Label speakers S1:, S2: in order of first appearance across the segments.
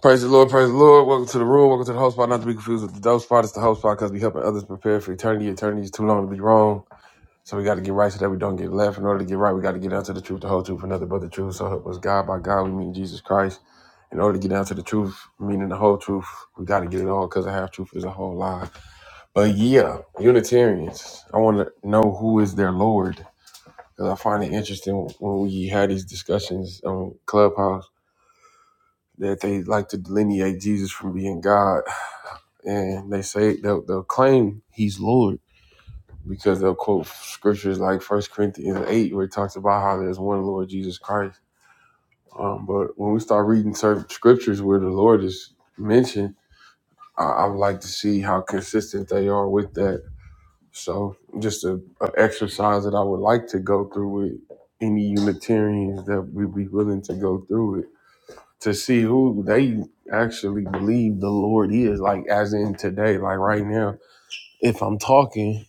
S1: Praise the Lord, praise the Lord. Welcome to the room. Welcome to the host spot. Not to be confused with the dope spot. It's the host spot because we helping others prepare for eternity. Eternity is too long to be wrong. So we got to get right so that we don't get left. In order to get right, we got to get down to the truth, the whole truth, and nothing but the truth. So help us God. By God, we mean Jesus Christ. In order to get down to the truth, meaning the whole truth, we got to get it all because the half truth is a whole lie. But yeah, Unitarians, I want to know who is their Lord. Because I find it interesting when we had these discussions on Clubhouse that they like to delineate Jesus from being God and they say they'll, they'll claim he's Lord because they'll quote scriptures like First Corinthians eight, where it talks about how there's one Lord Jesus Christ. Um, but when we start reading certain scriptures where the Lord is mentioned, I, I would like to see how consistent they are with that. So, just a, a exercise that I would like to go through with any Unitarians that would be willing to go through it to see who they actually believe the Lord is, like as in today, like right now if I'm talking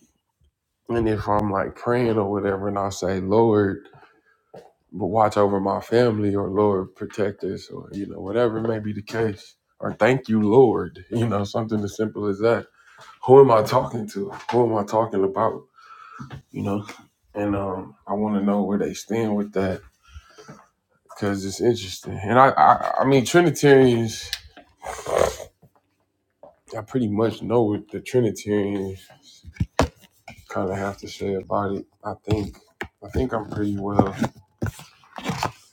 S1: And if I'm like praying or whatever, and I say, Lord, but watch over my family, or Lord, protect us, or you know, whatever may be the case, or thank you, Lord, you know, something as simple as that. Who am I talking to? Who am I talking about? You know, and um, I want to know where they stand with that because it's interesting. And I, I, I mean, Trinitarians, I pretty much know what the Trinitarians kind of have to say about it. I think, I think I'm pretty well.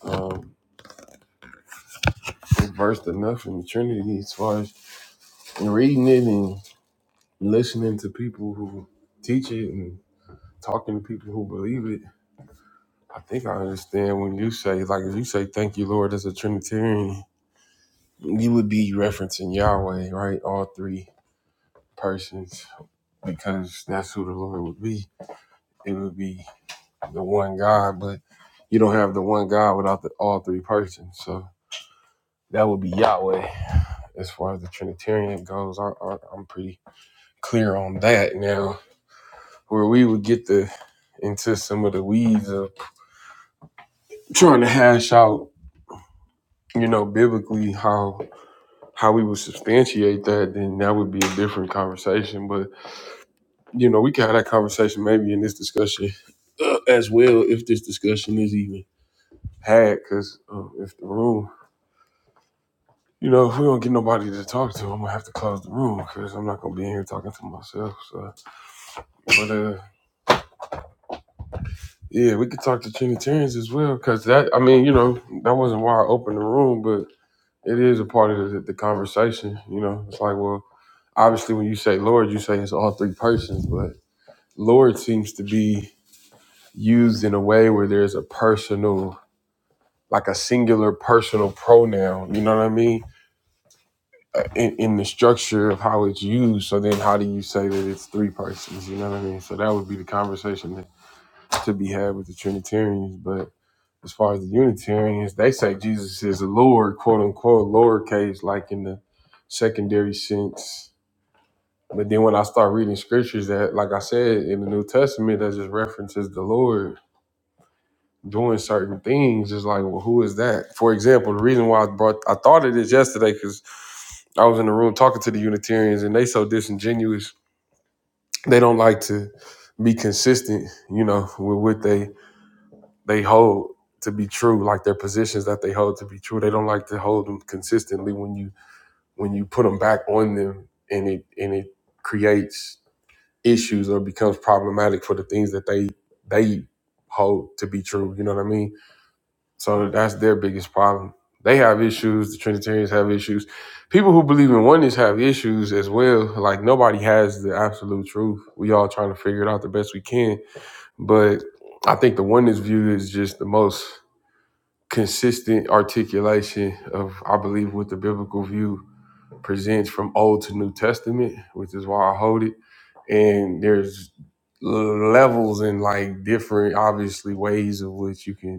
S1: Um, versed enough in the Trinity as far as in reading it and listening to people who teach it and talking to people who believe it. I think I understand when you say, like, if you say, thank you, Lord, as a Trinitarian, you would be referencing Yahweh, right? All three persons, because that's who the Lord would be. It would be the one God, but you don't have the one God without the all three persons. So that would be Yahweh. As far as the Trinitarian goes, I, I, I'm pretty clear on that now, where we would get the into some of the weeds of trying to hash out, you know, biblically how how we would substantiate that, then that would be a different conversation. But you know, we can have that conversation maybe in this discussion uh, as well, if this discussion is even had. Because uh, if the room, you know, if we don't get nobody to talk to, I'm gonna have to close the room because I'm not gonna be in here talking to myself. So, but uh. Yeah, we could talk to Trinitarians as well, because that, I mean, you know, that wasn't why I opened the room, but it is a part of the, the conversation. You know, it's like, well, obviously, when you say Lord, you say it's all three persons, but Lord seems to be used in a way where there's a personal, like a singular personal pronoun, you know what I mean? Uh, In, in the structure of how it's used. So then, how do you say that it's three persons, you know what I mean? So that would be the conversation that, to be had with the Trinitarians, but as far as the Unitarians, they say Jesus is the Lord, quote unquote, lowercase, like in the secondary sense. But then when I start reading scriptures that, like I said, in the New Testament, that just references the Lord doing certain things, it's like, well, who is that? For example, the reason why I brought, I thought of this yesterday because I was in the room talking to the Unitarians and they so disingenuous. They don't like to be consistent, you know, with what they they hold to be true, like their positions that they hold to be true. They don't like to hold them consistently when you when you put them back on them, and it and it creates issues or becomes problematic for the things that they they hold to be true. You know what I mean? So that's their biggest problem. They have issues. The Trinitarians have issues. People who believe in oneness have issues as well. Like nobody has the absolute truth. We all trying to figure it out the best we can. But I think the oneness view is just the most consistent articulation of, I believe, what the biblical view presents from Old to New Testament, which is why I hold it. And there's l- levels and like different, obviously, ways of which you can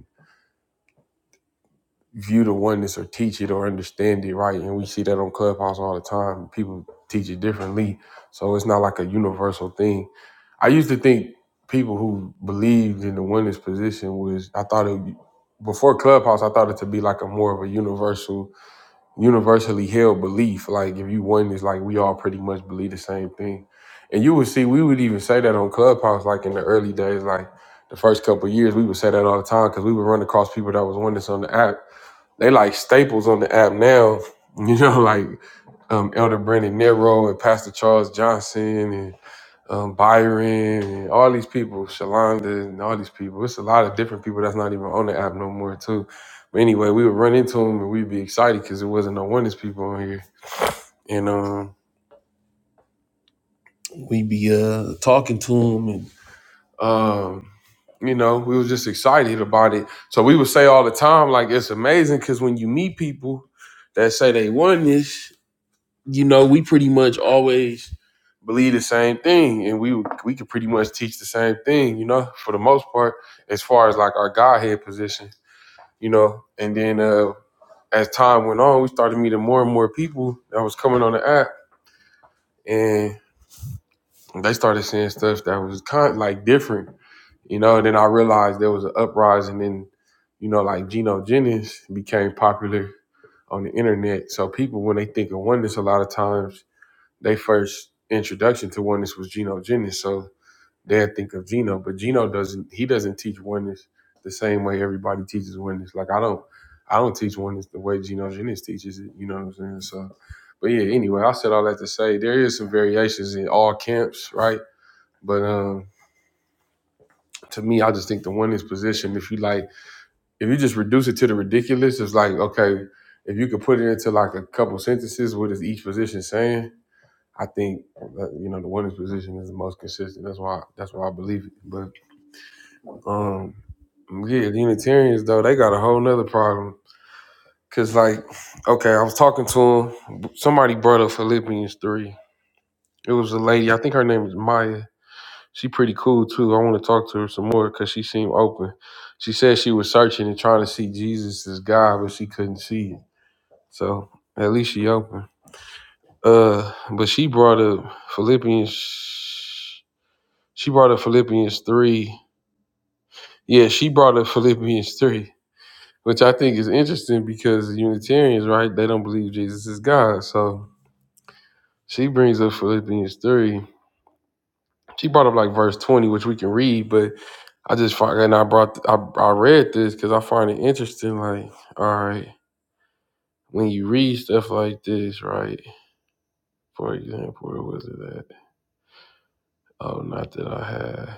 S1: view the oneness or teach it or understand it right. And we see that on Clubhouse all the time. People teach it differently. So it's not like a universal thing. I used to think people who believed in the oneness position was I thought it before Clubhouse, I thought it to be like a more of a universal, universally held belief. Like if you oneness, like we all pretty much believe the same thing. And you would see we would even say that on Clubhouse, like in the early days, like the first couple of years, we would say that all the time because we would run across people that was oneness on the app they like staples on the app now. You know, like um, Elder Brandon Nero and Pastor Charles Johnson and um, Byron and all these people, Shalonda and all these people. It's a lot of different people that's not even on the app no more too. But anyway, we would run into them and we'd be excited because it wasn't no oneness people on here. And um, we'd be uh, talking to them and um, you know, we was just excited about it. So we would say all the time, like it's amazing because when you meet people that say they won this, you know, we pretty much always believe the same thing, and we we could pretty much teach the same thing, you know, for the most part, as far as like our godhead position, you know. And then uh, as time went on, we started meeting more and more people that was coming on the app, and they started saying stuff that was kind of like different, you know. Then I realized there was an uprising, and you know, like Geno Jennings became popular on the internet. So people, when they think of oneness, a lot of times They first introduction to oneness was Geno Jennings, so they think of Geno, but Geno doesn't. He doesn't teach oneness the same way everybody teaches oneness. Like I don't, I don't teach oneness the way Geno Jennings teaches it. You know what I'm saying? So, but yeah. Anyway, I said all that to say there is some variations in all camps, right? But um, to me, I just think the oneness position. If you like, if you just reduce it to the ridiculous, it's like okay. If you could put it into like a couple sentences, what is each position saying? I think uh, you know the women's position is the most consistent. That's why that's why I believe it. But um, yeah, Unitarians though they got a whole nother problem. Cause like, okay, I was talking to him. Somebody brought up Philippians three. It was a lady. I think her name is Maya. She pretty cool too. I want to talk to her some more because she seemed open. She said she was searching and trying to see Jesus as God, but she couldn't see it. So at least she open. Uh, but she brought up Philippians. She brought up Philippians 3. Yeah, she brought up Philippians 3, which I think is interesting because Unitarians, right, they don't believe Jesus is God. So she brings up Philippians 3. She brought up like verse 20, which we can read, but I just find, and I brought, I, I read this because I find it interesting. Like, all right, when you read stuff like this, right, for example, where was it at? Oh, not that I had.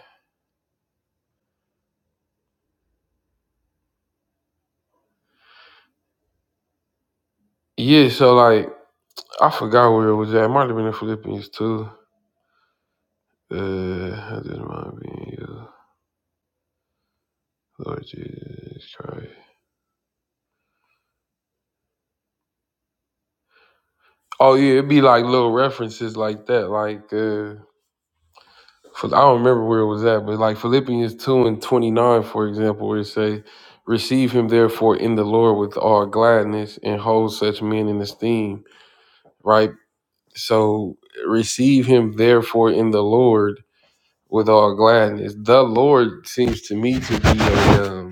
S1: Yeah, so like, I forgot where it was at. It might have been in Philippians 2. Uh, how did my being you, Lord Jesus Christ? Oh yeah, it'd be like little references like that. Like uh, Phil- I don't remember where it was at, but like Philippians two and twenty nine, for example, where it say, "Receive him therefore in the Lord with all gladness, and hold such men in esteem." Right. So receive him therefore in the Lord with all gladness. The Lord seems to me to be a um,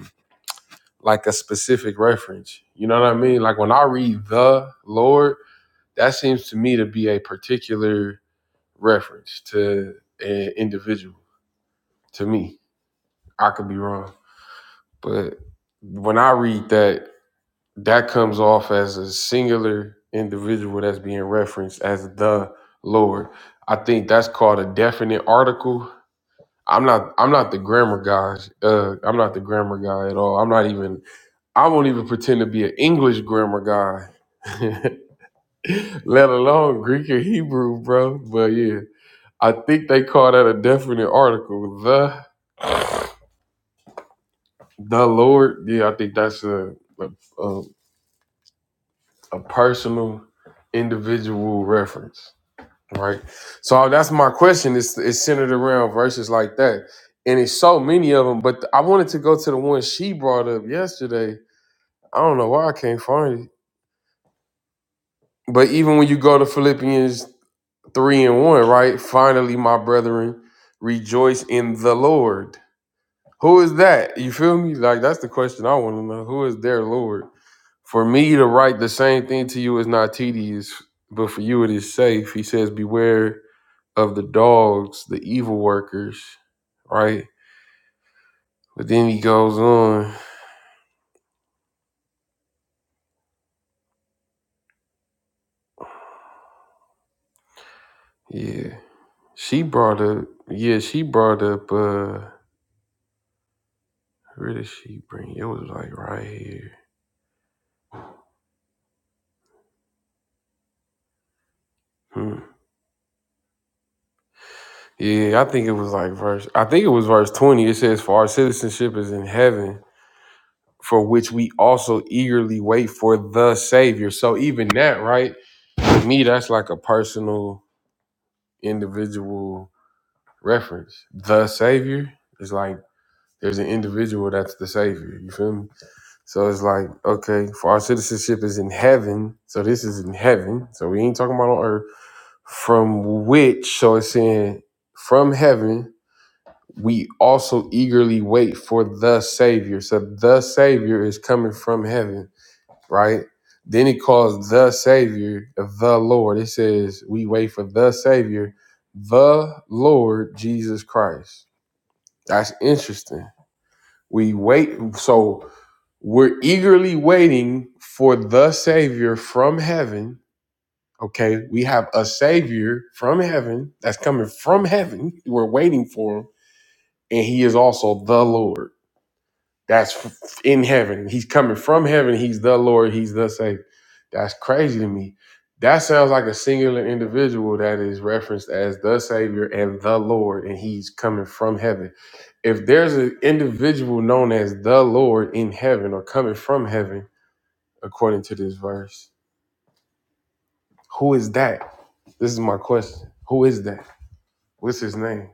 S1: like a specific reference. You know what I mean? Like when I read the Lord, that seems to me to be a particular reference to an individual. To me, I could be wrong, but when I read that, that comes off as a singular individual that's being referenced as the Lord. I think that's called a definite article. I'm not. I'm not the grammar guy. Uh, I'm not the grammar guy at all. I'm not even I won't even pretend to be an English grammar guy, let alone Greek or Hebrew, bro. But yeah, I think they call that a definite article. The the Lord, yeah, I think that's a a, a, a personal, individual reference, right? So that's my question. It's it's centered around verses like that, and it's so many of them. But I wanted to go to the one she brought up yesterday. I don't know why I can't find it. But even when you go to Philippians Three and one, right? Finally, my brethren, rejoice in the Lord. Who is that? You feel me? Like that's the question I want to know. Who is their Lord? For me to write the same thing to you is not tedious, but for you it is safe. He says, Beware of the dogs, the evil workers, right? But then he goes on. Yeah. She brought up, yeah, she brought up, uh, where did she bring? It It was like right here. Hmm. Yeah, I think it was like verse. I think it was verse twenty. It says, "For our citizenship is in heaven, for which we also eagerly wait for the Savior." So even that, right? To me, that's like a personal, individual reference. The Savior is like there's an individual that's the Savior. You feel me? So it's like okay, for our citizenship is in heaven. So this is in heaven. So we ain't talking about on earth. From which, so it's saying from heaven we also eagerly wait for the Savior. So the Savior is coming from heaven, right? Then he calls the Savior the Lord. It says we wait for the Savior, the Lord Jesus Christ. That's interesting. We wait. So we're eagerly waiting for the Savior from heaven. Okay, we have a Savior from heaven that's coming from heaven. We're waiting for him, and he is also the Lord. That's f- in heaven. He's coming from heaven. He's the Lord. He's the Savior. That's crazy to me. That sounds like a singular individual that is referenced as the Savior and the Lord, and he's coming from heaven. If there's an individual known as the Lord in heaven or coming from heaven, according to this verse, who is that? This is my question. Who is that? What's his name?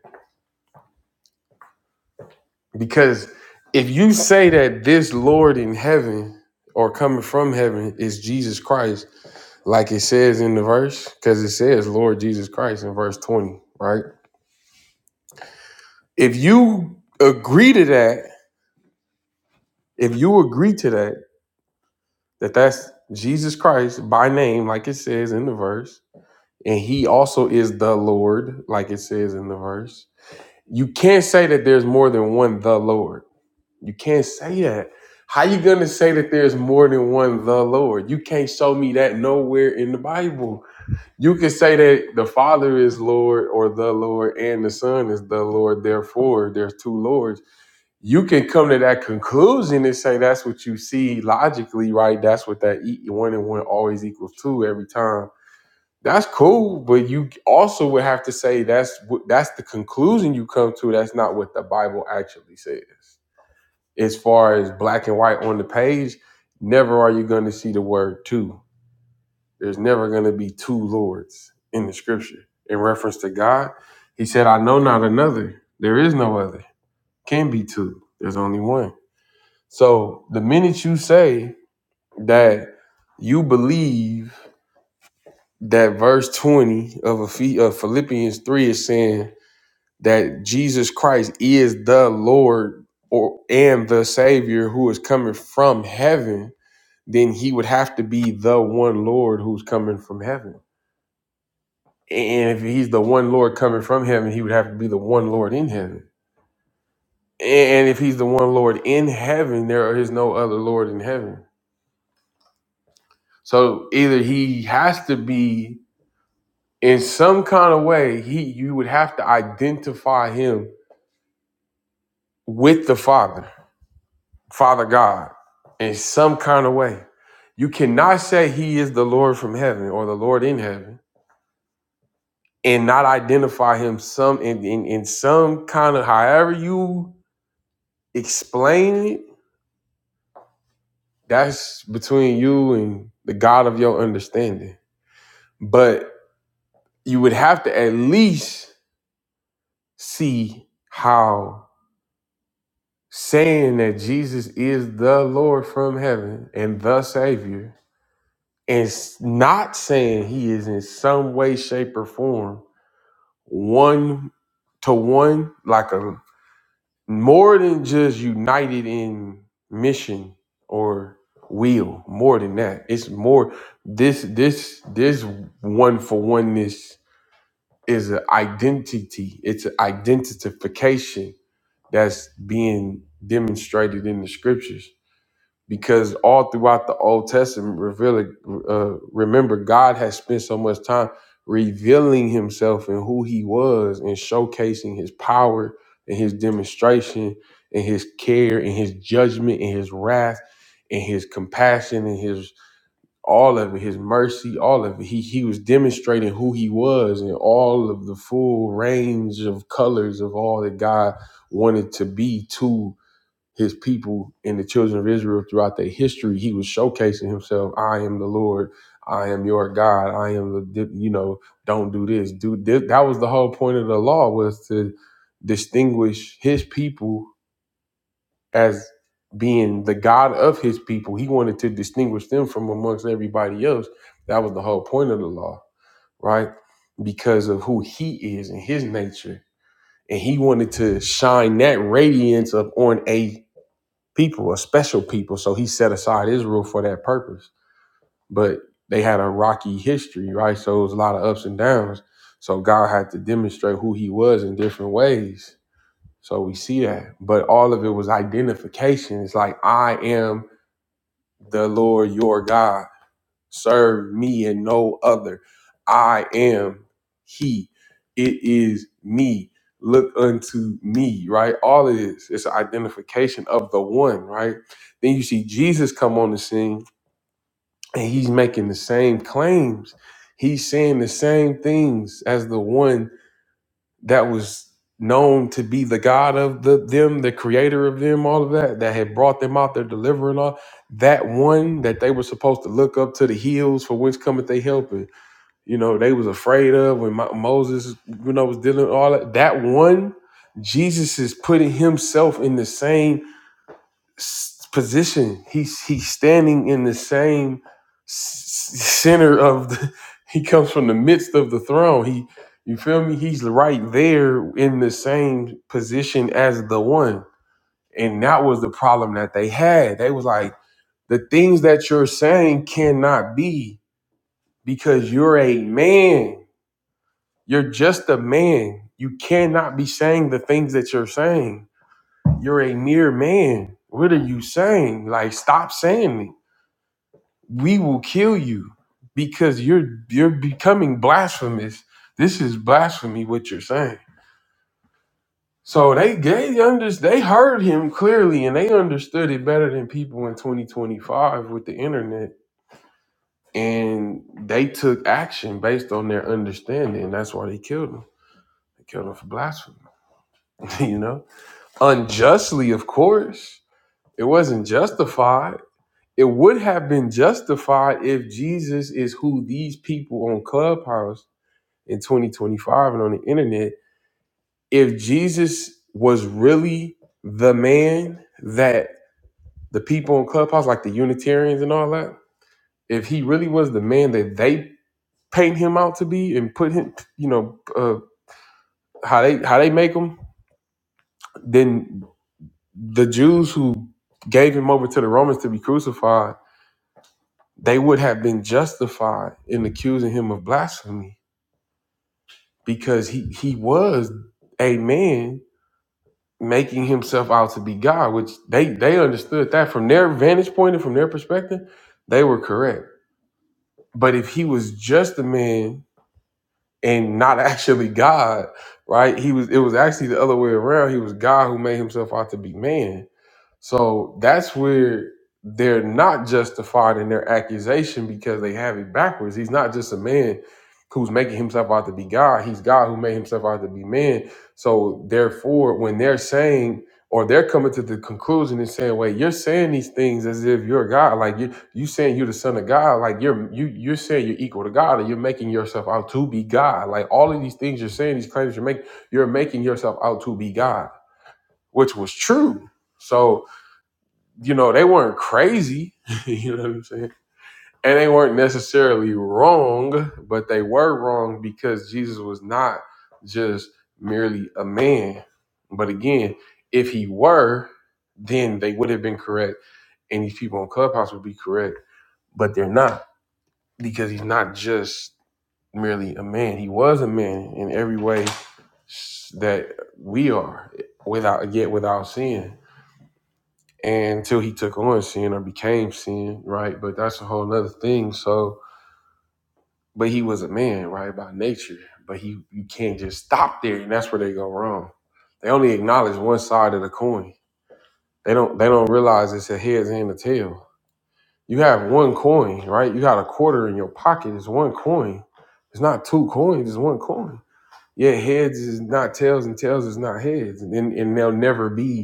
S1: Because if you say that this Lord in heaven or coming from heaven is Jesus Christ, like it says in the verse, because it says Lord Jesus Christ in verse 20, right? If you agree to that, if you agree to that, that that's Jesus Christ by name, like it says in the verse, and he also is the Lord, like it says in the verse, you can't say that there's more than one the Lord. You can't say that. How you gonna say that there's more than one the Lord? You can't show me that nowhere in the Bible. You can say that the Father is Lord or the Lord and the Son is the Lord, therefore there's two Lords. You can come to that conclusion and say that's what you see logically, right? That's what that e- one and one always equals two every time. That's cool, but you also would have to say that's what that's the conclusion you come to. That's not what the Bible actually says. As far as black and white on the page, never are you going to see the word two there's never going to be two lords in the scripture. In reference to God, he said, I know not another. There is no other. Can be two. There's only one. So the minute you say that you believe that verse 20 of, Ephe- of Philippians 3 is saying that Jesus Christ is the Lord or and the Savior who is coming from heaven, then he would have to be the one Lord who's coming from heaven And if he's the one Lord coming from heaven, he would have to be the one Lord in heaven. And if he's the one Lord in heaven, there is no other Lord in heaven. So either he has to be in some kind of way, he you would have to identify him with the Father, Father God, in some kind of way. You cannot say he is the Lord from heaven or the Lord in heaven and not identify him some in, in, in some kind of however you explain it That's between you and the God of your understanding. But you would have to at least see how saying that Jesus is the Lord from heaven and the Savior and s- not saying he is in some way, shape, or form one to one, like a more than just united in mission or will more than that it's more this this this one for oneness is an identity it's an identification that's being demonstrated in the scriptures because all throughout the Old Testament, revealing, uh, remember, God has spent so much time revealing Himself and who He was, and showcasing His power and His demonstration and His care and His judgment and His wrath and His compassion and His all of it, His mercy, all of it. He He was demonstrating who He was and all of the full range of colors of all that God wanted to be to his people and the children of Israel throughout their history, he was showcasing himself. I am the Lord. I am your God. I am the you know. Don't do this. Do this. That was the whole point of the law was to distinguish his people as being the God of his people. He wanted to distinguish them from amongst everybody else. That was the whole point of the law, right? Because of who he is and his nature, and he wanted to shine that radiance up on a people are special people. So he set aside Israel for that purpose. But they had a rocky history, right? So it was a lot of ups and downs. So God had to demonstrate who he was in different ways. So we see that. But all of it was identification. It's like, I am the Lord your God serve me and no other. I am He. It is me. Look unto me, right? All it is is an identification of the one, right? Then you see Jesus come on the scene and he's making the same claims. He's saying the same things as the one that was known to be the God of the them, the creator of them, all of that, that had brought them out, their deliverer and all. That one that they were supposed to look up to the hills for which cometh they help. And, you know, they was afraid of when Mo- Moses, you know, was dealing with all that. That one, Jesus is putting himself in the same s- position. He's he's standing in the same s- s- center of the. He comes from the midst of the throne. He, you feel me? He's right there in the same position as the one, and that was the problem that they had. They was like, the things that you're saying cannot be because you're a man. You're just a man. You cannot be saying the things that you're saying. You're a mere man. What are you saying? Like, stop saying it we will kill you because you're you're becoming blasphemous. This is blasphemy what you're saying. So they they under, they heard him clearly and they understood it better than people in 2025 with the internet and they took action based on their understanding. That's why they killed him. They killed him for blasphemy, you know? Unjustly, of course. It wasn't justified. It would have been justified if Jesus is who these people on Clubhouse in 2025 and on the internet, if Jesus was really the man that the people in Clubhouse, like the Unitarians and all that, if he really was the man that they paint him out to be and put him, you know, uh, how they how they make him, then the Jews who gave him over to the Romans to be crucified, they would have been justified in accusing him of blasphemy because he he was a man making himself out to be God, which they they understood that from their vantage point and from their perspective, they were correct. But if he was just a man and not actually God, right? He was it was actually the other way around. He was God who made himself out to be man so that's where they're not justified in their accusation because they have it backwards. He's not just a man who's making himself out to be God. He's God who made himself out to be man. So therefore, when they're saying or they're coming to the conclusion and saying, "Wait, you're saying these things as if you're God. Like you, you saying you're the Son of God. Like you're you you're saying you're equal to God, and you're making yourself out to be God. Like all of these things you're saying, these claims you're making, you're making yourself out to be God, which was true. So." you know, they weren't crazy, you know what I'm saying? And they weren't necessarily wrong, but they were wrong because Jesus was not just merely a man. But again, if he were, then they would have been correct. And these people on Clubhouse would be correct, but they're not because he's not just merely a man. He was a man in every way s- that we are without yet without sin and until he took on sin or became sin, right? But that's a whole nother thing. So, but he was a man, right, by nature. But he, you can't just stop there, and that's where they go wrong. They only acknowledge one side of the coin. They don't, they don't realize it's a heads and a tail. You have one coin, right? You got a quarter in your pocket. It's one coin. It's not two coins. It's one coin. Yeah, heads is not tails, and tails is not heads, and and they'll never be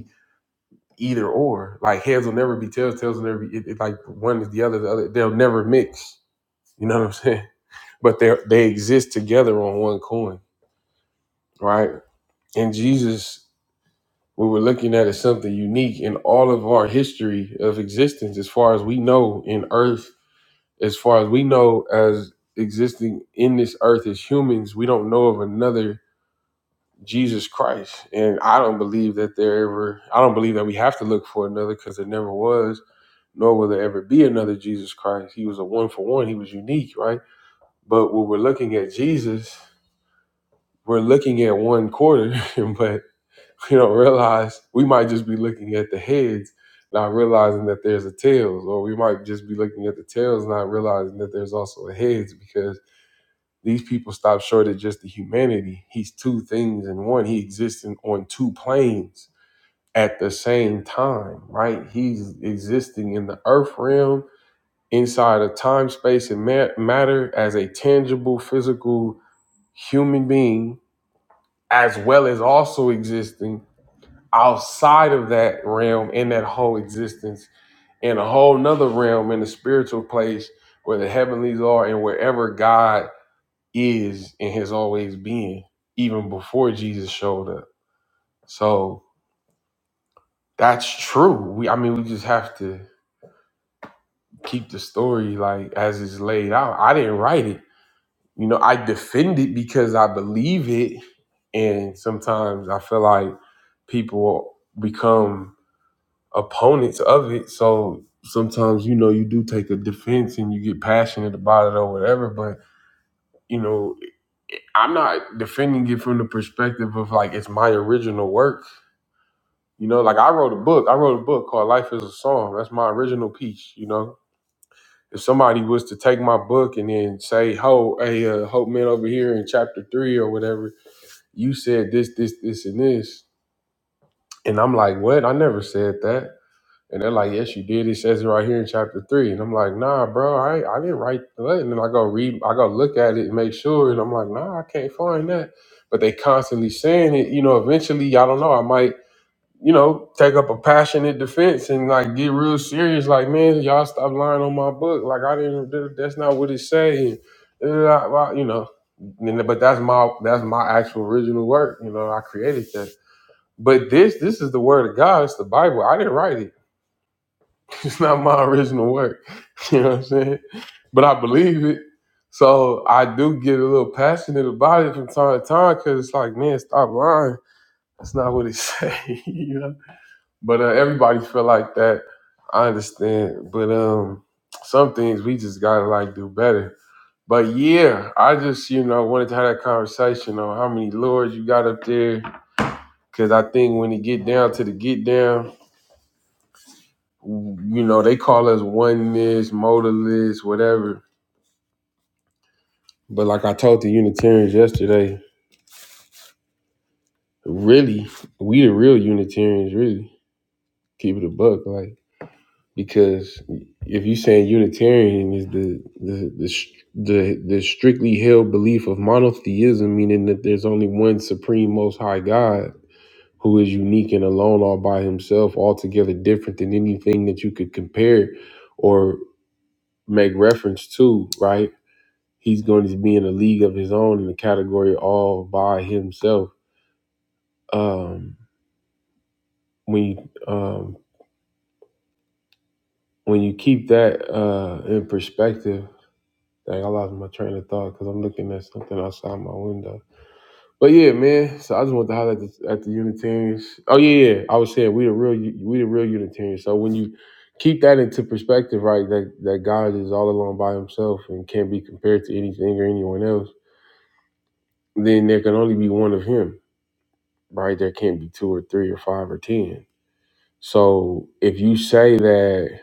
S1: either or. Like heads will never be tails, tails will never be it, it, like one is the other, the other. They'll never mix. You know what I'm saying? But they they exist together on one coin, right? And Jesus, what we're looking at is something unique in all of our history of existence, as far as we know in Earth, as far as we know as existing in this earth as humans, we don't know of another Jesus Christ. And I don't believe that there ever I don't believe that we have to look for another because there never was nor will there ever be another Jesus Christ. He was a one for one, he was unique, right? But when we're looking at Jesus, we're looking at one quarter, but you don't realize we might just be looking at the heads, not realizing that there's a tails, or we might just be looking at the tails, not realizing that there's also a heads, because these people stop short of just the humanity. He's two things in one. He exists in, on two planes at the same time, right? He's existing in the earth realm inside of time, space, and ma- matter as a tangible, physical human being, as well as also existing outside of that realm in that whole existence in a whole nother realm in the spiritual place where the heavenlies are and wherever God is and has always been, even before Jesus showed up. So that's true. We, I mean, we just have to keep the story like as it's laid out. I didn't write it. You know, I defend it because I believe it. And sometimes I feel like people become opponents of it. So sometimes, you know, you do take a defense and you get passionate about it or whatever. But, you know, I'm not defending it from the perspective of like it's my original work. You know, like I wrote a book. I wrote a book called Life is a Song. That's my original piece, you know. If somebody was to take my book and then say, "Ho, hey, uh, Hope Man over here in chapter three or whatever," you said this, this, this, and this. And I'm like, what? I never said that. And they're like, yes, you did. It says it right here in chapter three. And I'm like, nah, bro, I, ain't- I didn't write that. And then I go read, I go look at it and make sure. And I'm like, nah, I can't find that. But they constantly saying it. You know, eventually, I don't know. I might you know, take up a passionate defense and like get real serious. Like, man, y'all stop lying on my book. Like, I didn't. th- That's not what it say. And, uh, well, You know, and- but that's my that's my actual original work. You know, I created that. But this this is the word of God. It's the Bible. I didn't write it. It's not my original work. You know what I'm saying? But I believe it. So I do get a little passionate about it from time to time because it's like, man, stop lying. That's not what it say. you know. But uh, everybody feel like that. I understand. But um, some things we just gotta like do better. But yeah, I just you know wanted to have that conversation on how many lords you got up there, because I think when it get down to the get down, you know they call us oneness, modalists, whatever. But like I told the Unitarians yesterday, really, we the real Unitarians. Really, keep it a buck, like. because if you saying Unitarian is the the the sh- the, the strictly held belief of monotheism, meaning that there's only one supreme, most high God who is unique and alone, all by himself, altogether different than anything that you could compare or make reference to, right? He's going to be in a league of his own in the category all by himself. Um, when you um, when you keep that uh, in perspective Dang, I lost my train of thought because I'm looking at something outside my window. But yeah, man. So I just want to highlight this at the Unitarians. Oh yeah, yeah. I was saying we the real we the real Unitarians. So when you keep that into perspective, right, that that God is all alone by Himself and can't be compared to anything or anyone else, then there can only be one of Him, right? There can't be two or three or five or ten. So if you say that,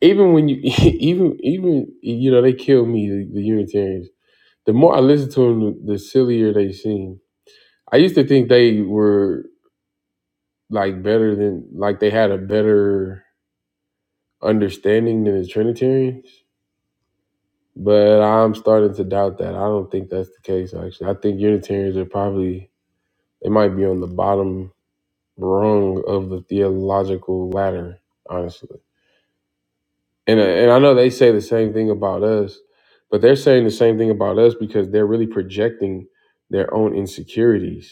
S1: even when you even even you know they kill me the, the Unitarians The more I listen to them, the sillier they seem. I used to think they were like better than, like they had a better understanding than the Trinitarians, but I'm starting to doubt that. I don't think that's the case, actually. I think Unitarians are probably, they might be on the bottom rung of the theological ladder, honestly. And, and I know they say the same thing about us, but they're saying the same thing about us because they're really projecting their own insecurities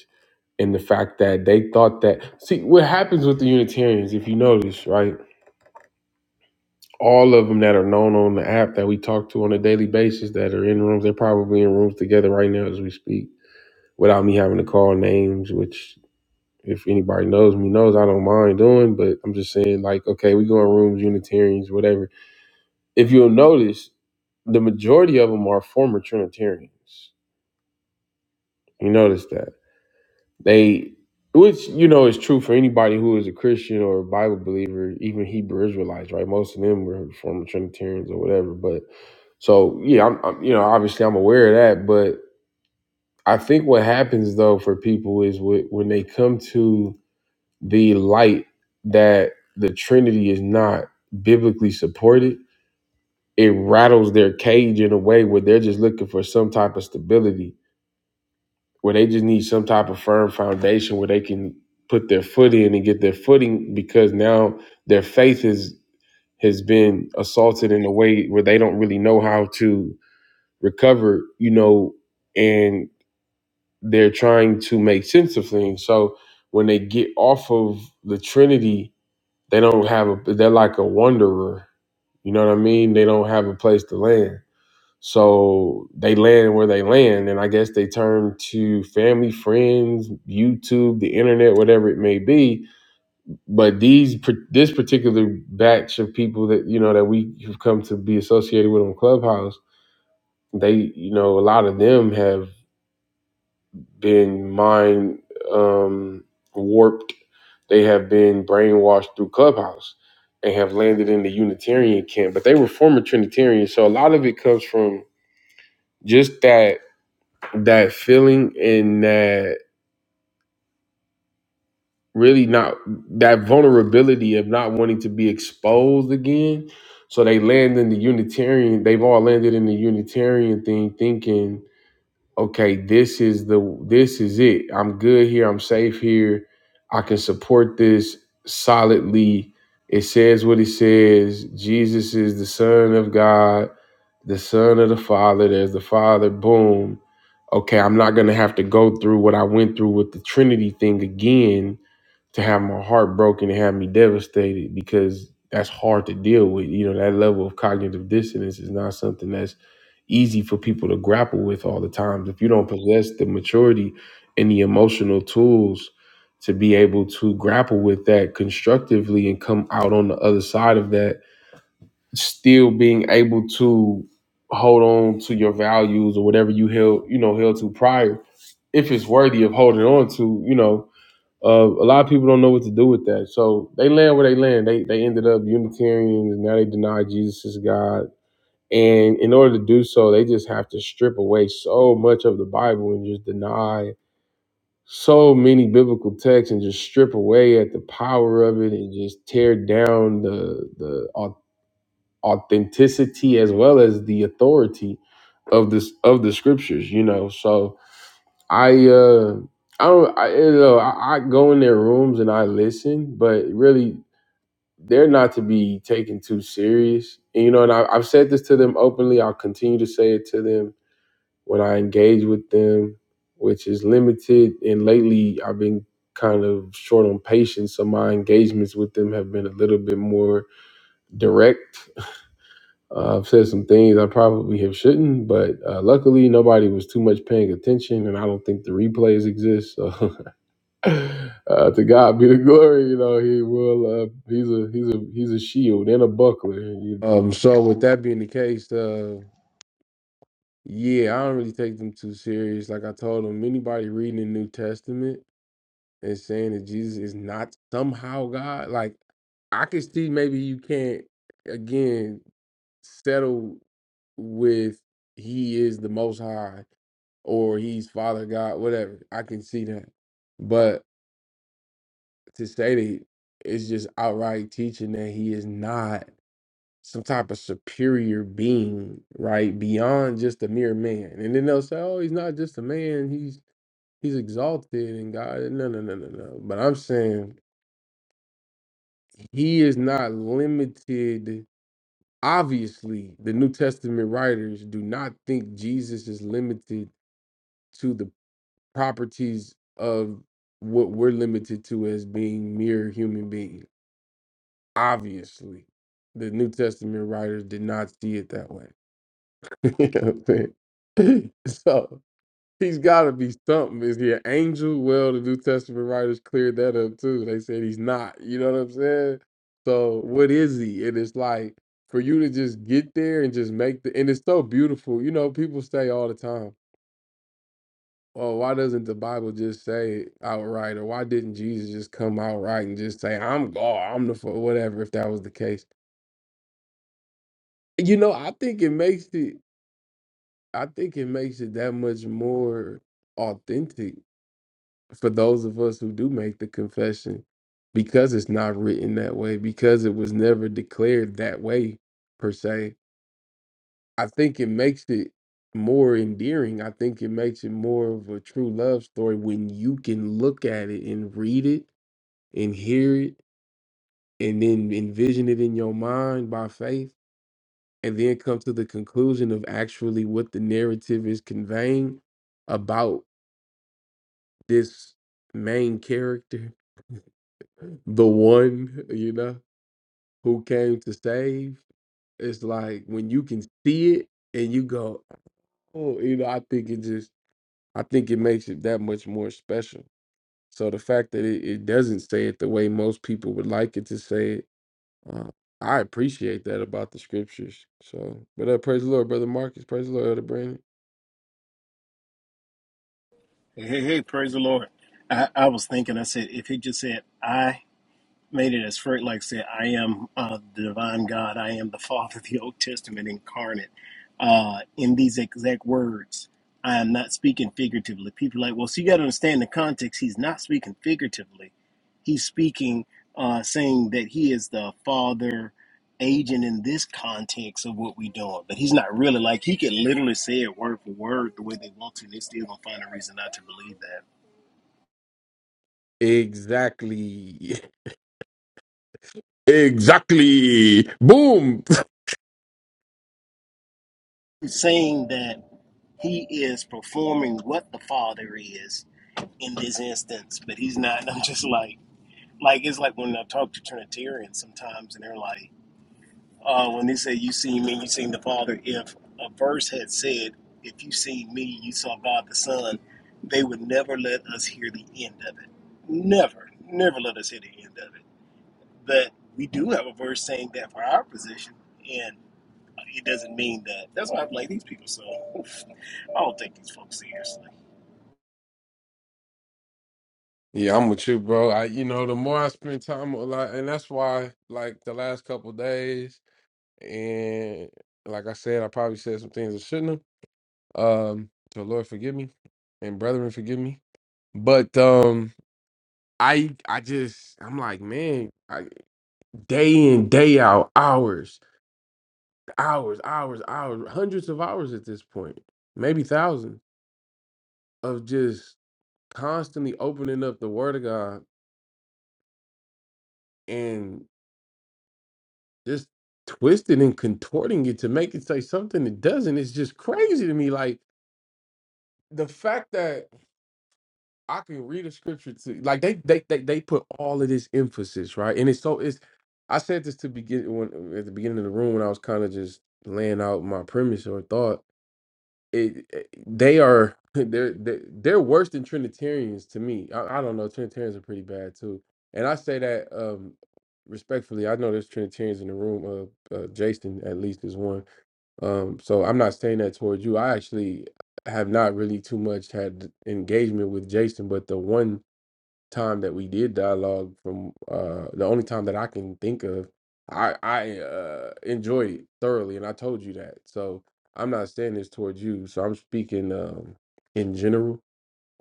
S1: and the fact that they thought that see what happens with the unitarians if you notice right all of them that are known on the app that we talk to on a daily basis that are in rooms they're probably in rooms together right now as we speak without me having to call names which if anybody knows me knows i don't mind doing but i'm just saying like okay we go in rooms unitarians whatever if you'll notice the majority of them are former trinitarians you notice that They, which you know is true for anybody who is a Christian or a Bible believer, even Hebrew Israelites, right? Most of them were former Trinitarians or whatever. But so yeah, I'm, I'm you know obviously I'm aware of that, but I think what happens though for people is wh- when they come to the light that the Trinity is not biblically supported, it rattles their cage in a way where they're just looking for some type of stability where they just need some type of firm foundation where they can put their foot in and get their footing because now their faith is has been assaulted in a way where they don't really know how to recover, you know, and they're trying to make sense of things. So when they get off of the Trinity, they don't have a they're like a wanderer. You know what I mean? They don't have a place to land. So they land where they land, and I guess they turn to family, friends, YouTube, the internet, whatever it may be. But these, this particular batch of people that you know that we have come to be associated with on Clubhouse, they, you know, a lot of them have been mind um, warped. They have been brainwashed through Clubhouse and have landed in the Unitarian camp. But they were former Trinitarians, so a lot of it comes from just that that feeling and that really not that vulnerability of not wanting to be exposed again. So they land in the Unitarian, they've all landed in the Unitarian thing thinking okay, this is the this is it. I'm good here. I'm safe here. I can support this solidly. It says what it says. Jesus is the Son of God, the Son of the Father. There's the Father. Boom. Okay, I'm not gonna have to go through what I went through with the Trinity thing again to have my heart broken and have me devastated because that's hard to deal with. You know, that level of cognitive dissonance is not something that's easy for people to grapple with all the time. If you don't possess the maturity and the emotional tools to be able to grapple with that constructively and come out on the other side of that, still being able to hold on to your values or whatever you held, you know, held to prior, if it's worthy of holding on to, you know, uh, a lot of people don't know what to do with that. So they land where they land. They they ended up Unitarians. Now they deny Jesus is God. And in order to do so, they just have to strip away so much of the Bible and just deny so many biblical texts and just strip away at the power of it and just tear down the the au- authenticity as well as the authority of this of the scriptures. You know, so I uh I don't I you know I, I go in their rooms and I listen, but really they're not to be taken too serious. And you know, and I, I've said this to them openly. I'll continue to say it to them when I engage with them, which is limited. And lately, I've been kind of short on patience, so my engagements with them have been a little bit more direct. Uh, I've said some things I probably have shouldn't, but uh, luckily nobody was too much paying attention, and I don't think the replays exist. So uh, to God be the glory. You know, he will. Uh, he's a he's a he's a shield and a buckler. You know? Um. So with that being the case, uh, yeah, I don't really take them too serious. Like I told them, anybody reading the New Testament and saying that Jesus is not somehow God, like I can see maybe you can't again settle with he is the Most High or he's Father God, whatever. I can see that, but to say that it's just outright teaching that he is not some type of superior being, right? Beyond just a mere man. And then they'll say, Oh, he's not just a man, he's he's exalted and God. No, no, no, no, no. But I'm saying he is not limited. Obviously, the New Testament writers do not think Jesus is limited to the properties of what we're limited to as being mere human beings Obviously, the New Testament writers did not see it that way. you know what I'm saying? So he's got to be something. Is he an angel? Well, the New Testament writers cleared that up too. They said he's not. You know what I'm saying? So what is he? And it's like for you to just get there and just make the. And it's so beautiful. You know, people say all the time. Oh, why doesn't the Bible just say it outright? Or why didn't Jesus just come outright and just say, I'm God, I'm the, fa-" whatever, if that was the case You know, I think it makes it I think it makes it that much more authentic for those of us who do make the confession because it's not written that way, because it was never declared that way per se. I think it makes it more endearing. I think it makes it more of a true love story when you can look at it and read it and hear it and then envision it in your mind by faith and then come to the conclusion of actually what the narrative is conveying about this main character, the one, you know, who came to save. It's like when you can see it and you go, oh, you know, I think it just, I think it makes it that much more special. So the fact that it, it doesn't say it the way most people would like it to say it, uh, I appreciate that about the scriptures. So, but uh, praise the Lord, brother Marcus. Praise the Lord, brother Brandon.
S2: Hey, hey, hey, praise the Lord. I, I was thinking, I said, if he just said, I, made it as Frank like I said, I am uh, the divine God. I am the Father of the Old Testament incarnate. Uh, in these exact words, I am not speaking figuratively. People are like, well, so you got to understand the context. He's not speaking figuratively. He's speaking, uh, saying that he is the Father agent in this context of what we're doing. But he's not really like he could literally say it word for word the way they want to, and they still gonna find a reason not to believe that.
S1: Exactly. Exactly. Boom.
S2: It's saying that he is performing what the father is in this instance, but he's not. And I'm just like, like it's like when I talk to Trinitarians sometimes, and they're like, uh, when they say, "You see me, you seen the Father." If a verse had said, "If you see me, you saw God the Son," they would never let us hear the end of it. Never, never let us hear the end of it. But we do have a verse saying that for our position, it doesn't mean that. That's why I play these people so. I don't take these folks seriously.
S1: Yeah, I'm with you, bro. I, you know, the more I spend time, with, like, and that's why, like, the last couple days, and like I said, I probably said some things I shouldn't have. Um, so Lord forgive me, and brethren forgive me. But um, I, I just, I'm like, man, I, day in, day out, hours, hours, hours, hours, hundreds of hours at this point, maybe thousands of just constantly opening up the word of God and just twisting and contorting it to make it say something it doesn't It's just crazy to me. Like the fact that I can read a scripture to like they they they, they put all of this emphasis, right? And it's so it's I said this to begin when at the beginning of the room when I was kind of just laying out my premise or thought it, it- they are they're they're they're worse than Trinitarians to me. I, I don't know. Trinitarians are pretty bad too, and I say that um respectfully. I know there's Trinitarians in the room. Uh, uh Jason at least is one. Um, so I'm not saying that towards you. I actually have not really too much had engagement with Jason, but the one time that we did dialogue from uh the only time that I can think of I I uh enjoyed it thoroughly and I told you that. So I'm not saying this towards you. So I'm speaking um in general.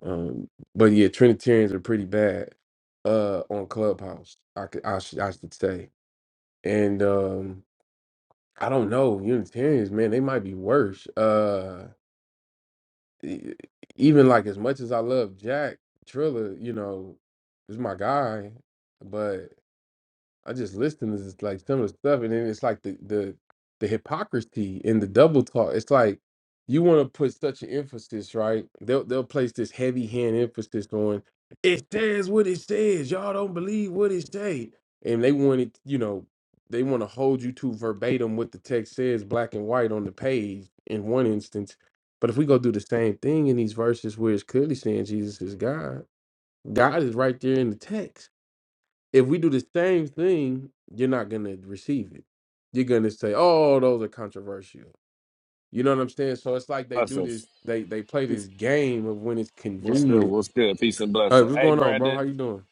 S1: Um but yeah Trinitarians are pretty bad uh on Clubhouse. I could I should I should say. And um I don't know Unitarians man they might be worse. Uh e- even like as much as I love Jack Triller, you know, is my guy, but I just listen to this like some of the stuff, and then it's like the the the hypocrisy and the double talk. It's like you want to put such an emphasis, right? They'll they'll place this heavy hand emphasis on it says what it says. Y'all don't believe what it say, and they want it. You know, they want to hold you to verbatim what the text says, black and white on the page. In one instance, but if we go do the same thing in these verses where it's clearly saying Jesus is God, God is right there in the text if we do the same thing, you're not gonna receive it. You're gonna say, "Oh, those are controversial." You know what I'm saying? So it's like they do
S3: Blessings.
S1: this. They they play
S3: Peace.
S1: this game of when it's
S3: What's good?
S1: convenient.
S3: What's good? Peace and
S1: Hey,
S3: blessing.
S1: what's
S3: Hey,
S1: going on, bro? How
S3: Brandon.
S1: you doing?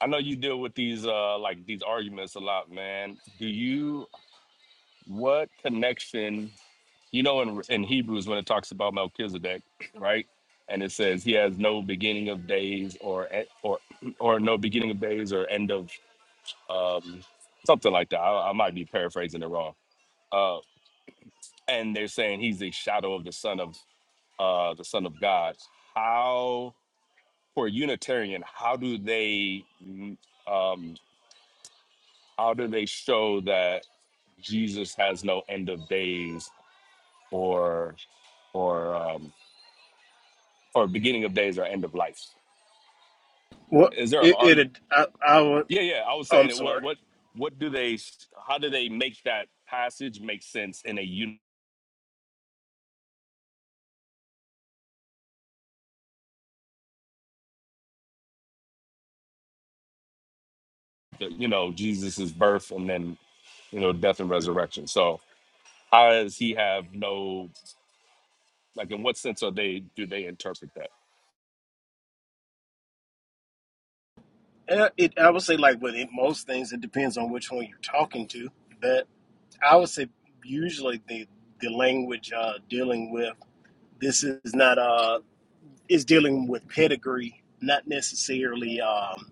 S3: I know you deal with these uh like these arguments a lot, man. Do you what connection? You know, in in Hebrews when it talks about Melchizedek, right? And it says he has no beginning of days or e- or or no beginning of days or end of um something like that. I, I might be paraphrasing it wrong. Uh, and they're saying he's the shadow of the son of uh the son of God. How? for Unitarian, how do they mm, um, how do they show that Jesus has no end of days or or um, or beginning of days or end of life?
S2: Well,
S3: Is there
S2: it,
S3: are
S2: it I, I would.
S3: yeah yeah I was
S2: oh,
S3: saying
S2: I'm
S3: it. What
S2: sorry.
S3: what what do they how do they make that passage make sense in a un- you know Jesus's birth and then you know death and resurrection? So how does he have no like in what sense are they do they interpret that?
S2: Uh, It, I would say like with it, most things, it depends on which one you're talking to. But I would say usually the the language uh, dealing with this is not uh is dealing with pedigree, not necessarily. Um,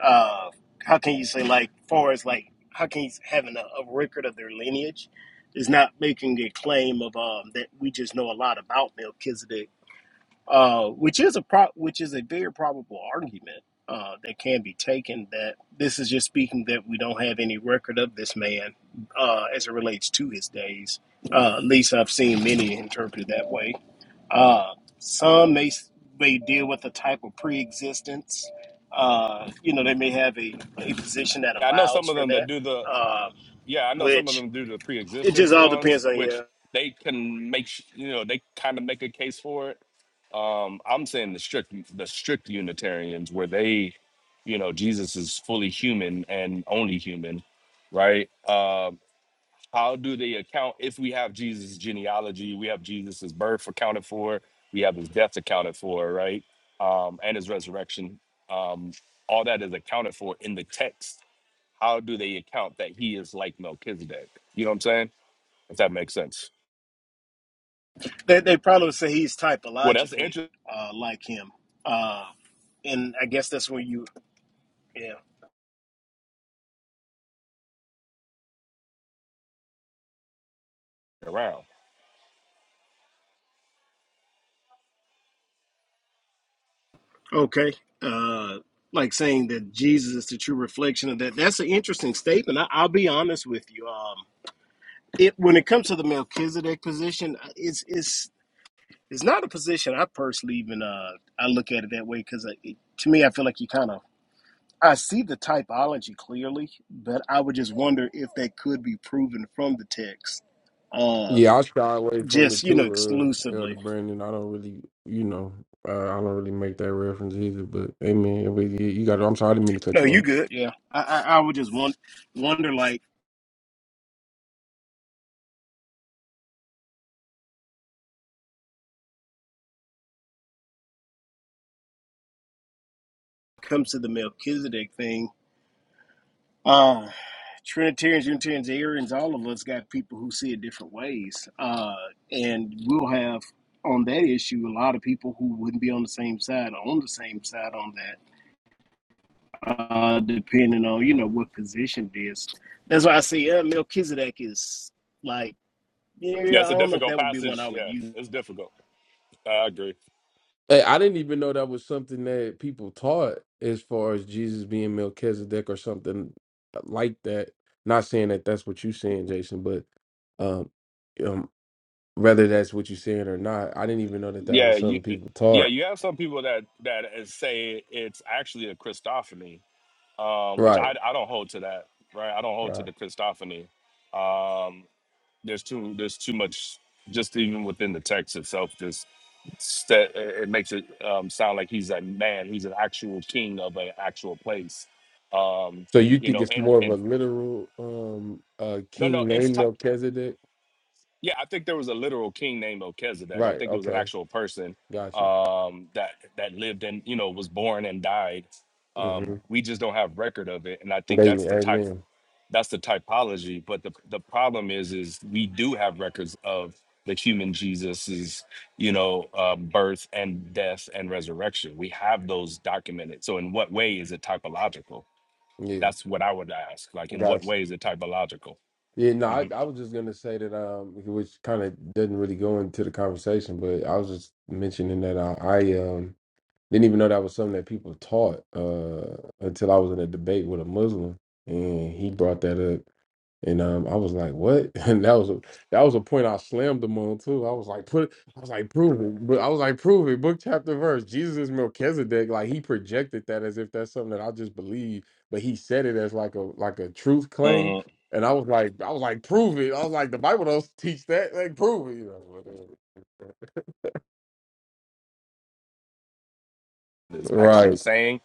S2: uh, how can you say like far as like how can you having a, a record of their lineage is not making a claim of um that we just know a lot about Melchizedek, uh, which is a pro which is a very probable argument uh, that can be taken that this is just speaking that we don't have any record of this man uh, as it relates to his days. Uh, at least I've seen many interpreted that way. Uh, some may may deal with a type of pre-existence. Uh, you know, they may have a, a position that
S3: Yeah, I know
S2: allows
S3: some of
S2: for
S3: them
S2: that,
S3: that do the
S2: um,
S3: Yeah, I know some of
S2: which
S3: them do the
S2: it just
S3: pre-existence
S2: all
S3: ones,
S2: depends on
S3: which
S2: you.
S3: they can make sh- you know they kind of make a case for it. Um, I'm saying the strict the strict Unitarians where they, you know, Jesus is fully human and only human, right? Um, how do they account if we have Jesus' genealogy, we have Jesus' birth accounted for, we have his death accounted for, right, um, and his resurrection. Um, all that is accounted for in the text how do they account that he is like Melchizedek? You know what I'm saying? If that makes sense.
S2: They, they probably would say he's
S3: Well, that's
S2: typologically
S3: interesting
S2: uh, like him, uh, and I guess that's where you, yeah,
S3: around.
S2: okay, uh, like saying that Jesus is the true reflection of that. That's an interesting statement. I, I'll be honest with you. Um, it when it comes to the Melchizedek position, it's it's It's not a position I personally even uh I look at it that way because to me I feel like you kind of I see the typology clearly, but I would just wonder if that could be proven from the text, uh,
S1: Yeah, I shy away from
S2: just
S1: it
S2: you know
S1: too, uh, Elder
S2: exclusively.
S1: Brandon. I don't really, you know, uh, I don't really make that reference either. But hey, man, if we- you you got. I'm sorry, I didn't mean to cut
S2: No,
S1: you
S2: you
S1: off.
S2: good. Yeah, I I, I would just want wonder like comes to the Melchizedek thing. Uh, Trinitarians, Unitarians, Arians, all of us got people who see it different ways. Uh, and we'll have on that issue a lot of people who wouldn't be on the same side or on the same side on that, uh, depending on, you know, what position it is. That's why I say uh, Melchizedek is like,
S3: Yeah,
S2: yeah, I
S3: it's a
S2: don't know if
S3: difficult
S2: that would be one I
S3: passage.
S2: would
S3: Yeah,
S2: use,
S3: it's difficult. I agree.
S1: Hey, I didn't even know that was something that people taught as far as Jesus being Melchizedek or something like that. Not saying that that's what you're saying, Jason, but um, um, whether that's what you're saying or not, I didn't even know that that
S3: Yeah,
S1: was
S3: you
S1: something people
S3: yeah,
S1: taught.
S3: you have some people that that is- say it's actually a Christophany, um, which
S1: Right,
S3: I I don't hold to that, right? I don't hold to
S1: right.
S3: the Christophany. Um, there's too there's too much just even within the text itself just st- it makes it um, sound like he's a man he's an actual king of an actual place um
S1: So you
S3: you
S1: think
S3: know
S1: it's
S3: and
S1: more of a
S3: and
S1: literal um uh
S3: no no
S1: king
S3: it's
S1: named
S3: ti
S1: Melchizedek?
S3: yeah i think there was a literal king named melchizedek i
S1: Right.
S3: think it was an
S1: Okay,
S3: actual person
S1: got you.
S3: um that that lived and you know was born and died
S1: Mm-hmm.
S3: um we just don't have record of it and i think that's the type
S1: Amen.
S3: that's the typology but the the problem is is we do have records of the human jesus's you know uh, birth and death and resurrection we have those documented so in what way is it typological
S1: Yeah,
S3: that's what i would ask like in
S1: got you.
S3: what way is it typological
S1: Yeah, no, I, I was just gonna say that um, which kind of doesn't really go into the conversation, but I was just mentioning that I, I um didn't even know that was something that people taught uh until I was in a debate with a Muslim, and he brought that up and um, I was like, "What?" And that was a that was a point I slammed them on too. I was like, "Put," it- I was like, "Prove it," but I was like, "Prove it." Book chapter verse. Jesus is Melchizedek. Like he projected that as if that's something that I just believe, but he said it as like a like a truth
S3: Mhm.
S1: claim. And I was like, I was like, "Prove it." I was like, "The Bible don't teach that. Like, prove it." You know, whatever.
S3: is
S1: Right.
S3: actually saying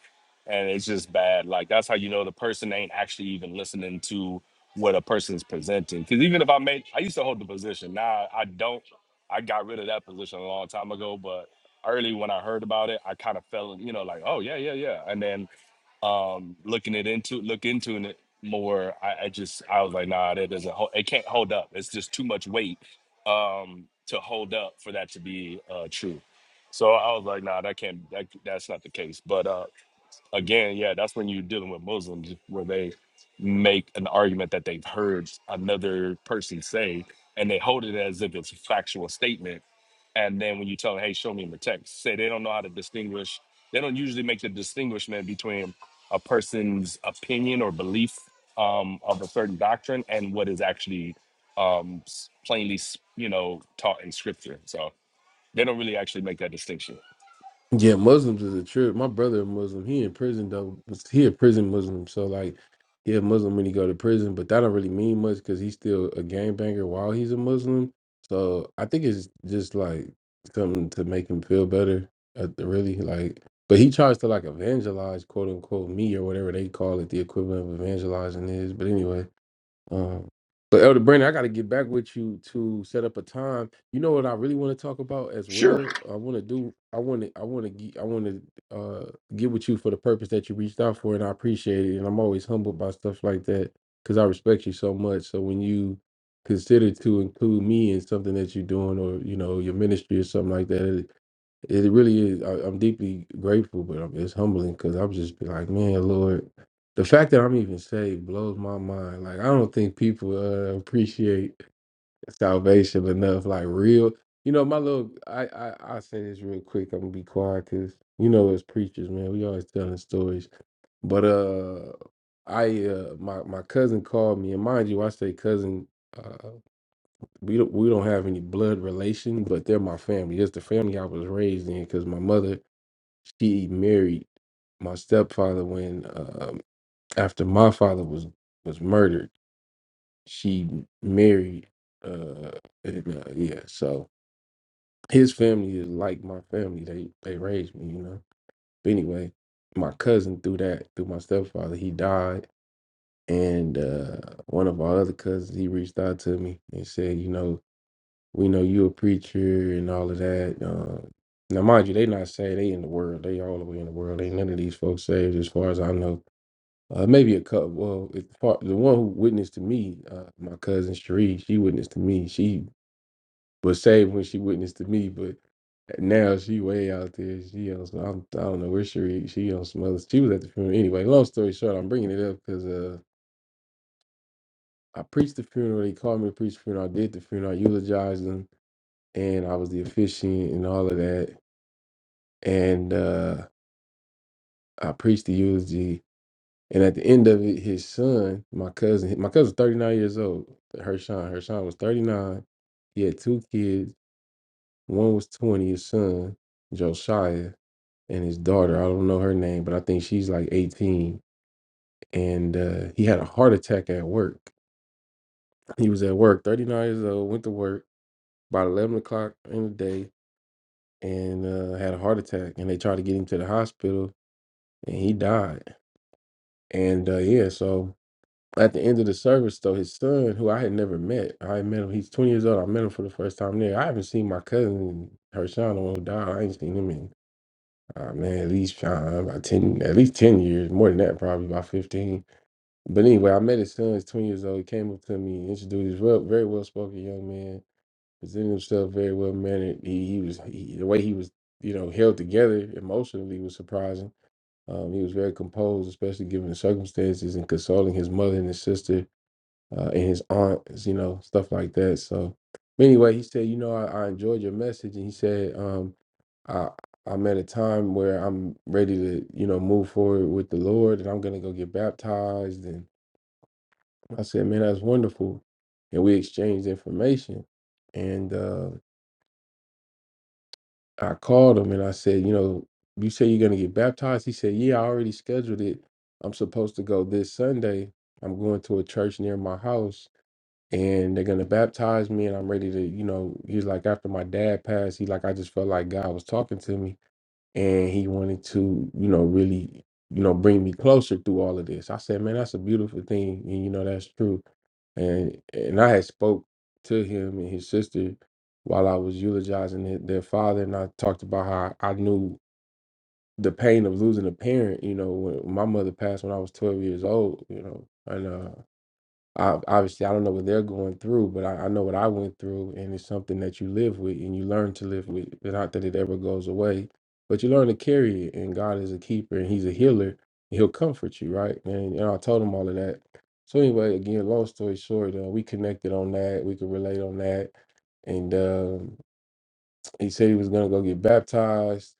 S3: and it's just bad like that's how you know the person ain't actually even listening to what a person's presenting because even if i made i used to hold the position now i don't i got rid of that position a long time ago but early when i heard about it i kind of fell you know like oh yeah yeah yeah and then um looking it into look into it more I, I just i was like nah that doesn't hold it can't hold up it's just too much weight um to hold up for that to be uh true so i was like nah that can't that, that's not the case but uh again yeah that's when you're dealing with muslims where they make an argument that they've heard another person say and they hold it as if it's a factual statement and then when you tell them, hey, show me in the text, say they don't know how to distinguish. They don't usually make the distinguishment between a person's opinion or belief um, of a certain doctrine and what is actually um, s- plainly, s- you know, taught in scripture. So they don't really actually make that distinction.
S1: Yeah, Muslims is a trip. My brother a Muslim. He in prison though. He a prison Muslim. So like he a Muslim when he go to prison, but that don't really mean much because he's still a gangbanger while he's a Muslim. So I think it's just like something to make him feel better. uh, Really, like, but he tries to like evangelize, quote unquote, me or whatever they call it, the equivalent of evangelizing is. But anyway. Um, but Elder Brandon, I got to get back with you to set up a time. You know what I really want to talk about as
S2: Sure.
S1: well. I want to do. I want to. I want to. ge- I want to uh, get with you for the purpose that you reached out for, and I appreciate it. And I'm always humbled by stuff like that because I respect you so much. So when you consider to include me in something that you're doing, or you know your ministry or something like that, it really is. I, I'm deeply grateful, but I'm, it's humbling because I'm just be like, man, Lord, the fact that I'm even saved blows my mind. Like, I don't think people uh, appreciate salvation enough. Like, real, you know, my little, I, I, I say this real quick. I'm gonna be quiet because you know, as preachers, man, we always telling stories. But uh, I, uh, my my cousin called me, and mind you, I say cousin. Uh, we don't we don't have any blood relation, but they're my family. It's the family I was raised in because my mother she married my stepfather when um, after my father was was murdered she married uh, and, uh yeah so his family is like my family they they raised me you know but anyway my cousin through that through my stepfather he died and uh one of our other cousins he reached out to me and said you know We know you a preacher and all of that. Uh, now, mind you, they not saved. They in the world. They all the way in the world. Ain't none of these folks saved, as far as I know. Uh, maybe a couple. Well, if part, the one who witnessed to me, uh, my cousin Sheree, she witnessed to me. She was saved when she witnessed to me, but now she way out there. She on some, I'm, I don't know where she she on some other. She was at the funeral anyway. Long story short, I'm bringing it up because uh, I preached the funeral. They called me to preach the funeral. I did the funeral. I eulogized them. and I was the officiant and all of that. And uh, I preached the eulogy. And at the end of it, his son, my cousin, my cousin's 39 years old, Hershon. Hershon was 39. He had two kids. One was 20, his son, Josiah, and his daughter. I don't know her name, but I think she's like 18. And uh, he had a heart attack at work. He was at work, 39 years old, went to work about 11 o'clock in the day and uh, had a heart attack. And they tried to get him to the hospital and he died. And uh, yeah, so at the end of the service, though, his son, who I had never met, I had met him. He's twenty years old. I met him for the first time there. I haven't seen my cousin Hershon, the one who died. I ain't seen him in uh, man at least uh, about ten, at least ten years, more than that, probably about fifteen. But anyway, I met his son. He's twenty years old. He came up to me, introduced. He's well, very well spoken young man. Presented himself very well mannered. He, he was he, the way he was, you know, held together emotionally was surprising um, he was very composed, especially given the circumstances and consoling his mother and his sister uh, and his aunts, you know, stuff like that. So, but anyway, he said, you know, I, I enjoyed your message, and he said, um, I, I'm at a time where I'm ready to, you know, move forward with the Lord, and I'm gonna go get baptized. And I said, man, that's wonderful. And we exchanged information, and. uh, I called him and I said, you know, you say you're gonna get baptized. He said, yeah, I already scheduled it. I'm supposed to go this Sunday. I'm going to a church near my house and they're gonna baptize me and I'm ready to, you know, he's like after my dad passed, he like I just felt like God was talking to me and he wanted to you know really you know bring me closer through all of this i said man that's a beautiful thing and you know that's true and and i had spoke to him and his sister while i was eulogizing their their father and i talked about how i knew the pain of losing a parent you know when my mother passed when i was 12 years old you know and uh ob- obviously I don't know what they're going through, but I, I know what I went through, and it's something that you live with and you learn to live with. But Not that it ever goes away, but you learn to carry it. And God is a keeper, and He's a healer. And he'll comfort you, right? And you know, I told him all of that. So anyway, again, long story short, uh, we connected on that. We could relate on that. And um, he said he was gonna go get baptized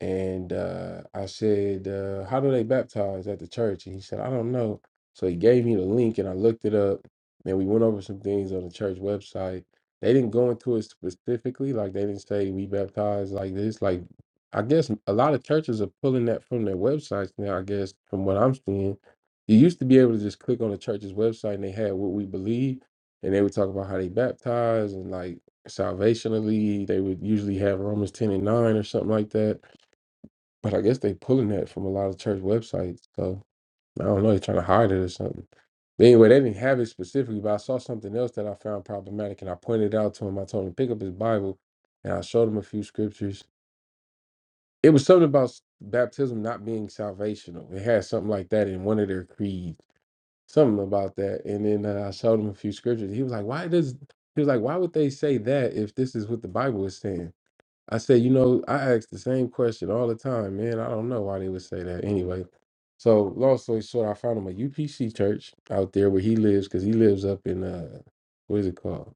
S1: and uh, I said, uh, How do they baptize at the church? And he said, I don't know. So he gave me the link and I looked it up. And we went over some things on the church website. They didn't go into it specifically. Like they didn't say we baptize like this. Like I guess a lot of churches are pulling that from their websites now, I guess, from what I'm seeing. You used to be able to just click on the church's website and they had what we believe. And they would talk about how they baptize and like salvationally. They would usually have Romans 10 and 9 or something like that but I guess they pulling that from a lot of church websites. So I don't know, they're trying to hide it or something. But anyway, they didn't have it specifically, but I saw something else that I found problematic and I pointed it out to him. I told him pick up his Bible and I showed him a few scriptures. It was something about s- baptism not being salvational. It had something like that in one of their creeds. Something about that. And then uh, I showed him a few scriptures. He was like, Why does he was like, why would they say that if this is what the Bible is saying? I said, you know, I ask the same question all the time, man. I don't know why they would say that anyway. So, long story short, I found him a UPC church out there where he lives because he lives up in, uh, what is it called?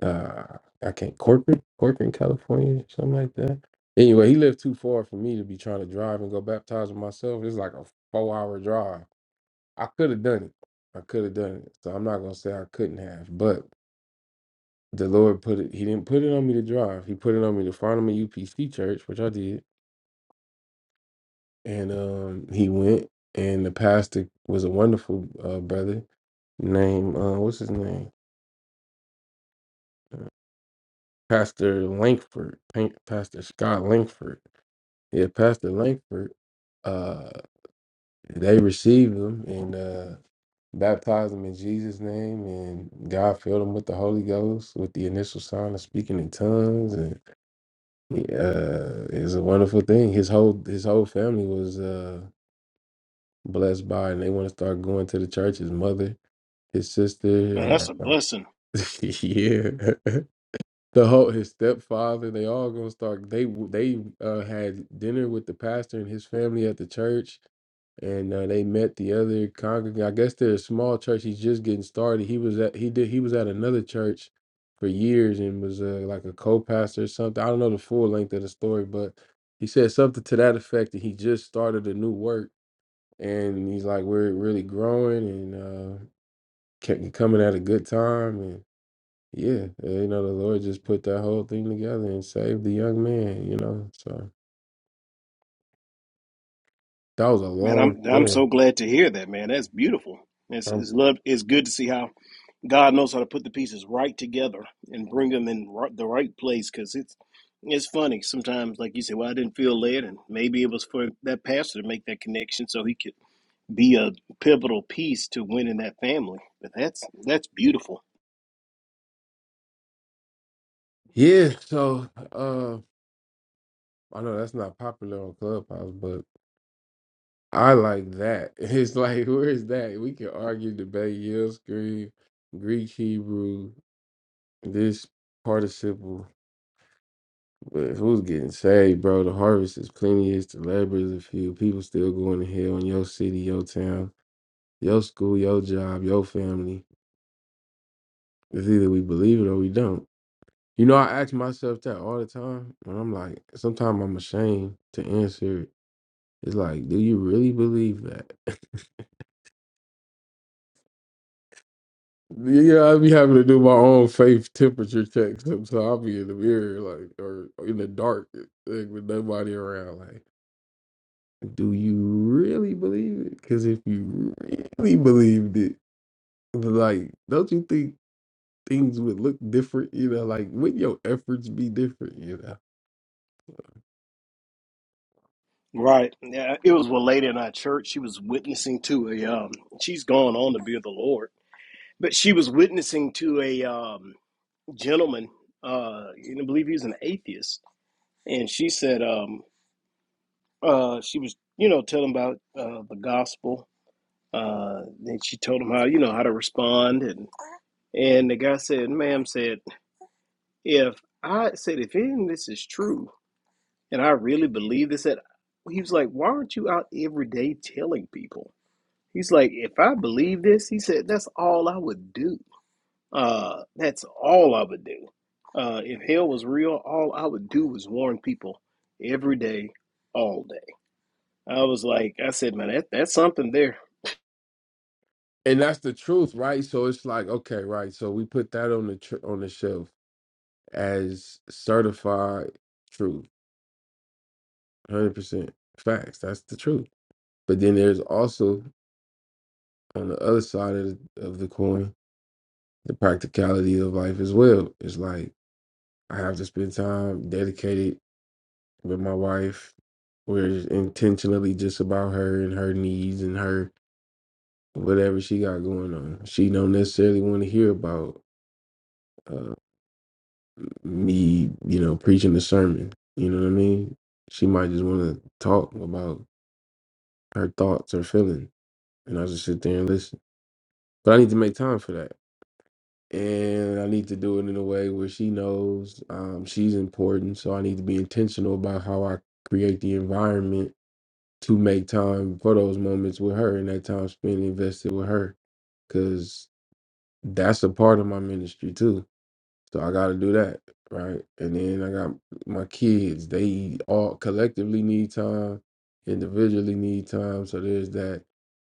S1: Uh, I can't, Corcoran, Corcoran, California, something like that. Anyway, he lived too far for me to be trying to drive and go baptize with myself. It's like a four hour drive. I could have done it. I could have done it. So, I'm not going to say I couldn't have, but the Lord put it, He didn't put it on me to drive. He put it on me to find him a UPC church, which I did and um, he went, and the pastor was a wonderful uh, brother named uh, what's his name, uh, Pastor Langford, Pan- Pastor Scott Langford. Yeah, Pastor Langford. Uh, they received him and uh, baptized him in Jesus' name, and God filled him with the Holy Ghost with the initial sign of speaking in tongues, and uh, it's a wonderful thing. His whole his whole family was uh, blessed by, it, and they want to start going to the church. His mother. his
S2: man,
S1: sister,
S2: that's a
S1: uh, uh,
S2: blessing.
S1: yeah, the whole his stepfather. They all gonna start. They w- they uh, had dinner with the pastor and his family at the church, and uh, they met the other congregant. I guess they're a small church. He's just getting started. He was at he did he was at another church for years and was uh, like a co-pastor or something. I don't know the full length of the story, but he said something to that effect that he just started a new work and he's like we're really growing and. uh, kept coming at a good time and yeah uh, you know the lord just put that whole thing together and saved the young man you know so that was a
S2: Man,
S1: long
S2: I'm I'm
S1: thing
S2: so glad to hear that, man. That's beautiful. It's,
S1: um,
S2: it's love. It's good to see how God knows how to put the pieces right together and bring them in ri- the right place because it's it's funny sometimes. Like you say, well, I didn't feel led, and maybe it was for that pastor to make that connection so he could be a pivotal piece to winning that family. But that's that's beautiful,
S1: yeah so uh i know that's not popular on clubhouse but i like that it's like where is that we can argue debate yell scream greek hebrew this participle but who's getting saved bro the harvest is plenteous, the labor is a few people still going to hell in your city your town your school, your job, your family. It's either we believe it or we don't. You know, I ask myself that all the time, and I'm like, sometimes I'm ashamed to answer it. It's like, do you really believe that? yeah, yeah, I be having to do my own faith temperature check. So so I'll be in the mirror, like, or in the dark, like, with nobody around. Like, do you really believe it? Because if you really believed it, like, don't you think? things would look different, you know, like would your efforts be different, you know?
S2: right? Yeah, it was one lady in our church. She was witnessing to a. Um, she's gone on to be of the Lord, but she was witnessing to a um, gentleman. Uh, and I believe he was an atheist, and she said, um, uh, she was, you know, telling about uh, the gospel. Uh, and she told him how, you know, how to respond. And, and the guy said, ma'am said, if I said, if any of this is true and I really believe this, that he was like, why aren't you out every day telling people? He's like, if I believe this, he said, that's all I would do. Uh, that's all I would do. Uh, if hell was real, all I would do was warn people every day, all day. I was like, I said, man, that, that's something there
S1: And that's the truth, right? So it's like, okay, right. So we put that on the tr- on the shelf as certified truth, hundred percent facts. That's the truth. But then there's also on the other side of the, of the coin, the practicality of life as well. It's like I have to spend time dedicated with my wife. We're intentionally just about her and her needs and her whatever she got going on. She don't necessarily want to hear about uh, me, you know, preaching the sermon. You know what I mean? She might just want to talk about her thoughts or feelings, and I just sit there and listen. But I need to make time for that, and I need to do it in a way where she knows um, she's important. So I need to be intentional about how I create the environment to make time for those moments with her and that time spent invested with her, because that's a part of my ministry too So I got to do that, right? And then I got my kids. They all collectively need time, individually need time. So there's that.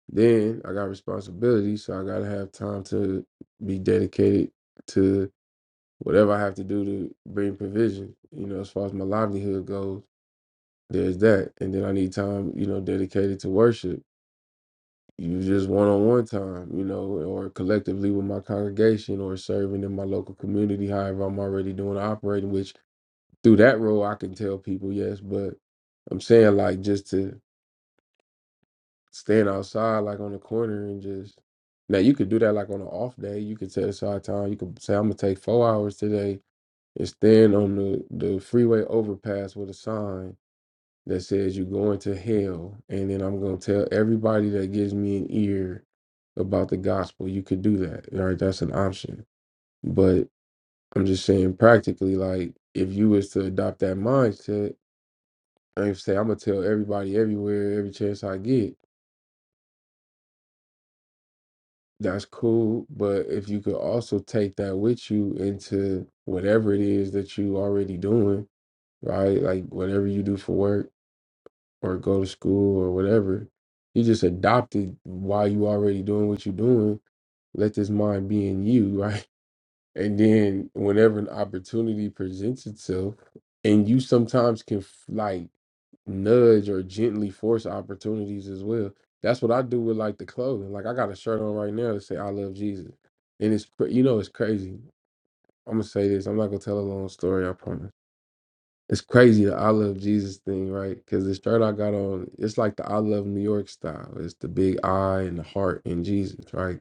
S1: Then I got responsibility, so I got to have time to be dedicated to whatever I have to do to bring provision. You know, as far as my livelihood goes, there's that. And then I need time, you know, dedicated to worship. You just one on one time, you know, or collectively with my congregation or serving in my local community, however I'm already doing operating, which through that role I can tell people yes, but I'm saying like just to stand outside like on the corner and just now you could do that like on an off day. You could set aside time. You could say I'm gonna take four hours today and stand on the the freeway overpass with a sign that says you're going to hell, and then I'm gonna tell everybody that gives me an ear about the gospel. You could do that. All right, that's an option. But I'm just saying practically, like if you was to adopt that mindset Like I used to say I'm gonna tell everybody everywhere, every chance I get. That's cool, but if you could also take that with you into whatever it is that you already doing, right? Like whatever you do for work or go to school or whatever, you just adopted while you already doing what you're doing. Let this mind be in you, right? And then whenever an opportunity presents itself, and you sometimes can f- like nudge or gently force opportunities as well. That's what I do with like the clothing. Like I got a shirt on right now that say I love Jesus. And it's cra- you know it's crazy. I'm gonna say this. I'm not gonna tell a long story. I promise. It's crazy the I love Jesus thing, right? Because the shirt I got on, it's like the I love New York style. It's the big I and the heart and Jesus, right?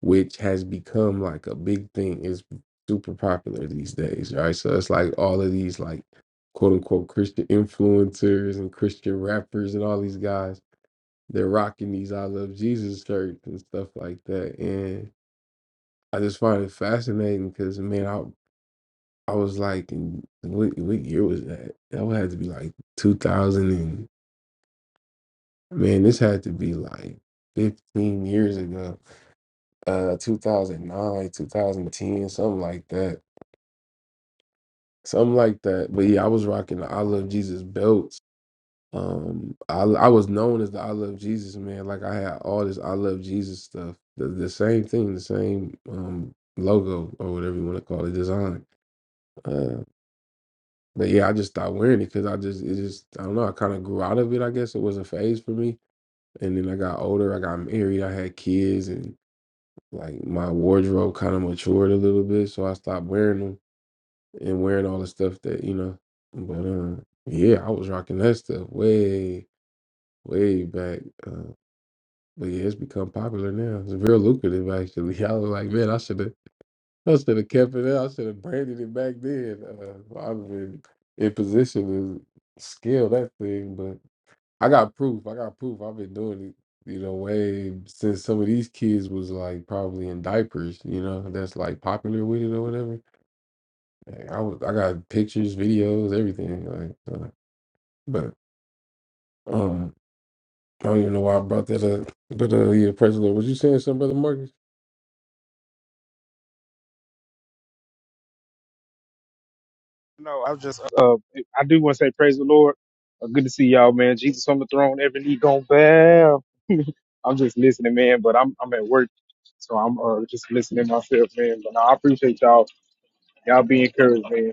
S1: Which has become like a big thing. It's super popular these days, right? So it's like all of these like quote unquote Christian influencers and Christian rappers and all these guys, they're rocking these I love Jesus shirts and stuff like that. And I just find it fascinating because man, I was like, in, what, what year was that? That would have to be like 2000 and man, this had to be like 15 years ago, uh, 2009, 2010, something like that, something like that. But yeah, I was rocking the I Love Jesus belts. Um, I I was known as the I Love Jesus man. Like I had all this I Love Jesus stuff, the, the same thing, the same um logo or whatever you want to call it, design. Uh, But yeah, I just stopped wearing it because I just it just I don't know. I kind of grew out of it. I guess it was a phase for me. And then I got older. I got married. I had kids, and like my wardrobe kind of matured a little bit. So I stopped wearing them and wearing all the stuff that you know. But uh, yeah, I was rocking that stuff way way back. Uh, but yeah, it's become popular now. It's real lucrative actually. I was like, man, I should have. I should have kept it out. I should have branded it back then. Uh, I'd have been in position to scale that thing, but I got proof. I got proof. I've been doing it, you know, way since some of these kids was like probably in diapers, you know, that's like popular with it or whatever. Like, I was, I got pictures, videos, everything. Like, uh, but um, I don't even know why I brought that up. But uh, yeah, President, was you saying something, Brother Marcus?
S4: No, I was just uh, I do want to say praise the Lord. Uh, good to see y'all, man. Jesus on the throne, every knee gonna bow. I'm just listening, man, but I'm I'm at work, so I'm uh, just listening myself, man. But no, I appreciate y'all. Y'all be encouraged, man.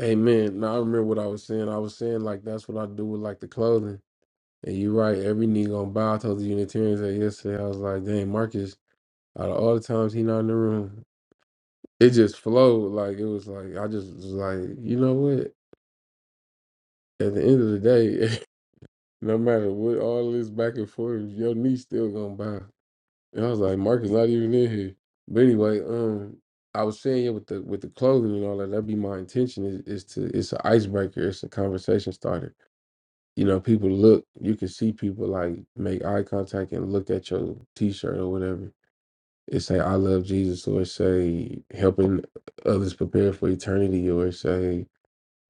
S1: Amen. Now I remember what I was saying. I was saying like that's what I do with like the clothing And you're right. Every knee gonna bow. I told the Unitarians that yesterday. I was like, dang, Marcus. Out of all the times he not in the room, it just flowed. Like it was like I just was like, you know what? At the end of the day, no matter what all this back and forth, your knee still gonna bow. And I was like, Marcus not even in here. But anyway, um, I was saying yeah, with the with the clothing and all that. That'd be my intention. Is, is to it's an icebreaker. It's a conversation starter you know, people look, you can see people like make eye contact and look at your t shirt or whatever. It say I love Jesus or it say helping others prepare for eternity or it say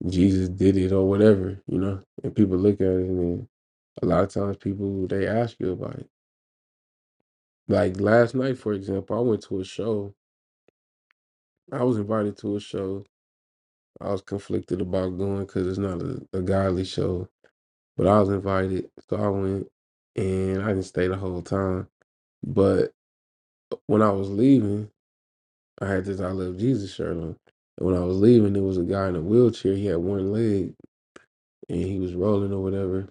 S1: Jesus did it or whatever, you know. And people look at it and then a lot of times people they ask you about it. Like last night, for example, I went to a show. I was invited to a show. I was conflicted about going because it's not a, a godly show, but I was invited, so I went, and I didn't stay the whole time But when I was leaving, I had this I Love Jesus shirt on. And when I was leaving, there was a guy in a wheelchair. He had one leg and he was rolling or whatever.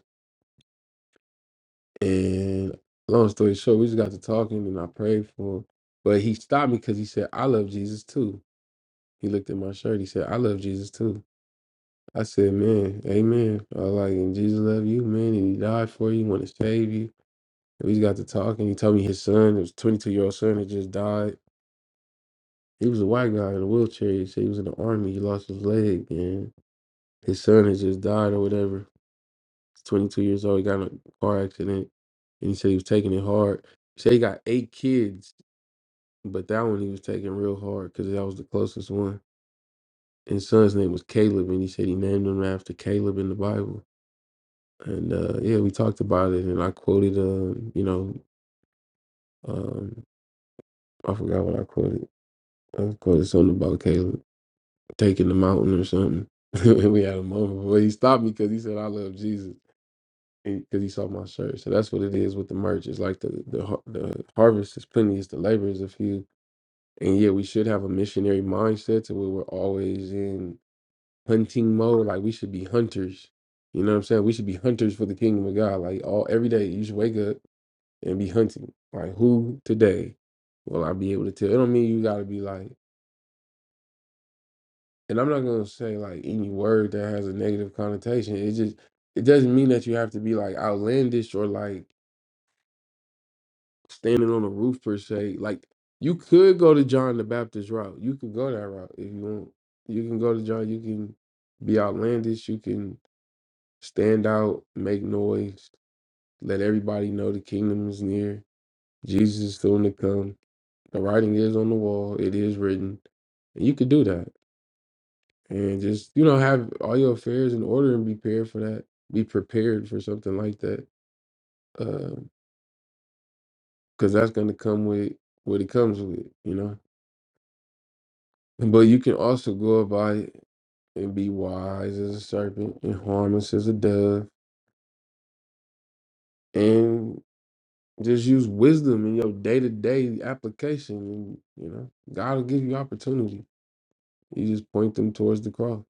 S1: And long story short, we just got to talking and I prayed for him. But he stopped me because he said, I love Jesus too. He looked at my shirt. He said, I love Jesus too. I said, Man, amen. I was like, And Jesus love you, man. And he died for you, want to save you. And we just got to talking. He told me his son, his 22 year old son, had just died He was a white guy in a wheelchair. He said he was in the army. He lost his leg, and his son has just died or whatever. He's 22 years old. He got in a car accident, and he said he was taking it hard. He said he got eight kids, but that one he was taking real hard because that was the closest one. And his son's name was Caleb, and he said he named him after Caleb in the Bible. And uh, yeah, we talked about it, and I quoted, uh, you know, um, I forgot what I quoted. I quoted something about Caleb taking the mountain or something. And we had a moment, but he stopped me because he said, "I love Jesus," because he saw my shirt. So that's what it is with the merch. It's like the the har- the harvest is plenty, it's the labor is a few. And yeah, we should have a missionary mindset to where we're always in hunting mode. Like we should be hunters. You know what I'm saying? We should be hunters for the kingdom of God. Like all every day, you should wake up and be hunting. Like who today will I be able to tell? It don't mean you got to be like. and I'm not gonna say like any word that has a negative connotation. It just it doesn't mean that you have to be like outlandish or like standing on a roof per se. Like you could go to John the Baptist route. You could go that route if you want. You can go to John. You can be outlandish. You can stand out, make noise, let everybody know the kingdom is near. Jesus is soon to come. The writing is on the wall. It is written. And you could do that. and just you know have all your affairs in order and be prepared for that be prepared for something like that because that's going to come with what it comes with you know but you can also go about it and be wise as a serpent and harmless as a dove and just use wisdom in your day-to-day application and you know god will give you opportunity you just point them towards the cross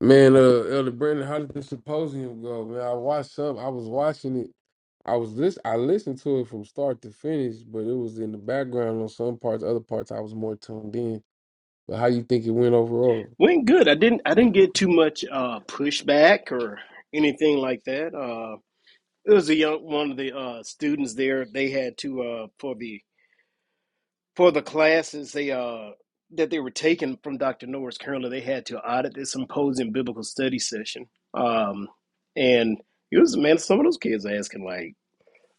S1: Man, uh, Elder Brandon, how did the symposium go? Man, I watched some. I was watching it. I was listen. I listened to it from start to finish, but it was in the background on some parts. Other parts, I was more tuned in. But how you think it went overall?
S2: Went good. I didn't I didn't get too much uh pushback or anything like that. Uh it was a young one of the uh students there. They had to uh for the for the classes they uh that they were taking from Dr. Norris currently they had to audit this symposium biblical study session. Um and it was man some of those kids asking like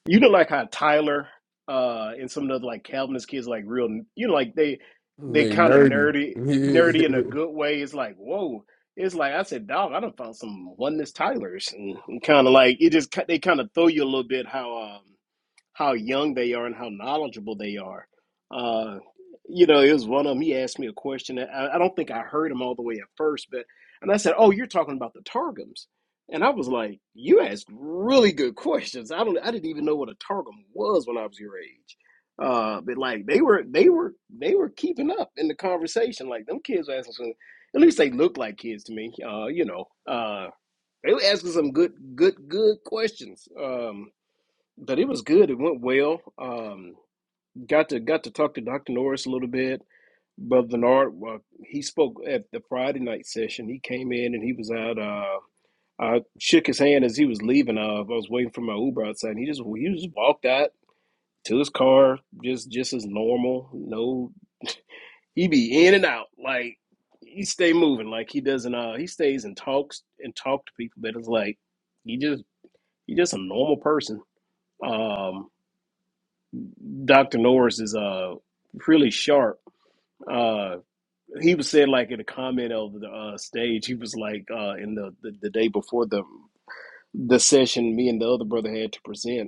S2: you know, like how Tyler uh, and some of the other like Calvinist kids, like real, you know, like they they
S1: Man,
S2: kind of
S1: nerdy.
S2: nerdy, nerdy in a good way. It's like, whoa. It's like I said, dog. I done found some oneness Tylers, and, and kind of like it just they kind of throw you a little bit how. um how young they are and how knowledgeable they are. Uh, you know, it was one of them. He asked me a question. I, I don't think I heard him all the way at first, but and I said, "Oh, you're talking about the targums," and I was like, "You asked really good questions. I don't. I didn't even know what a targum was when I was your age." Uh, but like they were, they were, they were keeping up in the conversation. Like them kids were asking some. At least they looked like kids to me. Uh, you know, uh, they were asking some good, good, good questions. Um, but it was good. It went well. Um, got to got to talk to Dr. Norris a little bit. Brother Bernard, uh, he spoke at the Friday night session. He came in and he was out. Uh, I shook his hand as he was leaving. Uh, I was waiting for my Uber outside. And he just he just walked out to his car, just just as normal. No, he be in and out like he stay moving. Like he doesn't. Uh, he stays and talks and talk to people. But it's like he just he just a normal person. Um, Dr. Norris is uh really sharp. Uh he was saying like in a comment over the uh stage, he was like uh in the, the, the day before the the session me and the other brother had to present.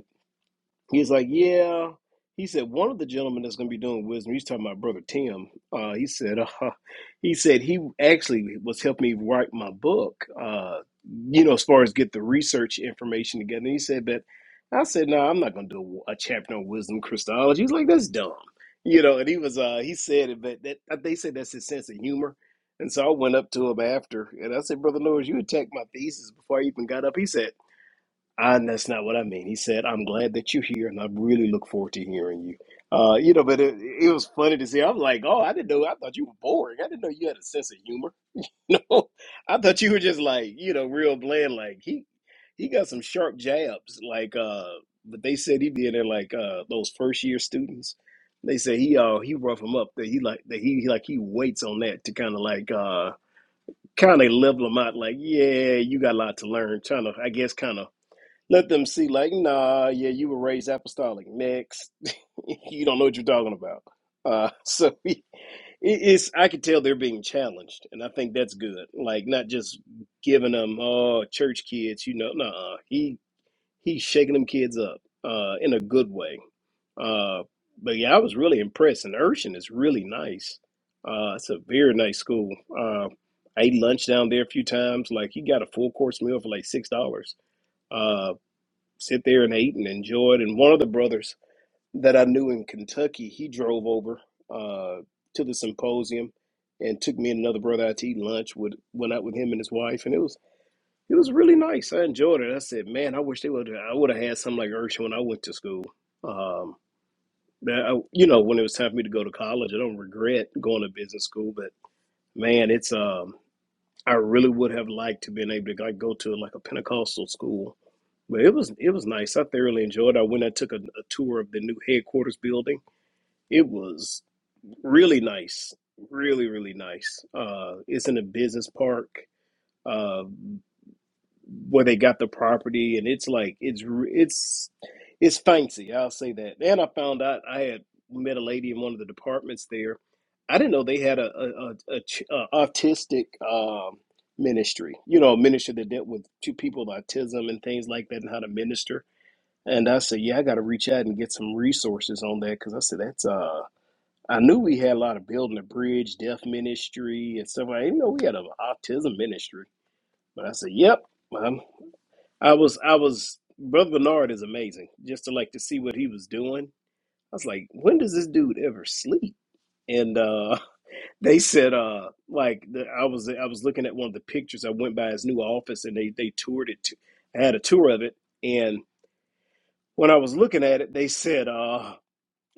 S2: He's like, yeah. He said one of the gentlemen that's going to be doing wisdom. He's talking about brother Tim. Uh, he said, uh, he said he actually was helping me write my book. Uh, you know, as far as get the research information together. And he said that. I said, no, nah, I'm not going to do a chapter on wisdom Christology. He's like, that's dumb. You know, and he was, uh, he said it, but that, uh, they said that's his sense of humor. And so I went up to him after, and I said, Brother Norris, you attacked my thesis before I even got up. He said. And that's not what I mean. He said, I'm glad that you're here and I really look forward to hearing you. Uh, you know, but it, it was funny to see. I'm like, oh, I didn't know. I thought you were boring. I didn't know you had a sense of humor. No, I thought you were just like, you know, real bland. Like he, he got some sharp jabs. Like, uh, but they said he did it like uh, those first year students. They said he, uh, he rough him up. That he like that he, he like he waits on that to kind of like, uh, kind of level him out. Like, yeah, you got a lot to learn. Trying to, I guess, kind of let them see, like, nah, yeah, you were raised apostolic. Next, you don't know what you're talking about. Uh, so it- it's, I can tell they're being challenged, and I think that's good. Like, not just giving them, oh, church kids, you know, nah, he he's shaking them kids up, uh, in a good way. Uh, but yeah, I was really impressed, and Urshan is really nice. Uh, it's a very nice school. Uh, I ate lunch down there a few times. Like, you got a full course meal for like six dollars Uh, sit there and ate and enjoyed. And one of the brothers that I knew in Kentucky, he drove over uh, to the symposium and took me and another brother out to eat lunch. With went out with him and his wife, and it was it was really nice. I enjoyed it. I said, man, I wish they would. I would have had something like Urshan when I went to school. Um, that I, you know, when it was time for me to go to college, I don't regret going to business school, but man, it's um I really would have liked to been able to like go to like a Pentecostal school, but it was it was nice. I thoroughly enjoyed. It. I went. I took a, a tour of the new headquarters building. It was really nice, really really nice. Uh, it's in a business park. Uh, where they got the property, and it's like it's it's it's fancy. I'll say that. And I found out I had met a lady in one of the departments there. I didn't know they had a a, a, a, ch- a autistic um, ministry. You know, a ministry that dealt with two people with autism and things like that, and how to minister. And I said, yeah, I got to reach out and get some resources on that because I said that's uh. I knew we had a lot of building a bridge, deaf ministry, and stuff. I didn't know we had an autism ministry, but I said, yep. I'm I was I was Brother Bernard is amazing. Just to like to see what he was doing. I was like, when does this dude ever sleep? And uh they said uh like the, I was I was looking at one of the pictures. I went by his new office and they they toured it. To, I had a tour of it and when I was looking at it, they said uh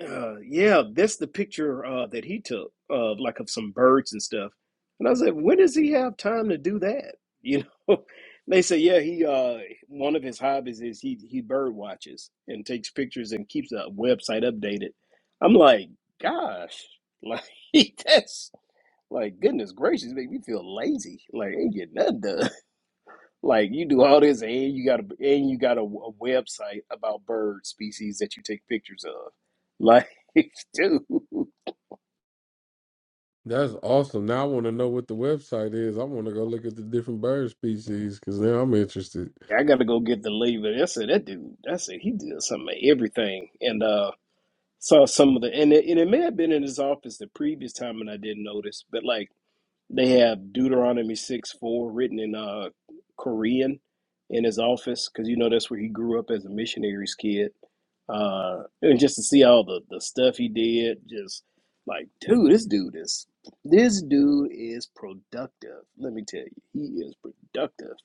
S2: uh, yeah, that's the picture uh, that he took of like of some birds and stuff. And I said, when does he have time to do that? You know, they say, yeah, he uh, one of his hobbies is he he bird watches and takes pictures and keeps a website updated. I'm like, gosh, like that's like goodness gracious, make me feel lazy. Like I ain't getting nothing done. Like you do all this, and you got a and you got a, a website about bird species that you take pictures of. Like, dude,
S1: Yeah, that's awesome. Now I want to know what the website is. I want to go look at the different bird species because now I'm interested.
S2: I gotta go get the label. That's it. That dude. That's it. He did some of everything, and uh, saw some of the and it, and it may have been in his office the previous time, and I didn't notice. But like. They have Deuteronomy 6 4 written in uh, Korean in his office because you know that's where he grew up as a missionary's kid. Uh, and just to see all the, the stuff he did, just like, dude, this dude is this dude is productive. Let me tell you, he is productive.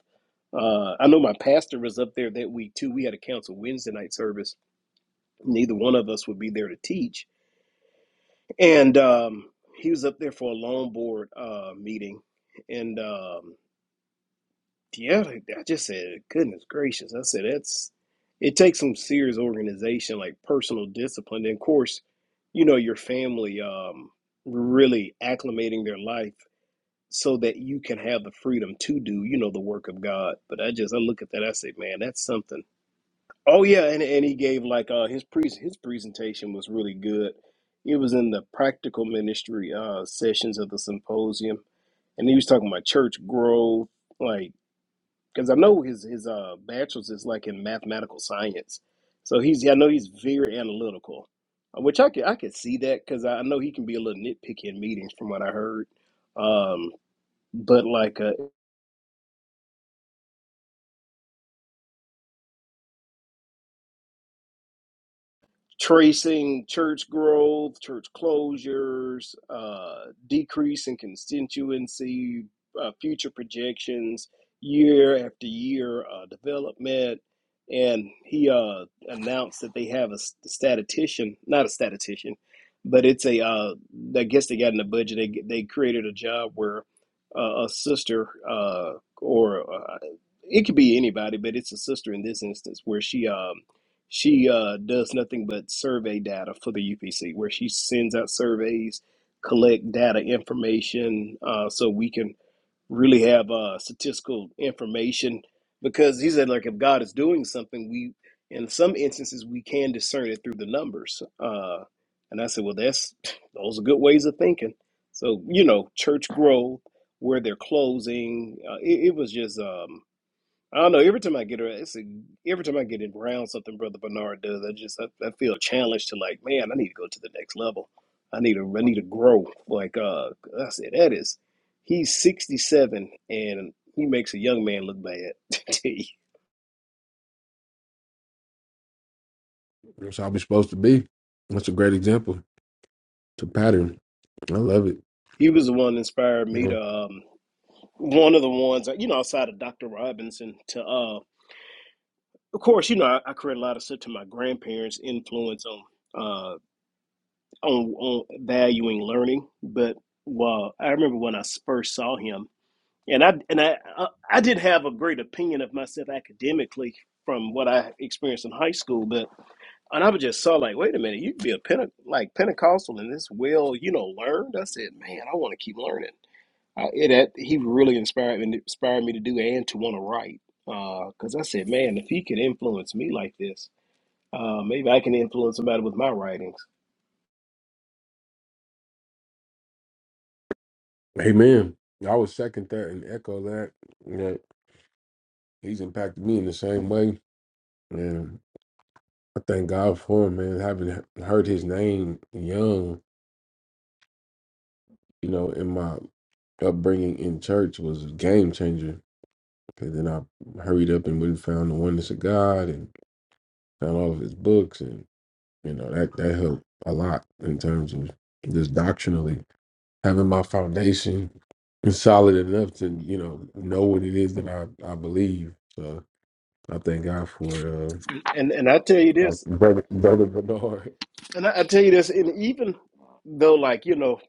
S2: Uh, I know my pastor was up there that week too. We had a council Wednesday night service. Neither one of us would be there to teach, and um, he was up there for a long board uh, meeting, and um, Yeah, I just said, goodness gracious. I said that's it takes some serious organization, like personal discipline. And of course, you know, your family um really acclimating their life so that you can have the freedom to do, you know, the work of God. But I just I look at that, I say, man, that's something. Oh yeah, and and he gave like uh his pre his presentation was really good. It was in the practical ministry uh sessions of the symposium, and he was talking about church growth, like because I know his his uh bachelor's is like in mathematical science, so he's yeah, I know he's very analytical, uh, which I could I could see that because I I know he can be a little nitpicky in meetings from what I heard, um, but like uh, tracing church growth, church closures, uh, decrease in constituency, uh, future projections, year after year uh, development. And he uh, announced that they have a statistician, not a statistician, but it's a, uh, I guess they got in the budget, they, they created a job where uh, a sister uh, or uh, it could be anybody, but it's a sister in this instance where she um, she uh, does nothing but survey data for the UPC, where she sends out surveys, collect data information, uh, so we can really have uh, statistical information. Because he said, like, if God is doing something, we, in some instances, we can discern it through the numbers. Uh, and I said, well, that's those are good ways of thinking. So you know, church growth, where they're closing, uh, it, it was just. Um, I don't know. Every time I get around, it's a, every time I get around something Brother Bernard does, I just I, I feel challenged to like, man, I need to go to the next level. I need to I need to grow. Like uh, I said, that is, he's sixty seven and he makes a young man look bad. he
S1: That's how we're supposed to be. That's a great example. It's a pattern. I love
S2: was the one that inspired me
S1: it.
S2: to um, one of the ones you know outside of Doctor Robinson to uh, of course you know I, I credit a lot of stuff to my grandparents' influence on. on on valuing learning. But well, I remember when I first saw him, and I and I I, I did have a great opinion of myself academically from what I experienced in high school, but and I was just saw like, wait a minute, you could be a Pente- like Pentecostal and this well, you know, learned. I said, man, I want to keep learning. I, it had, he really inspired me, inspired me to do and to want to write. Because I said, man, if he could influence me like this, uh, maybe I can influence somebody with my writings.
S1: Amen. I would second that and echo that. Yeah, he's impacted me in the same way. And I thank God for him, man. Having heard his name young, you know, in my upbringing in church was a game changer. because then I hurried up and went and found the oneness of God and found all of his books. And, you know, that, that helped a lot in terms of just doctrinally having my foundation solid enough to, you know, know what it is that I, I believe. So I thank God for uh,
S2: And and I tell you
S1: Doc-
S2: this,
S1: brother, brother Bernard.
S2: And I, I tell you this, and even though, like, you know,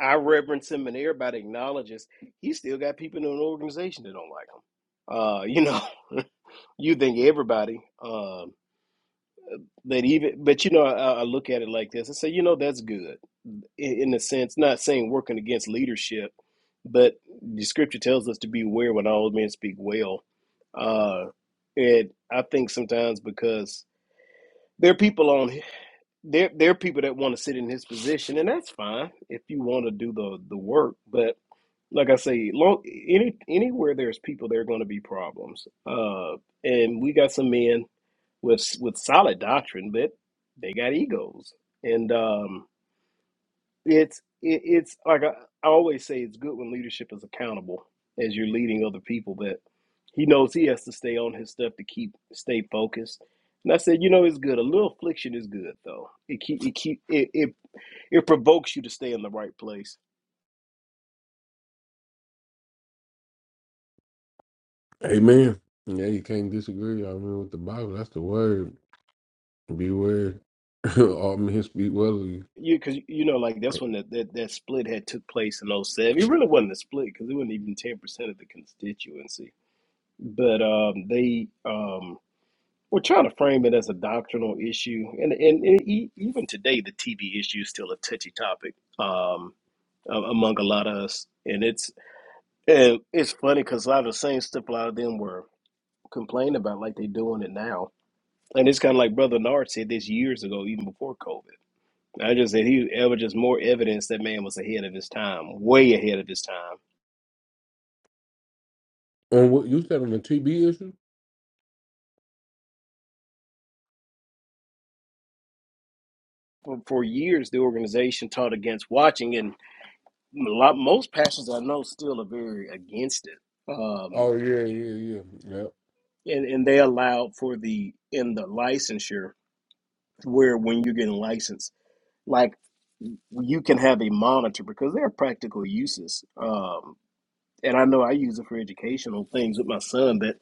S2: I reverence him and everybody acknowledges, he still got people in an organization that don't like him. Uh, you know, you think everybody um, that even, but you know, I, I look at it like this and say, you know, that's good in, in a sense, not saying working against leadership, but the scripture tells us to beware when all men speak well. Uh, and I think sometimes because there are people on there there are people that want to sit in his position, and that's fine if you want to do the the work. But like I say, long, any anywhere there's people, there are going to be problems. Uh, and we got some men with with solid doctrine, but they got egos, and um, it's it, it's like I, I always say, it's good when leadership is accountable as you're leading other people, but he knows he has to stay on his stuff to keep stay focused. And I said, you know, it's good. A little affliction is good, though. It keep it keep it, it it provokes you to stay in the right place.
S1: Amen. Yeah, you can't disagree. I mean, with the Bible, that's the word. Beware. All men speak well of you.
S2: You because you know like that's when that, that that split had took place in '07. It really wasn't a split because it wasn't even ten percent of the constituency. But um, they um, were trying to frame it as a doctrinal issue, and and, and e- even today the TV issue is still a touchy topic um, a- among a lot of us. And it's and it's funny because a lot of the same stuff a lot of them were complaining about, like they're doing it now. And it's kind of like Brother Nard said this years ago, even before COVID I just said he ever just more evidence that man was ahead of his time, way ahead of his time.
S1: On what you said on the TB issue?
S2: For, for years, the organization taught against watching, and a lot most pastors I know still are very against it. Um,
S1: Oh yeah, yeah, yeah, yep.
S2: and and they allowed for the in the licensure where when you're getting licensed, like you can have a monitor because there are practical uses. Um, and I know I use it for educational things with my son, but.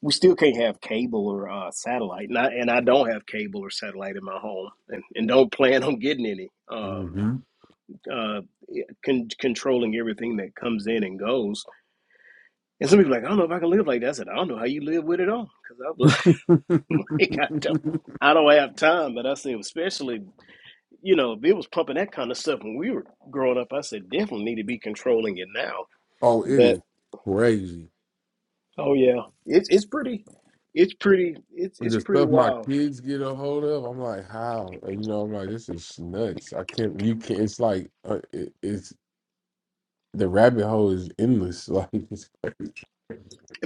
S2: we still can't have cable or uh, satellite, and I, and I don't have cable or satellite in my home, and, and don't plan on getting any. Um,
S1: hmm
S2: uh, yeah, con- controlling everything that comes in and goes, and some people are like, I don't know if I can live like that. I said, I don't know how you live with it all, because I was like, I don't, I don't have time. But I said, especially, you know, if it was pumping that kind of stuff when we were growing up, I said, definitely need to be controlling it now.
S1: oh, it
S2: But
S1: is crazy.
S2: oh yeah, it's it's pretty, it's pretty, it's
S1: And
S2: it's
S1: The
S2: pretty
S1: stuff my
S2: wild
S1: kids get a hold of, I'm like, how? And, you know, I'm like, this is nuts. I can't. You can't. It's like, uh, it, it's the rabbit hole is endless. Like, it's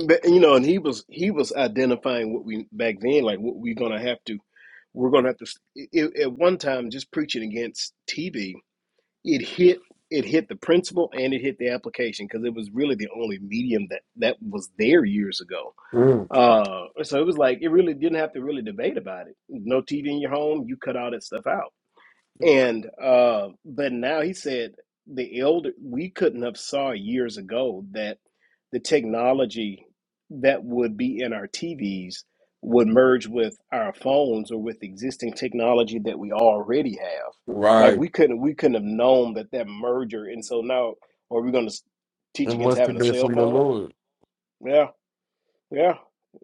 S2: But you know, and he was he was identifying what we back then, like what we're gonna have to we're gonna have to. It, at one time, just preaching against TV, it hit it hit the principle and it hit the application because it was really the only medium that that was there years ago.
S1: crazy.
S2: Uh, so it was like it really didn't have to really debate about it. No TV in your home, you cut all that stuff out. And uh, but now he said the elder we couldn't have saw years ago that the technology that would be in our TVs would merge with our phones or with existing technology that we already have. Like
S1: Right.
S2: we couldn't we couldn't have known that that merger. And so now are we going to teach
S1: It
S2: against
S1: must
S2: having
S1: have
S2: a
S1: been
S2: cell
S1: from the
S2: phone?
S1: Lord.
S2: Yeah, yeah.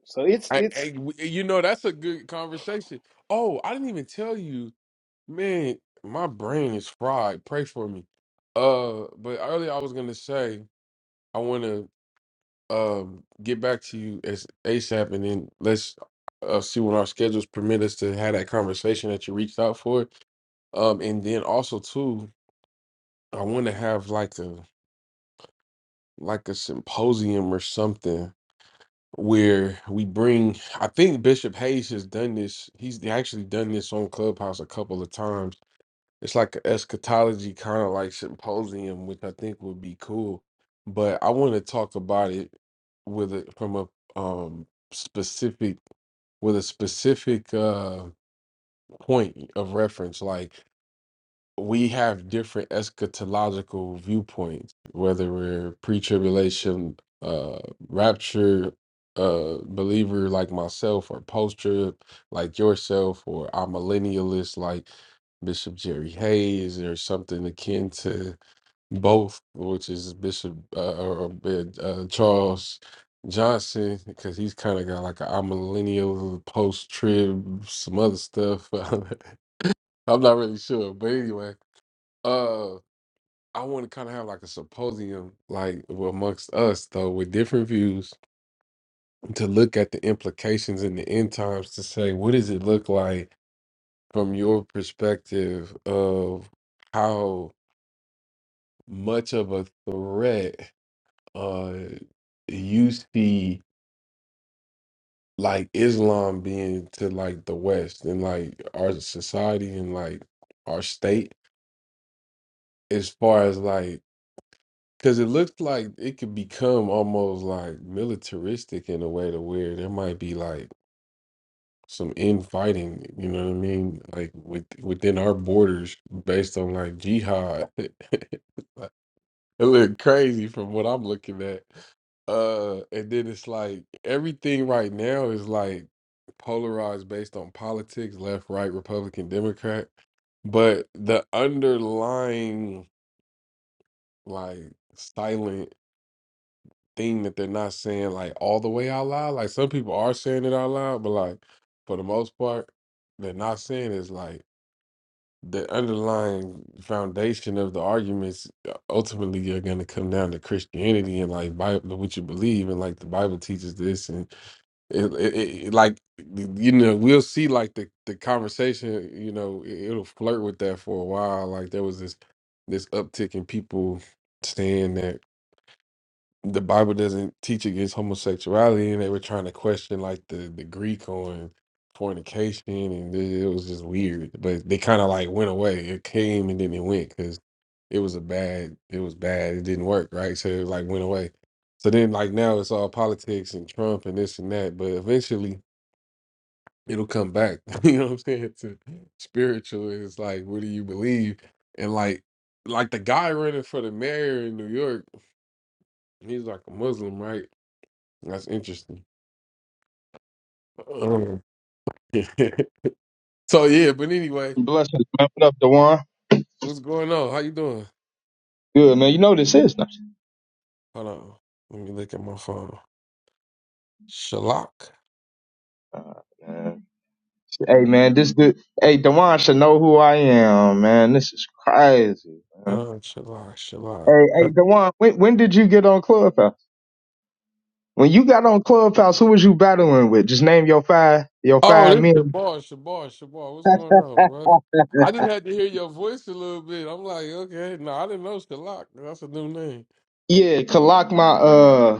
S2: So it's
S1: I, I-
S2: it's
S1: w- you know, that's a good conversation. Oh, I didn't even tell you, man. My brain is fried. Pray for me. Uh, but earlier I was gonna say I want to um get back to you as ASAP, and then let's uh, see when our schedules permit us to have that conversation that you reached out for. Um, and then also too, I want to have like a like a symposium or something where we bring I think Bishop Hayes has done this. He's actually done this on Clubhouse a couple of times. It's like an eschatology kind of like symposium, which I think would be cool. But I want to talk about it with a from a um specific with a specific uh point of reference. Like we have different eschatological viewpoints, whether we're pre-tribulation, uh, rapture, uh, believer like myself, or post-trib like yourself, or I'm millennialist like Bishop Jerry Hayes, or something akin to both, which is Bishop uh, or or, uh, uh, Charles Johnson, because he's kind of got like a I'm millennial, post-trib, some other stuff. I'm not really sure, but anyway. Uh, I want to kind of have like a symposium, like amongst us though, with different views to look at the implications in the end times to say, what does it look like from your perspective of how much of a threat uh you see like Islam being to like the West and like our society and like our state as far as like Because it looks like it could become almost like militaristic in a way to where there might be like some infighting, you know what I mean? Like with within our borders based on like jihad. It look crazy from what I'm looking at. Uh and then it's like everything right now is like polarized based on politics, left, right, Republican, Democrat. But the underlying like silent thing that they're not saying like all the way out loud. Like some people are saying it out loud, but like for the most part, they're not saying is like the underlying foundation of the arguments uh, ultimately are going to come down to Christianity and like Bible, what you believe and like the Bible teaches this and it, it, it like you know we'll see like the the conversation you know it, it'll flirt with that for a while. Like there was this this uptick in people saying that the Bible doesn't teach against homosexuality, and they were trying to question like the the Greek on fornication, and it it was just weird. But they kind of like went away. It came and then it went because it was a bad. It was bad. It didn't work right, so it like went away. So then like now it's all politics and Trump and this and that. But eventually it'll come back. you know what I'm saying? To spiritual, and it's like what do you believe? And like like the guy running for the mayor in New York, he's like a Muslim, right? That's interesting. Um, so yeah, but anyway,
S5: Blessings, man. What up, Dewan?
S1: what's going on? How you doing?
S5: Good, man. You know this is not.
S1: Hold on. Let me look at my phone. Shalak.
S5: Uh, man. Hey, man. This good. Hey, Dewan should know who I am, man. This is crazy, man.
S1: Hold on, Shalak, Shalak.
S5: Hey,
S1: Huh?
S5: hey, Dewan. When when did you get on Clubhouse? When you got on Clubhouse, who was you battling with? Just name your five, your
S1: Oh,
S5: five
S1: this
S5: men.
S1: Shabar, Shabar, Shabar. What's going on, bro?
S5: Oh,
S1: I just had to hear your voice a little bit. I'm like, okay, no, I didn't know Shalak. That's a new name.
S5: yeah, Kalak, my uh,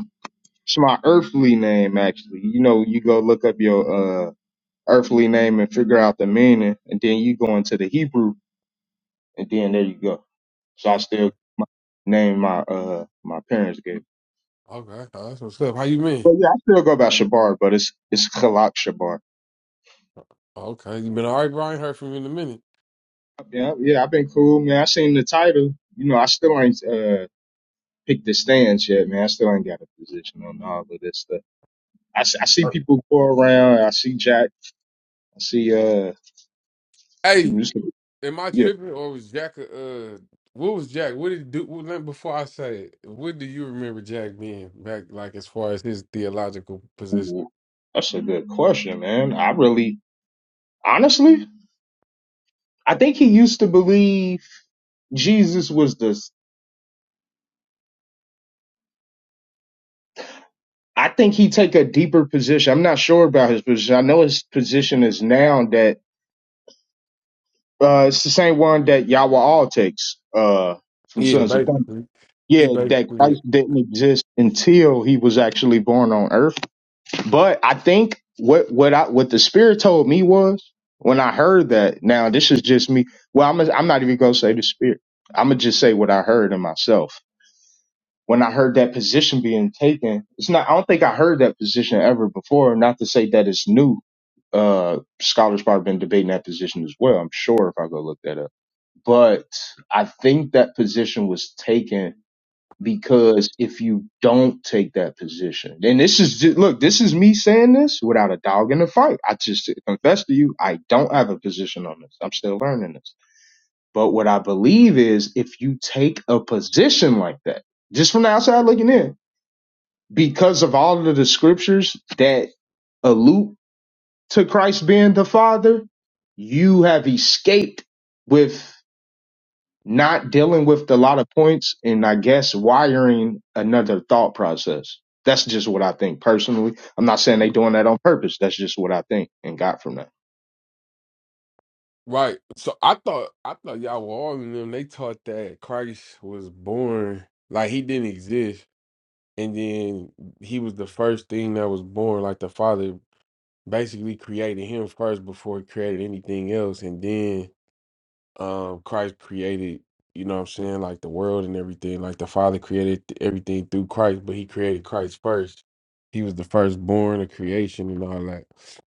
S5: it's my earthly name actually. You know, you go look up your uh earthly name and figure out the meaning, and then you go into the Hebrew, and then there you go. So I
S1: Okay.
S5: still my name my uh my parents gave.
S1: Okay. Oh, That's what's up. How you been?
S5: But yeah, I still go by Shabar, but it's it's Khalak Shabar.
S1: Okay. You been all right, Brian? Heard from you in a minute.
S5: Yeah, yeah, I've been cool, man. I seen the title. You know, I still ain't uh picked the stance yet, man. I still ain't got a position on all of this stuff. I, s- I see people go around. I see Jack. I see uh,
S1: Hey.
S5: this-
S1: Am I
S5: yeah.
S1: tripping or was Jack? Uh, what was Jack? What did he do? Well, let- before I say it, what do you remember Jack being back? Like as far as his theological position?
S5: Ooh, That's a good question, man. I really, honestly, I think he used to believe Jesus was the I think he take a deeper position. I'm not sure about his position. I know his position is now that uh, it's the same one that Yahweh all takes uh, from
S1: Yeah,
S5: Sons of Thunder.
S1: basically, he
S5: Yeah, that
S1: basically
S5: Christ didn't exist until he was actually born on Earth. But I think what what I what the Spirit told me was when I heard that. Now this is just me. Well, I'm i I'm not even gonna say the Spirit. I'm gonna just say what I heard in myself when I heard that position being taken, it's not, I don't think I heard that position ever before. Not to say that it's new. Uh, scholars probably been debating that position as well. I'm sure if I go look that up, but I think that position was taken because if you don't take that position, then this is, ju- look, this is me saying this without a dog in the fight. I just confess to you, I don't have a position on this. I'm still learning this. But what I believe is if you take a position like that, just from the outside looking in, because of all of the scriptures that allude to Christ being the Father, you have escaped with not dealing with a lot of points and I guess wiring another thought process. That's just what I think personally. I'm not saying they doing that on purpose. That's just what I think and got from that.
S1: right. So I thought I thought y'all were all in them. They taught that Christ was born, like he didn't exist, and then he was the first thing that was born. Like the Father basically created him first before he created anything else, and then um Christ created, you know what I'm saying, like the world and everything. Like the Father created th- everything through Christ, but he created Christ first. He was the firstborn of creation and all that.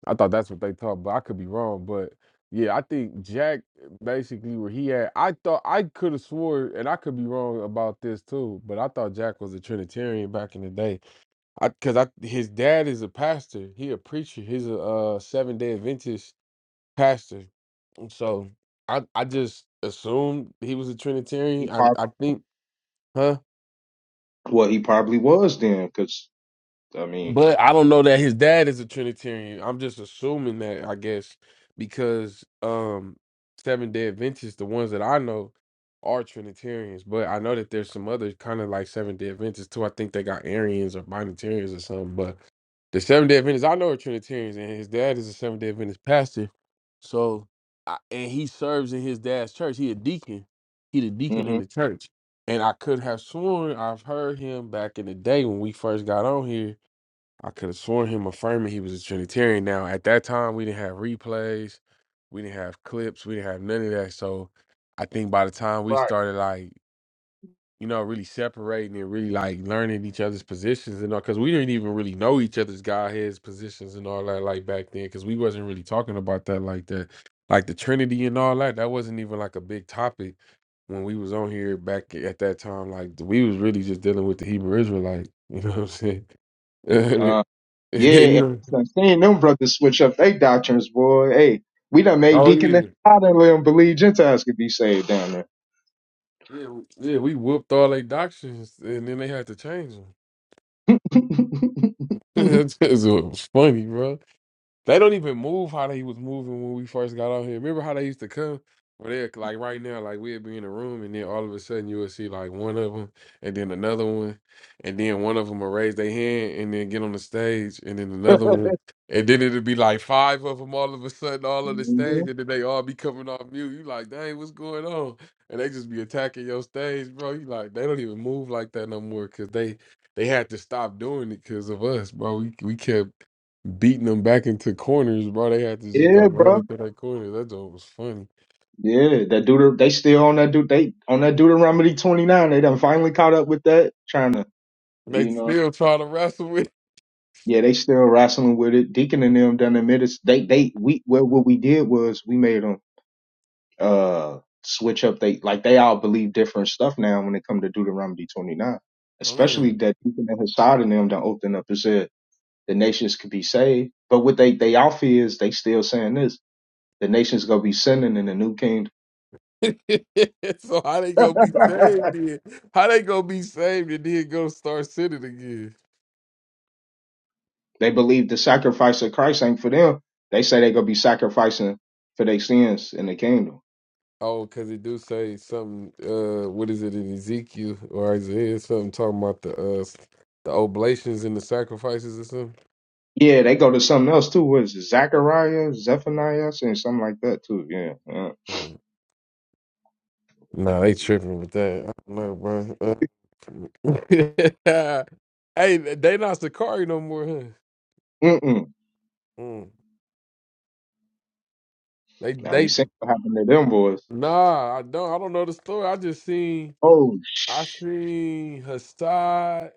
S1: I thought that's what they taught, but I could be wrong. But yeah, I think Jack basically where he at, I thought I could have swore, and I could be wrong about this too, but I thought Jack was a Trinitarian back in the day. I cause I his dad is a pastor. He a preacher. He's a uh seven day Adventist pastor so I I just assumed he was a
S5: He
S1: Trinitarian.
S5: probably,
S1: I I think, huh?
S5: well, he probably was then, because I mean,
S1: But I don't know that his dad is a Trinitarian. I'm just assuming that, I guess, because um Seven Day Adventists, the ones that I know, are Trinitarians. But I know that there's some other kind of like Seven Day Adventists too. I think they got Arians or Binitarians or something. But The Seventh Day Adventist, I know a Trinitarians, and his dad is a Seventh Day Adventist pastor. So, I, and he serves in his dad's church. He a deacon. He the deacon
S5: hmm
S1: in the church. And I could have sworn I've heard him back in the day when we first got on here. I could have sworn him affirming he was a Trinitarian. Now, at that time, we didn't have replays, we didn't have clips, we didn't have none of that. So, I think by the time we
S5: right.
S1: started, like you know, really separating and really like learning each other's positions and all, because we didn't even really know each other's Godhead's positions and all that like back then, because we wasn't really talking about that like that, like the Trinity and all that. That wasn't even like a big topic when we was on here back a- at that time. Like we was really just dealing with the Hebrew Israelite. You know what I'm saying?
S5: It
S1: And it- you
S5: Yeah, and
S1: know?
S5: I them brothers switch up their doctrines, boy. Hey, we done made
S1: Oh
S5: Deacon and
S1: yeah,
S5: I done let them believe Gentiles could be saved down there.
S1: yeah, w- yeah. We whooped all their doctrines, and then they had to change them.
S5: hmm
S1: it funny, bro. They don't even move how they was moving when we first got out here. Remember how they used to come? Or they like right now, like we'd be in a room, and then all of a sudden you would see like one of them, and then another one, and then one of them will raise their hand and then get on the stage, and then another one, and then it'd be like five of them all of a sudden all on the stage, and then they all be coming off mute. You like, dang, what's going on? And they just be attacking your stage, bro. You like, they don't even move like that no more because they they had to stop doing it because of us, bro. We we kept beating them back into corners, bro. They had to just go
S5: Yeah,
S1: right
S5: bro.
S1: into that corner. That joke was funny.
S5: Yeah, that Deuter they still on that dude they on that Deuteronomy twenty nine. They done finally caught up with that, trying to
S1: They
S5: you know.
S1: still try to wrestle with.
S5: Yeah, they still wrestling with it. Deacon and them done admitted they they we well what we did was we made 'em. uh switch up they like they all believe different stuff now when it come to Deuteronomy 29. Especially
S1: Mm.
S5: that Deacon and Hassad and them don't open up and said the nations could be saved. But what they they all fear is they still saying this. The nations gonna be sinning in the new kingdom.
S1: so how they gonna be saved then? How they gonna be saved and then go start sinning again?
S5: They believe the sacrifice of Christ ain't for them. They say they gonna be sacrificing for their sins in the kingdom.
S1: Oh, because it do say something. Uh, what is it in Ezekiel or Isaiah? Something talking about the uh the oblations and the sacrifices or something.
S5: Yeah, they go to something else too. What is it? Zechariah, Zephaniah, and something like that too. Yeah. yeah.
S1: Mm. Nah, they tripping with that. I don't know, bro. Uh, hey, they not Sakari no more, huh?
S5: Mm-mm.
S1: Mm. They
S5: Now you
S1: they
S5: see what happened to them boys.
S1: nah, I don't I don't know the story. I just seen
S5: Oh,
S1: I
S5: sh-
S1: seen Hassad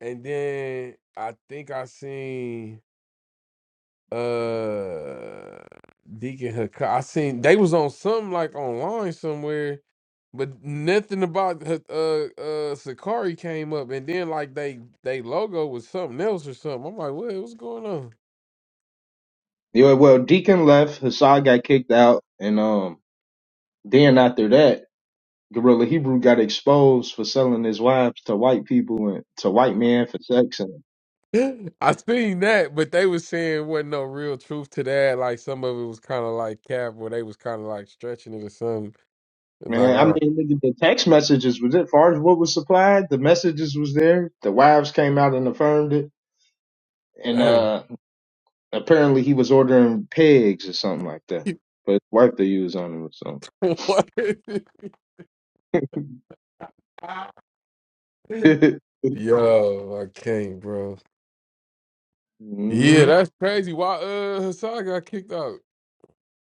S1: and then I think I seen uh Deacon Hakai. I seen they was on something like online somewhere, but nothing about her- uh uh Sakari came up, and then like they they logo was something else or something. I'm like, what what's going on?
S5: yeah. Well, Deacon left, Hassan got kicked out, and um, then after that, Gorilla Hebrew got exposed for selling his wives to white people and to white men for sex. And
S1: I seen that, but they was saying wasn't no real truth to that. Like some of it was kind of like cap, where they was kind of like stretching it or something. And like,
S5: man, I
S1: oh
S5: mean, look at the text messages was it? Far as what was supplied, the messages was there. The wives came out and affirmed it, and
S1: dang,
S5: uh, apparently he was ordering pigs or something like that. But his wife they use on him or something.
S1: what? Yo, I can't, bro.
S5: hmm
S1: Yeah, that's crazy. Why uh Hassan got kicked out?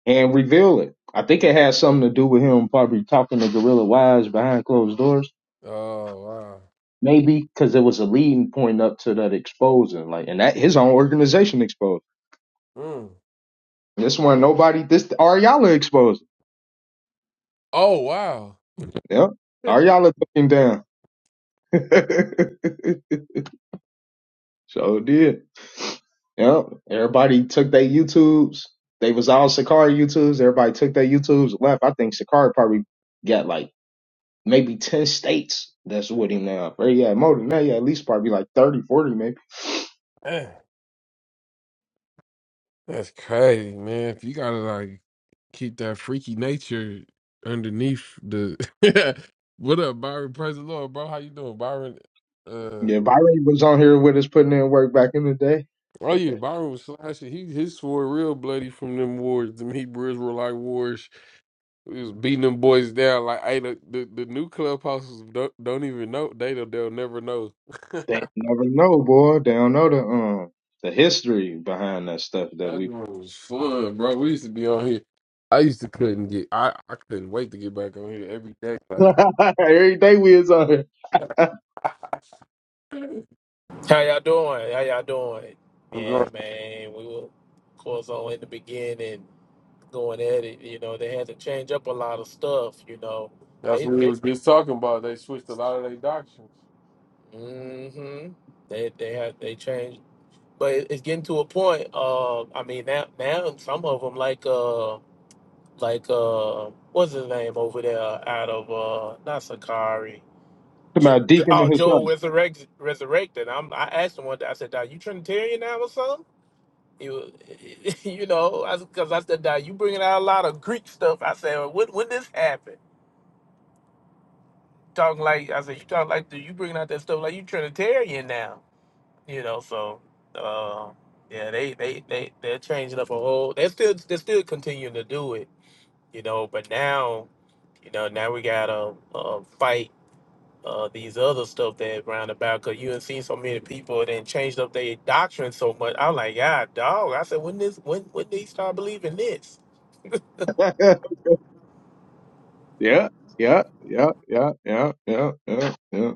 S5: and reveal it. I think it had something to do with him probably talking to Gorilla Wise behind closed doors,
S1: Oh wow.
S5: maybe because it was a leading point up to that exposing, like, and that his own organization exposed.
S1: Mm.
S5: And this one, nobody, this Ariala exposed.
S1: Oh wow.
S5: it. Yep, Ariala took him down. so it did. Yep, everybody took their YouTubes. They was all Sakari YouTubes. Everybody took their YouTubes and left. I think Sakari probably got like. maybe 10 states that's with him now. Or yeah, more than that, yeah, at least probably like thirty, forty, maybe.
S1: Man, that's crazy, man. If you gotta like keep that freaky nature underneath the what up, Byron? Praise the Lord, bro. How you doing, Byron? Uh
S5: Yeah, Byron was on here with us putting in work back in the day.
S1: oh yeah, Byron was slashing. He his sword real bloody from them wars. Them Hebrews were like wars. He was beating them boys down. Like hey, the the, the new clubhouses don't, don't even know. They don't, they'll never know
S5: They never know, boy. They don't know the um the history behind that stuff that
S1: That
S5: we
S1: joint was fun, bro. We used to be on here. I used to couldn't get. I, I couldn't wait to get back on here every day. Like
S5: every day we is on here.
S1: I'm
S6: How y'all doing? How y'all doing?
S1: going-
S6: Yeah, man. We were, of course, on in the beginning going at it. You know, they had to change up a lot of stuff. You know,
S1: that's
S6: they
S1: what we
S6: they
S1: was just talking about. They switched a lot of their doctrines.
S6: mm-hmm. they they had they changed, but it- it's getting to a point. Uh, I mean now now some of them like uh like uh what's his name over there out of uh not Sakari. Jo-
S5: My deacon
S6: oh,
S5: and his
S6: Joel
S5: son.
S6: resurrected. Resurrected. I'm, I asked him one day. I said, "Are you Trinitarian now or something?" You, you know, because I because I said now you bringing out a lot of Greek stuff. I said, well, when when this happened? Talking like I said, you talking like the, you bringing out that stuff like you Trinitarian now. You know, so uh, yeah, they they they they're changing up a whole. They're still they're still continuing to do it. You know, but now you know now we gotta uh, fight uh, these other stuff that round about because you have seen so many people that changed up their doctrine so much. I'm like, God, dog. I said, when this when when they start believing this?
S5: yeah, yeah, yeah, yeah, yeah, yeah, yeah, yeah.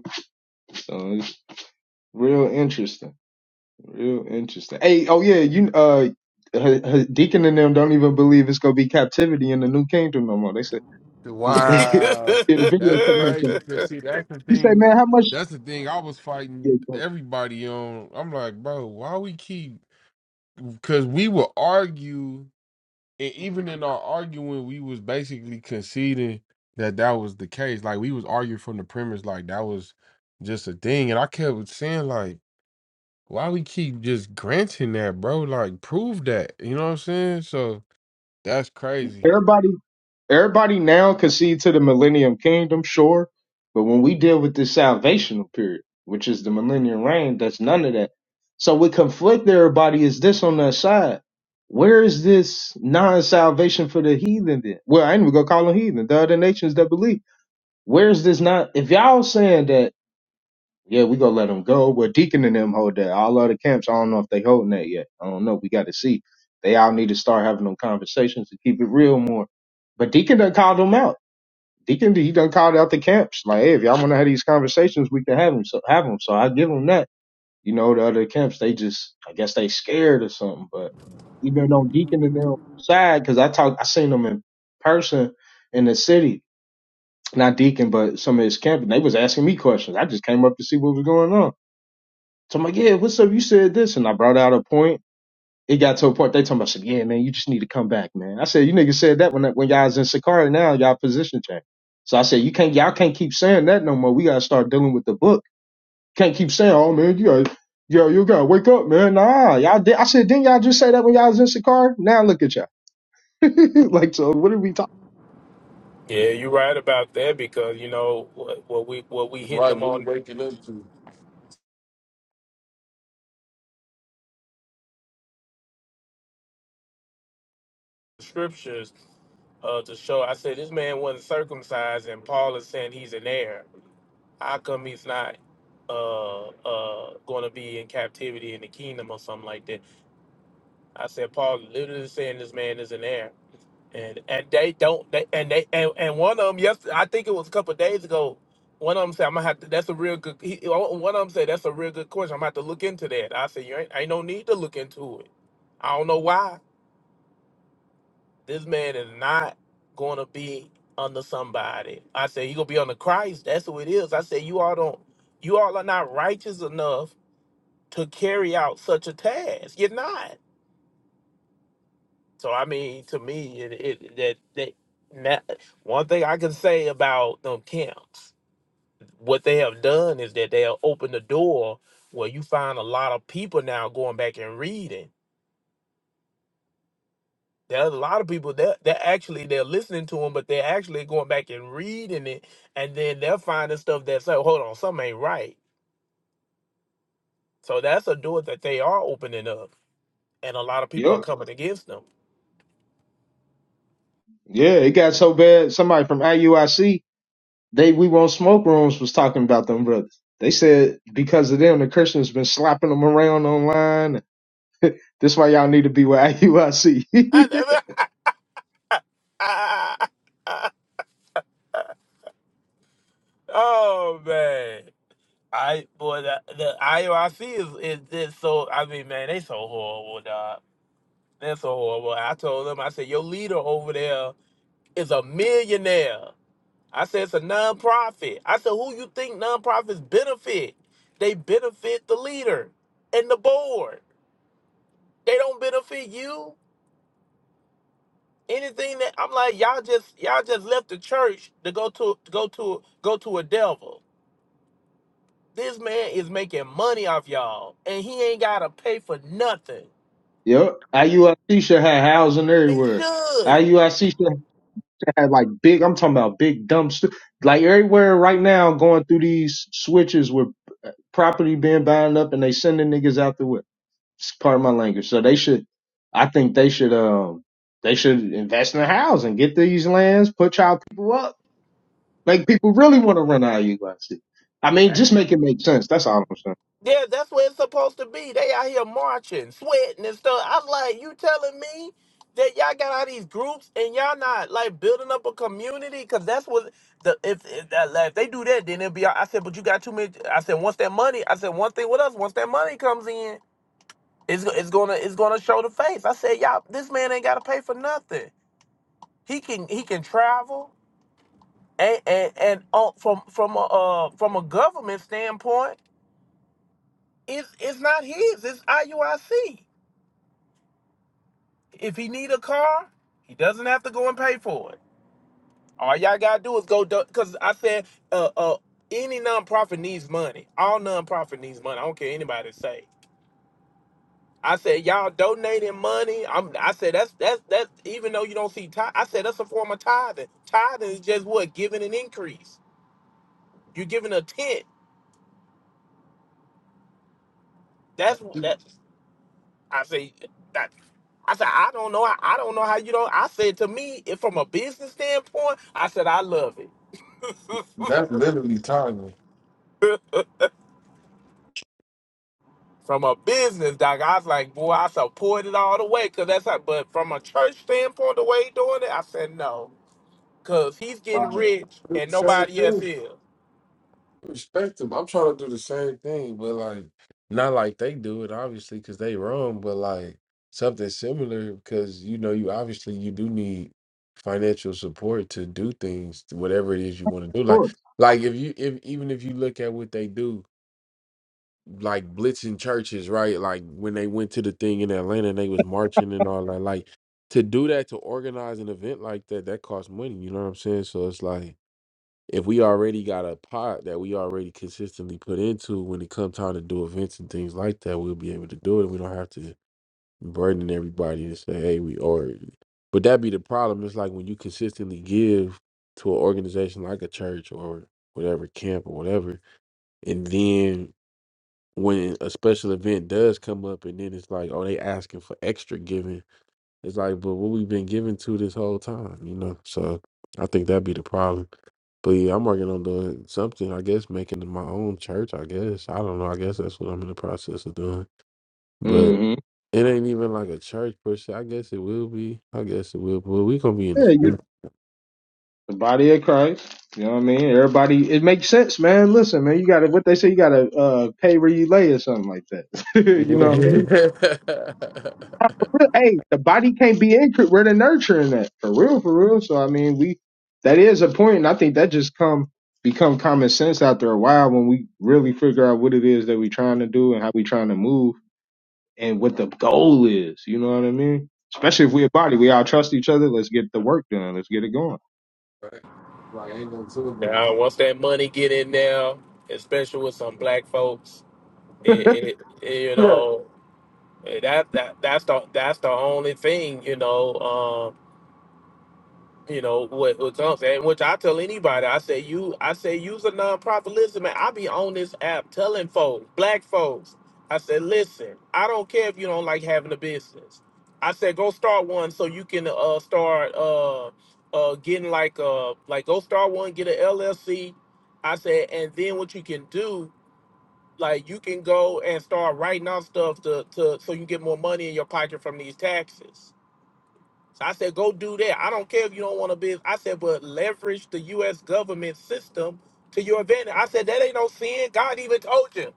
S5: So it's real interesting. Real interesting. Hey, oh yeah, you uh, her, her deacon and them don't even believe it's gonna be captivity in the new kingdom no more. They said they, they
S6: yeah,
S1: Wow,
S5: did a video
S1: that's
S5: talking about something.
S1: crazy. Cause see, that's the
S5: He said,
S1: thing.
S5: man, how much
S1: That's the thing. I was fighting everybody on. I'm like, bro, why we keep? Cause we will argue. and even in our arguing, we was basically conceding that that was the case. Like we was arguing from the premise, like that was just a thing. And I kept saying, like, why we keep just granting that, bro? Like, prove that. You know what I'm saying? So that's crazy.
S5: everybody everybody now can see to the millennium kingdom, sure, but when we deal with this salvational period, which is the millennium reign, that's none of that. So what conflict everybody is this on that side. Where is this non-salvation for the heathen then? Well, I ain't even gonna call them heathen. The other nations that believe. Where's this not? If y'all saying that, yeah, we gonna let them go, but Deacon and them hold that. All other camps, I don't know if they holding that yet. I don't know. We got to see. They all need to start having them conversations to keep it real more. But Deacon done called them out. Deacon, he done called out the camps. Like, hey, if y'all want to have these conversations, we can have them. So have them. So I give them that. You know, the other camps, they just, I guess they scared or something. But even on Deacon and them side, because I talk, I seen them in person in the city not Deacon, but some of his camp, and they was asking me questions. I just came up to see what was going on. So I'm like, yeah, what's up? You said this, and I brought out a point. It got to a point they talking about, I said, yeah, man, you just need to come back, man. I said, you niggas said that when when y'all was in Sakari. Now y'all position change. So I said, you can't, y'all can't keep saying that no more. We gotta start dealing with the book. Can't keep saying, oh man, you gotta, yo, you gotta wake up, man. Nah, y'all did. I said, didn't y'all just say that when y'all was in Sakari? Now look at y'all. like, so what are we talking?
S6: you're right about that because you know what, what we what we hitting
S1: Right,
S6: them
S1: what we
S6: on
S1: waking up
S6: the scriptures uh, to show. I said this man wasn't circumcised, and Paul is saying he's an heir. How come he's not uh, uh, going to be in captivity in the kingdom or something like that? I said Paul literally saying this man is an heir. and and they don't they and they and, and one of them yesterday I think it was a couple of days ago. One of them said I'm gonna have to. That's a real good. He, one of them said that's a real good question. I'm gonna have to look into that. I said you ain't ain't no need to look into it. I don't know why this man is not gonna be under somebody. I said you gonna be under Christ. That's who it is. I said you all don't. You all are not righteous enough to carry out such a task. You're not. So I mean, to me, it, it that that na- one thing I can say about them camps, what they have done is that they have opened the door where you find a lot of people now going back and reading. There's a lot of people that that actually they're listening to them, but they're actually going back and reading it, and then they're finding stuff that's like, hold on, something ain't right. So that's a door that they are opening up, and a lot of people are
S5: Yup.
S6: coming against them.
S5: Yeah, it got so bad. Somebody from IUIC They we won't smoke rooms was talking about them brothers. They said because of them, the Christians been slapping them around online. This why y'all need to be with IUIC.
S6: oh man. I boy the, the IOIC is, is is just so I mean man they so horrible dog they're so horrible I told them I said your leader over there is a millionaire I said it's a nonprofit I said who you think nonprofits benefit they benefit the leader and the board they don't benefit you anything that I'm like y'all just y'all just left the church to go to go to go to a devil this man is making money off y'all and he ain't gotta pay for nothing
S5: yep, IUIC should have housing
S6: They
S5: everywhere.
S6: should.
S5: IUIC should have like big. I'm talking about big dump stu- like everywhere right now. Going through these switches with property being bound up, and they sending niggas out the way. It's part of my language. So they should. I think they should. Um, they should invest in a house and get these lands, put y'all people up Like people really want to run IU out shit. I mean, just make it make sense. That's all I'm saying.
S6: Yeah, that's where it's supposed to be. They out here marching, sweating and stuff. I was like, you telling me that y'all got all these groups and y'all not like building up a community? Cause that's what the if if, that, like, if they do that, then it'll be. all- I said, but you got too many. I said, once that money, I said one thing with us. Once that money comes in, it's go- it's gonna it's gonna show the face. I said, y'all, this man ain't gotta pay for nothing. He can he can travel and and and on, from from a uh, from a government standpoint. It's it's not his. It's IUIC. If he need a car, he doesn't have to go and pay for it. All y'all gotta do is go because I said uh uh any nonprofit needs money. All nonprofit needs money. I don't care anybody say. I said y'all donating money. I'm I said that's that's that's even though you don't see tithe, I said that's a form of tithing. Tithing is just what giving an increase. You're giving a tenth. That's
S1: to.
S6: that's. I say that. I said, I don't know. I, I don't know how you don't. I said to me, if from a business standpoint, I said I love it.
S1: That's literally timing.
S6: From a business, doc, I was like, boy, I support it all the way, cause that's how. But from a church standpoint, the way he doing it, I said no, cause he's getting
S5: Right. Of
S6: rich and
S1: Same
S6: nobody else
S1: thing.
S6: is.
S1: respect them. I'm trying to do the same thing, but like not like they do it, obviously, because they wrong. but like something similar because you know you obviously you do need financial support to do things, whatever it is you want to do. Like
S5: course.
S1: like if you if even if you look at what they do, like blitzing churches, right? Like when they went to the thing in Atlanta and they was marching and all that, like to do that to organize an event like that, that costs money. You know what I'm saying? So it's like if we already got a pot that we already consistently put into when it comes time to do events and things like that, we'll be able to do it. We don't have to burden everybody and say, hey, we or but that be the problem. It's like when you consistently give to an organization like a church or whatever camp or whatever, and then when a special event does come up and then it's like, oh, they asking for extra giving it's like, but what we've been given to this whole time, you know. So I think that'd be the problem. But yeah, I'm working on doing something. I guess making my own church. I guess I don't know. I guess that's what I'm in the process of doing. But
S5: hmm
S1: it ain't even like a church per se. I guess it will be. I guess it will. But we gonna be in the
S5: Yeah, you
S1: street.
S5: the body of Christ. You know what I mean? Everybody, it makes sense, man. Listen, man, you got to what they say. You got to uh, pay where you lay or something like that. you know what I mean? But, Hey, the body can't be incorrect. We're the nurturing that for real, for real. So I mean, we that is a point, and I think that just come become common sense after a while when we really figure out what it is that we're trying to do and how we trying to move and what the goal is. You know what I mean? Especially if we're a body, we all trust each other. Let's get the work done. Let's get it going.
S1: Right. Like ain't nothing to it,
S6: Now, once that money get in there, especially with some black folks, it, it, it you
S1: but
S6: know, that that that's the that's the only thing, you know. you know what what I'm saying, which I tell anybody, I say you I say use a nonprofit. Listen, man, I be on this app telling folks, black folks, I said, listen, I don't care if you don't like having a business. I said go start one so you can uh start uh uh getting like uh like go start one, get an LLC. I said, and then what you can do, like you can go and start writing out stuff to to so you can get more money in your pocket from these taxes. So I said, go do that. I don't care if you don't want to be. I said, but leverage the U.S. government system to your advantage. I said, that ain't no sin. God even told you.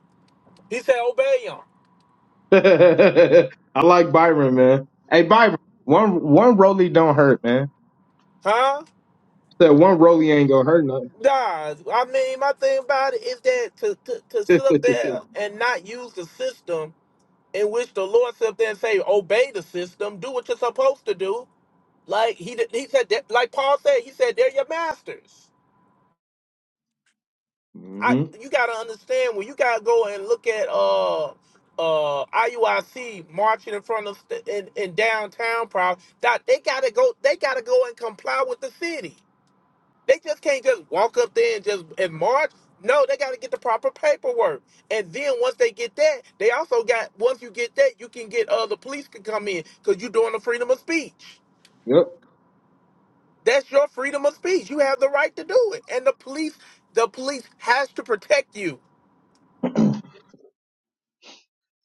S6: He said, obey him.
S5: I like Byron, man. Hey, Byron, one one rollie don't hurt, man.
S6: Huh?
S5: That one rollie ain't gonna hurt nothing.
S6: Nah, I mean, my thing about it is that to, to, to sit up there and not use the system in which the Lord sit up there and say, obey the system, do what you're supposed to do. Like he did- he said, that, like Paul said, he said, they're your masters. I
S5: hmm
S6: you gotta understand when you gotta go and look at uh uh IUIC marching in front of st- in, in downtown proud that they gotta go they gotta go and comply with the city. They just can't just walk up there and just and march. No, they gotta get the proper paperwork. And then once they get that, they also got once you get that, you can get uh the police can come in because you're doing the freedom of speech.
S5: Yep.
S6: That's your freedom of speech. You have the right to do it. And the police the police has to protect you.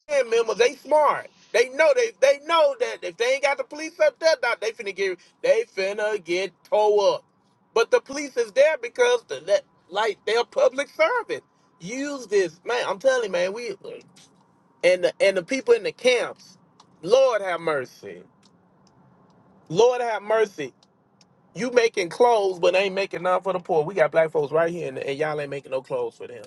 S6: band members, they smart. They know they they know that if they ain't got the police up there, dog, they finna get they finna get towed up. But the police is there because the that like they're public service. Use this, man. I'm telling you, man. We and the and the people in the camps. Lord have mercy. Lord have mercy. You making clothes, but ain't making none for the poor. We got black folks right here, and, and y'all ain't making no clothes for them.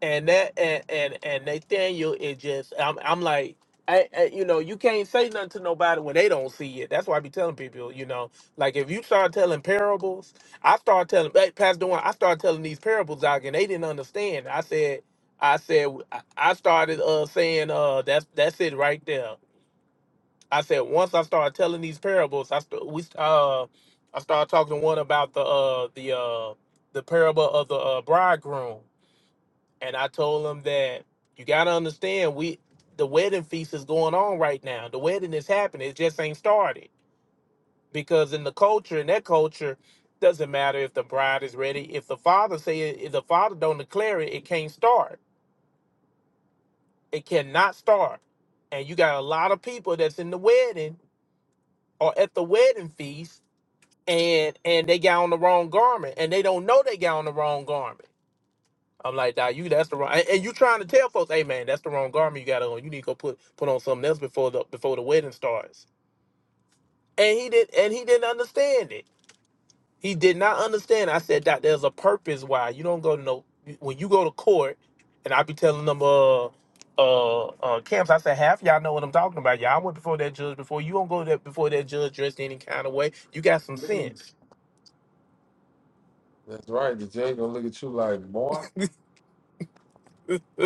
S6: and that and and, and Nathaniel is just I'm I'm like I, I you know you can't say nothing to nobody when they don't see it. That's why I be telling people you know like if you start telling parables, I start telling hey, Pastor Dwayne, I start telling these parables out and they didn't understand. I said I said I I started uh saying uh that's that's it right there. I said once I started telling these parables, I st- we uh I started talking to one about the uh the uh the parable of the uh, bridegroom and I told him that you gotta understand we the wedding feast is going on right now. The wedding is happening. It just ain't started because in the culture, in that culture, doesn't matter if the bride is ready. If the father say it, if the father don't declare it, it can't start. It cannot start. And you got a lot of people that's in the wedding or at the wedding feast, and and they got on the wrong garment, and they don't know they got on the wrong garment I'm like, nah, you that's the wrong. And, and you trying to tell folks, hey man, that's the wrong garment you got on. You need to go put put on something else before the before the wedding starts. And he did, and he didn't understand it. He did not understand. I said, Doc, there's a purpose why you don't go to no when you go to court. And I be telling them, uh, uh, uh, camps. I said, half y'all know what I'm talking about. Y'all went before that judge before. You don't go there before that judge dressed any kind of way. You got some sense.
S1: that's right. The judge gonna look at you like, boy,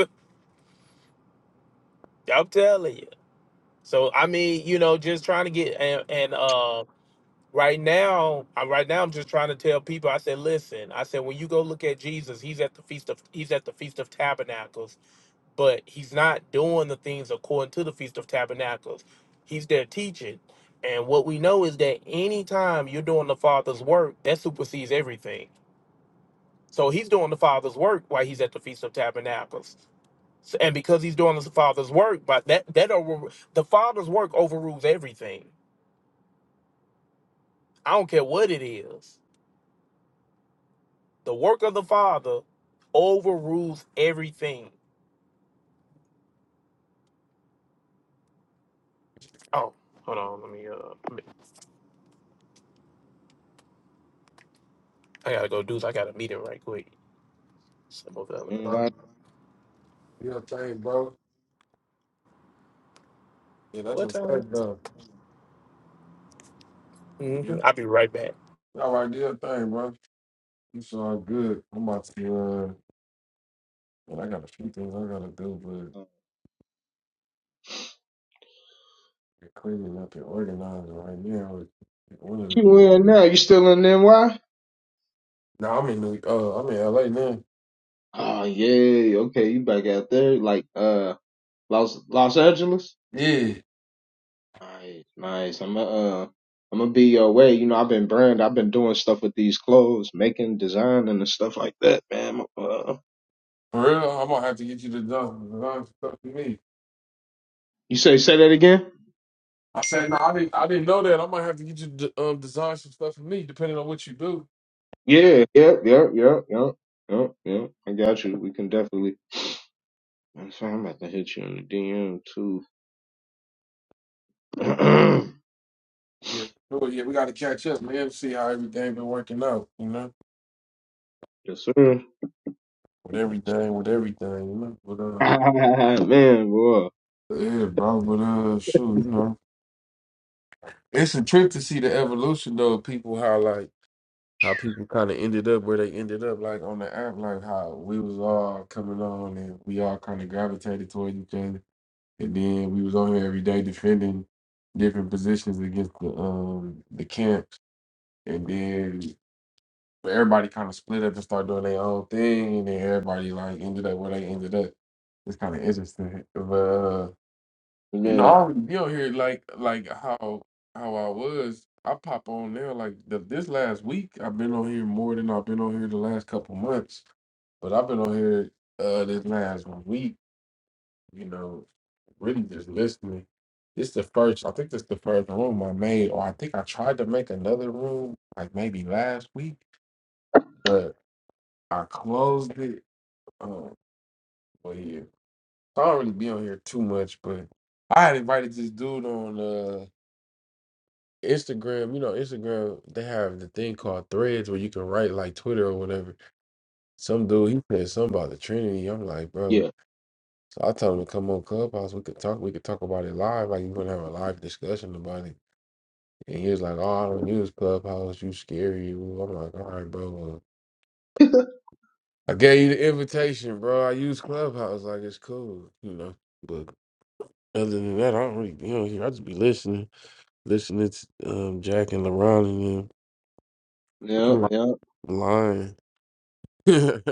S6: I'm telling you. So I mean, you know, just trying to get and and. uh right now I, right now i'm just trying to tell people i said listen i said when you go look at jesus he's at the feast of he's at the feast of tabernacles but he's not doing the things according to the feast of tabernacles he's there teaching and what we know is that anytime you're doing the father's work that supersedes everything so he's doing the father's work while he's at the feast of tabernacles so, and because he's doing the father's work but that that over, the father's work overrules everything i don't care what it is The work of the Father overrules everything. Oh, hold on. Let me. Uh, I gotta go do. I got a meeting right quick. Some of the
S5: You ain't
S6: other-
S1: bro,
S5: lying.
S1: you know, thing, bro. Yeah, that's
S6: What
S1: what's
S6: time?
S1: up, though.
S6: hmm I'll be right back.
S1: All right, do your thing, bro. It's all good. I'm about to, uh, well, I got a few things I gotta do, but we're cleaning up and organizing right now is one of the
S5: You
S1: things I
S5: in
S1: mean.
S5: now? You still in NY?
S1: Now I'm in New, uh, I'm in LA now.
S5: Oh yeah. Okay, you back out there, like uh Los Los Angeles?
S1: Yeah,
S5: Nice, nice. I'm gonna uh, I'm gonna be your way. You know, I've been brand. I've been doing stuff with these clothes, making design and stuff like that, man. Uh,
S1: for real. I'm gonna have to get you to design, design some stuff for me.
S5: you say say that again?
S1: I said, no, I didn't, I didn't know that. I might have to get you to um, design some stuff for me, depending on what you do.
S5: Yeah, yeah, yeah, yeah, yeah, yeah, yeah. I got you. We can definitely. I'm sorry, I'm about to hit you in the DM too.
S1: Yeah, sure. Yeah, we gotta catch up, man. See how everything been working out, you know,
S5: yes, sir.
S1: with everything, with everything, you know. But uh,
S5: man, boy.
S1: yeah, bro. But uh, shoot, you know. It's a trip to see the evolution though of people how like how people kind of ended up where they ended up like on the app like how we was all coming on and we all kind of gravitated towards each other and then we was on here every day defending different positions against the um the camps and then everybody kind of split up and started doing their own thing and then everybody like ended up where they ended up. It's kind of interesting, but. Uh, you know, I
S5: Yeah,
S1: already be on here like like how how I was. I pop on there like the, this last week. I've been on here more than I've been on here the last couple months. But I've been on here uh this last week. You know, really just listening. This the first. I think this the first room I made, or I think I tried to make another room like maybe last week, but I closed it. Um, but yeah, so I don't really be on here too much. But I had invited this dude on. Uh, Instagram, you know, Instagram, they have the thing called threads where you can write like Twitter or whatever. Some dude, he said something about the Trinity. I'm like, bro.
S5: yeah,
S1: So I told him to come on Clubhouse. We could talk. We could talk about it live. Like you gonna have a live discussion about it. And he was like, "Oh, I don't use Clubhouse. You scary." I'm like, "All right, bro. Well, I gave you the invitation, bro. I use Clubhouse. Like it's cool, you know." But other than that, I don't really be on here. I just be listening, listening to um, Jack and LaRon and
S5: yeah,
S1: them.
S5: yeah.
S1: lying. Maybe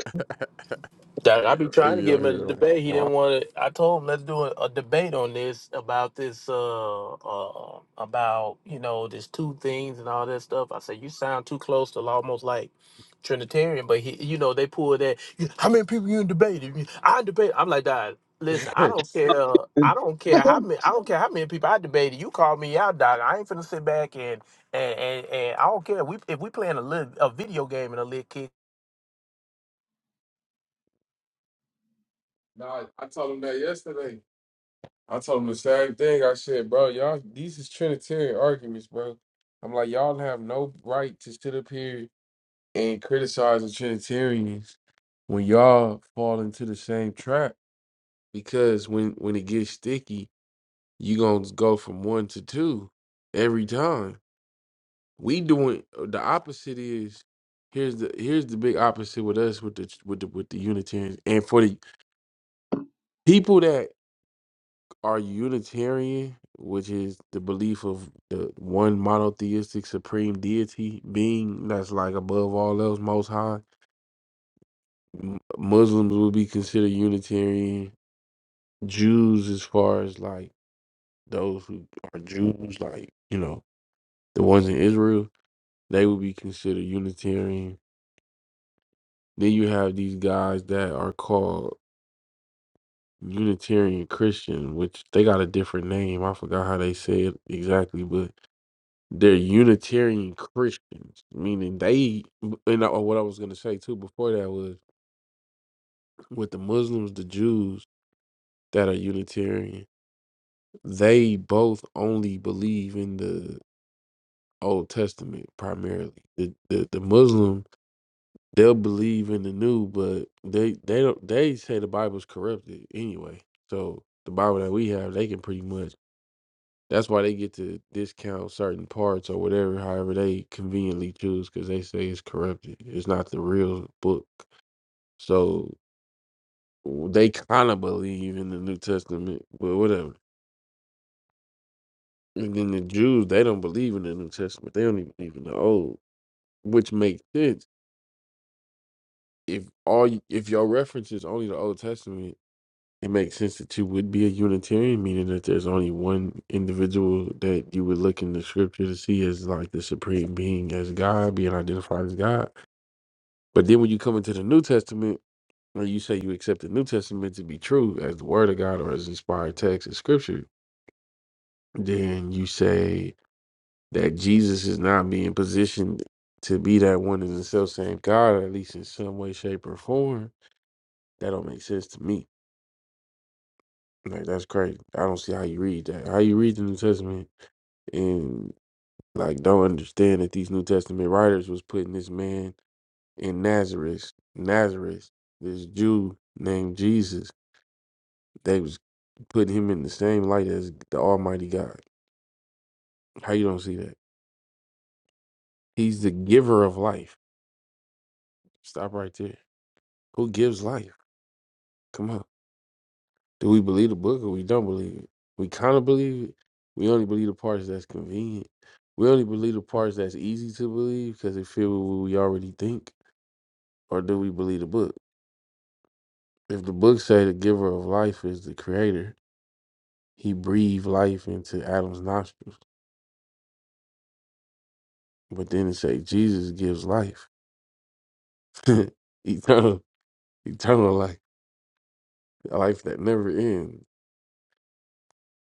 S6: That I be
S1: I
S6: trying to give him a
S1: hear them.
S6: debate. He
S1: Wow.
S6: didn't want it. I told him let's do a, a debate on this about this uh, uh about you know this two things and all that stuff. I said you sound too close to almost like Trinitarian, but he you know they pull that. "You- How many people you in debate? If you- I debate. I'm like that. Listen, I don't care. I don't care how many. I don't care how many people I debated. You call me out, dog. I ain't finna sit back and and and, and I don't care. We if we playing a little a video game and a little kid.
S1: nah, I told him that yesterday. I told him the same thing. I said, bro, y'all, these is Trinitarian arguments, bro. I'm like, y'all have no right to sit up here and criticize the Trinitarians when y'all fall into the same trap. Because when when it gets sticky, you gonna go from one to two every time. we doing uh, the opposite is here's the here's the big opposite with us with the with the with the Unitarians and for the people that are Unitarian, which is the belief of the one monotheistic supreme deity being that's like above all else, most high. M- Muslims will be considered Unitarian. Jews, as far as like those who are Jews, like you know the ones in Israel, they would be considered Unitarian Then you have these guys that are called Unitarian Christian, which they got a different name. I forgot how they say it exactly, but they're Unitarian Christians, meaning they. And I, what I was gonna say too before that was with the Muslims, the Jews that are Unitarian, they both only believe in the Old Testament primarily. The the, the Muslim they'll believe in the new, but they they don't they say the Bible's corrupted anyway. So the Bible that we have, they can pretty much. That's why they get to discount certain parts or whatever, however they conveniently choose, because they say it's corrupted. It's not the real book. So w- they kind of believe in the New Testament, but whatever. And then the Jews, they don't believe in the New Testament. They don't even believe in the Old, which makes sense if all you, if your reference is only the Old Testament it makes sense that you would be a Unitarian, meaning that there's only one individual that you would look in the scripture to see as like the supreme being, as God, being identified as God. But then when you come into the New Testament, or you say you accept the New Testament to be true as the Word of God or as inspired text and scripture, then you say that Jesus is not being positioned to be that one and the self same God, or at least in some way, shape, or form. That don't make sense to me. Like that's crazy. I don't see how you read that. How you read the New Testament and like don't understand that these New Testament writers was putting this man in Nazareth, Nazareth, this Jew named Jesus. They was putting him in the same light as the Almighty God. How you don't see that? He's the giver of life. Stop right there. Who gives life? Come on. Do we believe the book or we don't believe it? We kind of believe it. We only believe the parts that's convenient. We only believe the parts that's easy to believe because it fit with what we already think. Or do we believe the book? If the book say the giver of life is the creator, he breathed life into Adam's nostrils. But then it say Jesus gives life. eternal eternal life. A life that never ends.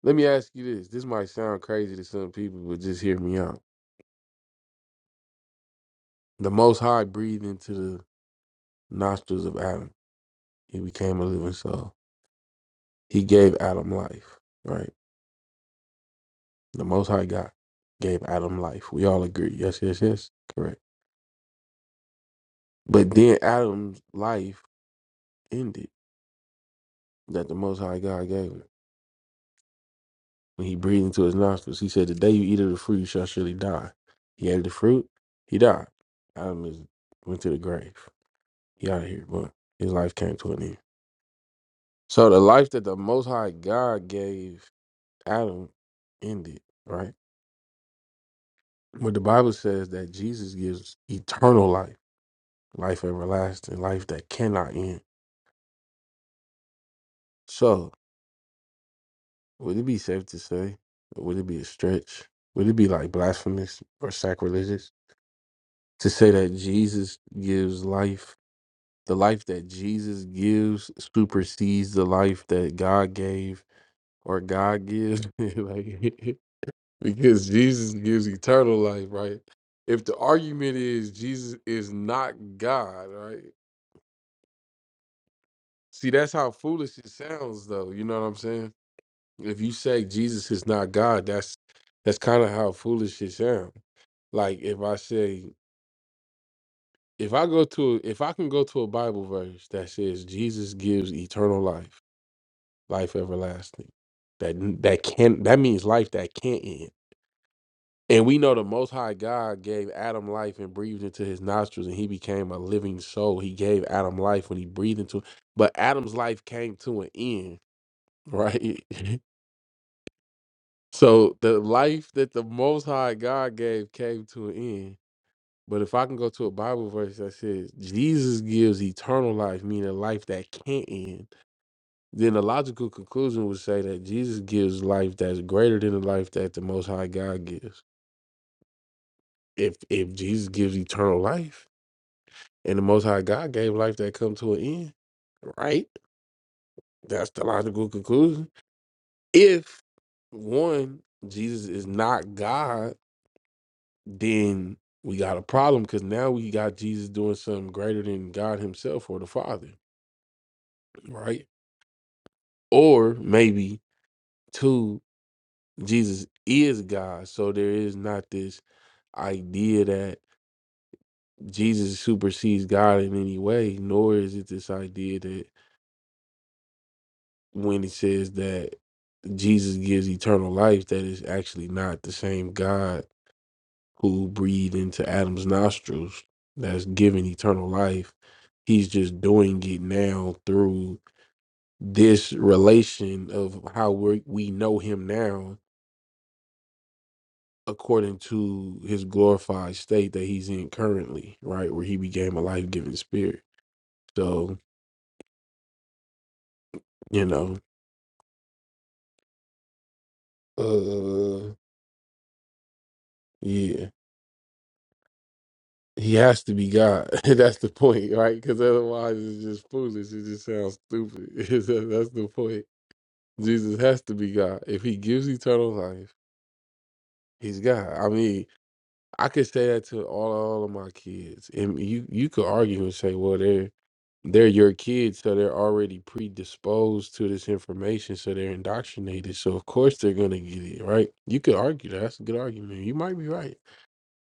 S1: Let me ask you this. This might sound crazy to some people, but just hear me out. The most high breathed into the nostrils of Adam. He became a living soul. He gave Adam life. Right? The most high God gave Adam life. We all agree. Yes, yes, yes. Correct. But then Adam's life ended that the Most High God gave him. When he breathed into his nostrils, he said, "The day you eat of the fruit, you shall surely die." He ate the fruit, he died. Adam is, went to the grave. He out of here, but his life came to an end. So the life that the Most High God gave Adam ended, right? But the Bible says that Jesus gives eternal life, life everlasting, life that cannot end. So would it be safe to say? Would it be a stretch? Would it be like blasphemous or sacrilegious to say that Jesus gives life, the life that Jesus gives supersedes the life that God gave or God gives, like because Jesus gives eternal life, right? If the argument is Jesus is not God, right? See, that's how foolish it sounds, though. You know what I'm saying? If you say Jesus is not God, that's that's kind of how foolish it sounds. Like if I say if I go to if I can go to a Bible verse that says Jesus gives eternal life, life everlasting, that that can that means life that can't end. And we know the Most High God gave Adam life and breathed into his nostrils, and he became a living soul. He gave Adam life when he breathed into, but Adam's life came to an end, right? so the life that the Most High God gave came to an end But if I can go to a Bible verse that says Jesus gives eternal life, meaning life that can't end, then the logical conclusion would say that Jesus gives life that's greater than the life that the Most High God gives. If if Jesus gives eternal life and the Most High God gave life that come to an end, right? That's the logical conclusion. If one Jesus is not God, then we got a problem because now we got Jesus doing something greater than God Himself or the Father, right? Or maybe two, Jesus is God, so there is not this idea that Jesus supersedes God in any way, nor is it this idea that when it says that Jesus gives eternal life, that is actually not the same God who breathed into Adam's nostrils that's giving eternal life. He's just doing it now through this relation of how we we know him now according to his glorified state that he's in currently, right? Where he became a life giving spirit. So, you know, uh yeah. He has to be God. That's the point, right? Because otherwise it's just foolish. It just sounds stupid. That's that's the point. Jesus has to be God. If he gives eternal life, he's God. I mean, I could say that to all, all of my kids. And you you could argue and say, well, there. they're your kids, so they're already predisposed to this information, so they're indoctrinated. So of course they're gonna get it right. You could argue that. that's a good argument. You might be right,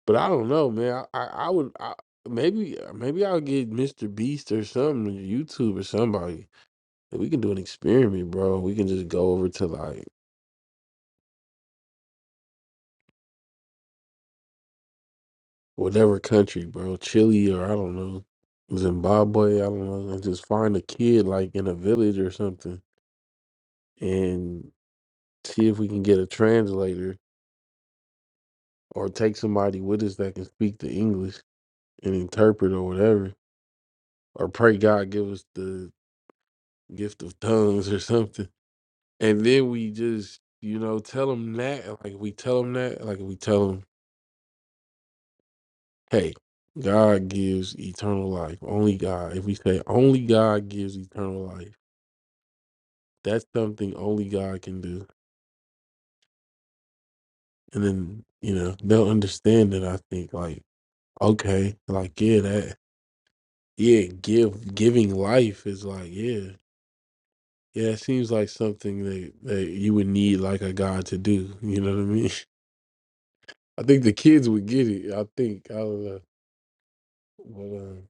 S1: but I don't know, man. I I, I would I, maybe maybe I'll get Mr. Beast or something, YouTube or somebody. and We can do an experiment, bro. We can just go over to like whatever country, bro, Chile or I don't know, Zimbabwe. I don't know, and just find a kid like in a village or something and see if we can get a translator or take somebody with us that can speak the English and interpret or whatever, or pray God give us the gift of tongues or something. And then we just, you know, tell them that. Like we tell them that, like we tell them, hey, God gives eternal life. Only God. If we say only God gives eternal life, that's something only God can do. And then, you know, they'll understand it, I think, like, okay, like, yeah, that, yeah, give, giving life is like, yeah. Yeah, it seems like something that, that you would need like a god to do. You know what I mean? I think the kids would get it. I think. I don't know. But um,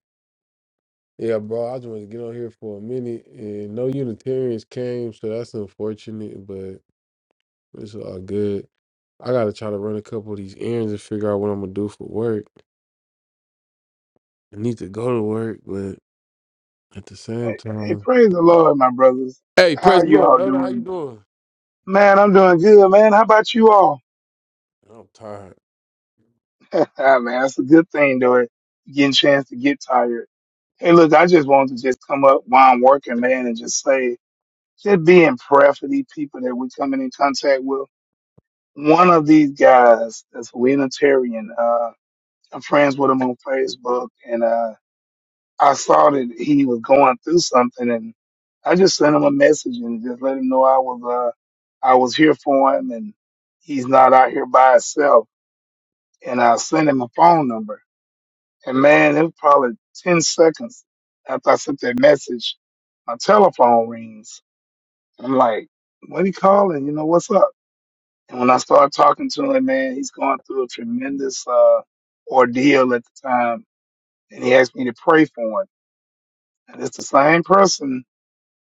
S1: yeah, bro, I just wanted to get on here for a minute, and no Unitarians came, so that's unfortunate. But it's all good. I gotta try to run a couple of these errands and figure out what I'm gonna do for work. I need to go to work, but at the same
S7: Hey, hey,
S1: time,
S7: praise the Lord, my brothers.
S1: hey,
S7: How
S1: President
S7: you
S1: Lord,
S7: all
S1: Elder, how you
S7: doing?
S1: doing?
S7: Man, I'm doing good, man. How about you all?
S1: I'm tired.
S7: man, that's a good thing, though. Getting a chance to get tired. Hey, look, I just wanted to just come up while I'm working, man, and just say, just be in prayer for these people that we're coming in contact with. One of these guys that's a Unitarian, uh, I'm friends with him on Facebook, and uh, I saw that he was going through something, and I just sent him a message and just let him know I was uh I was here for him, and he's not out here by himself. And I sent him a phone number, and man, it was probably ten seconds after I sent that message, my telephone rings. I'm like, "What he calling? You know what's up?" And when I started talking to him, man, he's going through a tremendous uh ordeal at the time, and he asked me to pray for him. And it's the same person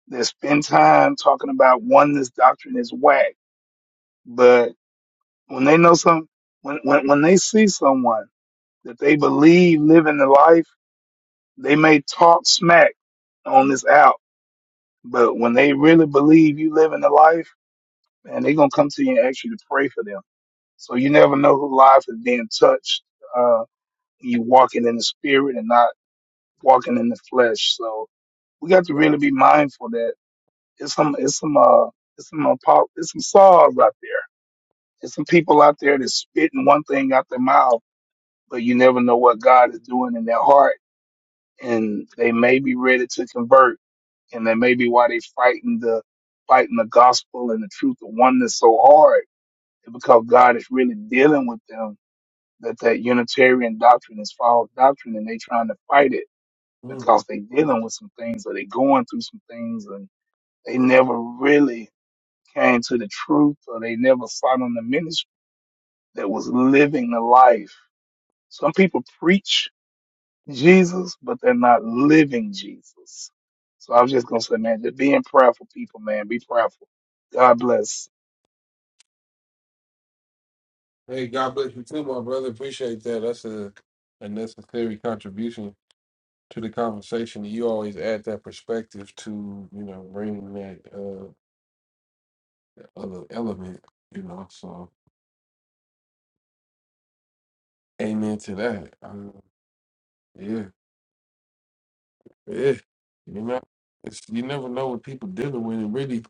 S7: that spend time talking about oneness doctrine is whack. But when they know some, when, when, when they see someone that they believe living the life, they may talk smack on this out. But when they really believe you living the life, man, they going to come to you and ask you to pray for them. So you never know who life is being touched. Uh, you walking in the spirit and not walking in the flesh. So we got to really be mindful that it's some, it's some, uh, it's some, apo- it's some saws out there There's some people out there that's spitting one thing out their mouth, but you never know what God is doing in their heart. And they may be ready to convert, and that may be why they fighting the fighting the gospel and the truth of oneness so hard, because God is really dealing with them that that Unitarian doctrine is false doctrine, and they trying to fight it
S1: Mm.
S7: because they dealing with some things or they going through some things, and they never really came to the truth, or they never sought on the ministry that was living the life Some people preach Jesus, but they're not living Jesus. So I was just gonna say, man, just being prayerful, people, man, be prayerful. God bless.
S1: Hey, God bless you too, my brother. Appreciate that. That's a, a necessary contribution to the conversation. You always add that perspective to, you know, bringing that uh, other element, you know. So, amen to that. Um, yeah, yeah. You know, it's, you never know what people dealing with. And really,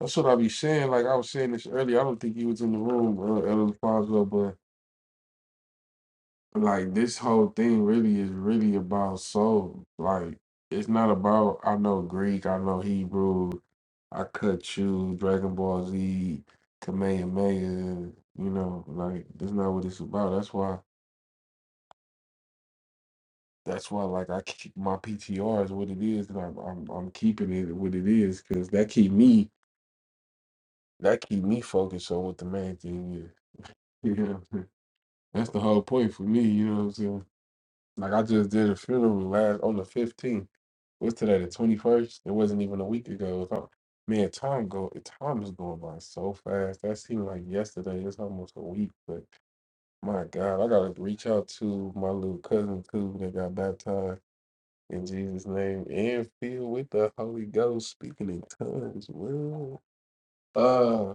S1: that's what I be saying. Like I was saying this earlier. I don't think you was in the room, uh, Elder Fonzo, like this whole thing really is really about soul. Like it's not about I know Greek, I know Hebrew, I cut you, Dragon Ball Z, Kamehameha, you know, like that's not what it's about. That's why that's why like I keep my PTR is what it is and I'm I'm, I'm keeping it what it is because that keep me that keep me focused on what the main thing is. You know, that's the whole point for me, you know what I'm saying? Like I just did a funeral last on the fifteenth. What's today? The twenty first. It wasn't even a week ago. It was- Man, time go. Time is going by so fast. That seemed like yesterday. It's almost a week. But my God, I gotta reach out to my little cousin too that got baptized in Jesus' name and filled with the Holy Ghost, speaking in tongues. Well, uh,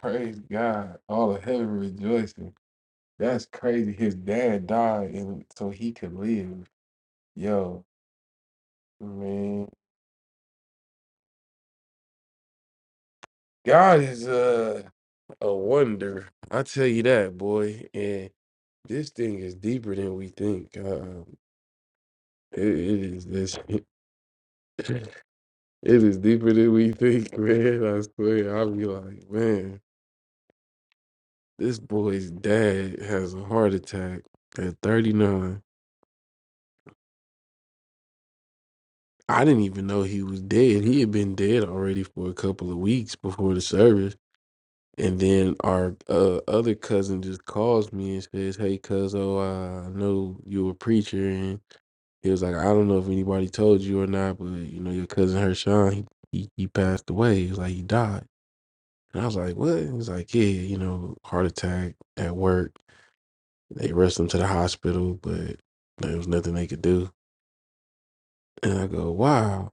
S1: praise God. All of heaven rejoicing. That's crazy. His dad died, and so he could live. Yo, I mean, God is uh, a wonder. I tell you that, boy. And this thing is deeper than we think. Uh, it, it is this. It is deeper than we think, man. I swear. I'll be like, man, this boy's dad has a heart attack at 39. I didn't even know he was dead. He had been dead already for a couple of weeks before the service. And then our uh, other cousin just calls me and says, "Hey, cuz, oh, I know you a preacher." And he was like, "I don't know if anybody told you or not, but you know your cousin Hershon, he he, he passed away. He was like he died." And I was like, "What?" He was like, "Yeah, you know, heart attack at work. They rushed him to the hospital, but there was nothing they could do." And I go, "Wow."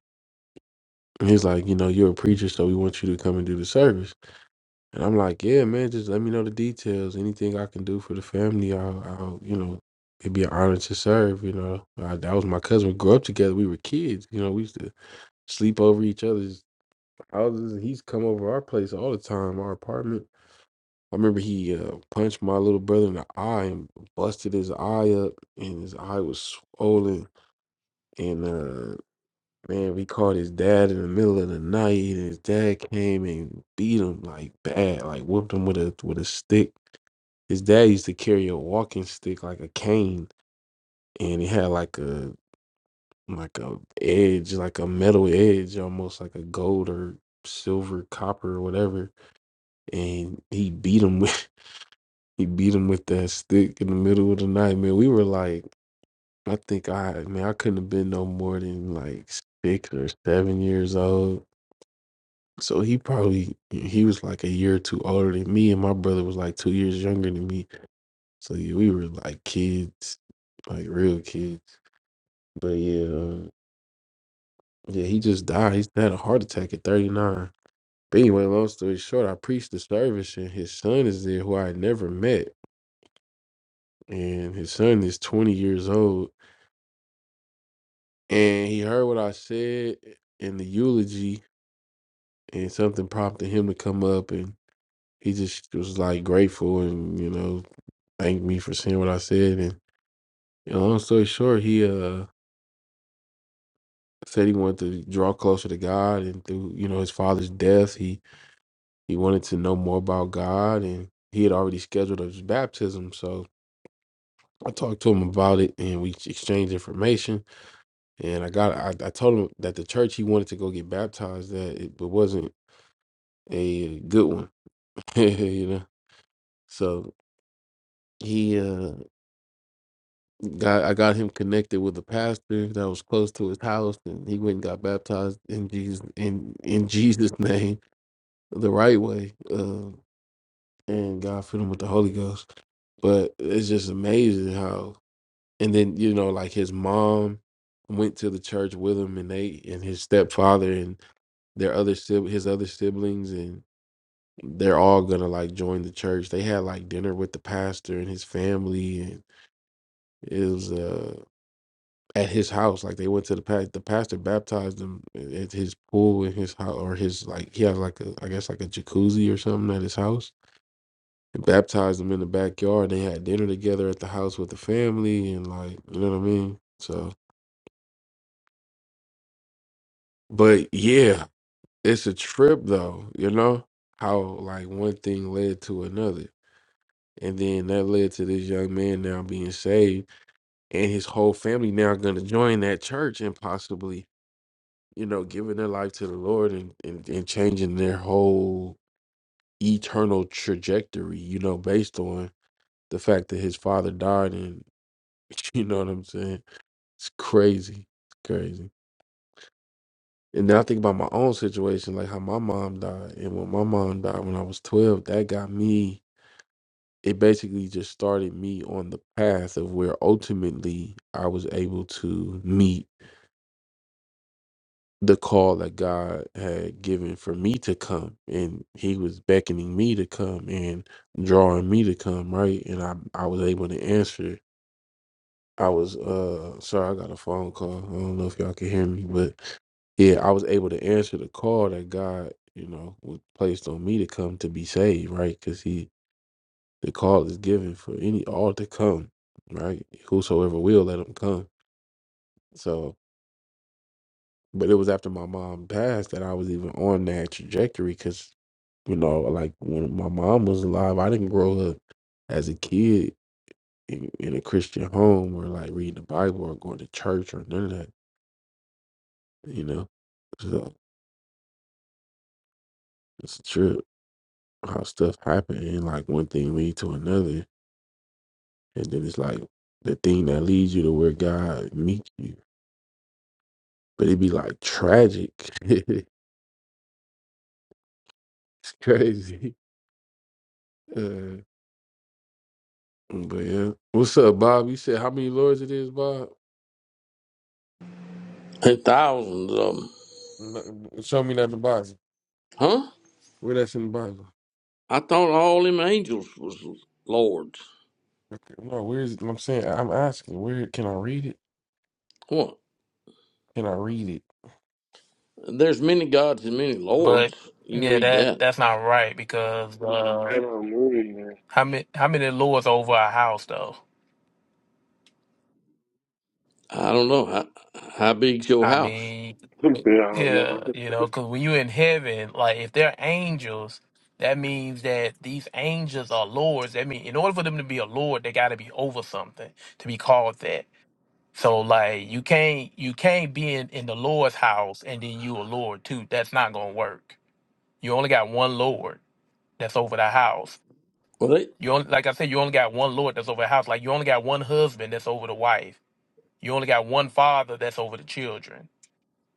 S1: And he's like, "You know, you're a preacher, so we want you to come and do the service." And I'm like, yeah, man, just let me know the details. Anything I can do for the family, I'll, I'll you know, it'd be an honor to serve. You know, I, that was my cousin. We grew up together. We were kids. You know, we used to sleep over each other's houses. and He's come over our place all the time, our apartment. I remember he uh, punched my little brother in the eye and busted his eye up, and his eye was swollen. And uh, man, we called his dad in the middle of the night, and his dad came and beat him like bad, like whooped him with a with a stick his dad used to carry a walking stick like a cane, and it had like a like a edge, like a metal edge, almost like a gold or silver, copper or whatever. And he beat him with he beat him with that stick in the middle of the night. Man, we were like, I think I man, I couldn't have been no more than like six or seven years old. So he probably he was like a year or two older than me, and my brother was like two years younger than me. So yeah, we were like kids, like real kids. But yeah, uh, yeah, he just died. He's had a heart attack at 39. But anyway, long story short, I preached the service and his son is there who I had never met. And his son is 20 years old. And he heard what I said in the eulogy and something prompted him to come up and he just was like grateful and, you know, thanked me for seeing what I said. And you know, long story short, he uh said he wanted to draw closer to God, and through you know his father's death, he he wanted to know more about God, and he had already scheduled his baptism. So I talked to him about it, and we exchanged information. And I got I, I told him that the church he wanted to go get baptized that it, it wasn't a good one, you know. So he uh got I got him connected with a pastor that was close to his house, and he went and got baptized in Jesus in in Jesus' name the right way. Uh, and God filled him with the Holy Ghost. But it's just amazing how, and then you know, like his mom went to the church with him, and they and his stepfather and their other sib- his other siblings, and they're all gonna like join the church. They had like dinner with the pastor and his family, and it was uh at his house. Like they went to the pa- the pastor baptized them at his pool in his house or his like he has like a I guess like a jacuzzi or something at his house and baptized them in the backyard. They had dinner together at the house with the family, and like, you know what I mean? So, but yeah, it's a trip though, you know, how like one thing led to another. And then that led to this young man now being saved, and his whole family now going to join that church and possibly, you know, giving their life to the Lord and, and, and changing their whole eternal trajectory, you know, based on the fact that his father died and, you know what I'm saying? It's crazy. It's crazy. And then I think about my own situation, like how my mom died. And when my mom died when I was 12, that got me, it basically just started me on the path of where ultimately I was able to meet the call that God had given for me to come. And He was beckoning me to come and drawing me to come, right? And I, I was able to answer I was uh sorry, I got a phone call. I don't know if y'all can hear me, but yeah, I was able to answer the call that God, you know, was placed on me to come to be saved, right? Because He, the call is given for any all to come, right? Whosoever will, let them come. So, but it was after my mom passed that I was even on that trajectory, because you know, like when my mom was alive, I didn't grow up as a kid in, in a Christian home or like reading the Bible or going to church or none of that. You know, so it's a trip how stuff happen and like one thing lead to another, and then it's like the thing that leads you to where God meets you, but it be like tragic. it's crazy. Uh, but yeah, what's up, Bob? You said how many lords it is, Bob?
S8: There's thousands of them.
S1: N- Show me that in the Bible.
S8: Huh?
S1: Where that's in the Bible?
S8: I thought all them angels was lords.
S1: Okay, No, where is it? I'm saying I'm asking. Where can I read it?
S8: What?
S1: Can I read it?
S8: There's many gods and many
S6: But
S8: lords. You can
S6: yeah,
S8: read
S6: that
S8: that.
S6: that's not right because
S1: I
S6: uh,
S1: don't know, man.
S6: how many how many lords over a house though?
S8: I don't know. How, how big's your
S6: I
S8: house?
S6: mean,
S1: I don't
S6: yeah,
S1: know.
S6: you know, because when you're in heaven, like if they're angels, that means that these angels are lords. That mean in order for them to be a lord, they got to be over something to be called that. So like you can't you can't be in in the Lord's house and then you a lord too. That's not gonna work. You only got one lord that's over the house.
S8: Well, they,
S6: You only, like I said, you only got one Lord that's over the house. Like you only got one husband that's over the wife. You only got one father that's over the children.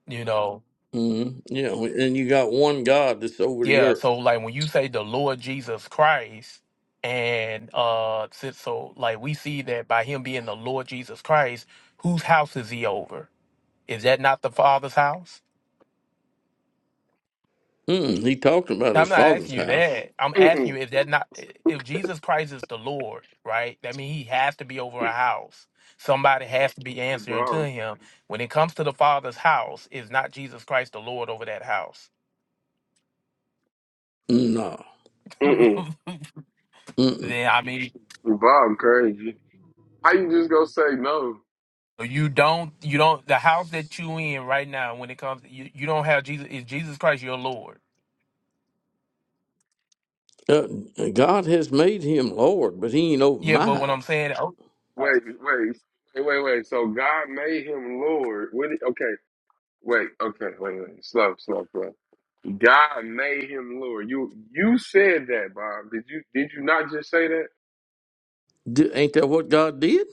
S6: You know,
S8: mm, yeah, and you got one God that's over the
S6: yeah.
S8: earth.
S6: So like when you say the Lord Jesus Christ, and uh, si- so like we see that by him being the Lord Jesus Christ, whose house is he over? Is that not the Father's house?
S8: Mm, he talked about
S6: I'm
S8: his
S6: not
S8: father's
S6: asking you
S8: house.
S6: that. I'm asking you if that not if Jesus Christ is the Lord, right? That means he has to be over a house. Somebody has to be answering to him. When it comes to the Father's house, is not Jesus Christ the Lord over that house?
S8: No.
S1: Mm-mm.
S6: then
S8: Mm-mm.
S6: I mean
S1: Bob crazy. How you just gonna say no?
S6: so you don't you don't the house that you in right now when it comes you, you don't have Jesus is Jesus Christ your Lord.
S8: Uh, God has made him Lord, but he ain't over
S6: Yeah,
S8: my
S6: but what I'm
S8: house.
S6: saying oh, uh,
S1: Wait, wait, wait, wait, wait. So God made him Lord. What? did- Okay, wait, okay, wait, wait. Slow, slow, slow. God made him Lord. You you said that, Bob. Did you did you not just say that?
S8: D- ain't that what God did?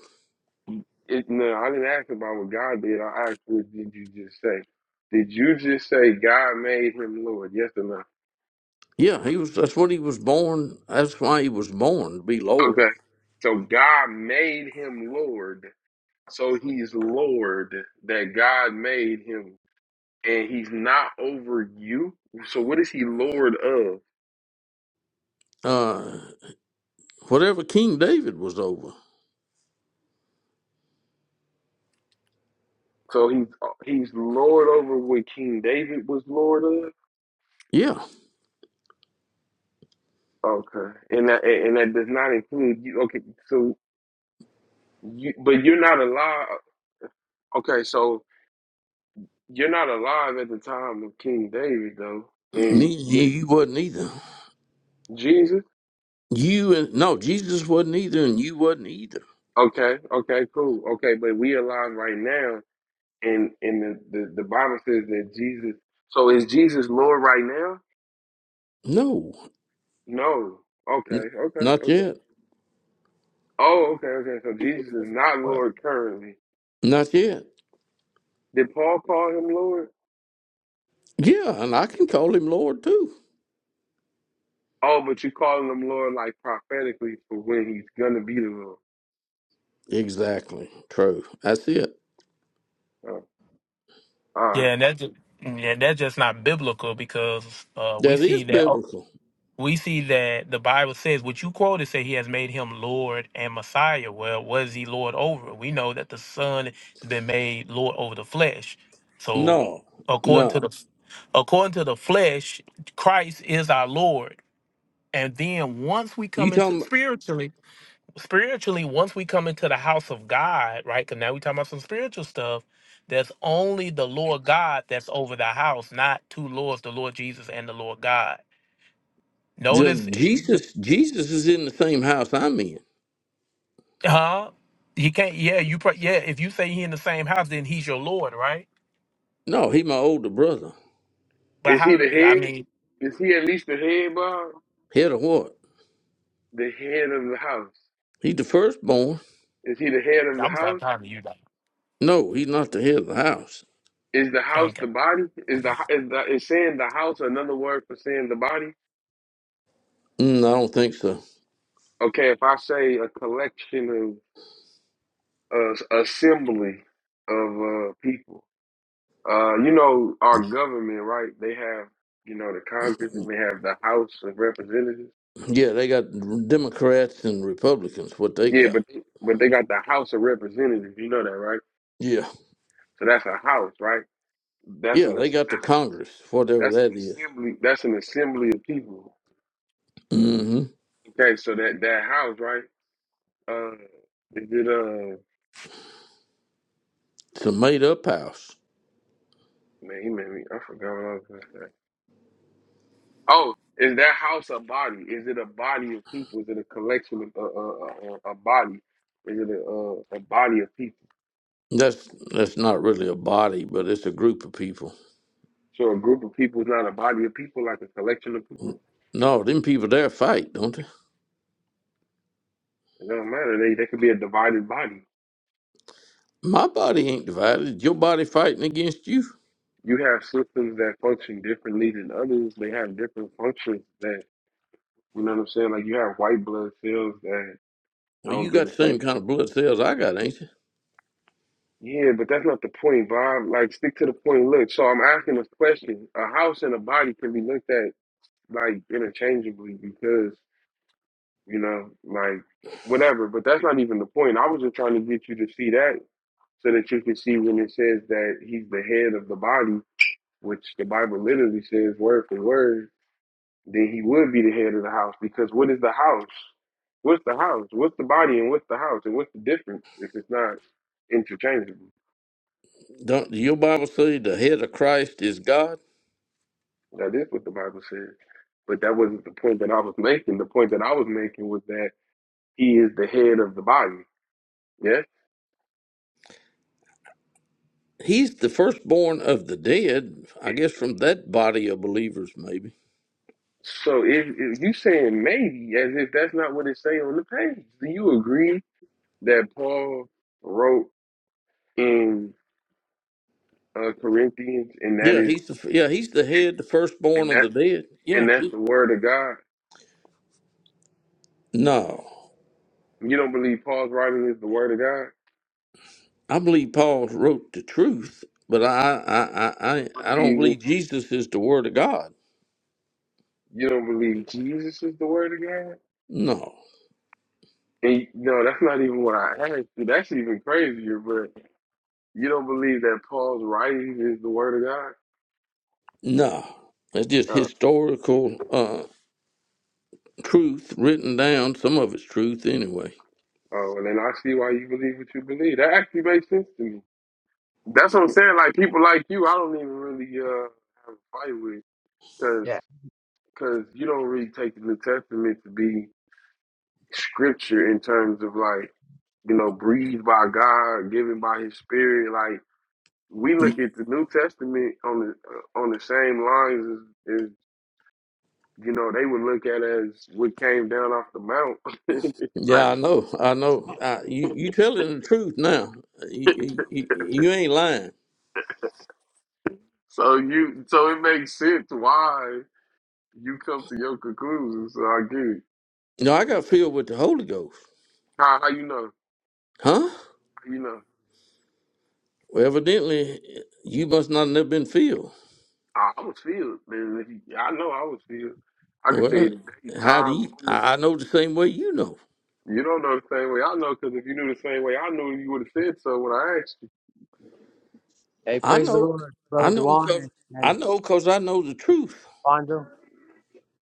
S1: It, no, I didn't ask about what God did. I asked what did you just say? Did you just say God made him Lord? Yes or no?
S8: Yeah, he was. That's what he was born. That's why he was born to be Lord.
S1: Okay. So God made him Lord. So he's Lord that God made him and he's not over you. So what is he Lord of?
S8: uh, whatever King David was over.
S1: So he's he's Lord over what King David was Lord of.
S8: Yeah,
S1: Okay, and that and that does not include you. Okay, so you but you're not alive. Okay, so you're not alive at the time of King David though,
S8: Ne-
S1: and y
S8: you you wasn't either.
S1: Jesus.
S8: You and no, Jesus wasn't either, and you wasn't either.
S1: Okay, okay, cool. Okay, but we alive right now, and and the, the the Bible says that Jesus. So is Jesus Lord right now?
S8: No,
S1: No. Okay,
S8: n-
S1: okay,
S8: not
S1: okay.
S8: yet,
S1: Oh, okay, okay. So Jesus is not Lord currently.
S8: not yet.
S1: Did Paul call him Lord?
S8: Yeah, and I can call him Lord too.
S1: Oh, but you're calling him Lord like prophetically for when he's gonna be the Lord.
S8: Exactly, true. That's it.
S1: Oh, all right.
S6: Yeah, and that's just yeah, that's just not biblical because uh, we
S8: That is
S6: see that. oh,
S8: biblical.
S6: we see that the Bible says what you quoted say he has made him Lord and Messiah. Well, was he Lord over? We know that the Son has been made Lord over the flesh. So
S8: No,
S6: according to
S8: no.
S6: the according to the flesh, Christ is our Lord. And then once we
S8: You
S6: come
S8: talking
S6: into
S8: about
S6: spiritually, spiritually, once we come into the house of God, right? Because now we're talking about some spiritual stuff. That's only the Lord God that's over the house, not two lords, the Lord Jesus and the Lord God.
S8: the-
S6: Notice
S8: Jesus? Jesus is in the same house I'm in.
S6: Huh? He can't. Yeah, you. Pro- yeah, if you say he in the same house, then he's your lord, right?
S8: No, he my older brother.
S6: But
S1: Is he
S6: how?
S1: the
S6: I
S1: head?
S6: mean,
S1: Is he at least the head, Bob?
S8: Head of what?
S1: The head of the house.
S8: He the firstborn.
S1: Is he the head of the
S6: I'm not
S1: house?
S6: talking to you, though.
S8: No, he's not the head of the house.
S1: Is the house
S6: Okay.
S1: the body? Is the is the is saying the house another word for saying the body?
S8: Mm, I don't think so.
S1: Okay, if I say a collection of uh, assembly of uh, people, Uh, you know, our government, right? They have, you know, the Congress and they have the House of Representatives.
S8: Yeah, they got Democrats and Republicans. What they
S1: Yeah,
S8: got?
S1: but but they got the House of Representatives. You know that, right?
S8: Yeah,
S1: So that's a house, right? That's
S8: yeah,
S1: an
S8: they
S1: as-
S8: got the Congress, whatever
S1: that's
S8: that
S1: an
S8: is.
S1: assembly. That's an assembly of people.
S8: Mm-hmm.
S1: Okay, so that that house, right? Uh, is it uh?
S8: It's a made-up house.
S1: Man, he made me. I forgot what I was gonna say. Oh, is that house a body? Is it a body of people? Is it a collection of a a, a, a body? Is it a, a, a body of people?
S8: That's that's not really a body, but it's a group of people.
S1: So a group of people is not a body of people, like a collection of people.
S8: No, them people there fight, don't they?
S1: It don't matter. They they could be a divided body.
S8: My body ain't divided. Your body fighting against you.
S1: You have systems that function differently than others. They have different functions that you know what I'm saying. Like you have white blood cells that
S8: Well,
S1: don't
S8: you
S1: do
S8: got
S1: the
S8: the same
S1: same.
S8: kind
S1: Thing.
S8: of blood cells I got, ain't you?
S1: Yeah, but that's not the point, Bob. Like stick to the point. Look, so I'm asking this question: A house and a body can be looked at like interchangeably because you know, like whatever. But that's not even the point. I was just trying to get you to see that so that you can see when it says that he's the head of the body, which the Bible literally says word for word, then he would be the head of the house. Because what is the house? What's the house? What's the body and what's the house? And what's the difference if it's not interchangeable?
S8: Don't your Bible say the head of Christ is God?
S1: That is what the Bible says. But that wasn't the point that I was making. The point that I was making was that he is the head of the body. Yes?
S8: He's the firstborn of the dead. I guess from that body of believers, maybe.
S1: So if, if you saying maybe as if that's not what it say on the page, do you agree that Paul wrote in uh, Corinthians, and that
S8: Yeah,
S1: is
S8: he's the yeah he's the
S1: and,
S8: head, the firstborn
S1: and
S8: of
S1: that
S8: the dead. Yeah.
S1: and that's
S8: he-
S1: the word of God.
S8: no,
S1: You don't believe Paul's writing is the word of God.
S8: I believe Paul wrote the truth, but I I I
S1: You
S8: I I don't
S1: believe
S8: believe
S1: it's,
S8: Jesus is the Word of God.
S1: you don't believe Jesus is the word of God.
S8: No,
S1: And no, that's not even what I asked you. That's even crazier. But you don't believe that Paul's writings is the word of God.
S8: no, that's just
S1: Oh,
S8: historical uh, truth written down. Some of it's truth anyway.
S1: oh, well, then I see why you believe what you believe. That actually makes sense to me. That's what I'm saying. Like people like you, I don't even really uh have a fight with
S9: Yeah.
S1: because you don't really take the New Testament to be scripture in terms of like you know breathed by God, given by His Spirit. Like we look at the New Testament on the uh, on the same lines as, as you know they would look at as what came down off the mount. like
S8: Yeah, I know, I know. I, you you telling the truth now. You, you, you ain't lying.
S1: so you so it makes sense why you come to your conclusion. So I get it.
S8: No, I got filled with the Holy Ghost,
S1: How how you know
S8: huh?
S1: How you know
S8: Well, evidently you must not have never been filled.
S1: I I was filled, man. I know I was filled. I could tell
S8: Well,
S1: you the day,
S8: how do
S1: time,
S8: you,
S1: moment
S8: I I know the same way you know?
S1: You don't know the same way I know, because if you knew the same way I knew, you would have said so when I asked you.
S9: Hey,
S8: I
S9: praise the
S8: know,
S9: Lord,
S8: I
S9: brother
S8: know,
S9: Duane and,
S8: cause I
S9: and
S8: know, cause I know the truth.
S9: Bonzo.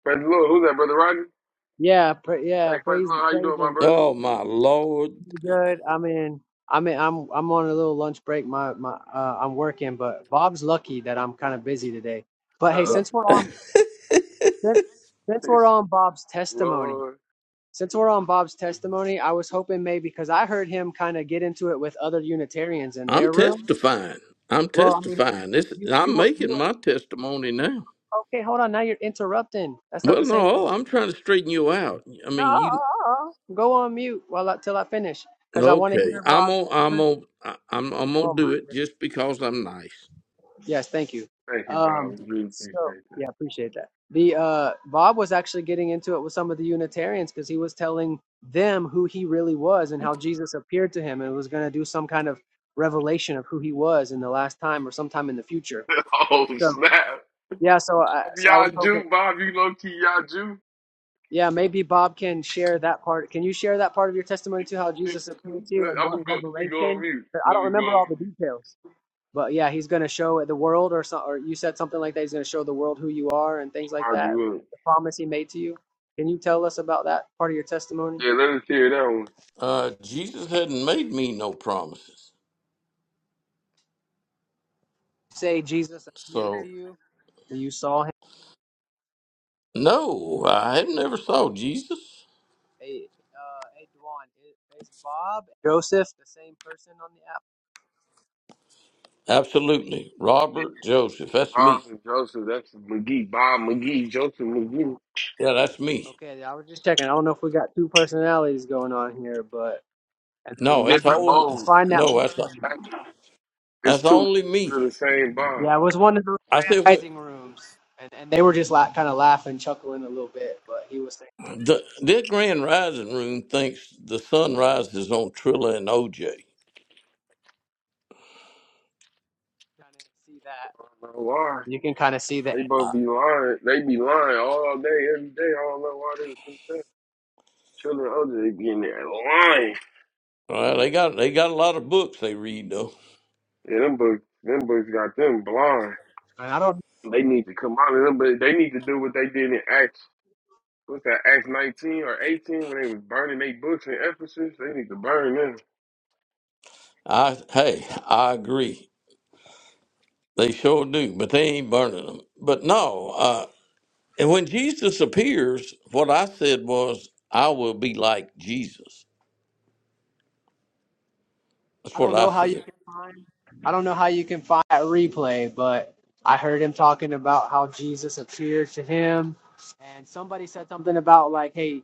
S1: Praise the Lord. Who's that, Brother Rodney?
S9: Yeah, pra- yeah,
S1: Hey, praise the
S9: praise
S1: Lord. How you
S9: praise
S1: doing, my
S9: him.
S1: brother?
S8: Oh my Lord,
S9: Pretty good. I mean, I mean, I'm I'm on a little lunch break. My my uh, I'm working, but Bob's lucky that I'm kind of busy today. But hey,
S8: Yeah.
S9: since
S1: Uh-uh.
S9: we're on since, since we're on Bob's testimony,
S1: Lord.
S9: since we're on Bob's testimony, I was hoping maybe because I heard him kind of get into it with other Unitarians in
S8: I'm
S9: their room.
S8: testifying. I'm
S9: Well, I mean,
S8: testifying. This
S9: you you
S8: I'm
S9: were you
S8: making
S9: were
S8: my testimony now.
S9: okay. Hold on, now you're interrupting. That's not the
S8: Well,
S9: same thing.
S8: no, I'm trying to straighten you out. I mean, you
S9: No, go on mute while I, till I finish, because I want to
S8: okay?
S9: hear
S8: I'm
S9: Bob.
S8: on. I'm on. I- I'm. I'm gonna
S9: Oh my
S8: do it
S9: goodness.
S8: just because I'm nice.
S9: Yes, thank you.
S1: Thank you,
S9: Um,
S1: Bob. We really
S9: so
S1: appreciate
S9: yeah, appreciate that. The uh, Bob was actually getting into it with some of the Unitarians because he was telling them who he really was and how Jesus appeared to him and was going to do some kind of revelation of who he was in the last time or sometime in the future.
S1: that. oh,
S9: So
S1: snap.
S9: yeah, so I so I was
S1: Y'all
S9: hoping.
S1: Jew, Bob. You low-key y'all Jew.
S9: Yeah, maybe Bob can share that part. Can you share that part of your testimony too? How Jesus appeared to you and
S1: I'm
S9: what
S1: gonna go, let me go on
S9: revelation?
S1: mute.
S9: But I
S1: Let
S9: don't
S1: me go
S9: remember all the
S1: on mute.
S9: details. But yeah, he's going to show the world, or so, or you said something like that. He's going to show the world who you are and things like
S1: Mind
S9: that.
S1: you up.
S9: The promise he made to you. Can you tell us about that part of your testimony?
S1: Yeah, let us hear that one.
S8: Uh, Jesus hadn't made me no promises,
S9: Say Jesus appeared
S8: so
S9: to you. and You saw him.
S8: no, I had never saw Jesus.
S9: Hey, uh, hey, Duan, i- is Bob Joseph the same person on the app?
S8: Absolutely. Robert Joseph. That's
S1: Bob
S8: me.
S1: and Joseph, that's McGee. Bob McGee, Joseph McGee.
S8: Yeah, that's me.
S9: Okay, I was just checking. I don't know if we got two personalities going on here, but. And
S8: No,
S1: In
S9: I
S8: it's
S9: didn't
S1: different
S8: all.
S9: even
S1: modes.
S9: find that
S8: No, that's
S9: replay.
S1: It's
S8: that's
S1: two
S8: only
S1: modes
S8: me.
S1: of the same Bob.
S9: Yeah, it was one of those
S8: I said what
S9: rising rooms, and, and they were just la- kind of laughing, chuckling a little bit. But he was saying,
S8: the this Grand Rising Room thinks the sun rises on Trilla and OJ.
S9: kind of see that.
S1: No lie.
S9: You can kind of see the.
S1: They both be lying. They be lying all day, every day. I don't know why they think that. Children older, they be in there lying.
S8: All right, they got they got a lot of books they read though.
S1: Yeah, them books, them books got them blind.
S9: And I don't,
S1: They need to come out of them, but they need to do what they did in Acts. What's that, Acts 19 or 18 when they was burning their books in Ephesus? They need to burn them.
S8: I hey, I agree. They sure do, but they ain't burning them. But no, uh, and when Jesus appears, what I said was, I will be like Jesus. That's
S9: I
S8: what
S9: don't
S8: I
S9: know how you
S8: said.
S9: can find, I don't know how you can find that replay, but I heard him talking about how Jesus appeared to him, and somebody said something about like, hey.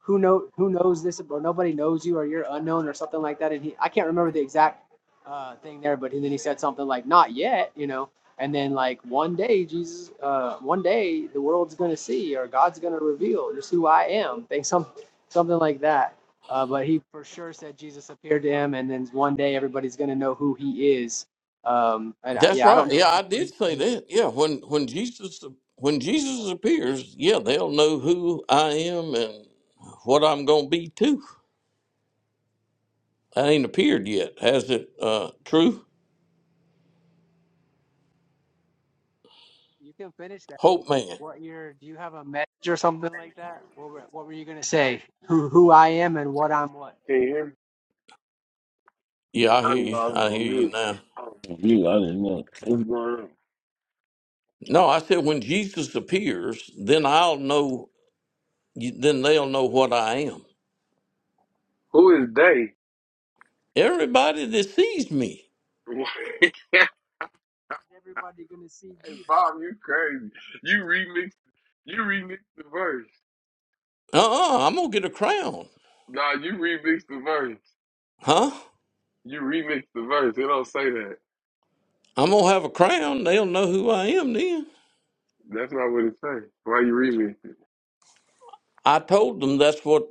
S9: who know who knows this or nobody knows you or you're unknown or something like that and he i can't remember the exact uh, thing there but then he said something like not yet you know and then like one day jesus uh, one day the world's gonna see or god's gonna reveal just who i am think some something like that uh, but he for sure said jesus appeared to him and then one day everybody's gonna know who he is um, and I,
S8: That's
S9: yeah i
S8: right.
S9: don't know
S8: Yeah,
S9: how to
S8: I did
S9: find.
S8: say that. Yeah, when when Jesus when Jesus appears, yeah, they'll know who I am and what I'm gonna be too. I ain't appeared yet, has it? Uh, true
S9: You can finish that. What
S8: hope, man.
S9: what your do you have a message or something like that? What were, what were you gonna say? Who who I am and what I'm what? What?
S1: Can you hear me?
S8: Yeah, I
S1: I
S8: hear
S1: know
S8: you.
S1: I was
S8: I
S1: on
S8: hear you
S1: mute.
S8: now.
S1: I don't know What's going on?
S8: No, I said when Jesus appears, then I'll know. Then they'll know what I am.
S1: Who is they?
S8: Everybody that sees me,
S1: hey,
S9: Everybody gonna see you.
S1: Bob, you crazy. You remixed, you remixed the verse.
S8: uh-uh, I'm gonna get a crown,
S1: Nah, you remix the verse.
S8: huh?
S1: You remix the verse. It don't say that.
S8: I'm gonna have a crown. They'll know who I am then.
S1: That's not what it says. Why you remix it?
S8: I told them that's what.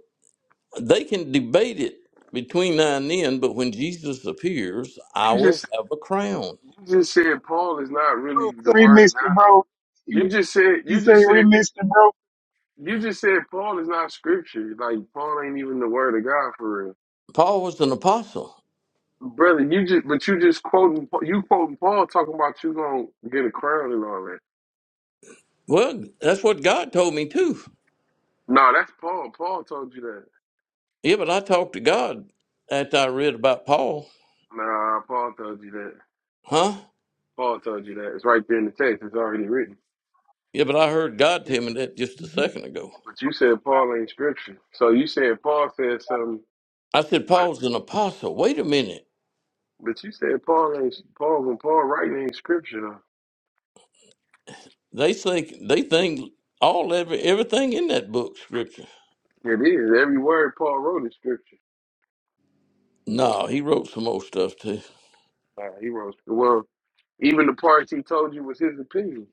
S8: They can debate it between now and then, but when Jesus appears, I
S1: You
S8: will
S1: just
S8: have a crown.
S1: you just said Paul is not really
S7: Oh,
S1: the word of
S7: remixed it,
S1: God.
S7: bro.
S1: You
S7: You,
S1: just said
S7: you
S1: you
S7: say
S1: just said
S7: remixed it, bro.
S1: you just said Paul is not scripture. Like Paul ain't even the word of God for real.
S8: Paul was an apostle.
S1: Brother, you just but you just quoting you quoting Paul talking about you gonna get a crown and all that.
S8: Well, that's what God told me too.
S1: Nah, that's Paul. Paul told you that.
S8: Yeah, but I talked to God after I read about Paul.
S1: Nah, Paul told you that.
S8: Huh?
S1: Paul told you that. It's right there in the text. It's already written.
S8: Yeah, but I heard God
S9: Did-
S8: tell me that just a
S9: did you-
S8: second ago.
S1: But you said Paul ain't scripture. So you said Paul said something,
S8: I said,
S1: but
S8: Paul's an apostle. Wait a minute.
S1: but you said Paul ain't Paul when Paul writing ain't scripture though.
S8: They think they think all every everything in that book scripture.
S1: It is. Every word Paul wrote is scripture.
S8: No, he wrote some old stuff too.
S1: Nah, he wrote well, even the parts he told you was his opinion.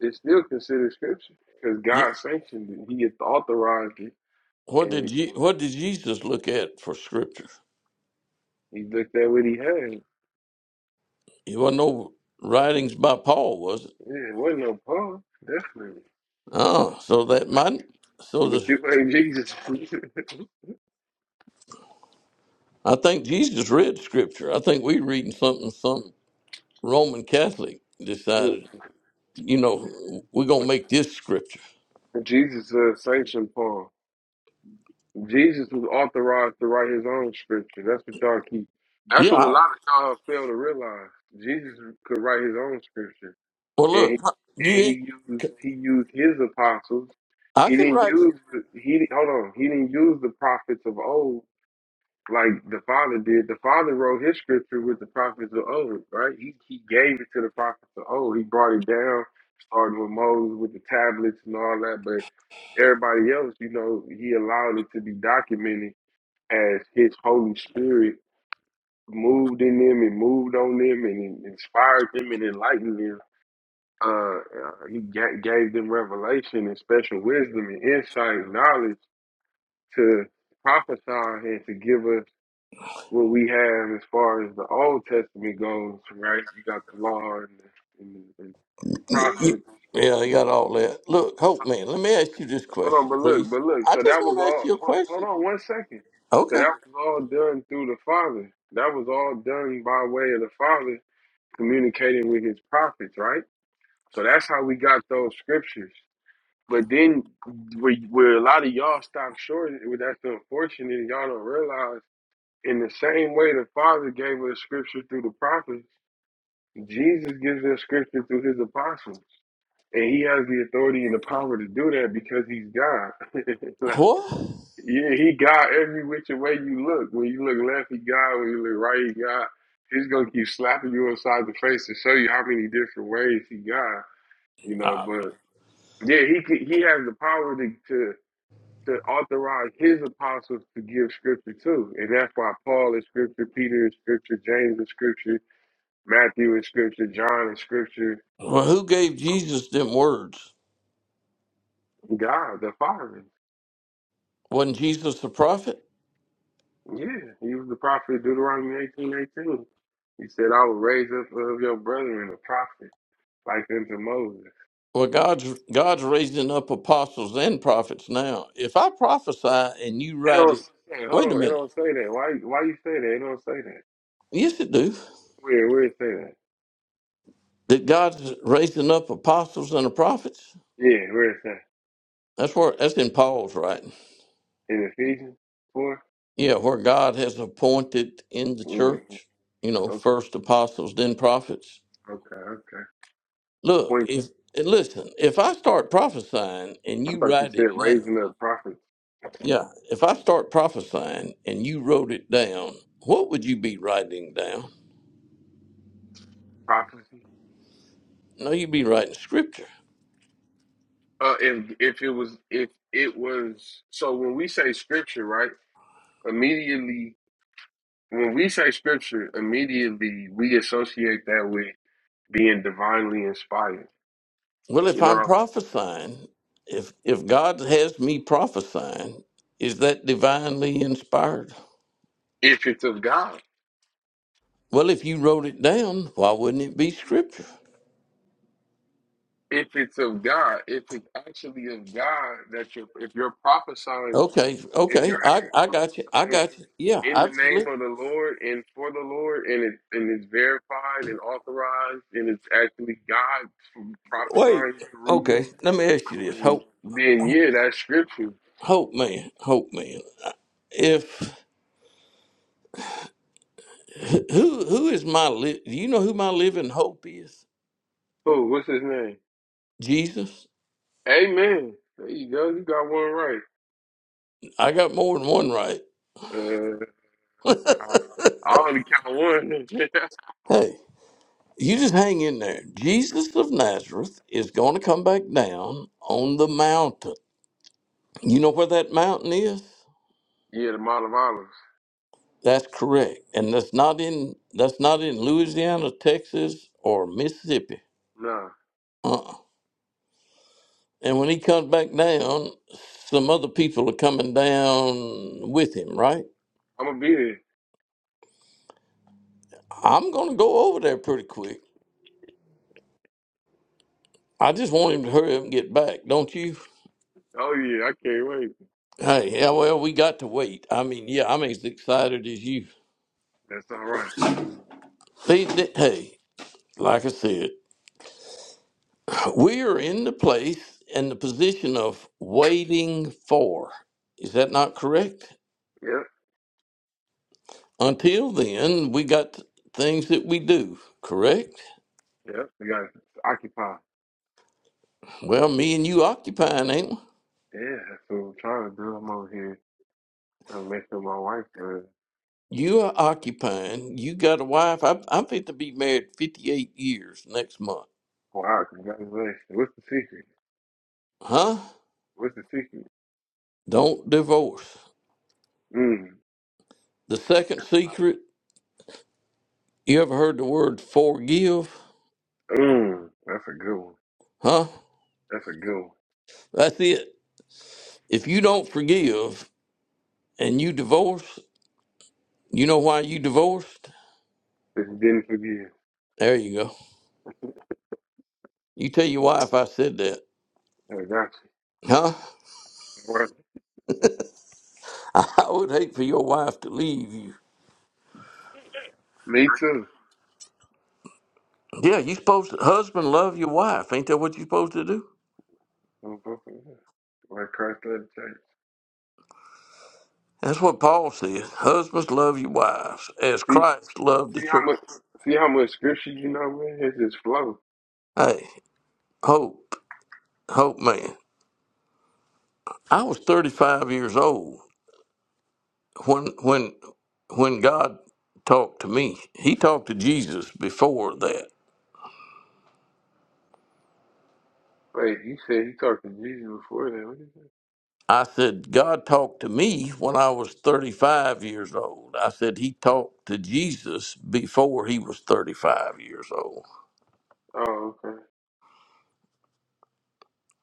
S1: It's still considered scripture because
S8: Yeah.
S1: God sanctioned it. He authorized it,
S8: What
S1: and,
S8: did you what did Jesus look at for scripture?
S1: he looked at what he had.
S8: It wasn't no writings by Paul, was it?
S1: Yeah, it wasn't no Paul, definitely.
S8: Oh, so that my so
S1: But
S8: the
S1: you ain't Jesus.
S8: I think Jesus read scripture. I think we reading something some Roman Catholic decided, you know, we're gonna make this scripture.
S1: Jesus uh, sanctioned Paul. Jesus was authorized to write his own scripture. That's what y'all keep. That's
S8: Yeah.
S1: what a
S8: I,
S1: lot of y'all fail to realize. Jesus could write his own scripture,
S8: well,
S1: and he
S8: look, you
S1: and he used he used his apostles.
S8: I
S1: He
S8: can
S1: didn't
S8: write.
S1: use the- he hold on. He didn't use the prophets of old like the Father did. The Father wrote his scripture with the prophets of old, right? He he gave it to the prophets of old. He brought it down, starting with Moses with the tablets and all that. But everybody else, you know, he allowed it to be documented as his Holy Spirit moved in them and moved on them and inspired them and enlightened them. Uh, uh, he ga- gave them revelation and special wisdom and insight and knowledge to prophesy and to give us what we have as far as the Old Testament goes, right? You got the law and the, and the, and the
S8: you-
S1: prophets
S8: you- yeah, you got all that. Look, Hope man, let me ask you this
S1: Hold on,
S8: question,
S1: but look,
S8: please.
S1: but look.
S8: I
S1: So
S8: just
S1: that was
S8: want to ask
S1: all.
S8: you a
S1: Hold, hold
S8: question.
S1: on one second. So
S8: Okay.
S1: that was all done through the Father. That was all done by way of the Father communicating with His prophets, right? So that's how we got those scriptures. But then, where, where a lot of y'all stop short, that's unfortunate. Y'all don't realize. In the same way the Father gave us scripture through the prophets, Jesus gives us scripture through His apostles, and He has the authority and the power to do that because He's God.
S8: What?
S1: Yeah, he got every which way you look. When you look left, he got. When you look right, he got. He's gonna keep slapping you upside the face to show you how many different ways he got. You know,
S8: Uh,
S1: but yeah, he could, he has the power to, to to authorize his apostles to give scripture too, and that's why Paul is scripture, Peter is scripture, James is scripture, Matthew is scripture, John is scripture.
S8: well, who gave Jesus them words?
S1: God, the Father.
S8: Wasn't Jesus a prophet?
S1: Yeah, he was the prophet of Deuteronomy eighteen eighteen. He said, I will raise up of your brethren a prophet like unto Moses.
S8: Well, God's God's raising up apostles and prophets now. If I prophesy and you
S1: It
S8: write
S1: don't
S8: it,
S1: say that. Hold
S8: wait a
S1: on, it
S8: minute.
S1: don't say that. Why why you say that? It don't say that.
S8: Yes, it do.
S1: Where where it say that?
S8: That God's raising up apostles and the prophets.
S1: Yeah, where it say?
S8: That's where that's in Paul's writing.
S1: In Ephesians four?
S8: Yeah, where God has appointed in the
S1: Mm.
S8: church. You
S1: Okay,
S8: know, first apostles, then prophets.
S1: okay, okay.
S8: Look,
S1: Point
S8: if and listen, if I start prophesying and
S1: I
S8: you
S1: thought you
S8: write
S1: said
S8: it down,
S1: raising up prophets
S8: yeah. If I start prophesying and you wrote it down, what would you be writing down?
S1: prophecy.
S8: No, you would be writing scripture.
S1: Uh if if it was if it was so when we say scripture, right? Immediately when we say scripture, immediately we associate that with being divinely inspired.
S8: Well, if
S1: You
S8: I'm
S1: know,
S8: prophesying, if if God has me prophesying, is that divinely inspired?
S1: if it's of God,
S8: Well, if you wrote it down, why wouldn't it be scripture?
S1: if it's of God, if it's actually of God that you're, if you're prophesying,
S8: Okay,
S1: if you're
S8: okay, I, I got you. I
S1: prophesying
S8: got you. Yeah,
S1: in the name
S8: absolutely.
S1: of the Lord and for the Lord, and it and it's verified and authorized, and it's actually God
S8: Wait,
S1: prophesying through you,
S8: okay. Let me ask you this.
S1: then,
S8: Hope,
S1: then yeah, that's scripture.
S8: hope man, hope man. If who who is my li- do you know who my living hope is?
S1: Oh, what's his name?
S8: Jesus.
S1: Amen. There you go. You got one right.
S8: I got more than one right.
S1: Uh, Nah, I only count one.
S8: Hey, You just hang in there. Jesus of Nazareth is going to come back down on the mountain. You know where that mountain is?
S1: yeah, the Mile of Olives.
S8: That's correct. And that's not in that's not in Louisiana, Texas, or Mississippi.
S1: Nah,
S8: Uh-uh. And when he comes back down, some other people are coming down with him, right?
S1: I'm gonna be there.
S8: I'm going to go over there pretty quick. I just want him to hurry up and get back, don't you?
S1: Oh yeah, I can't wait.
S8: Hey, yeah, well, we got to wait. I mean, yeah, I'm as excited as you.
S1: That's all right.
S8: See, th- hey, like I said, we are in the place and the position of waiting for. Is that not correct?
S1: Yep,
S8: Until then, we got things that we do, correct?
S1: yep. We got occupy.
S8: Well, me and you occupying, ain't we?
S1: Yeah, that's what I'm trying to do. I'm over here trying to make sure my wife. Uh,
S8: You are occupying. You got a wife. I, I'm fit to be married 58 years next month.
S1: wow, congratulations. What's the secret?
S8: Huh?
S1: What's the secret?
S8: Don't divorce.
S1: Mmm,
S8: The
S1: that's
S8: second
S1: good.
S8: secret, you ever heard the word forgive?
S1: Mmm, that's a good one.
S8: Huh?
S1: That's a good one.
S8: That's it. If you don't forgive and you divorce, You know why you divorced?
S1: Just didn't forgive.
S8: There you go. You tell your wife I said that.
S1: I got
S8: Huh?
S1: you. All right.
S8: I would hate for your wife to leave you.
S1: Me too.
S8: Yeah, you supposed to, husband love your wife. Ain't that what you're supposed to do?
S1: Right, Christ led the church.
S8: That's what Paul says. Husbands love your wives as Christ loved the
S1: See how
S8: church.
S1: much see how much scripture you know, man? It's just flow.
S8: Hey, hope, hope man. I was 35 years old when when when God talked to me. He talked to Jesus before that.
S1: Wait, you said you talked to Jesus before that. What is that?
S8: I said, God talked to me when I was 35 years old. I said, He talked to Jesus before he was 35 years old.
S1: Oh, okay.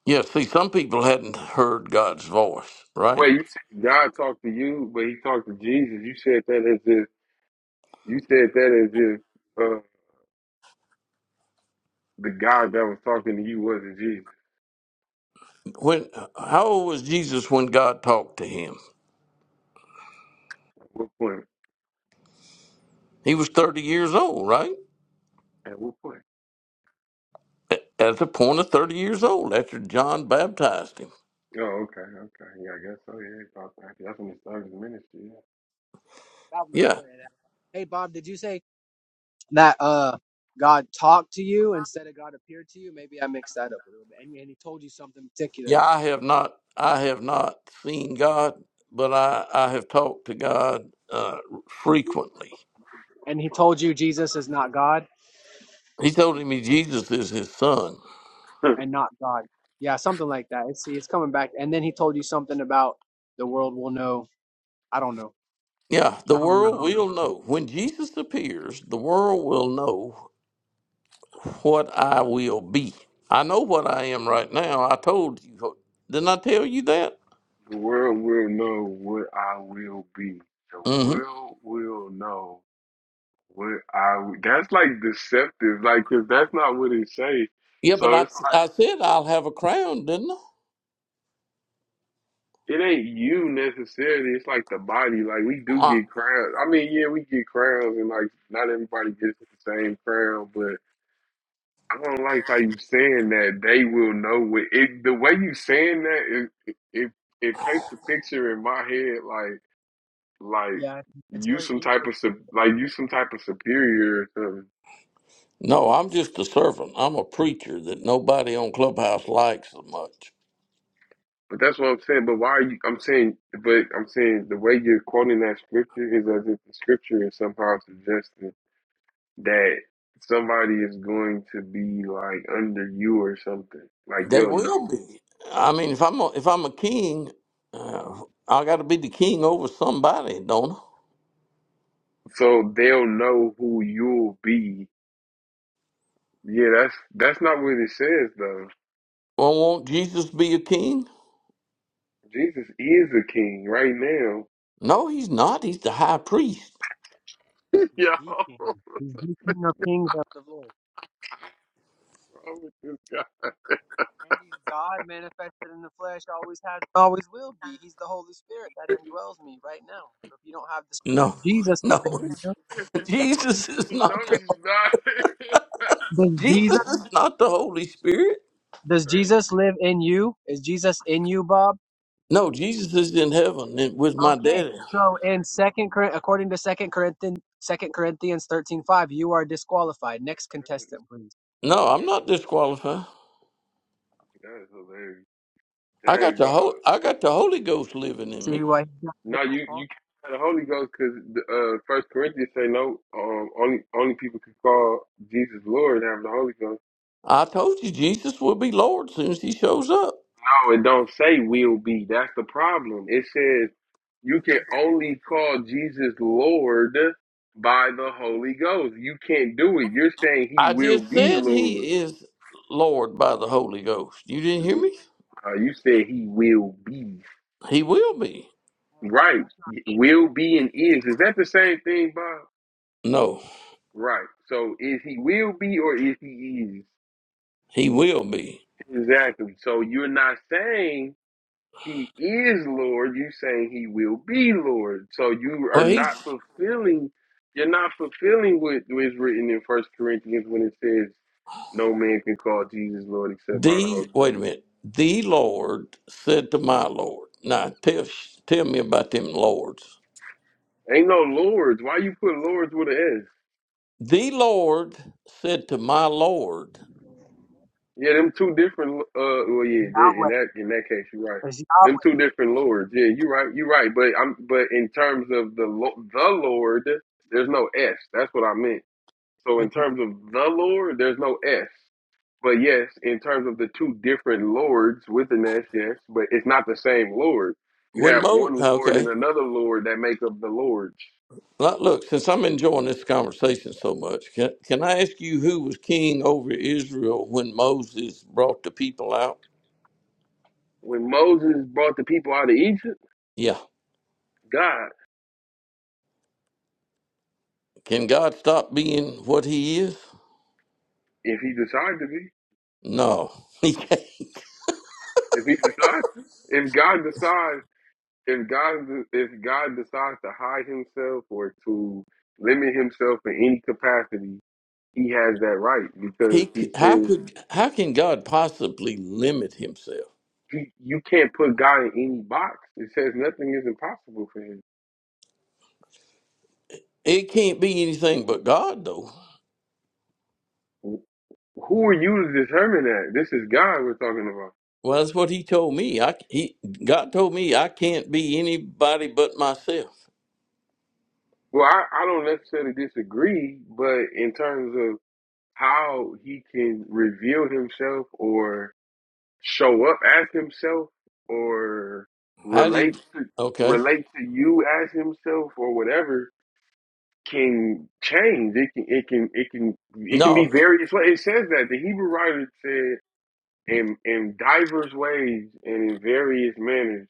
S8: Yeah, see, some people hadn't heard God's voice, right?
S1: Wait, you said God talked to you, but he talked to Jesus. You said that as if you said that as if uh the God that was talking to you wasn't Jesus.
S8: When how old was Jesus when God talked to him?
S1: At what point?
S8: He was 30 years old, right?
S1: At what point?
S8: At at the point of 30 years old, after John baptized him.
S1: Oh, okay, okay. Yeah, I guess so. Yeah, it's all right. that's when
S9: Yeah,
S1: he started his ministry.
S9: Bob don't
S8: Yeah,
S9: say that. Hey Bob, did you say that uh God talked to you instead of God appeared to you? Maybe I mixed that up a little bit. And, and he told you something particular.
S8: yeah. I have not, I have not seen God, but I, I have talked to God uh, frequently
S9: And he told you Jesus is not God
S8: He told him he- Jesus is his son.
S1: Yeah.
S9: and not God. Yeah, something like that. It's see, it's coming back. And then he told you something about the world will know. I don't know.
S8: Yeah, the
S9: I don't
S8: world
S9: remember.
S8: will know. When Jesus appears, the world will know what I will be. I know what I am right now. I told you. Didn't I tell you that?
S1: the world will know what I will be. The
S8: Mm-hmm.
S1: world will know. What I that's like deceptive, like 'cause that's not what it say.
S8: Yeah, but
S1: So
S8: I,
S1: it's like
S8: I said I'll have a crown, didn't
S1: it ain't you necessarily. It's like the body. Like we do
S8: I? I?
S1: get crowns. I mean, yeah, we get crowns, and like not everybody gets the same crown. But I don't like how you saying that. They will know what it. The way you saying that it it it paints the picture in my head like like
S9: Yeah, it's
S1: you
S9: very
S1: some
S9: ego.
S1: type of sup- like you some type of superior. or something.
S8: No, I'm just a servant. I'm a preacher that nobody on Clubhouse likes so much.
S1: But that's what I'm saying. But why are you? I'm saying, but I'm saying the way you're quoting that scripture is as if the scripture is somehow suggesting that somebody is going to be like under you or something. Like
S8: They
S1: they'll
S8: will
S1: know.
S8: be. I mean, if I'm a, if I'm a king, uh, I got to be the king over somebody, don't I?
S1: So they'll know who you'll be. Yeah, that's that's not what it says though.
S8: Well, won't Jesus be a king?
S1: Jesus is a king right now.
S8: No, he's not. He's the high priest.
S9: He's
S1: Yo,
S9: the king. He's the king of kings of the Lord.
S1: wrong with this guy?
S9: And he's God manifested in the flesh, always has, always will be. He's the Holy Spirit that indwells me right now. So if you don't have the Spirit
S8: No,
S9: of Jesus living
S8: no.
S9: in you,
S8: Jesus is
S1: No,
S8: not the
S1: he's not. That's
S9: does
S8: Jesus
S9: Jesus
S8: is not the Holy Spirit.
S9: does
S1: crazy.
S9: Jesus live in you? Is Jesus in you, Bob?
S8: No, Jesus is in heaven and with my
S9: Okay.
S8: daddy.
S9: So in second Cor- according to second Corinthians second Corinthians thirteen five, you are disqualified. Next
S1: That is
S9: contestant, please.
S8: No,
S1: funny.
S8: I'm not disqualified.
S1: That's hilarious.
S8: I got
S1: Dang,
S8: the whole
S1: Bob.
S8: I got the Holy Ghost living in
S9: See
S8: me.
S9: why he's not
S1: No,
S9: down,
S1: you
S9: Paul?
S1: you can't have the Holy Ghost because uh, First Corinthians say no. Um, only only people can call Jesus Lord and have the Holy Ghost.
S8: I told you Jesus will be Lord soon as he shows up.
S1: No, it don't say will be. That's the problem. It says you can only call Jesus Lord by the Holy Ghost. You can't do it. You're saying He
S8: I
S1: will
S8: just
S1: be
S8: said
S1: Lord.
S8: he is Lord by the Holy Ghost. You didn't hear me?
S1: Uh, you said He will be
S8: He will be.
S1: right.
S9: That's
S1: Will be and is. Is that the same thing, Bob?
S8: No,
S1: Right. So is he will be or is he is?
S8: he will be.
S1: Exactly. So you're not saying he is Lord, you saying he will be Lord. So you are
S8: Well, he
S1: not fulfilling you're not fulfilling what is written in First Corinthians when it says no man can call Jesus Lord except by the
S8: The
S1: Holy
S8: wait
S1: Ghost.
S8: a minute. The Lord said to my Lord. Now tell tell me about them lords.
S1: Ain't no lords. Why you put lords with an S?
S8: The Lord said to my Lord
S1: Yeah, them two different. Uh, well, yeah, they,
S9: not
S1: in
S9: Yahweh.
S1: that in that case, you're right.
S9: It's
S1: Them
S9: Yahweh.
S1: two different lords. Yeah, you're right. You're right. But I'm but in terms of the lo- the Lord, there's no S. That's what I meant. So in terms of the Lord, there's no S. But yes, in terms of the two different lords with an S, yes, but it's not the same Lord. You
S8: when
S1: have
S8: Mo.
S1: one Lord and
S8: Okay,
S1: another Lord that make up the Lords.
S8: look. look, Since I'm enjoying this conversation so much, can can I ask you who was king over Israel when Moses brought the people out?
S1: When Moses brought the people out of Egypt,
S8: Yeah.
S1: God,
S8: Can God stop being what He is?
S1: if he decided to be,
S8: No. He
S1: if he decides to, if God decides if God if God decides to hide himself or to limit himself in any capacity, he has that right because
S8: he
S1: he
S8: how
S1: says
S8: could how can God possibly limit Himself?
S1: he, you can't put God in any box. It says nothing is impossible for him.
S8: It can't be anything but God, though.
S1: Who are you to determine that? This is God we're talking about.
S8: Well, that's what He told me. I he God told me I can't be anybody but myself.
S1: Well, I, I don't necessarily disagree, but in terms of how he can reveal himself or. show up as himself or
S8: How
S1: relate
S8: did?
S1: to
S8: Okay,
S1: relate to you as himself or whatever can change. It can it can it can it can be
S8: no,
S1: various ways. It says that the Hebrew writer said in in diverse ways and in various manners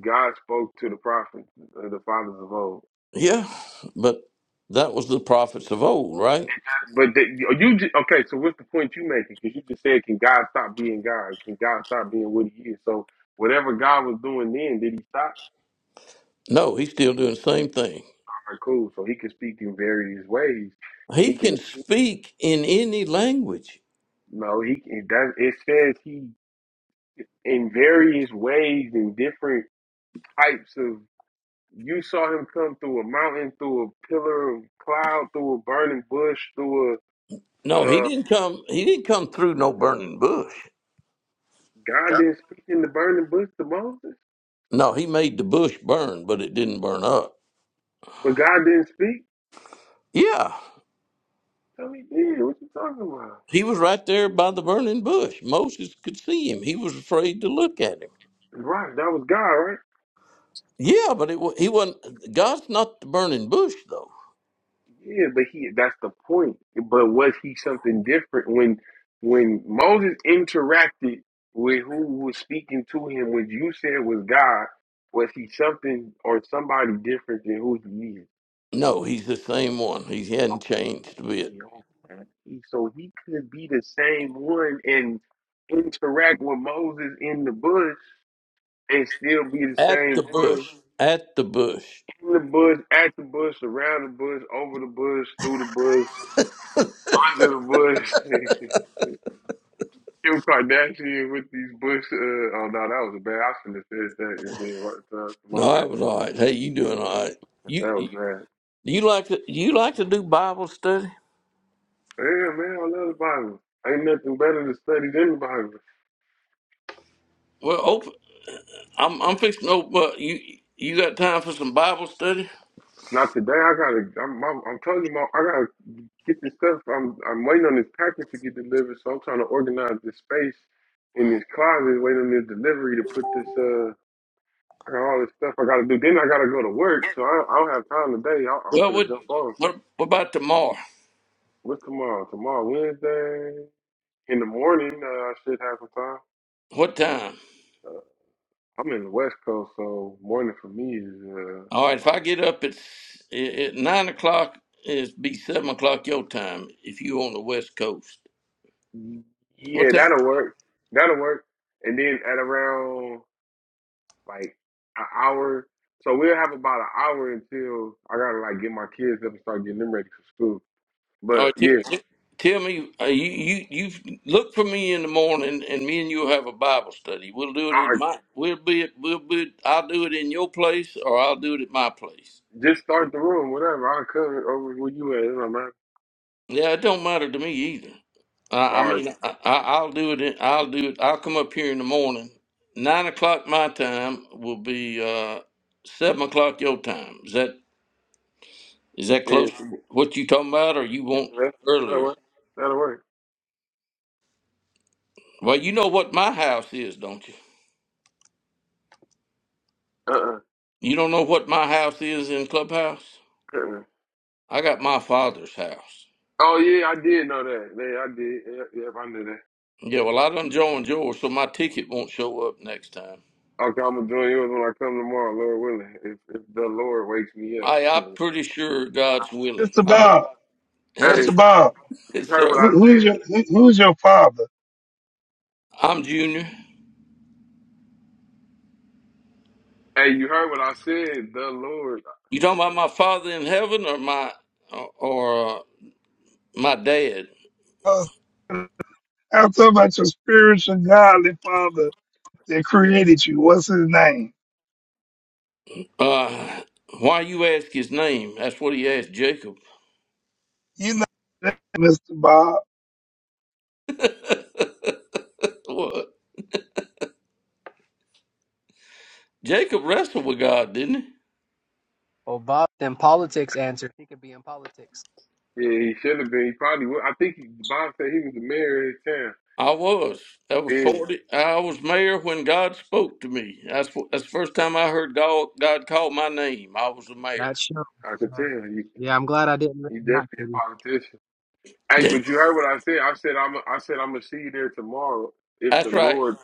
S1: God spoke to the prophets, uh, the fathers of old.
S8: yeah, but that was the prophets of old, right?
S1: But the, you ju- okay? So what's the point you making? Because you just said, can God stop being God? Can God stop being what He is? So whatever God was doing then, did He stop?
S8: No, He's still doing the same thing.
S1: are cool. So he can speak in various ways, and
S8: He
S1: he can.
S8: can speak in any language.
S1: No, he can. it Does it says he in various ways in different types of. You saw him come through a mountain, through a pillar of cloud, through a burning bush, through a.
S8: No, He
S1: Uh,
S8: didn't come. He didn't come through no burning bush.
S1: God didn't speak in the burning bush to Moses,
S8: No, He made the bush burn, but it didn't burn up.
S1: but God didn't speak.
S8: Yeah.
S1: So he did. What you talking about?
S8: He was right there by the burning bush. Moses could see him. He was afraid to look at him.
S1: Right, that was God, right?
S8: Yeah, but it, wa- he wasn't. God's not the burning bush, though.
S1: Yeah, but he that's the point. But was he something different when when Moses interacted with who was speaking to him, which you said was God, was he something or somebody different than who he is?
S8: No, he's the same one. He hadn't changed a
S1: Okay,
S8: bit.
S1: okay. So he could be the same one and interact with Moses in the bush and still be the
S8: At
S1: same
S8: the bush.
S1: one
S8: At the bush.
S1: in the bush, at the bush, around the bush, over the bush, through the bush, under the bush. Kim Kardashian with these Bush. Uh, oh no, that was bad. I shouldn't have said that. It did right to my
S8: No, I
S1: bad.
S8: was all right. Hey, you doing all right? You
S1: That
S8: you
S1: was bad.
S8: you like to you like to do Bible study?
S1: Yeah, man, I love the Bible. Ain't nothing better to study than the Bible.
S8: Well, open, I'm I'm fixing to open. up. You you got time for some Bible study?
S1: Not today. I gotta. I'm. I'm, I'm telling you, Mom, I gotta get this stuff. I'm. I'm waiting on this package to get delivered, so I'm trying to organize this space in this closet, waiting on this delivery to put this. Uh, I got all this stuff I gotta do. Then I gotta go to work, so I, I don't have time today. I, I'm
S8: Well,
S1: gonna
S8: what
S1: jump on.
S8: what, what about tomorrow?
S1: What's tomorrow? Tomorrow Wednesday. In the morning, uh, I should have some time.
S8: What time?
S1: Uh, I'm in the West Coast, so morning for me is uh,
S8: All right, if I
S1: like,
S8: get up at, s- i- at nine o'clock, it's be seven o'clock your time if you on the West Coast.
S1: yeah,
S8: What time?
S1: that'll work. That'll work. And then at around like an hour, so we'll have about an hour until I gotta like get my kids up and start getting them ready for school.
S8: All right,
S1: But
S8: t-
S1: yeah,
S8: t- tell me. Uh, you you you look for me in the morning, and me and you'll have a Bible study. We'll do it at
S1: I
S8: my. We'll be. at- We'll be. I'll do it in your place, or I'll do it at my place.
S1: just start the room, whatever. I'll come over where you at. It don't matter.
S8: Yeah, it don't matter to me either.
S1: All
S8: I, I
S1: right,
S8: mean, I, I- I'll do it. in- I'll do it. I'll come up here in the morning. Nine o'clock my time will be uh, seven o'clock your time. Is that is that
S1: yeah,
S8: close to what you talking about, or you want
S1: yeah, that'll
S8: earlier?
S1: work. That'll work.
S8: Well, you know what my house is, don't you?
S1: Uh,
S8: You don't know what my house is in clubhouse.
S1: uh-uh.
S8: I got my father's house.
S1: Oh yeah, I did know that. Yeah, I did. Yep, yep, I knew that.
S8: Yeah, well, I done joined yours, so my ticket won't show up next time.
S1: Okay, I'm gonna join yours when I come tomorrow, Lord willing. If if the Lord wakes me up.
S8: I I'm pretty sure God's willing.
S7: Mr.
S8: I mean,
S7: Bob,
S1: hey,
S8: hey,
S7: Mr.
S1: you
S7: Bob,
S8: yes,
S1: heard what
S8: sir.
S7: who,
S1: I
S7: who's
S1: said.
S7: your who, who's your father?
S8: I'm Junior.
S1: Hey, you heard what I said. The Lord.
S8: You talking about my father in heaven or my or uh, my dad?
S7: Oh, I'm talking about your spiritual godly father that created you. What's his name?
S8: Uh, why you ask his name? That's what he asked Jacob.
S7: you know, Mr. Bob,
S8: Well, Jacob wrestled with God, didn't he?
S9: Well, Bob, then politics answered. He could be in politics.
S1: Yeah, he should have been. He probably would. I think he, Bob said he was the mayor of his
S8: I was. That
S1: town.
S8: was
S1: Yeah,
S8: forty. I was mayor when God spoke to me. That's wh- that's the first time I heard God God call my name. I was the mayor.
S9: That's shows.
S1: I could
S9: Yeah,
S1: tell. He,
S9: Yeah, I'm glad I didn't live
S1: he
S9: in that
S1: definitely a
S9: city.
S1: politician. Hey, but you heard what I said. I said I'm. I said I'm gonna see you there tomorrow if the
S8: that's right.
S1: Lord.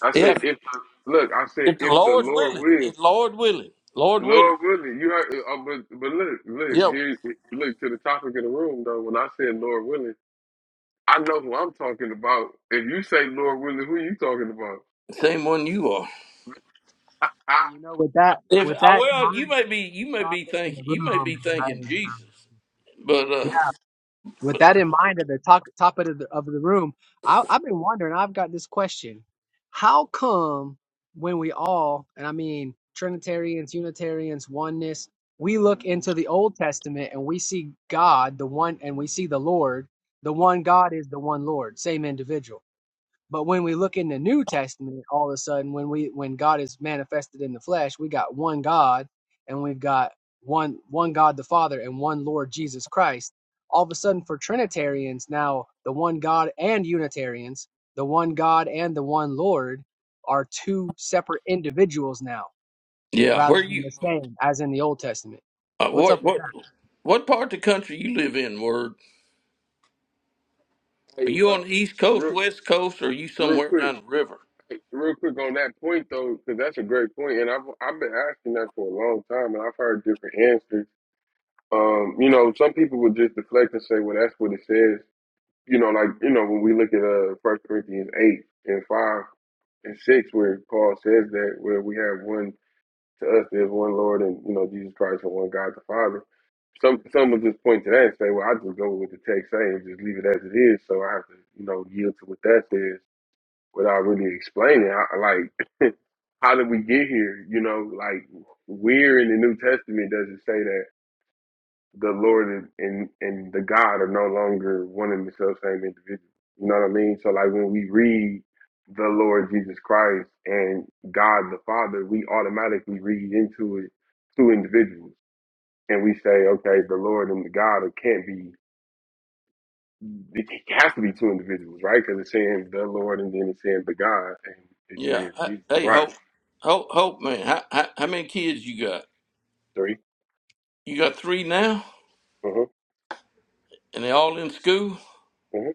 S1: I
S8: Yeah.
S1: said if the look. I said
S8: If the
S1: if the
S8: Lord's
S1: Lord
S8: willing,
S1: will.
S8: if Lord willing, Lord willing.
S1: Lord willing, you heard, uh, but but look, look
S8: Yep.
S1: here, look to the topic of the room though. When I said Lord willing, I know who I'm talking about. If you say Lord willing, who you talking about?
S8: Same one you are.
S9: Hey, you know, with that,
S8: If
S9: with
S8: I
S9: that in
S8: well, you
S9: mind,
S8: may be you may
S9: top
S8: be
S9: of the
S8: thinking you may
S9: room,
S8: be
S9: and I,
S8: thinking
S9: um,
S8: Jesus, but
S9: yeah,
S8: uh,
S9: with that in mind, at the top, top of the of the room, I, I've been wondering. I've got this question: How come when we all, and I mean Trinitarians, Unitarians, oneness, we look into the Old Testament and we see God, the one, and we see the Lord, the one God is the one Lord, same individual But when we look in the New Testament, all of a sudden, when we when God is manifested in the flesh, we got one God, and we've got one one God the Father and one Lord Jesus Christ. All of a sudden, for Trinitarians now, the one God and Unitarians, the one God and the one Lord, are two separate individuals now,
S8: yeah,
S9: rather
S8: where
S9: than
S8: you
S9: the same as in the Old Testament.
S8: uh,
S9: What's
S8: what
S9: up with
S8: what
S9: that?
S8: what part of the country you live in? Word, are
S1: hey,
S8: you
S1: uh,
S8: on the East Coast,
S1: real,
S8: West Coast, or are you
S1: real
S8: somewhere
S1: quick,
S8: around the river?
S1: real quick on that point though, because that's a great point, and I've I've been asking that for a long time, and I've heard different answers. Um, you know, some people would just deflect and say, "Well, that's what it says." you know, like you know, when we look at uh First Corinthians eight and five and six, where Paul says that where we have one to us, there's one Lord and you know Jesus Christ and one God the Father. Some some will just point to that and say, well, I just go with what the text say and just leave it as it is. So I have to you know yield to what that says without really explaining. I, like, how did we get here? You know, like where in the New Testament does it say that? the Lord and, and the God are no longer one and the self same individual. You know what I mean? So like when we read the Lord Jesus Christ and God the Father, we automatically read into it two individuals, and we say, okay, the Lord and the God it can't be. It has to be two individuals, right? Because it's saying the Lord and then it's saying the God, and it
S8: Yeah.
S1: says
S8: I-
S1: Jesus,
S8: Hey,
S1: right?
S8: hope, hope, hope, man. How, how how many kids you got?
S1: Three.
S8: You got three now,
S1: Uh huh. Uh-huh.
S8: and they all in school.
S1: uh-huh.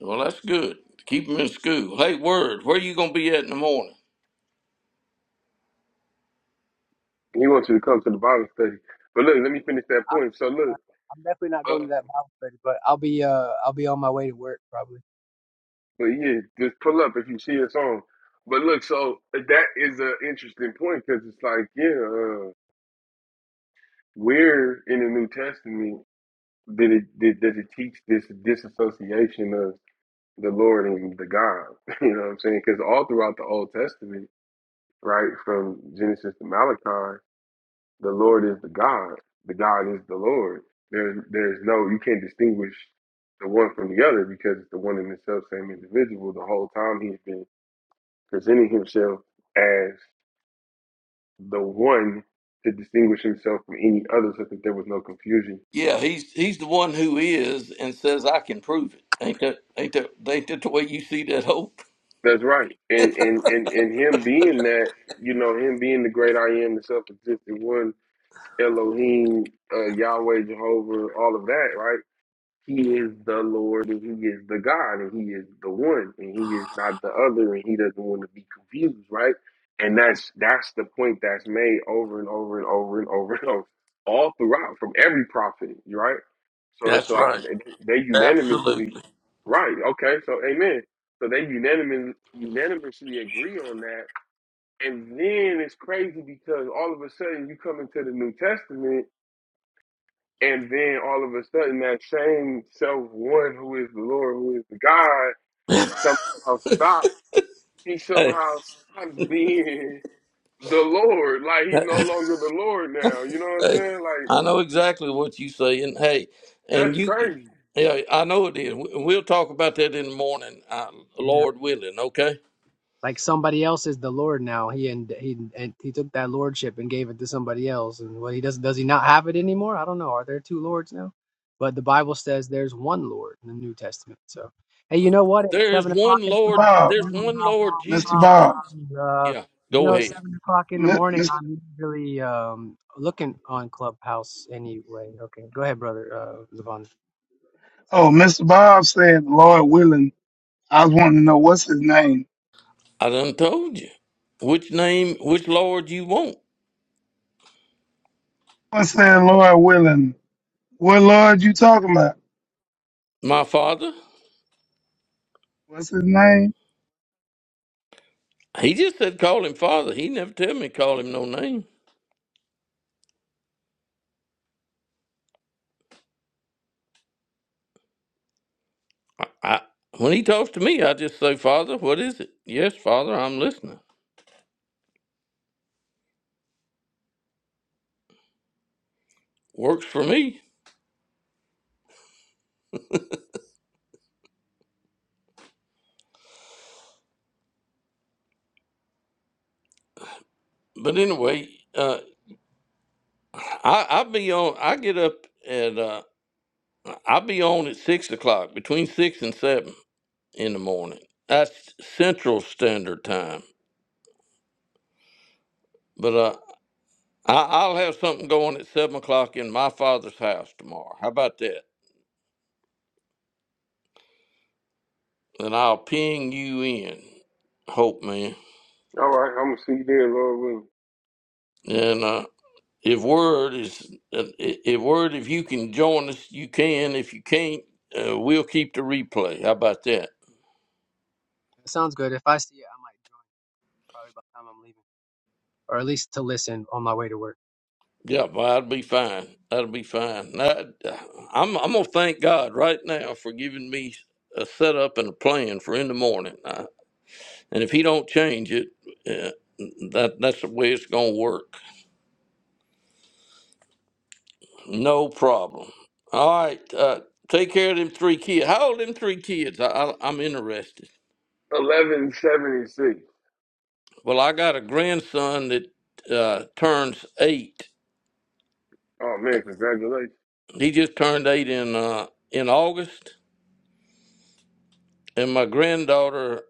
S8: Well, that's good. Keep them in school. Hey, word, where you gonna be at in the morning?
S1: He wants you to come to the Bible study, but look, let me finish that
S9: I,
S1: point. So look.
S9: I'm definitely not going to
S1: um,
S9: that Bible study, but I'll be uh I'll be on my way to work probably.
S1: But yeah, just pull up if you see us on. But look, so uh, that is an interesting point because it's like, yeah, uh, where in the New Testament did it did, does it teach this disassociation of the Lord and the God? You know what I'm saying? Because all throughout the Old Testament, right from Genesis to Malachi, the Lord is the God. The God is the Lord. There's there's no you can't distinguish the one from the other because it's the one in the self same individual the whole time he's been presenting himself as the one to distinguish himself from any other so that there was no confusion.
S8: Yeah, he's he's the one who is and says I can prove it. Ain't that ain't that ain't that the way you see that hope?
S1: That's right. And and and, and him being that, you know, him being the great I am, the self existent one, Elohim, uh, Yahweh, Jehovah, all of that, right? He is the Lord and He is the God and He is the one and He is not the other and He doesn't want to be confused, right? And that's that's the point that's made over and over and over and over and over all throughout from every prophet, right? So it's
S8: That's
S1: like
S8: right.
S1: they unanimously,
S8: Absolutely.
S1: right? Okay, so amen. So they unanimously unanimously agree on that, and then it's crazy because all of a sudden you come into the New Testament and then all of a sudden, that same self one who is the Lord, who is the God, somehow stops. He
S8: Hey,
S1: somehow stops being the Lord. Like he's no longer the Lord now. You know what I'm
S8: hey,
S1: saying?
S8: I
S1: Like
S8: know exactly what you are saying. Hey, and
S1: that's
S8: you,
S1: crazy.
S8: yeah, I know it is. We- We'll talk about that in the morning, uh,
S9: Yeah.
S8: Lord willing. Okay.
S9: Like somebody else is the Lord now. He and he and he took that lordship and gave it to somebody else. And what he does does he not have it anymore? I don't know. Are there two lords now? But the Bible says there's one Lord in the New Testament. So hey, you know what? At
S8: There is
S9: seven o'clock
S8: one
S9: in the
S7: Mr.
S9: morning,
S8: Lord.
S7: Bob,
S9: I'm
S8: There's
S9: really-
S8: one Lord
S7: Mr.
S8: Jesus
S7: Bob,
S8: Christ.
S9: uh,
S8: Yeah.
S9: you
S8: Go
S9: know, at
S8: ahead.
S9: seven o'clock in the morning,
S7: Mister.
S9: I'm usually um, looking on Clubhouse anyway. Okay, go ahead, brother uh, Levon.
S7: Oh, Mr. Bob said, Lord willing. I was wanting to know what's his name.
S8: I done told you which name, which Lord you want,
S7: I said, Lord willing. What Lord you talking about?
S8: my Father.
S7: What's his name?
S8: He just said call him Father. He never tell me call him no name. I, I when he talks to me, I just say Father. What is it? Yes, Father, I'm listening. Works for me. But anyway, uh, I I be on. I get up at uh, I be on at six o'clock between six and seven in the morning. That's Central Standard Time. But uh, I, I'll have something going at seven o'clock in my father's house tomorrow. How about that? And I'll ping you in. Hope man.
S1: All right, I'm gonna see there, Lord.
S8: And uh, If word is, uh, if word, if you can join us, you can. If you can't, uh, we'll keep the replay. How about that?
S9: Sounds good. If I see it, I might probably by the time I'm leaving, or at least to listen on my way to work.
S8: Yeah, well, that'll be fine. That'll be fine. I, I'm, I'm gonna thank God right now for giving me a setup and a plan for in the morning. I, and if He don't change it, uh, that that's the way it's gonna work. No problem. All right. Uh, take care of them three kids. How old them three kids? I, I, I'm interested.
S1: Eleven seventy six.
S8: Well, I got a grandson that uh, turns eight.
S1: Oh man, congratulations.
S8: He just turned eight in uh, in August, and my granddaughter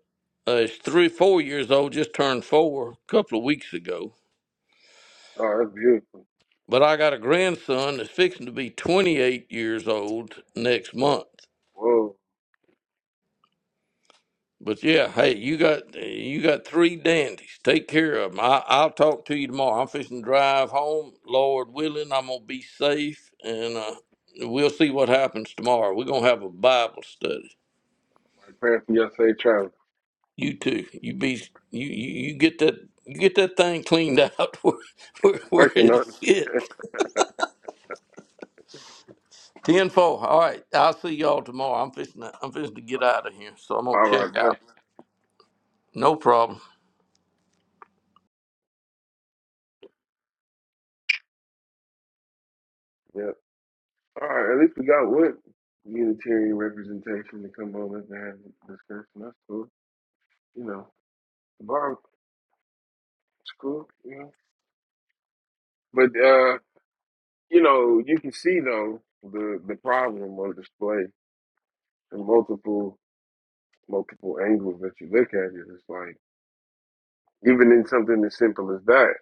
S8: uh, is three, four years old. Just turned four a couple of weeks ago.
S1: Oh, that's beautiful.
S8: But I got a grandson that's fixing to be 28 years old next month.
S1: Whoa,
S8: But yeah, hey, you got you got three dandies. Take care of them. I, I'll talk to you tomorrow. I'm fixing to drive home, Lord willing. I'm gonna be safe, and uh, we'll see what happens tomorrow. We're gonna have a Bible study.
S1: my parents from yesterday traveling.
S8: You too. You be you you, you get that you get that thing cleaned out where where,
S1: I'm
S8: where
S1: working
S8: it
S1: on
S8: fit.
S1: it.
S8: Ten four. All right. I'll see y'all tomorrow. I'm fixing to, I'm fixing to get out of here, so I'm gonna
S1: All right,
S8: check
S1: bless.
S8: out. No problem.
S1: you. Yeah. All right, at least we got what Unitarian representation to come over and have a discussion. That's cool. You know, the bar is cool. You know, but uh, you know, you can see though the the problem of display in multiple multiple angles that you look at it. It's like even in something as simple as that,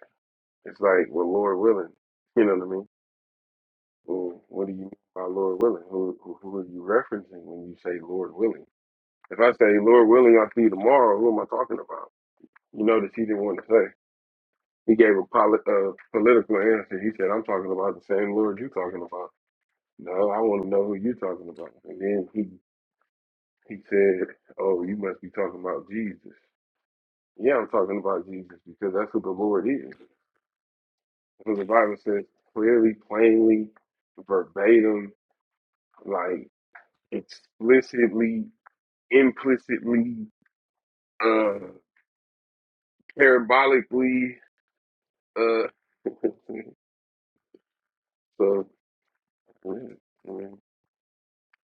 S1: it's like, well, Lord willing, you know what I mean? Well, what do you mean by Lord willing? Who who, who are you referencing when you say Lord willing? If I say Lord willing, I'll see you tomorrow. Who am I talking about? You notice he didn't want to say. He gave a poli- uh, political answer. He said, I'm talking about the same Lord you're talking about. No, I want to know who you're talking about. And then he, he said, Oh, you must be talking about Jesus. Yeah, I'm talking about Jesus because that's who the Lord is. Because the Bible says clearly, plainly, verbatim, like explicitly, implicitly, uh, parabolically. Uh, so, yeah. yeah.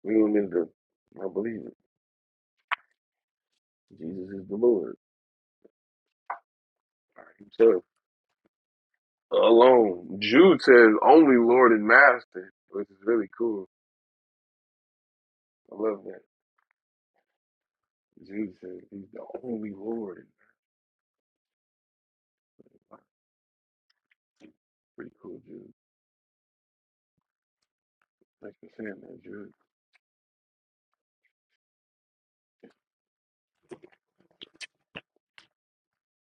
S1: You know what I mean? I believe it. Jesus is the Lord by himself alone. Jude says only Lord and Master, which is really cool. I love that. Jude says he's the only Lord. Pretty cool, Jude. Thanks for saying that, Jude.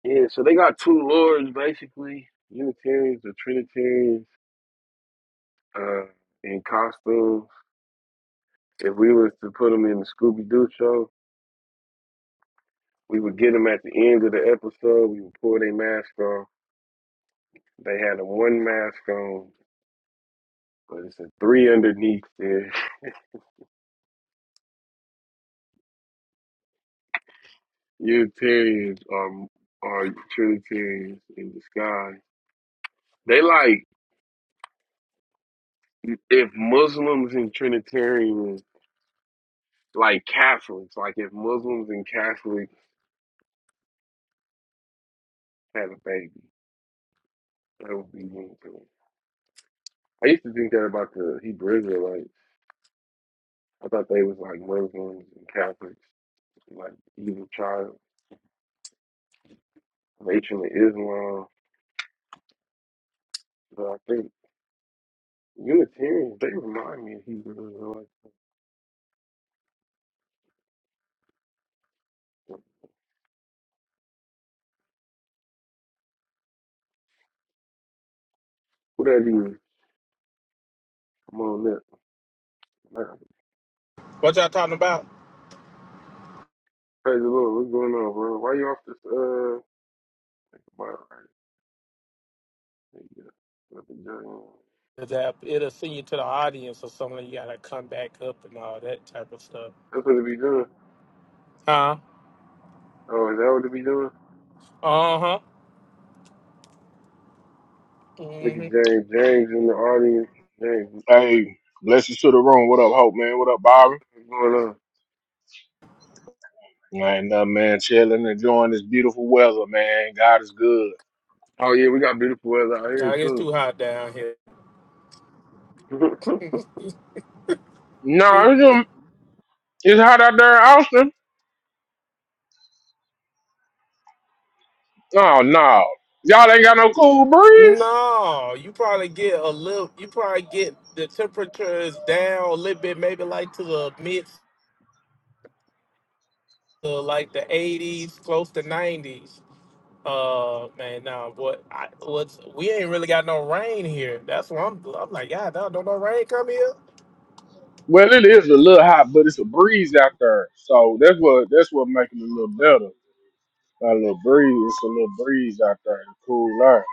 S1: Yeah, so they got two lords basically. Unitarians, or Trinitarians, uh, in costumes. If we was to put them in the Scooby Doo show, we would get them at the end of the episode. We would pull their mask off. They had a one mask on but it's a three underneath there. Unitarians are are Trinitarians in disguise. They like if Muslims and Trinitarians like Catholics, like if Muslims and Catholics had a baby, that would be Unitarian. I used to think that about the Hebrew Israelites. I thought they was like Muslims and Catholics, like evil child, nation of Islam. But I think Unitarians, they remind me of Hebrew Israelites. What have you? I'm on that.
S6: What y'all talking about?
S1: Praise the Lord. What's going on, bro? Why you off this? Uh, why, right, yeah, nothing, John.
S6: That it'll send you to the audience or something. You gotta come back up and all that type of stuff.
S1: that's what it be doing.
S6: Huh?
S1: Oh, is that what it be doing?
S6: Uh huh.
S1: Look at
S6: Mhm.
S1: James. James in the audience. James,
S10: Hey, blessings to the room. What up, Hope, man? What up, Byron?
S1: what's going on?
S10: Ain't nothing, man. Chilling, enjoying this beautiful weather, man. God is good.
S1: Oh yeah, we got beautiful weather out
S6: Nah,
S1: here
S6: It gets
S1: too.
S6: too hot down here.
S10: No, it's, um, it's hot out there in Austin. Oh, no. Y'all ain't got no cool breeze?
S6: No, you probably get a little. You probably get the temperature is down a little bit, maybe like to the mid to like the '80s, close to '90s. Uh, man, nah, what I what's we ain't really got no rain here. That's why I'm I'm like, yeah, don't no rain come here.
S10: Well, it is a little hot, but it's a breeze out there. So that's what that's what makes it a little better. A little breeze. It's a little breeze out there. It's cool air.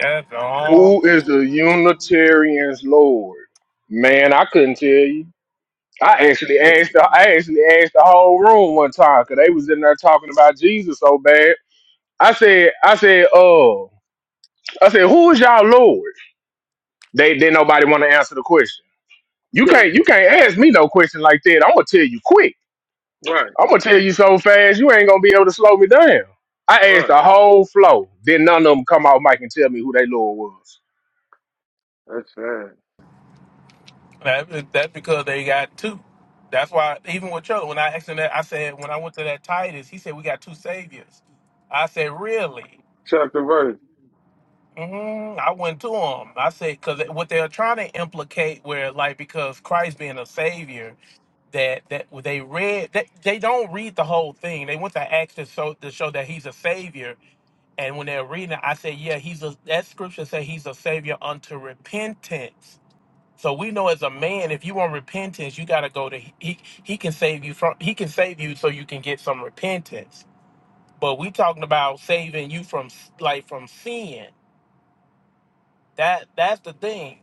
S6: That's all.
S10: Who is the Unitarian's Lord? Man, I couldn't tell you. I actually asked the I actually asked the whole room one time because they was in there talking about Jesus so bad. I said, I said, oh, I said, who is y'all Lord? They didn't nobody want to answer the question. You
S1: yes,
S10: can't you can't ask me no question like that. I'm gonna tell you quick.
S1: right,
S10: I'm gonna tell you so fast you ain't gonna be able to slow me down. I asked
S1: right.
S10: the whole flow. Then none of them come out mic and tell me who they Lord was.
S1: That's sad.
S6: That's that's because they got two. That's why even with Cho, when I asked him that, I said when I went to that Titus, he said we got two saviors. I said really.
S1: Chapter verse.
S6: hmm I went to him. I said because what they're trying to implicate, where like because Christ being a savior. that that they read that they don't read the whole thing. They want the Acts to show to show that he's a savior. And when they're reading it, I say, yeah, he's a that scripture say he's a savior unto repentance. So we know as a man, if you want repentance, you gotta go to he he can save you from he can save you so you can get some repentance. But we talking about saving you from s- like from sin. That that's the thing.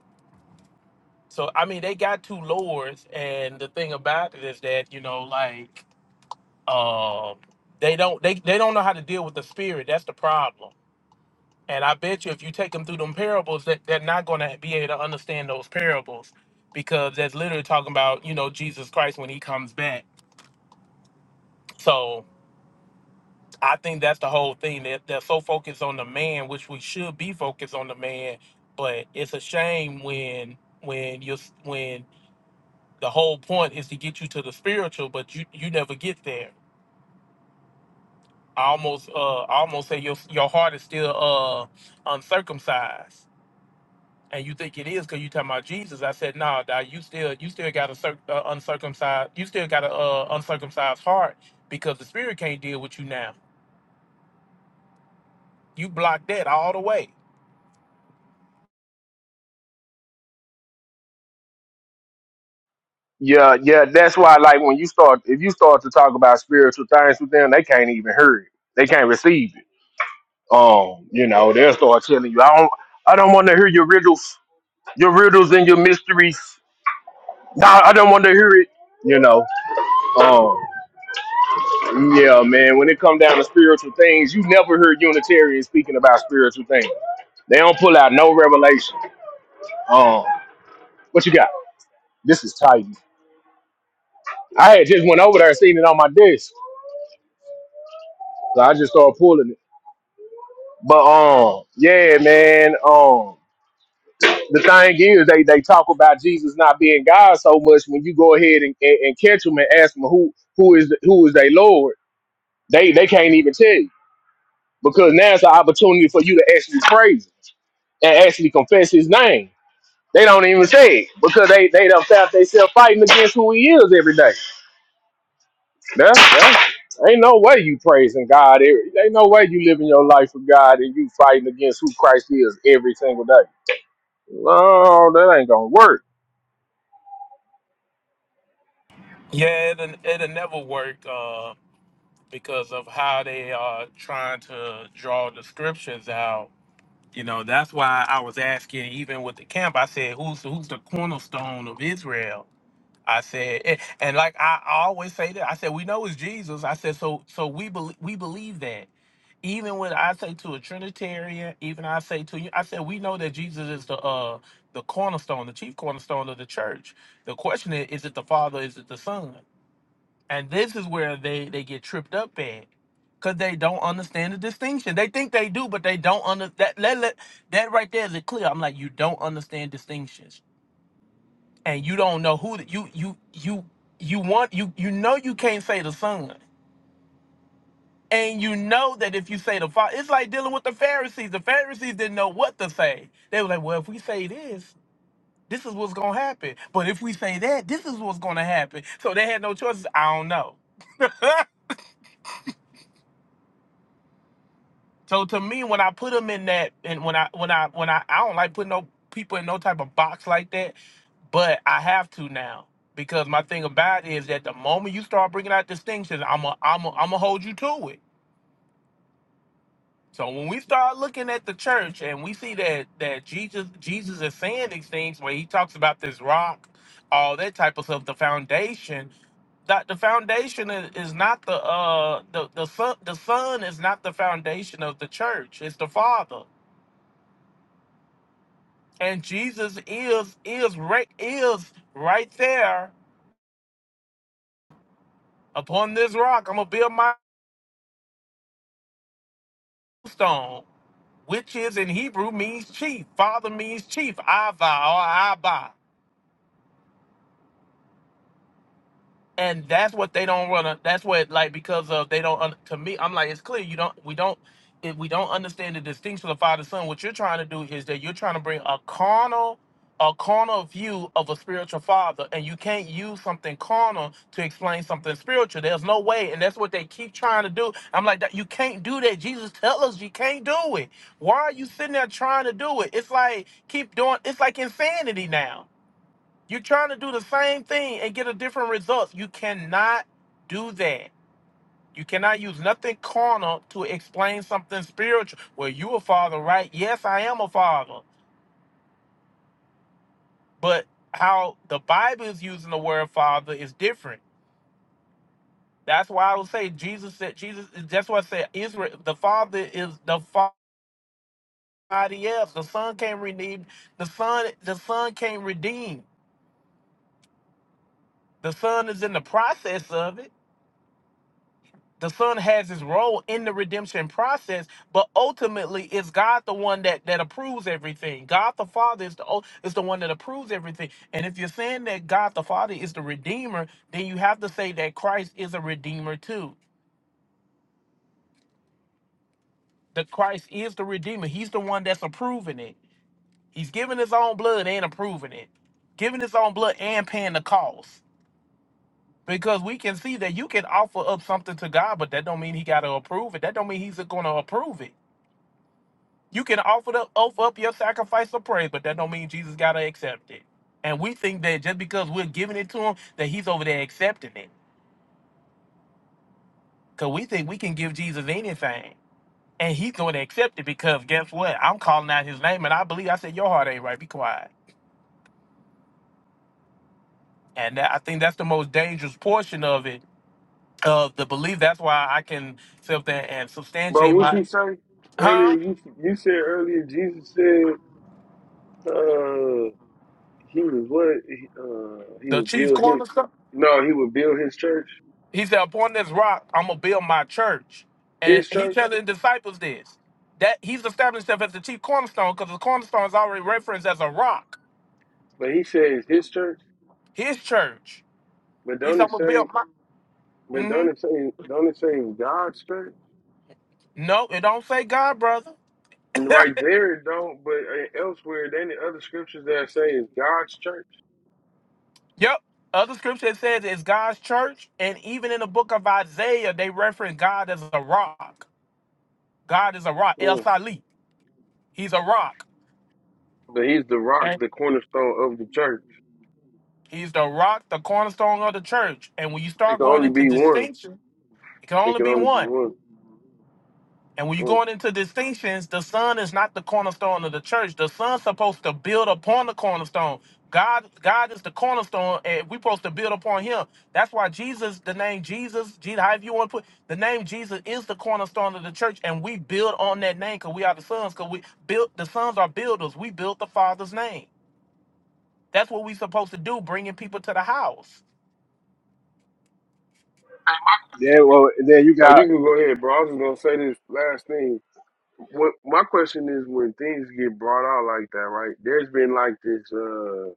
S6: So I mean, they got two lords, and the thing about it is that you know, like um they don't they, they don't know how to deal with the spirit that's the problem and i bet you if you take them through them parables that they're not going to be able to understand those parables because that's literally talking about you know jesus christ when he comes back so i think that's the whole thing that they're so focused on the man which we should be focused on the man but it's a shame when when you when the whole point is to get you to the spiritual but you you never get there I almost uh I almost say your your heart is still uh uncircumcised and you think it is because you talking about Jesus. I said, nah, nah, you still you still got a circ- uh, uncircumcised you still got a uh, uncircumcised heart because the spirit can't deal with you now. You blocked that all the way.
S10: Yeah, yeah, that's why like when you start if you start to talk about spiritual things with them, they can't even hear it. They can't receive it Um, you know, they'll start telling you, I don't I don't wanna hear your riddles, your riddles and your mysteries. Nah, I don't wanna hear it. You know. Um yeah, man, when it come down to spiritual things, you never heard Unitarians speaking about spiritual things. They don't pull out no revelation. Um, what you got? This is tight. I had just went over there and seen it on my desk. So I just started pulling it. But um, yeah, man. Um the thing is, they they talk about Jesus not being God so much. When you go ahead and, and, and catch them and ask them who who is the, who is their Lord, they they can't even tell you because now it's an opportunity for you to actually praise him and actually confess His name. They don't even say it because they they don't found themselves fighting against who He is every day. Yeah, yeah. Ain't no way you praising God. Every, ain't no way you living your life for God and you fighting against who Christ is every single day. No, that ain't gonna work.
S6: Yeah, it'll, it'll never work uh, because of how they are trying to draw the scriptures out. You know, that's why I was asking, even with the camp, I said, who's who's the cornerstone of Israel? I said, and, and like I always say that I said we know it's Jesus. I said so so we believe we believe that. Even when I say to a Trinitarian, even I say to you, I said we know that Jesus is the uh the cornerstone, the chief cornerstone of the church. The question is, is it the Father? Is it the Son? And this is where they they get tripped up at, cause they don't understand the distinction. They think they do, but they don't under that. Let, let, that right there is it clear. I'm like, you don't understand distinctions and you don't know who the, you you you you want you you know you can't say the son and you know that if you say the father it's like dealing with the pharisees the pharisees didn't know what to say they were like well if we say this this is what's gonna happen but if we say that this is what's gonna happen so they had no choices i don't know So to me, when I put them in that, and when I when I when I I don't like putting no people in no type of box like that, but I have to now because my thing about it is that the moment you start bringing out distinctions, I'm a I'm a, I'm gonna hold you to it. So when we start looking at the church and we see that that Jesus Jesus is saying these things where he talks about this rock, all that type of stuff, the foundation, that the foundation is, is not the uh the the son the son is not the foundation of the church. It's the father. and Jesus is is right is right there upon this rock. I'm gonna build my stone, which is in Hebrew means chief. Father means chief. I vow, I buy. and that's what they don't want to that's what like because of they don't un- to me i'm like it's clear you don't we don't if we don't understand the distinction of father son what you're trying to do is that you're trying to bring a carnal a carnal view of a spiritual father and you can't use something carnal to explain something spiritual there's no way and that's what they keep trying to do i'm like that you can't do that jesus tell us you can't do it why are you sitting there trying to do it it's like keep doing it's like insanity now you're trying to do the same thing and get a different result. You cannot do that. You cannot use nothing carnal to explain something spiritual. Well, you a father, right? Yes, I am a father. But how the Bible is using the word father is different. That's why I would say Jesus said Jesus that's why I said Israel the father is the father else. The son came redeemed. The son the son came redeemed. The son is in the process of it the son has his role in the redemption process but ultimately it's god the one that that approves everything god the father is the ul- is the one that approves everything and if you're saying that god the father is the redeemer then you have to say that christ is a redeemer too That christ is the redeemer he's the one that's approving it he's giving his own blood and approving it giving his own blood and paying the cost because we can see that you can offer up something to god but that don't mean he got to approve it that don't mean he's going to approve it You can offer the, offer up your sacrifice of praise, but that don't mean Jesus gotta accept it. And we think that just because we're giving it to him, that he's over there accepting it. Cause we think we can give Jesus anything. And he's going to accept it because guess what? I'm calling out his name and I believe I said your heart ain't right. Be quiet. And that, I think that's the most dangerous portion of it, of the belief. That's why I can sit up there and
S1: But
S6: substantiate
S1: what you
S6: my
S1: say earlier?
S6: huh?
S1: You you said earlier Jesus said uh he was what he, uh he
S6: The
S1: would
S6: chief
S1: build his
S6: cornerstone.
S1: no he would build his church
S6: He said, Upon this rock, I'm gonna build my church. And
S1: his
S6: he
S1: church.
S6: telling the disciples this. That he's established himself as the chief cornerstone because the cornerstone is already referenced as a rock.
S1: But he says his church,
S6: His church.
S1: but
S6: He
S1: don't
S6: said, I'm
S1: it
S6: gonna build
S1: say,
S6: my
S1: but
S6: hmm
S1: don't it say, don't it say God's church?
S6: No, it don't say God, brother.
S1: Right there, it don't. But uh, elsewhere, then the other scriptures that say is God's church.
S6: yep. Other scripture says it's God's church, and even in the book of Isaiah, they reference God as a rock. God is a rock. El
S1: Mm.
S6: Sali. He's a rock.
S1: But he's the rock,
S6: And
S1: the cornerstone of the church.
S6: he's the rock, the cornerstone of the church. And when you
S1: It
S6: start
S1: can
S6: going
S1: only
S6: into
S1: be one.
S6: distinction, it can
S1: It
S6: only
S1: can
S6: be
S1: only be
S6: one.
S1: one.
S6: And when you're
S1: Mm.
S6: going into distinctions, the son is not the cornerstone of the church. The son's supposed to build upon the cornerstone. God, God is the cornerstone, and we're supposed to build upon Him. That's why Jesus, the name Jesus, Jesus, however you want to put the name Jesus, is the cornerstone of the church, and we build on that name because we are the sons. Because we built the sons are builders. We built the Father's name. That's what we're supposed to do, bringing people to the house.
S1: Hey, my
S10: Yeah,
S1: question
S10: well,
S1: is-
S10: then you
S1: Oh,
S10: got
S1: you can go ahead, bro. I was just gonna say this last thing. What my question is, when things get brought out like that, right? There's been like this. uh,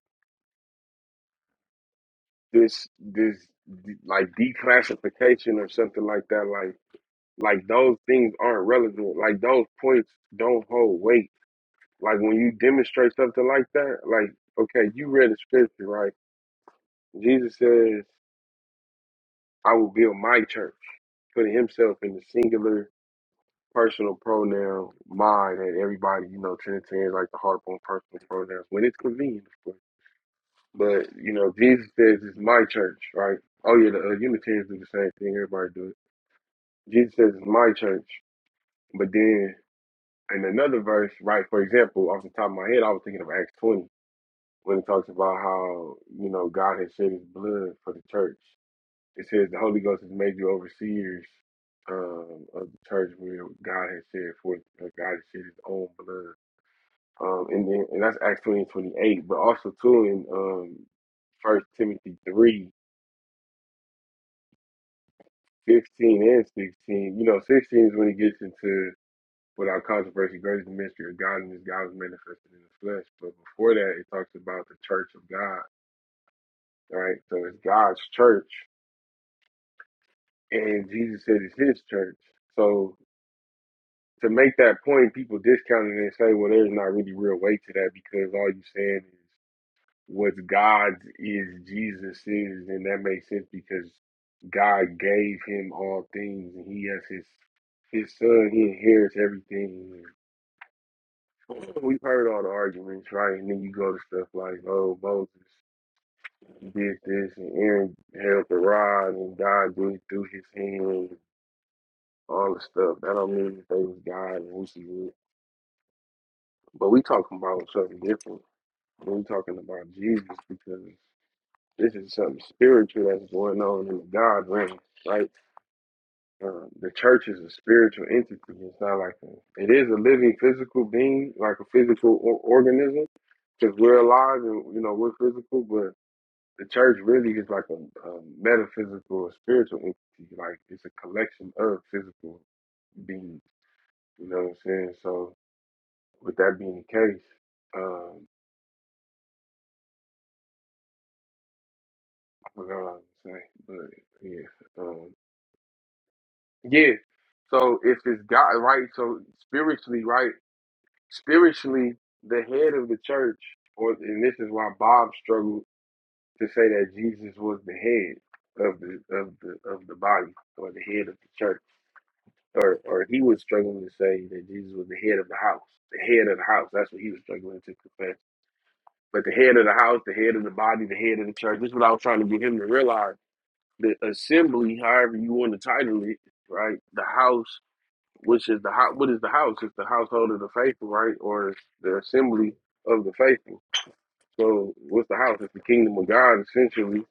S1: this this like declassification or something like that like like those things aren't relevant like those points don't hold weight like when you demonstrate something like that like okay you read the scripture right jesus says i will build my church putting himself in the singular personal pronoun my that everybody you know trinitarians like to harp on personal pronouns when it's convenient of course but you know jesus says it's my church right oh yeah the uh, unitarians do the same thing everybody do it Jesus says it's my church. But then in another verse, right, for example, off the top of my head, I was thinking of Acts 20 when it talks about how, you know, God has shed his blood for the church. It says the Holy Ghost has made you overseers um, of the church where God has shed forth, uh, God has shed his own blood. Um, and then, and that's Acts 20 and 28, but also too in um, First Timothy 3 15 and 16. You know, 16 is when he gets into without controversy, great is the mystery of godliness. God was manifested in the flesh. But before that, it talks about the church of God, right? So it's God's church, and Jesus said it's his church. So to make that point, people discount it and say, well, there's not really real weight to that because all you're saying is what's God's is Jesus' is, and that makes sense because God gave him all things, and he has his his son, he inherits everything We've heard all the arguments, right? And then you go to stuff like, oh, Moses did this, and Aaron held the rod, and God did it through his hand, and all the stuff. That don't mean that they was God and who she was. But we talking about something different. We talking about Jesus because this is something spiritual that's going on in the God realm, right? Uh, the church is a spiritual entity. It's not like a, it is a living physical being, like a physical or- organism, because we're alive and you know we're physical, but the church really is like a, a metaphysical or spiritual entity. Like it's a collection of physical beings. You know what I'm saying? So with that being the case, um, I forgot what I was saying, but yeah, um, yeah. So if it's God, right? So spiritually, right? Spiritually, the head of the church, or and this is why Bob struggled to say that Jesus was the head of the of the of the body or the head of the church or or he was struggling to say that Jesus was the head of the house. The head of the house. That's what he was struggling to confess. But the head of the house, the head of the body, the head of the church. This is what I was trying to get him to realize. The assembly, however you want to title it, right? The house, which is the house. What is the house? It's the household of the faithful, right? Or it's the assembly of the faithful. So what's the house? It's the kingdom of God, essentially.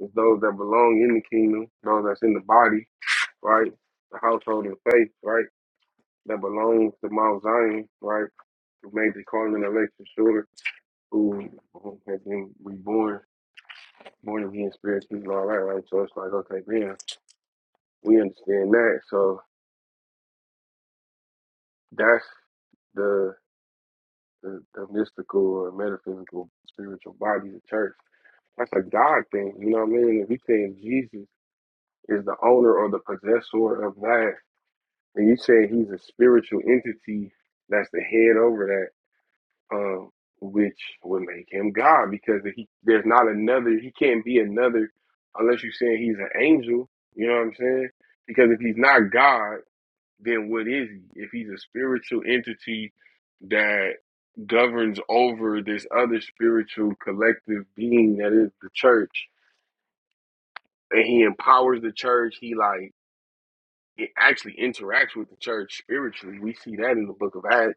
S1: It's those that belong in the kingdom, those that's in the body, right? The household of faith, right? that belongs to Mount Zion, right? Who made the calling election shorter, who who has been reborn, born again spiritually and all that, right? So it's like, okay, man, we understand that. So that's the the, the mystical or metaphysical spiritual body of the church. That's a God thing, you know what I mean? If you say Jesus is the owner or the possessor of that, and you say he's a spiritual entity that's the head over that, uh, which would make him God because he there's not another. He can't be another unless you're saying he's an angel. You know what I'm saying? Because if he's not God, then what is he? If he's a spiritual entity that governs over this other spiritual collective being that is the church, and he empowers the church, he like it actually interacts with the church spiritually. We see that in the book of Acts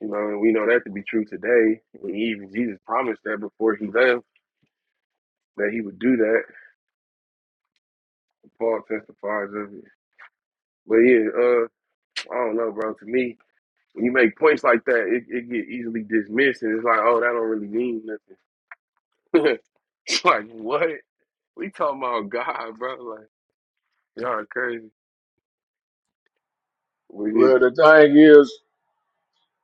S1: You know, and we know that to be true today. And even Jesus promised that before he left that he would do that. Paul testifies of it. But yeah, uh, I don't know, bro. To me, when you make points like that, it, it get easily dismissed, and it's like, oh, that don't really mean nothing. it's like what we talking about, God, bro? Like y'all are crazy. But yeah,
S10: Well, the thing is,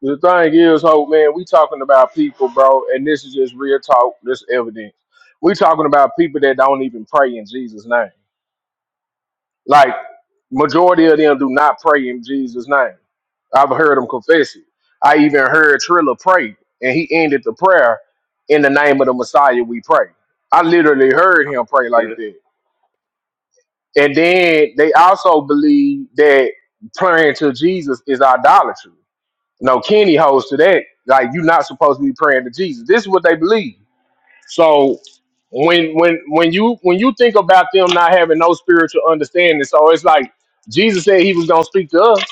S10: the thing is, hope man, we talking about people, bro, and this is just real talk, this evidence. We talking about people that don't even pray in Jesus' name. Like majority of them do not pray in Jesus' name. I've heard them confess it. I even heard Trilla pray, and he ended the prayer in the name of the Messiah. We pray. I literally heard him pray like
S1: that
S10: that. And then they also believe that praying to Jesus is idolatry No, Kenny holds to that. Like you're not supposed to be praying to Jesus. This is what they believe. So when when when you when you think about them not having no spiritual understanding, so it's like Jesus said he was gonna speak to us.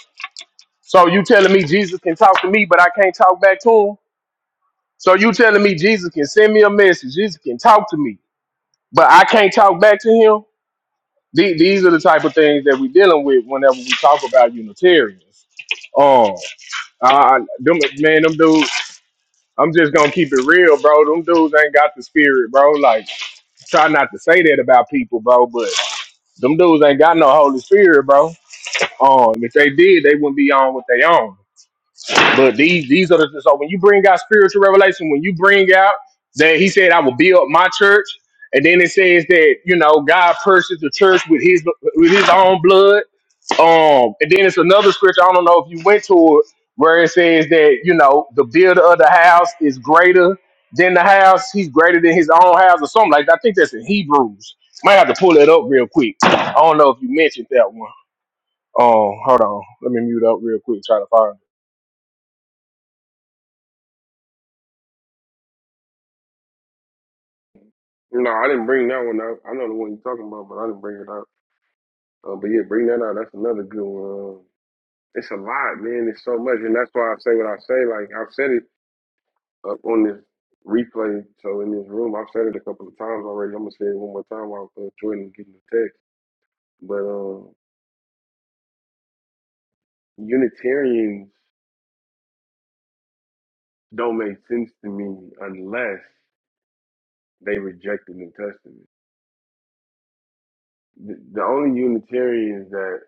S10: So you telling me Jesus can talk to me, but I can't talk back to him. So you telling me Jesus can send me a message, Jesus can talk to me, but I can't talk back to him. The- These are the type of things that we're dealing with whenever we talk about Unitarians. Um, I, I- them, man, them dudes. I'm just gonna keep it real, bro. Them dudes ain't got the spirit, bro. Like, try not to say that about people, bro. But them dudes ain't got no Holy Spirit, bro. Um, if they did, they wouldn't be on what they on. But these these are the so when you bring out spiritual revelation, when you bring out that he said, I will build my church, and then it says that you know God purchased the church with his with his own blood. Um, and then it's another scripture. I don't know if you went to it where it says that you know the builder of the house is greater than the house. He's greater than his own house or something like that. I think that's in Hebrews. Might have to pull it up real quick. I don't know if you mentioned that one. Um, hold on. Let me mute up real quick. Try to find it.
S1: you know, I didn't bring that one out. I know the one you're talking about, but I didn't bring it out. Uh, but yeah, bring that out. That's another good one. Um, It's a lot, man. It's so much, and that's why I say what I say. Like I've said it uh, on this replay, so in this room, I've said it a couple of times already. I'm gonna say it one more time while uh, Jordan is getting the text. But uh, Unitarians don't make sense to me unless they reject the New Testament. The, the only Unitarians that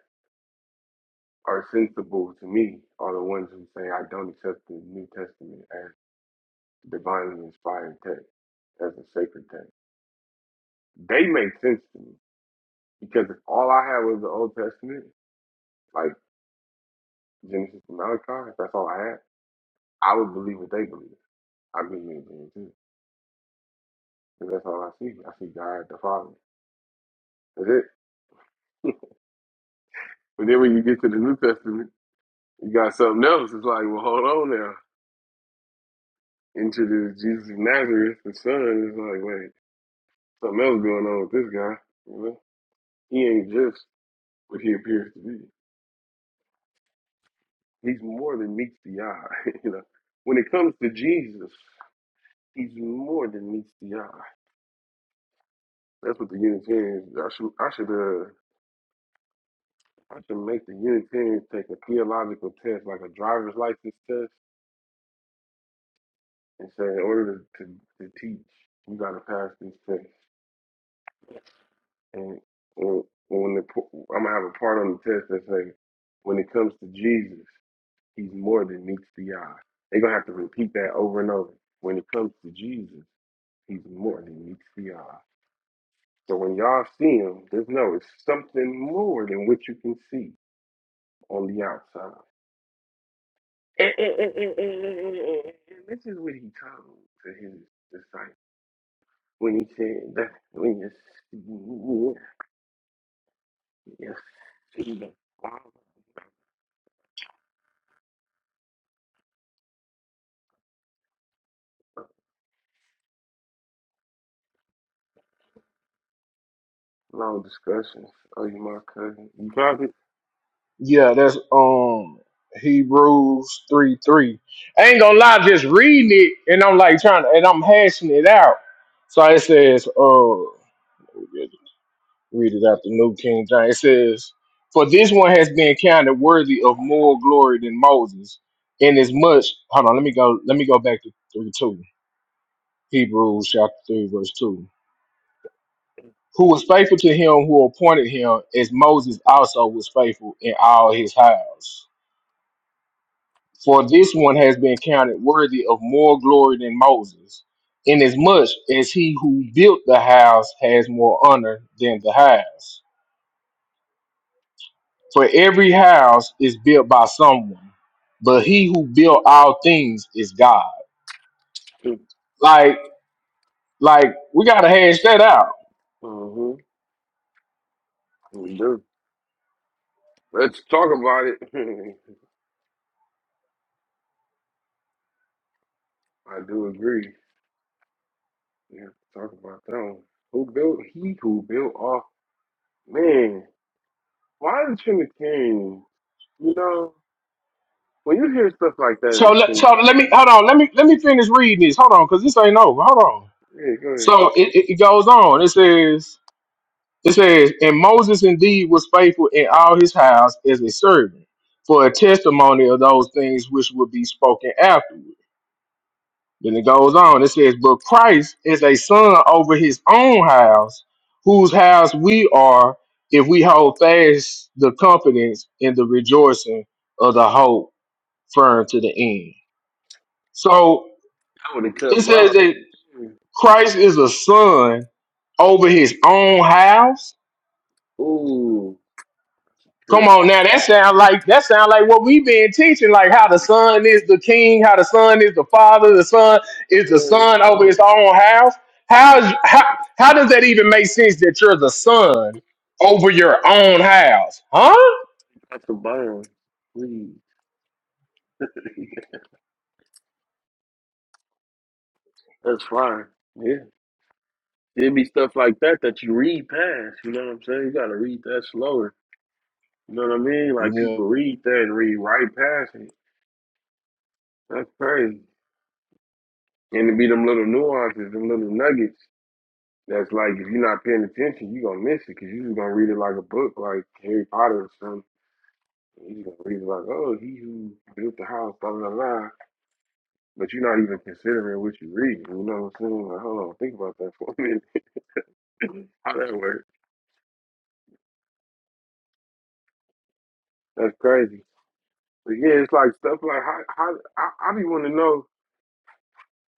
S1: are sensible to me are the ones who say I don't accept the New Testament as divinely inspired text, as a sacred text. They make sense to me because if all I had was the Old Testament, like Genesis to Malachi, if that's all I had, I would believe what they believe. I believe in Jesus too. Because that's all I see. I see God the Father. That's it. But then when you get to the New Testament, you got something else. It's like, well, hold on now. into Introduce Jesus of Nazareth, the son. It's like, wait, something else going on with this guy. You know, he ain't just what he appears to be. He's more than meets the eye. you know, when it comes to Jesus, he's more than meets the eye. That's what the Unitarians. I should I should uh I should make the Unitarians take a theological test, like a driver's license test, and say in order to to, to teach, you got to pass this test. And when, when the, p- I'm gonna have a part on the test that say, when it comes to Jesus, he's more than meets the eye. They're gonna have to repeat that over and over. When it comes to Jesus, he's more than meets the eye. So when y'all see him, just know it's something more than what you can see on the outside. And, and, and, and, and, and, and, and and this is what he told to his disciples when he said that when you see, you see the Father. long discussions. Are you my cousin? You copy?
S10: Yeah, that's um Hebrews three three. I ain't gonna lie, just reading it and I'm like trying to and I'm hashing it out. So it says, uh, Read it out the New King James. It says, For this one has been counted worthy of more glory than Moses, inasmuch hold on, let me go let me go back to three two. Hebrews chapter three, verse two. Who was faithful to him who appointed him, as Moses also was faithful in all his house. For this one has been counted worthy of more glory than Moses, inasmuch as he who built the house has more honor than the house. For every house is built by someone, but he who built all things is God. Like, like we gotta hash that out.
S1: Mm-hmm. We do. Let's talk about it. I do agree. We have to talk about that one. Who built he who built off man? Why the Trinitarian? You know, when you hear stuff like that in
S10: So,
S1: the
S10: let, so let me
S1: Trinitarian,
S10: hold on. Let me let me finish reading this. Hold on, because this ain't over. Hold on.
S1: yeah, go ahead.
S10: So it, it, it goes on. It says it says, and Moses indeed was faithful in all his house as a servant for a testimony of those things which would be spoken afterward. Then it goes on. It says, But Christ is a son over his own house, whose house we are if we hold fast the confidence and the rejoicing of the hope firm to the end. So
S1: I would have cut
S10: it says
S1: mine.
S10: that Christ is a son over his own house.
S1: Ooh, cut.
S10: Come on now, that sound like that sound like what we've been teaching, like how the
S1: That's a
S10: son is the king, how the son is the father, the son is the
S1: good.
S10: son over his own house.
S1: That's a
S10: How's how
S1: good.
S10: how does that even make sense that you're the son over your own house? Huh?
S1: that's a burn. Please, that's fire. Yeah, it'd be stuff like that that you read past. You know what I'm saying? You gotta read that slower. You know what I mean? Like
S10: Yeah.
S1: people read that and read right past it. That's crazy. And it be them little nuances, them little nuggets. That's like if you're not paying attention, you gonna miss it because you just gonna read it like a book, like Harry Potter or something. You just gonna read it like, oh, he who built the house, blah blah blah. but you're not even considering what you're reading. You know what I'm saying? Like, hold on, think about that for a minute. how that works? That's crazy. But yeah, it's like stuff like how how I, I be want to know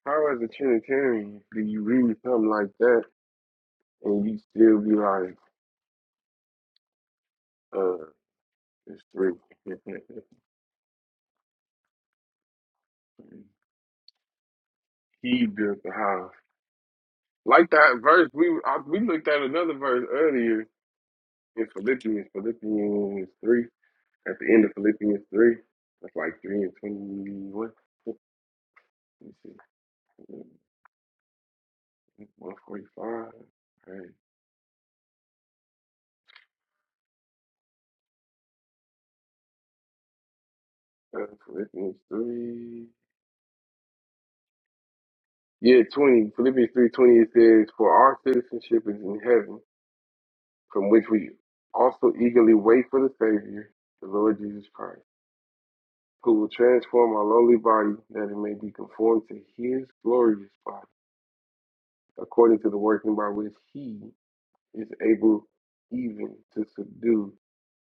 S1: how as a Trinitarian do you read something like that and you still be like, uh, it's three. he built the house. Like that verse, we I, we looked at another verse earlier in Philippians, Philippians three. At the end of Philippians three, that's like three and twenty-one. Let me see. 145. All right. Uh, Philippians 3. Yeah, 20. Philippians 3 20 it says, For our citizenship is in heaven, from which we also eagerly wait for the Savior, the Lord Jesus Christ, who will transform our lowly body that it may be conformed to his glorious body, according to the working by which he is able even to subdue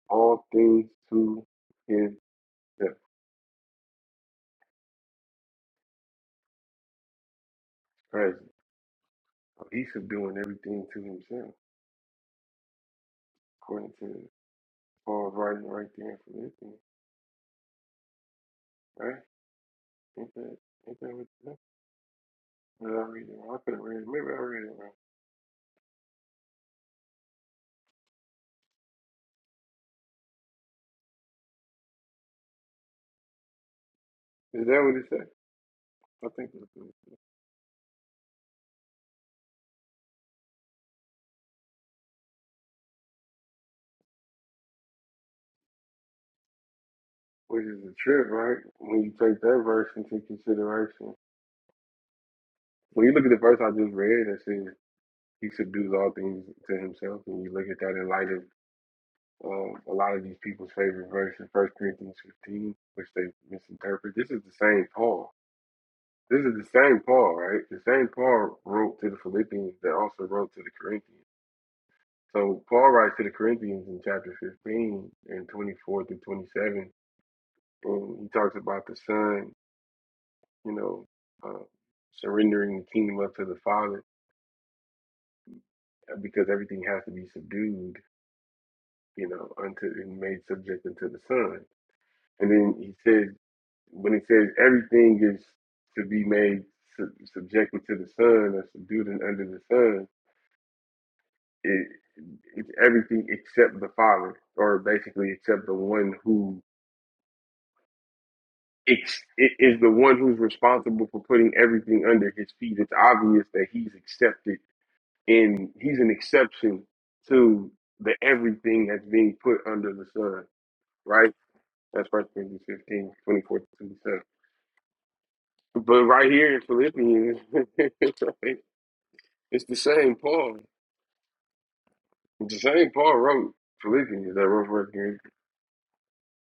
S1: all things to himself. Christ. He's subduing everything to himself. according to." or writing right right there for this thing, right? Ain't that ain't that what it said? Did I read it wrong? I could have read it. Maybe I read it wrong. Is that what it said? I think that's what it said. Which is a trip, right? When you take that verse into consideration. When you look at the verse I just read that says he subdues all things to himself and you look at that in light of um, a lot of these people's favorite verses, First Corinthians fifteen, which they misinterpret. This is the same Paul. This is the same Paul, right? The same Paul wrote to the Philippians that also wrote to the Corinthians. So Paul writes to the Corinthians in chapter 15 and 24 through 27, and he talks about the Son, you know, uh, surrendering the kingdom up to the Father uh, because everything has to be subdued, you know, unto and made subject unto the Son. And then he says, when he says everything is to be made sub- subjected to the Son or subdued and under the Son, it, it's everything except the Father, or basically except the one who ex- is the one who's responsible for putting everything under his feet. It's obvious that he's accepted and he's an exception to the everything that's being put under the sun, right? That's First Corinthians 15 24 to 27. But right here in Philippians, right, it's the same Paul. It's the same Paul wrote Philippians that wrote First Corinthians.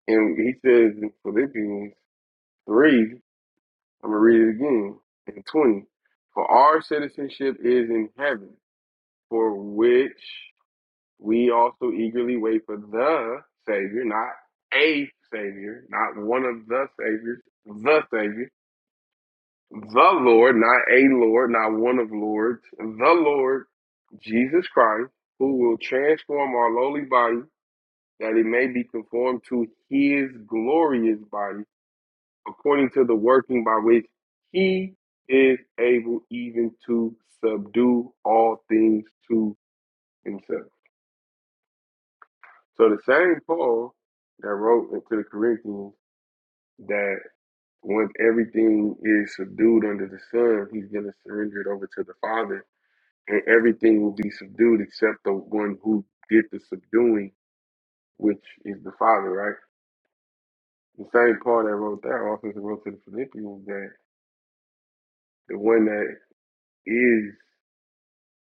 S1: And he says in Philippians 3, I'm going to read it again, in 20, for our citizenship is in heaven for which we also eagerly wait for the Savior, not a Savior, not one of the Saviors, the Savior, the Lord, not a Lord, not one of Lords, the Lord Jesus Christ, who will transform our lowly body that it may be conformed to his glorious body, according to the working by which he is able even to subdue all things to himself. So the same Paul that wrote into the Corinthians that once everything is subdued under the sun, he's going to surrender it over to the Father, and everything will be subdued except the one who did the subduing, which is the Father, right? The same Paul that wrote that also wrote to the Philippians that the one that is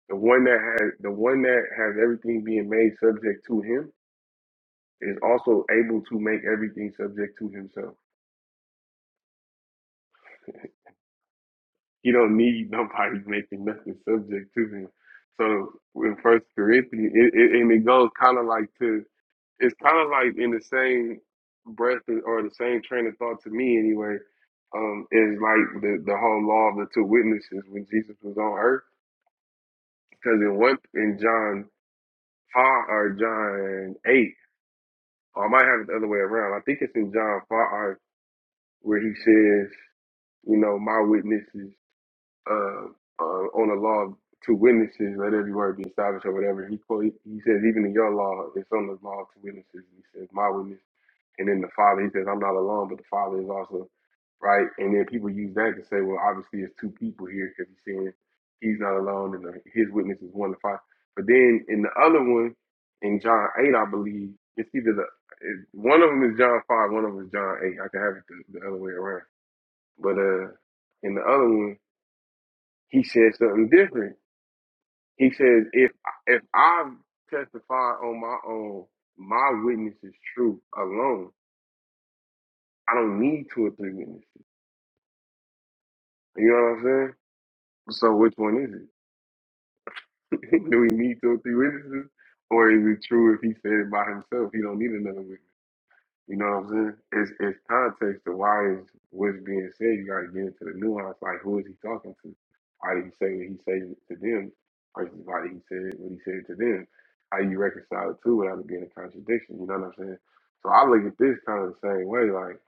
S1: the one that has the one that has everything being made subject to him is also able to make everything subject to himself. He don't need nobody making nothing subject to him. So in First Corinthians, it, it, and it goes kind of like to it's kind of like in the same breath or the same train of thought to me anyway um is like the the whole law of the two witnesses when jesus was on earth because in one in john 5 or john 8 or i might have it the other way around i think it's in john 5 where he says you know my witnesses uh, uh, on the law of two witnesses, let every word be established or whatever. He quote, he says, even in your law, it's on the law of two witnesses. He says, my witness, and then the Father. He says, I'm not alone, but the Father is also right. And then people use that to say, well, obviously it's two people here because he's saying he's not alone, and the, his witness is one to five. But then in the other one, in John eight, I believe it's either the it- one of them is John five, one of them is John eight. I can have it the, the other way around, but uh, in the other one. He said something different. He says, if if I testify on my own, my witness is true alone. I don't need two or three witnesses. You know what I'm saying? So which one is it? Do we need two or three witnesses? Or is it true if he said it by himself? He don't need another witness. You know what I'm saying? It's it's context to why is what's being said. You got to get into the nuance. Like who is he talking to? How did he say what he said to them? Versus why did he said what he said to them? How you reconcile the two without it being a contradiction? You know what I'm saying? So I look at this kind of the same way. Like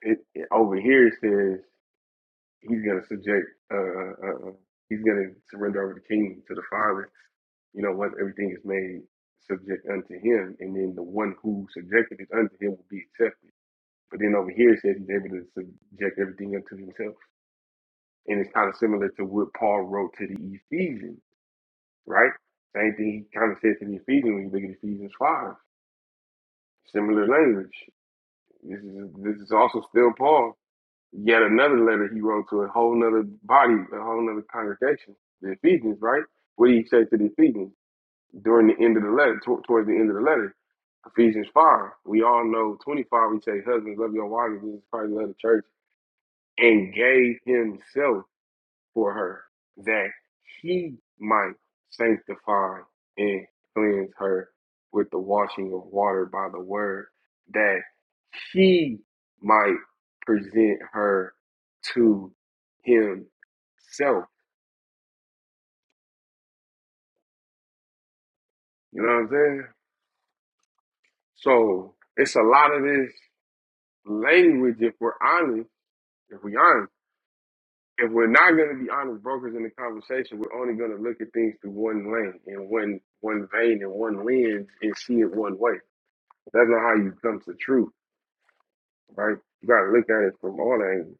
S1: it, it over here it says he's gonna subject. Uh, uh, uh, he's gonna surrender over the kingdom to the father you know, once everything is made subject unto him, and then the one who subjected it unto him will be accepted. But then over here, it says he's able to subject everything unto himself. And it's kind of similar to what Paul wrote to the Ephesians, right? Same thing he kind of says to the Ephesians when you look at Ephesians 5. Similar language. This is this is also still Paul. Yet another letter he wrote to a whole nother body, a whole nother congregation, the Ephesians, right? What did he say to the Ephesians during the end of the letter, to- towards the end of the letter? Ephesians 5. We all know 25, we say, Husbands, love your wives, this is Christ, love the church and gave himself for her that he might sanctify and cleanse her with the washing of water by the word that he might present her to himself. You know what I'm saying? So it's a lot of this language if we're honest, if we are honest if we're not going to be honest brokers in the conversation, we're only going to look at things through one lane and one one vein and one lens and see it one way. That's not how you come to truth, right? You got to look at it from all angles.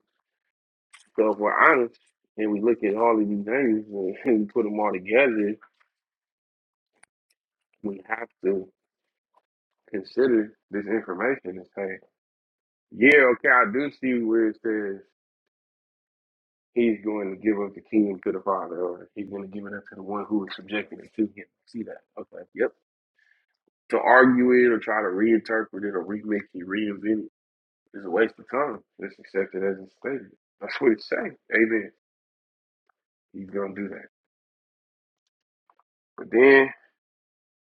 S1: So if we're honest and we look at all of these angles and and we put them all together, we have to consider this information and say, yeah, okay, I do see where it says he's going to give up the kingdom to the father or he's going to give it up to the one who is subjecting it to him. See that? Okay. Yep To argue it or try to reinterpret it or remake it, reinvent it is a waste of time. Just accept it as it is. statement. That's what it's saying. Amen. He's gonna do that. But then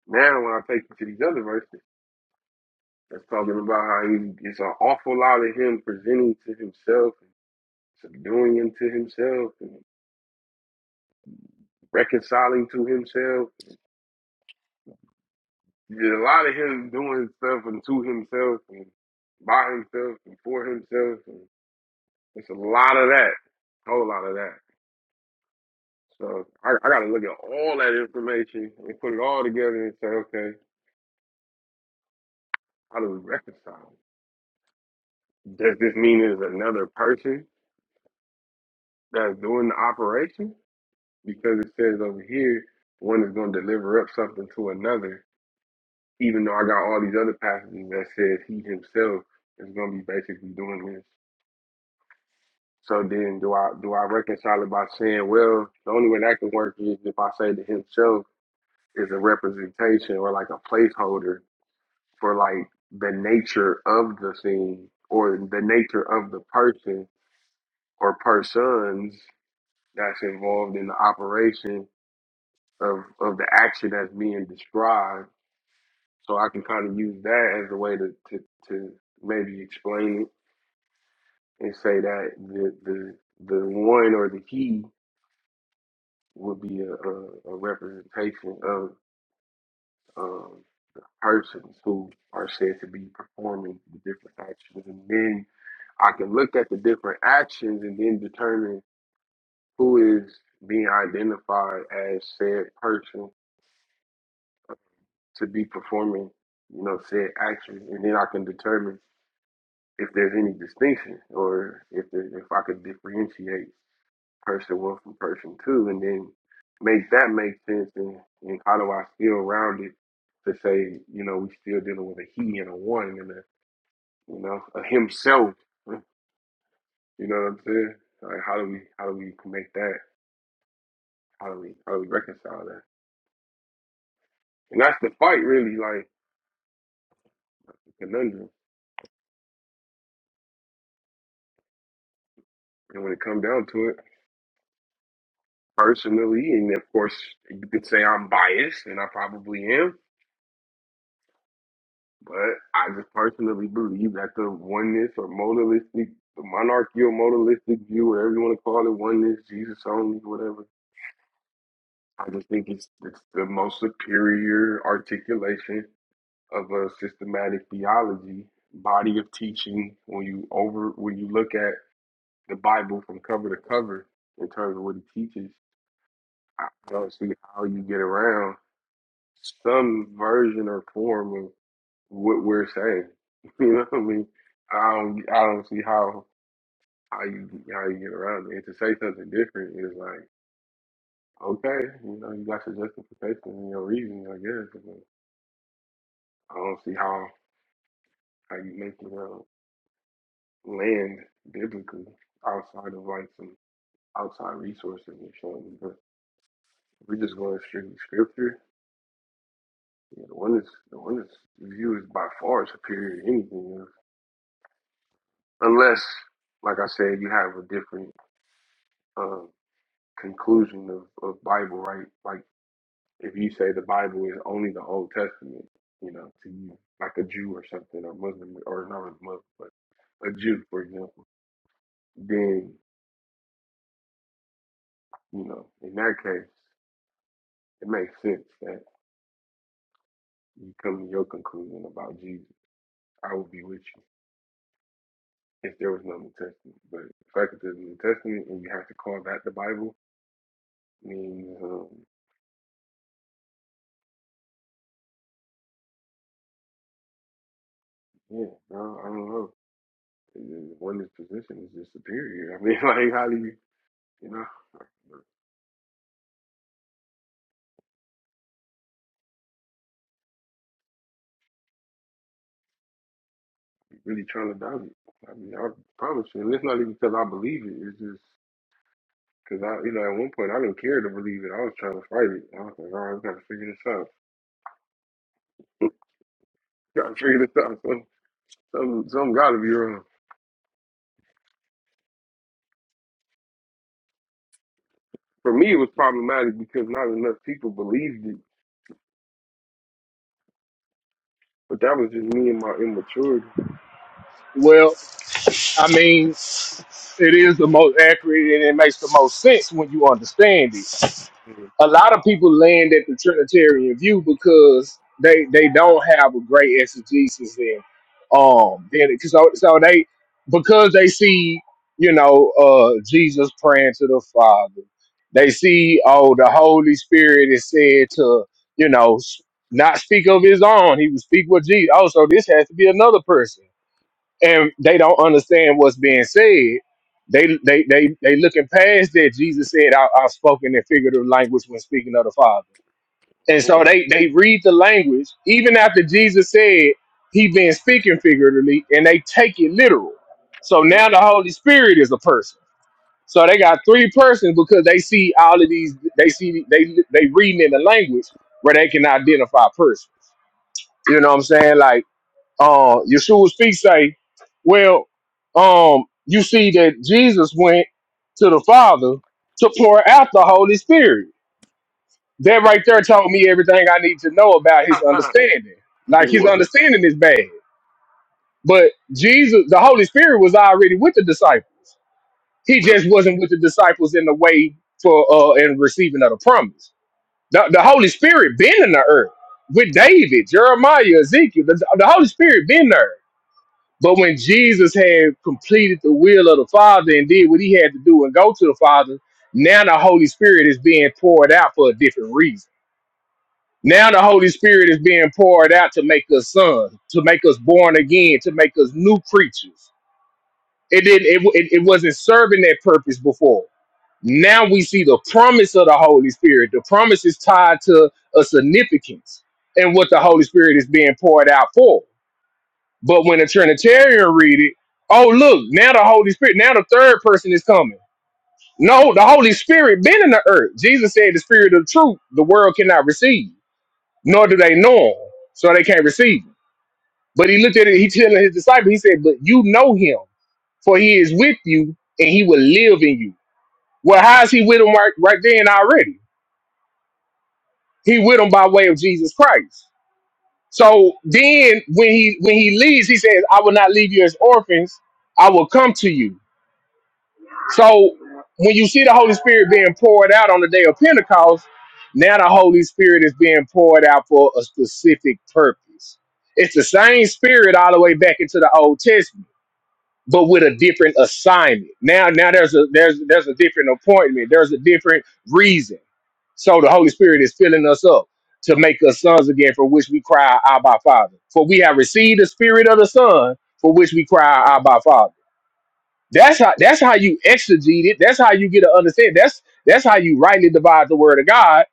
S1: now when I take it to these other verses, that's talking about how he, it's an awful lot of him presenting to himself and subduing him to himself and reconciling to himself. There's a lot of him doing stuff and to himself and by himself and for himself. And it's a lot of that, a whole lot of that. So I, I got to look at all that information and put it all together and say, okay, how do we reconcile? it? Does this mean there's another person that's doing the operation? Because it says over here, one is going to deliver up something to another, even though I got all these other passages that says he himself is going to be basically doing this. So then, do I do I reconcile it by saying, well, the only way that can work is if I say that himself is a representation or like a placeholder for like the nature of the thing or the nature of the person or persons that's involved in the operation of, of the action that's being described. So I can kind of use that as a way to, to, to maybe explain it and say that the, the, the one or the he would be a, a, a representation of. um, persons who are said to be performing the different actions. And then I can look at the different actions and then determine who is being identified as said person to be performing, you know, said action. And then I can determine if there's any distinction or if there, if I could differentiate person one from person two and then make that make sense and, and how do I feel rounded to say, you know, we still dealing with a he and a one and a. you know, of himself. You know what I'm saying? Like how do we how do we make that? How do we how do we reconcile that? And that's the fight really, like the conundrum. And when it comes down to it, personally, and of course you could say I'm biased and I probably am, but I just personally believe that the oneness or modalistic the monarchical modalistic view, whatever you want to call it, oneness, Jesus only, whatever. I just think it's it's the most superior articulation of a systematic theology, body of teaching. When you over when you look at the Bible from cover to cover in terms of what it teaches, I don't see how you get around some version or form of what we're saying. You know what I mean? I don't I don't see how how you how you get around it. And to say something different is like okay, you know, you got your justification and your reason, I guess. but I don't see how how you make it up. land biblically outside of like some outside resources and showing but if we're just going strictly scripture. Yeah, the one that's the one that's view is by far superior to anything else. Unless, like I said, you have a different um, conclusion of, of Bible, right? Like if you say the Bible is only the Old Testament, you know, to you, like a Jew or something, or Muslim, or not a Muslim, but a Jew, for example, then, you know, in that case, it makes sense that. you come to your conclusion about Jesus, I will be with you if there was no New Testament. But the fact that there's a New Testament and you have to call that the Bible means, um, yeah, no, I don't know. The One is position is just superior. I mean, like, how do you, you know, really trying to doubt it? I mean, I promise you, and it's not even because I believe it. It's just because I, you know, at one point I didn't care to believe it. I was trying to fight it. I was like, all right, we got to figure this out. Got to figure this out. Some, some, some got to be wrong. For me, it was problematic because not enough people believed it. But that was just me and my immaturity.
S10: Well, I mean, it is the most accurate and it makes the most sense when you understand it.
S1: Yeah.
S10: a lot of people land at the Trinitarian view because they they don't have a great exegesis in um then so so they because they see you know uh Jesus praying to the Father they see oh the Holy Spirit is said to you know s- not speak of his own he would speak with Jesus oh so this has to be another person and they don't understand what's being said. They they they they looking past that Jesus said, I, "I've spoken in figurative language when speaking of the Father," and
S1: Well,
S10: so they they read the language even after Jesus said he been speaking figuratively, and they take it literal. So now the
S1: Yep.
S10: Holy Spirit is a person. So they got three persons because they see all of these. They see they they reading in the language where they can identify a person. You know what I'm saying? Like uh Yeshua's feet say, Well, um, you see that Jesus went to the Father to pour out the Holy Spirit. That right there told me everything I need to know about his understanding. Like his
S1: what?
S10: understanding is bad. But Jesus, the Holy Spirit was already with the disciples. He
S1: That's,
S10: just wasn't with the disciples in the way for uh and receiving of the promise. The, the Holy Spirit been in the earth with David, Jeremiah, Ezekiel. The, the Holy Spirit been there But when Jesus had completed the will of the Father and did what he had to do and go to the Father, now the Holy Spirit is being poured out for a different reason. Now the Holy Spirit is being poured out to make us sons, to make us born again, to make us new creatures. It didn't. It, it, it wasn't serving that purpose before. Now we see the promise of the Holy Spirit. The promise is tied to a significance and what the Holy Spirit is being poured out for. But when a Trinitarian read it, oh look, now the Holy Spirit, now the third person is coming. No, the Holy Spirit been in the earth. Jesus said, "The Spirit of truth, the world cannot receive, nor do they know him, so they can't receive." Him. But he looked at it. He telling his disciples, he said, "But you know him, for he is with you, and he will live in you." Well, how is he with him right, right then already? He with him by way of Jesus Christ. So then, when he when he leaves, he says, "I will not leave you as orphans. I will come to you." So when you see the Holy Spirit being poured out on the day of Pentecost, now the Holy Spirit is being poured out for a specific purpose. It's the same spirit all the way back into the Old Testament, but with a different assignment. Now, now there's a there's there's a different appointment, there's a different reason. So the Holy Spirit is filling us up to make us sons again, for which we cry, Abba Father. For we have received the spirit of the Son, for which we cry, Abba Father. That's how that's how you exegete it. That's how you get to understand. That's that's how you rightly divide the word of God.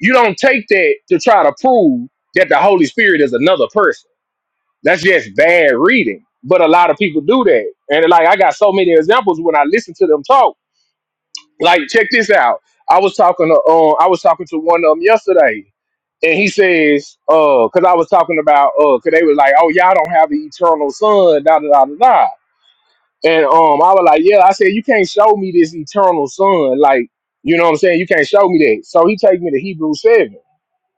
S10: You don't take that to try to prove that the Holy Spirit is another person. That's just bad reading. But a lot of people do that. And like I got so many examples when I listen to them talk. Like check this out. I was talking to um I was talking to one of them yesterday and he says, uh, because I was talking about, uh, because they was like, oh, y'all don't have the eternal son, da da da da. da. And um, I was like, yeah, I said, you can't show me this eternal sun, Like, you know what I'm saying? You can't show me that. So he take me to Hebrew 7,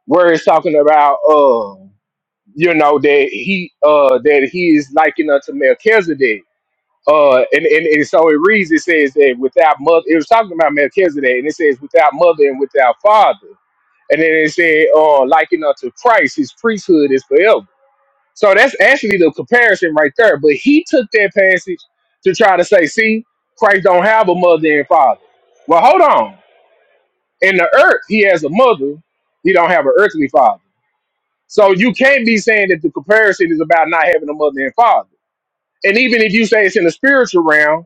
S10: where it's talking about, uh, you know, that he uh, that he is likened unto Melchizedek. Uh, and, and, and so it reads, it says that without mother, it was talking about Melchizedek, and it says without mother and without father. And then it said, uh, likened unto Christ, his priesthood is forever. So that's actually the comparison right there. But he took that passage to try to say, see, Christ don't have a mother and father. Well, hold on. In the earth, he has a mother. He don't have an earthly father. So you can't be saying that the comparison is about not having a mother and father. And even if you say it's in the spiritual realm,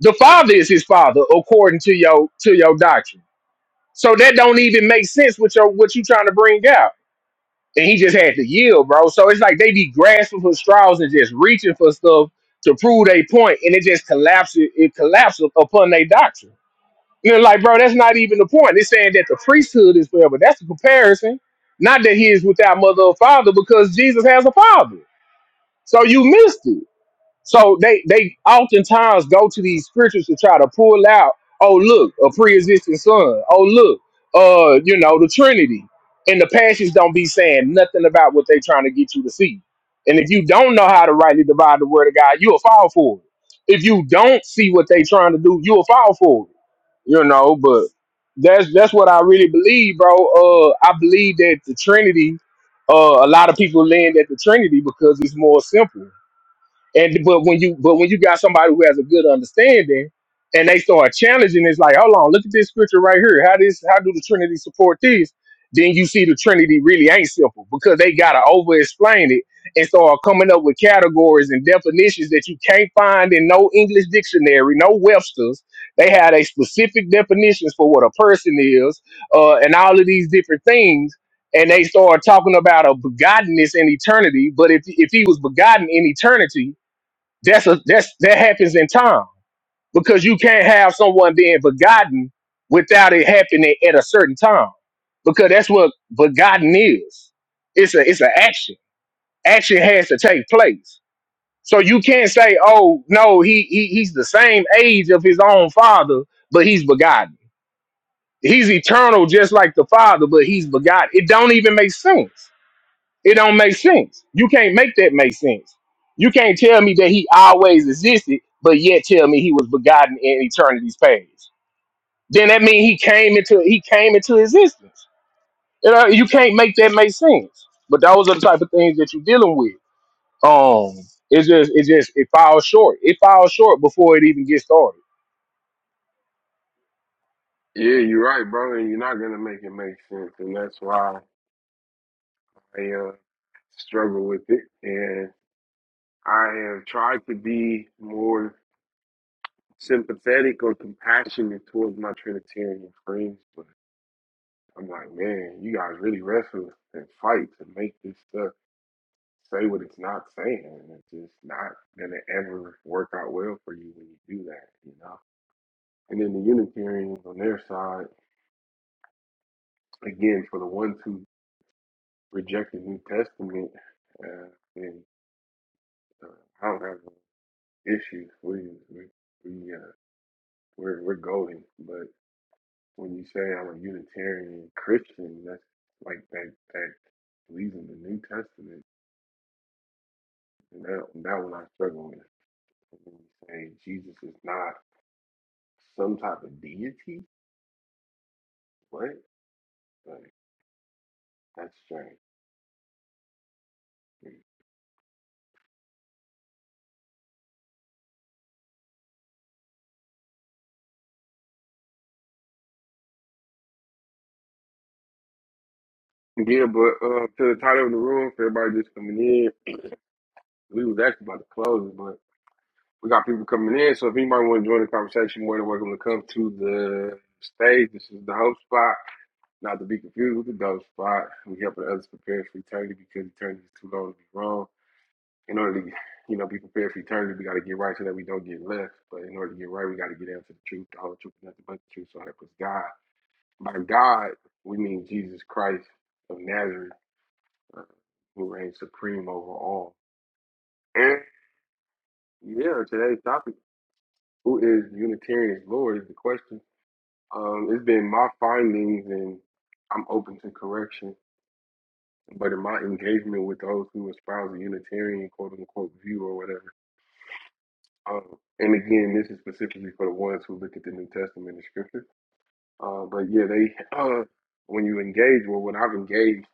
S10: the father is his father according to your to your doctrine. So that don't even make sense with your what you are trying to bring out. and he just had to yield, bro. So it's like they be grasping for straws and just reaching for stuff to prove a point, and it just collapses. It collapses upon their doctrine. You know, like, bro, that's not even the point. It's saying that the priesthood is forever. That's a comparison. Not that he is without mother or father, because Jesus has a father. So you missed it. So they they oftentimes go to these scriptures to try to pull out, oh look, a pre-existing son. Oh look, uh, you know, the Trinity. And the passages don't be saying nothing about what they trying to get you to see. And if you don't know how to rightly divide the word of God, you'll fall for it. If you don't see what they trying to do, you'll fall for it. You know, but that's that's what I really believe, bro. Uh I believe that the Trinity, uh a lot of people land at the Trinity because it's more simple and but when you but when you got somebody who has a good understanding and they start challenging, it's like, hold on, look at this scripture right here. How this how do the Trinity support this? Then you see the Trinity really ain't simple because they gotta over explain it and start coming up with categories and definitions that you can't find in no English dictionary, no Webster's. They had a specific definitions for what a person is, uh, and all of these different things and they start talking about a begottenness in eternity. But if if he was begotten in eternity, that's a that's that happens in time because you can't have someone being begotten without it happening at a certain time because that's what begotten is. It's a it's an action. Action has to take place. So you can't say, oh no, he, he he's the same age of his own father, but he's begotten. He's eternal just like the father, but he's begotten. It don't even make sense. It don't make sense. You can't make that make sense. You can't tell me that he always existed, but yet tell me he was begotten in eternity's past. Then that means he came into he came into existence. You know, you can't make that make sense. But those are the type of things that you're dealing with. Um, it's just it just it falls short. It falls short before it even gets started.
S1: yeah, you're right, bro. And you're not gonna make it make sense, and that's why I uh, struggle with it. And I have tried to be more sympathetic or compassionate towards my Trinitarian friends, but I'm like, man, you guys really wrestle and fight to make this stuff. say what it's not saying, and it's just not gonna ever work out well for you when you do that, you know. And then the Unitarians on their side, again, for the ones who reject the New Testament, uh, and uh, I don't have no issues. We we we uh, we're we're golden. But when you say I'm a Unitarian Christian, that's like that that believes in the New Testament, and that that one I struggle with. When you say Jesus is not some type of deity, What? Like, that's strange. Yeah, but uh, to the title of the room, for everybody just coming in, we was actually about to close it, but we got people coming in. So if anybody want to join the conversation, more than welcome to come to the stage. This is the host spot, not to be confused with the ghost spot. We helping others prepare for eternity because eternity is too long to be wrong. In order to, you know, be prepared for eternity, we got to get right so that we don't get left. But in order to get right, we got to get down to the truth, the whole truth, nothing but the truth. So help us God. By God, we mean Jesus Christ of Nazareth, uh, who reigns supreme over all. And yeah, today's topic, who is Unitarian's Lord, is the question. Um, it's been my findings, and I'm open to correction. But in my engagement with those who espouse the Unitarian quote unquote view or whatever, um, and again, this is specifically for the ones who look at the New Testament and Scripture. Uh, but yeah, they uh, when you engage, well, when I've engaged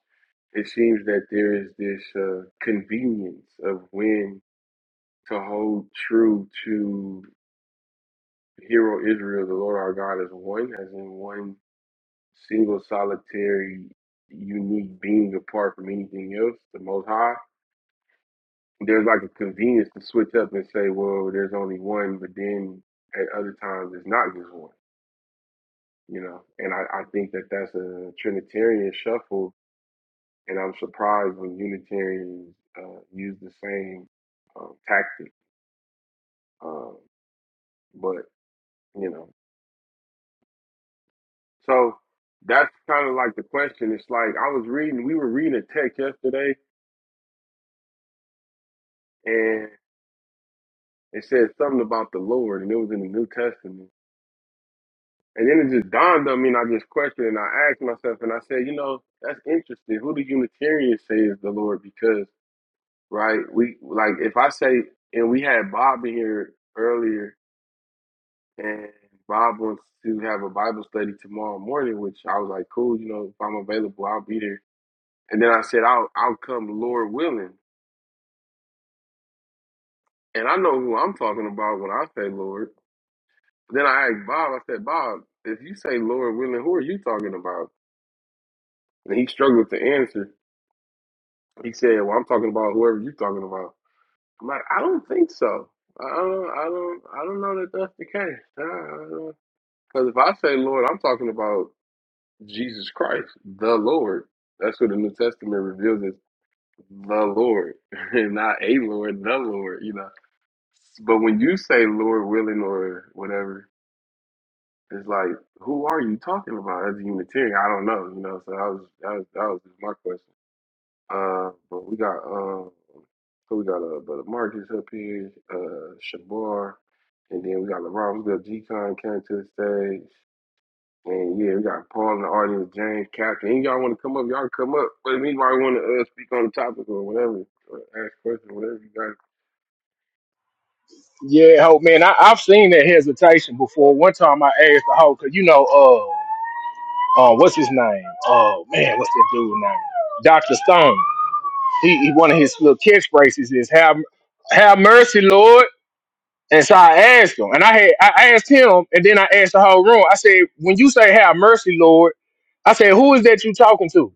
S1: it seems that there is this uh, convenience of when to hold true to hero Israel, the Lord our God is one, as in one single solitary unique being apart from anything else, the most high. There's like a convenience to switch up and say, well, there's only one, but then at other times it's not just one, you know? And I, I think that that's a Trinitarian shuffle, and I'm surprised when Unitarians uh, use the same um, tactic Um, but you know, so that's kind of like the question. It's like I was reading, we were reading a text yesterday, and it said something about the Lord, and it was in the New Testament. And then it just dawned on me, and I just questioned, and I asked myself, and I said, you know, that's interesting. Who do Unitarians say is the Lord? Because right, we like if I say, and we had Bob in here earlier, and Bob wants to have a Bible study tomorrow morning, which I was like, cool, you know, if I'm available, I'll be there And then I said, I'll, I'll come, Lord willing. And I know who I'm talking about when I say Lord. Then I asked Bob, I said, Bob, if you say Lord willing, who are you talking about? And he struggled to answer. He said, Well, I'm talking about whoever you're talking about. I'm like, I don't think so. I don't, I don't, I don't know that that's the case. Because if I say Lord, I'm talking about Jesus Christ, the Lord. That's what the New Testament reveals as the Lord, and not a Lord, the Lord. You know. But when you say Lord willing or whatever, it's like, who are you talking about as a Unitarian? I don't know, you know. So that was that was, that was just my question. Uh, but we got um, so we got uh, brother Marcus up here, uh, Shabar, and then we got LeBron. We got G-Con came to the stage, and yeah, we got Paul in the audience, James, Captain. Any y'all want to come up? Y'all can come up. But if anybody want to uh, speak on the topic or whatever, or ask questions, whatever you guys
S10: Yeah, hope man, I, I've seen that hesitation before. One time I asked the hope, cause you know, uh, uh, what's his name? Oh man, what's that dude's name? Doctor Stone. he, he one of his little catchphrases is "Have Have mercy, Lord." And so I asked him, and I had I asked him, and then I asked the whole room. I said, "When you say Have mercy, Lord," I said, "Who is that you talking to?"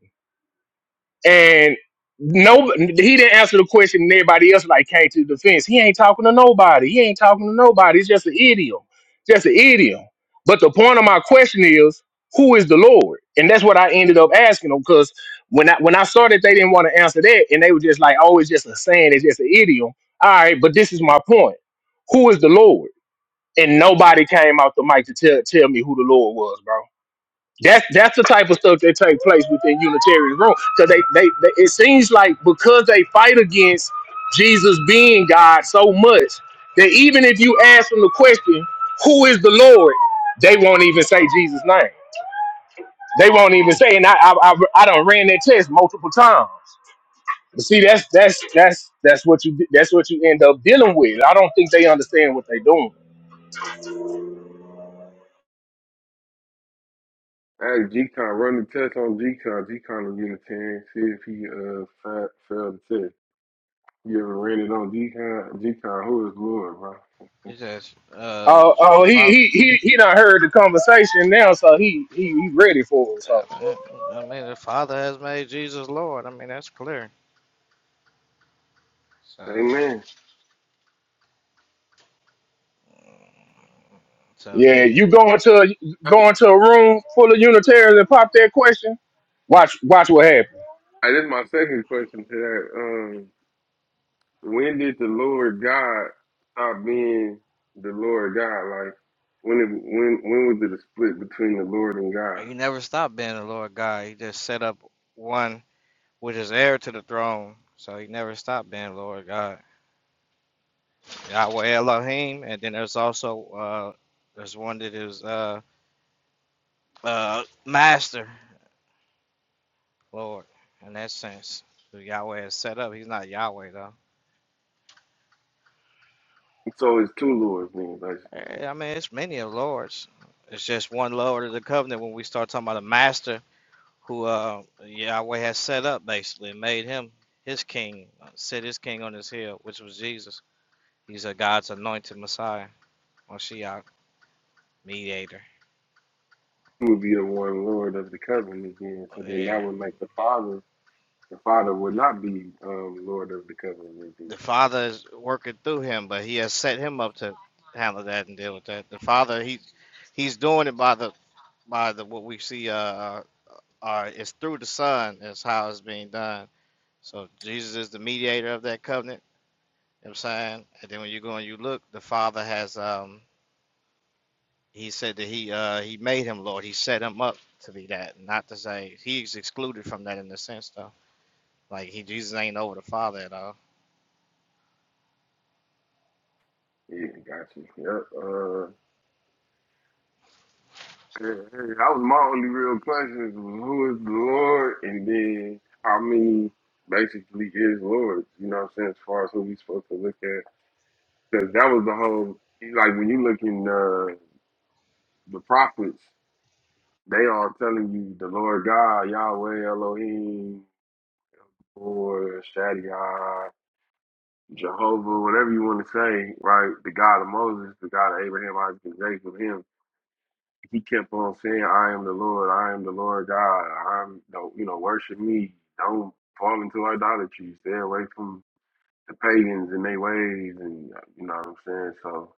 S10: and no, he didn't answer the question. And everybody else like came to the defense. He ain't talking to nobody. He ain't talking to nobody. It's just an idiom, just an idiom. But the point of my question is, who is the Lord? And that's what I ended up asking them because when I when I saw that they didn't want to answer that, and they were just like, "Oh, it's just a saying. It's just an idiom." All right, but this is my point: Who is the Lord? And nobody came out the mic to tell tell me who the Lord was, bro. That's that's the type of stuff that take place within Unitarian room because they, they they it seems like because they fight against Jesus being God so much that even if you ask them the question, "Who is the Lord?" they won't even say Jesus' name. They won't even say. And I I I, I done ran that test multiple times. But see, that's that's that's that's what you that's what you end up dealing with. I don't think they understand what they're doing.
S1: Ask G-Con, run the test on G-Con. G-Con will get a Unitarian. See if he uh fa- failed the test. You ever ran it on G-Con? G-Con, who is Lord, bro?
S11: He says, uh,
S10: Oh,
S11: the
S10: oh, he
S11: Father,
S10: he he he done heard the conversation now, so he he he ready for it. So.
S11: I I mean, the Father has made Jesus Lord. I mean, that's clear. So,
S1: Amen.
S11: so
S10: Yeah,
S11: Jesus,
S10: you go into a,
S1: Hey,
S10: go into a room full of Unitarians and pop that question. Watch, watch what happens.
S1: hey, this is my second question to that. Um, when did the Lord God stop being the Lord God? Like, when it, when when was it a split between the Lord and God?
S11: he never stopped being the Lord God. He just set up one which is heir to the throne. So he never stopped being Lord God. Yahweh Elohim, and then there's also, uh, there's one that is, uh, uh, Master Lord in that sense. Who Yahweh is set up. He's not Yahweh though.
S1: So it's two Lords then. Like,
S11: Eh, I mean, it's many of lords. It's just one Lord of the covenant when we start talking about a master who uh, Yahweh has set up, basically, and made him his king, uh, set his king on his hill, which was Jesus. He's a God's anointed Messiah or Shiach, mediator.
S1: he would be the one Lord of the covenant again. So then that
S11: Yeah.
S1: would make the Father. The Father would not be um, Lord of the covenant with
S11: The Father is working through him, but he has set him up to handle that and deal with that. The Father, he he's doing it by the by the what we see uh, uh, uh is through the Son is how it's being done So Jesus is the mediator of that covenant. You know what I'm saying? And then when you go and you look, the Father has um he said that he uh he made him Lord. He set him up to be that, not to say he's excluded from that in the sense though. Like he Jesus ain't over the Father at all.
S1: Yeah, gotcha. Yep. Uh, hey, hey, that was my only real question: is who is the Lord, and then how many basically is Lord? You know what I'm saying? As far as who we supposed to look at, because that was the whole like when you look in uh, the prophets, they are telling you the Lord God, Yahweh, Elohim, or Shaddai. Jehovah, whatever you want to say, right? The God of Moses, the God of Abraham, Isaac, and Jacob, him. He kept on saying, I am the Lord, I am the Lord God, I'm don't you know, worship me. Don't fall into idolatry. Stay away from the pagans and their ways and uh, you know what I'm saying? So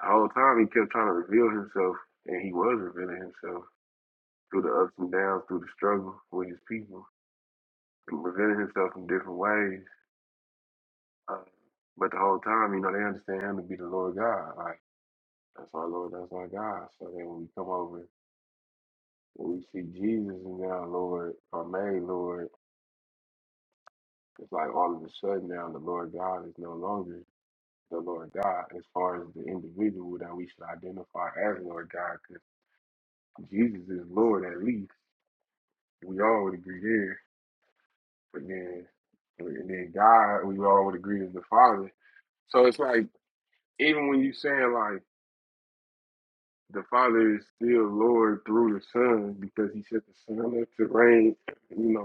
S1: the whole time he kept trying to reveal himself and he was revealing himself through the ups and downs, through the struggle with his people, and revealing himself in different ways. Uh, but the whole time, you know, they understand him to be the Lord God. Like That's our Lord, that's our God. So then when we come over and we see Jesus is now Lord our made Lord, it's like all of a sudden now the Lord God is no longer the Lord God as far as the individual that we should identify as Lord God, because Jesus is Lord at least. We all would agree there. But then and then God, we all would agree is the Father. So it's like even when you saying like the Father is still Lord through the Son because He set the Son up to reign you know,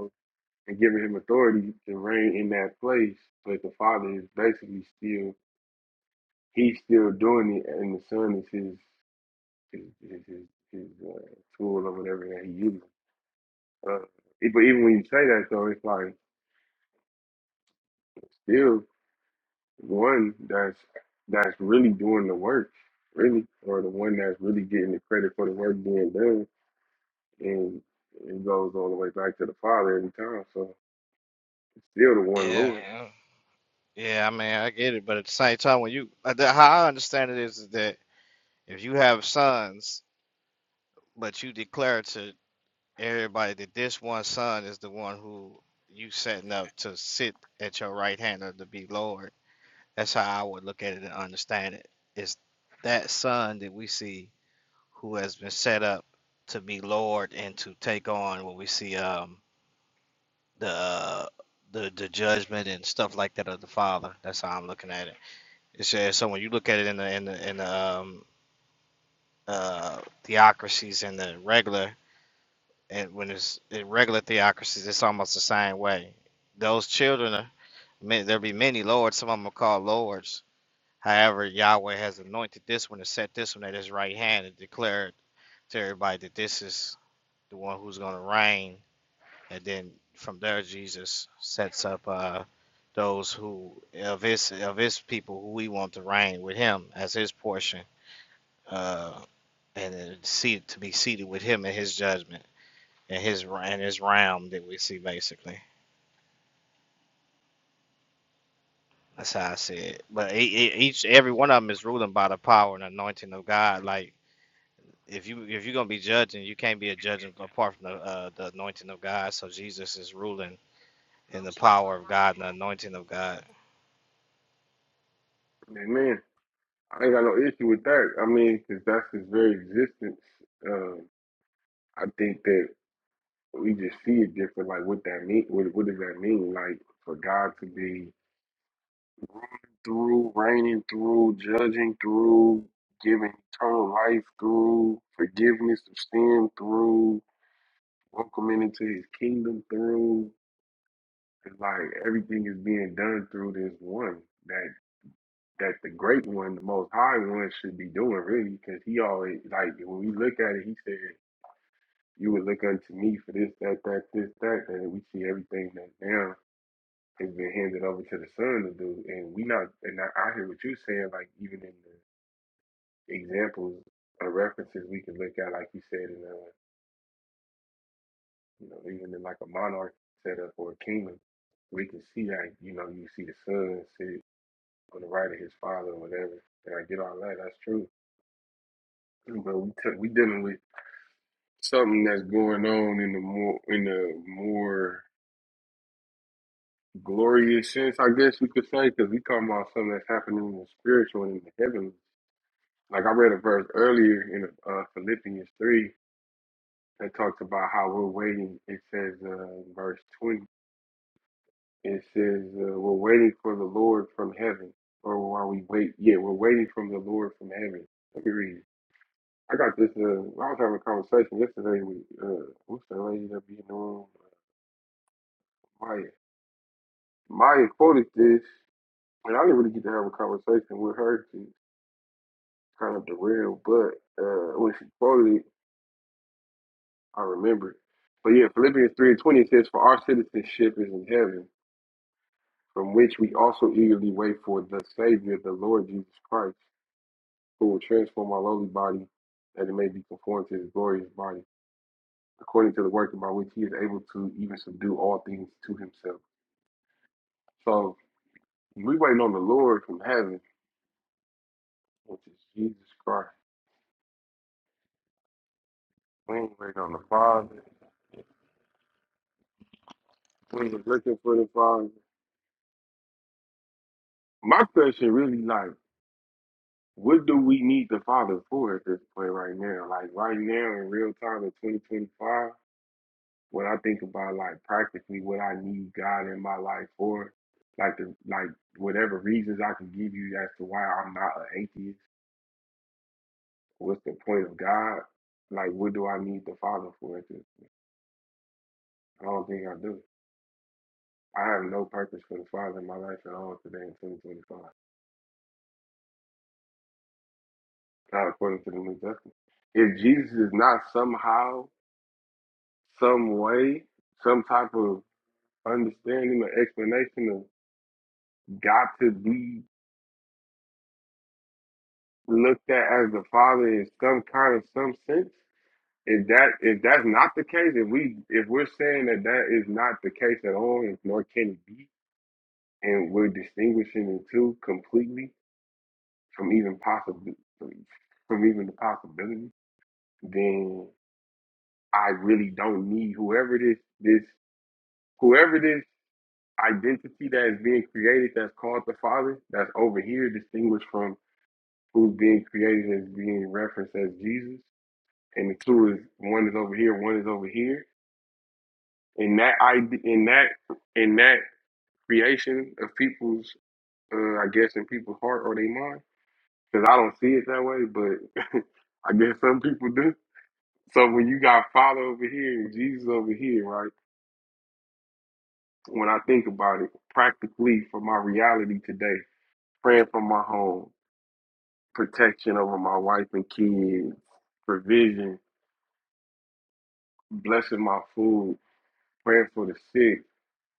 S1: and giving him authority to reign in that place. But the father is basically still he's still doing it, and the son is his his his, his, his uh, tool or whatever that he uses. Uh, e- but even when you say that, though, it's like still one that's that's really doing the work, really, or the one that's really getting the credit for the work being done, and it goes all the way back to the father every time. So it's still the one
S11: Yeah.
S1: Lord.
S11: uh, Yeah, I mean I get it, but at the same time when you uh, the- how I understand it is that if you have sons but you declare to everybody that this one son is the one who you setting up to sit at your right hand or to be Lord That's how I would look at it and understand it. It's that son that we see who has been set up to be Lord and to take on what we see um the uh, the the judgment and stuff like that of the Father. That's how I'm looking at it. It's just, so when you look at it in the in the in the um uh theocracies and the regular and when it's in regular theocracies, it's almost the same way. Those children are ma- there'll be many lords. Some of them are called lords However, Yahweh has anointed this one and set this one at his right hand and declared to everybody that this is the one who's going to reign. And then from there, Jesus sets up uh, those who of his of his people who we want to reign with him as his portion, uh, and then seat to be seated with him in his judgment and his and his realm that we see basically. That's how I see it. But e- e- each every one of them is ruling by the power and anointing of God, like if you if you're gonna be judging, you can't be a judge apart from the uh, the anointing of God. So Jesus is ruling in the power of God and the anointing of God.
S1: Amen. I ain't got no issue with that. I mean, because that's his very existence. Um, I think that we just see it different. Like, what that mean? What, what does that mean? Like, for God to be through reigning, through judging, through giving eternal life, through forgiveness of sin, through welcoming into His kingdom, through it's like everything is being done through this one that that the great one, the most high one, should be doing really, because he always like when we look at it, he said. You would look unto me for this, that, that, this, that, and we see everything that now has been handed over to the son to do. And we not, and I, I hear what you're saying, like even in the examples or references we can look at, like you said, in a, you know, even in like a monarch setup or a kingdom, we can see like, you know, you see the son sit on the right of his father or whatever. And I get all that, that's true. But we t- we dealing with something that's going on in the more in the more glorious sense, I guess we could say, because we talking about something that's happening in the spiritual and in the heavenly. Like I read a verse earlier in uh, Philippians 3 that talks about how we're waiting. It says uh, in verse 20, it says, uh, we're waiting for the Lord from heaven. Or while we wait, yeah, we're waiting from the Lord from heaven. Let me read. it. I got this, uh, I was having a conversation yesterday with, uh, what's that lady that be in the room? Maya. Maya quoted this, and I didn't really get to have a conversation with her. to kind of derailed, but uh, when she quoted it, I remember. But yeah, Philippians three and twenty says, "For our citizenship is in heaven, from which we also eagerly wait for the Savior, the Lord Jesus Christ, who will transform our lowly body, that it may be conformed to His glorious body, according to the working by which He is able to even subdue all things to Himself." So we waiting on the Lord from heaven, which is Jesus Christ. We ain't waiting on the Father. We ain't looking for the Father. My question really like. What do we need the Father for at this point right now? Like right now in real time in 2025, when I think about like practically what I need God in my life for, like the like whatever reasons I can give you as to why I'm not an atheist, what's the point of God? Like what do I need the Father for at this? I don't think I do. I have no purpose for the Father in my life at all today in 2025. Not according to the New Testament. If Jesus is not somehow, some way, some type of understanding or explanation of got to be looked at as the Father in some kind of some sense. If that if that's not the case, if we if we're saying that that is not the case at all, and nor can it be, and we're distinguishing the two completely from even possible from even the possibility, then I really don't need whoever this this whoever this identity that is being created that's called the Father that's over here distinguished from who's being created as being referenced as Jesus, and the two is one is over here, one is over here. In that idea, in that in that creation of people's, uh, I guess, in people's heart or their mind, because I don't see it that way, but I guess some people do. So when you got Father over here and Jesus over here, right? When I think about it, practically for my reality today, praying for my home, protection over my wife and kids, provision, blessing my food, praying for the sick,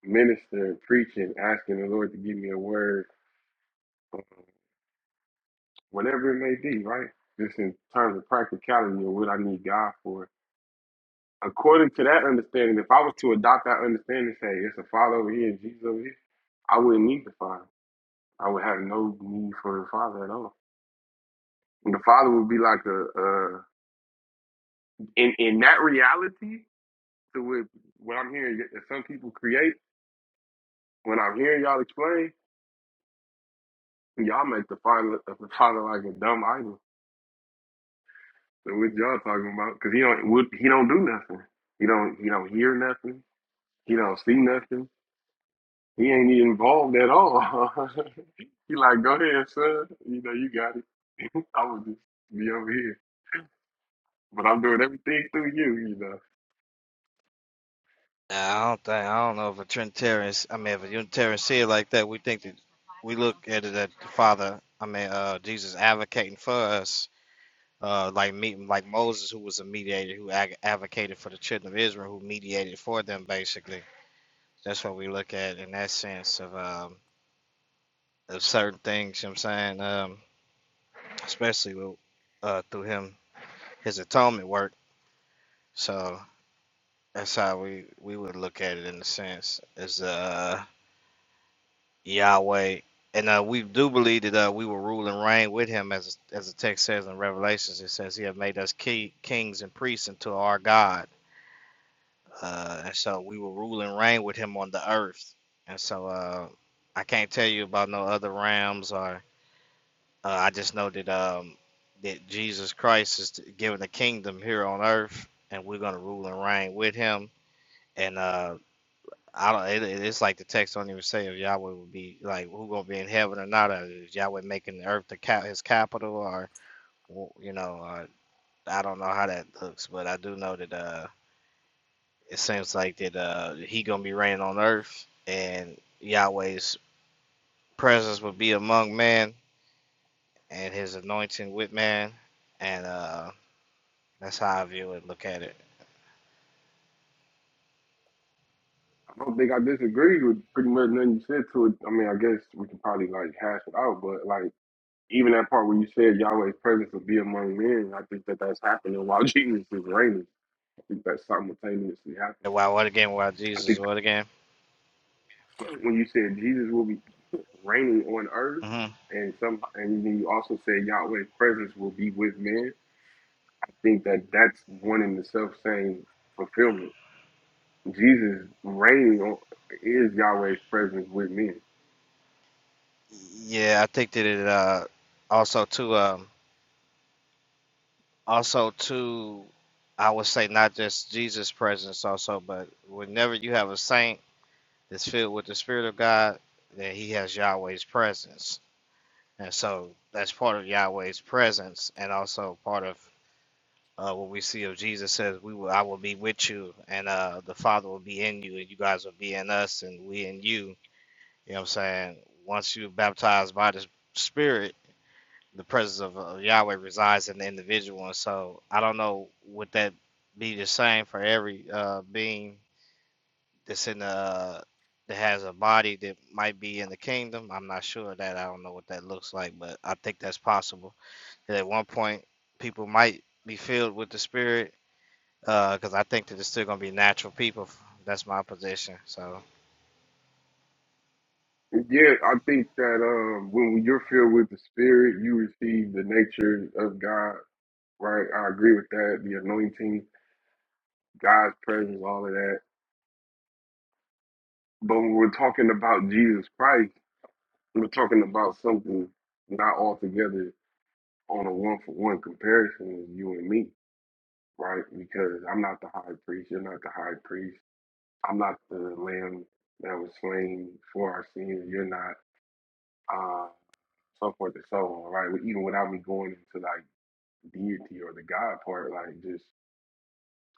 S1: ministering, preaching, asking the Lord to give me a word, whatever it may be, right? Just in terms of practicality and what I need God for. According to that understanding, if I was to adopt that understanding, say it's a Father over here and Jesus over here, I wouldn't need the Father. I would have no need for the Father at all. And the Father would be like a, a in in that reality to what, what I'm hearing that some people create. When I'm hearing y'all explain, y'all make the Father the Father like a dumb idol So what y'all talking about? Because he don't would he don't do nothing. He don't he don't hear nothing. He don't see nothing. He ain't even involved at all. he like, go ahead, son. You know, you got it. I would just be over here. But I'm doing everything through you, you know.
S11: Now, I don't think I don't know if a Trinitarian, I mean, if a Unitarian see it like that, we think that we look at it that the Father, I mean, uh, Jesus advocating for us, uh, like me, like Moses, who was a mediator, who ag- advocated for the children of Israel, who mediated for them, basically. That's what we look at in that sense of um, of certain things. You know what I'm saying. Um, especially with, uh, through him, his atonement work. So that's how we, we would look at it in a sense as uh, Yahweh. And uh, we do believe that uh, we will rule and reign with him, as as the text says in Revelations. It says he have made us ki- kings and priests unto our God, uh, and so we will rule and reign with him on the earth. And so uh, I can't tell you about no other realms or Uh, I just know that um that Jesus Christ is given the kingdom here on earth, and we're gonna rule and reign with Him. And uh, I don't. It, it- it's like the text don't even say if Yahweh will be like who gonna be in heaven or not. Or is Yahweh making the earth the cap, His capital, or w- you know, or, I don't know how that looks, but I do know that uh, it seems like that uh, He gonna be reigning on earth, and Yahweh's presence will be among man, and His anointing with man, and uh That's how I view it. Look at it.
S1: I don't think I disagree with pretty much nothing you said to it. I mean, I guess we can probably like hash it out, but like even that part where you said Yahweh's presence would be among men, I think that that's happening while Jesus is reigning. I think that's simultaneously happening.
S11: Wow, what a game! Wow,
S1: I
S11: Jesus,
S1: think
S11: what a game!
S1: when you said Jesus will be reigning on earth,
S11: hmm
S1: and some, and then you also said Yahweh's presence will be with men. I think that that's one in the self same fulfillment. Jesus reigning on is Yahweh's presence with men.
S11: Yeah, I think that it uh, also too um, also too, I would say not just Jesus' presence also, but whenever you have a saint that's filled with the Spirit of God, then he has Yahweh's presence, and so that's part of Yahweh's presence, and also part of uh, what we see of Jesus says, "We will, I will be with you, and uh, the Father will be in you, and you guys will be in us, and we in you." You know what I'm saying? Once you are baptized by the Spirit, the presence of uh, Yahweh resides in the individual. And so I don't know would that be the same for every uh, being that's in the uh, that has a body that might be in the kingdom. I'm not sure of that. I don't know what that looks like, but I think that's possible. That at one point people might be filled with the Spirit, because uh, I think that it's still gonna be natural people. That's my position. So
S1: Yeah, I think that um, when you're filled with the Spirit, you receive the nature of God. Right, I agree with that. The anointing, God's presence, all of that. But when we're talking about Jesus Christ. We're talking about something not altogether on a one for one comparison with you and me, right? Because I'm not the high priest, you're not the high priest, I'm not the lamb that was slain for our sins, you're not, uh, so forth and so on, right? Even without me going into like deity or the God part, like just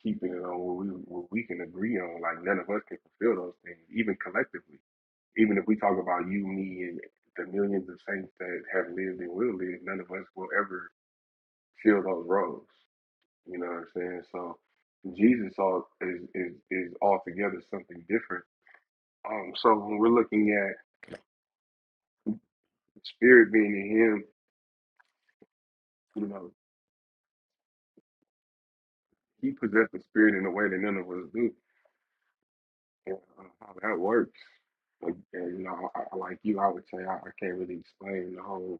S1: keeping it on what we what we can agree on, like none of us can fulfill those things, even collectively Even if we talk about you, me, and the millions of saints that have lived and will live, none of us will ever fill those roles. You know what I'm saying? So Jesus all is is is altogether something different. Um, so when we're looking at the spirit being in him, you know, he possessed the spirit in a way that none of us do, and uh, how that works. Like, and, you know, I, I, like you, I would say I, I can't really explain the whole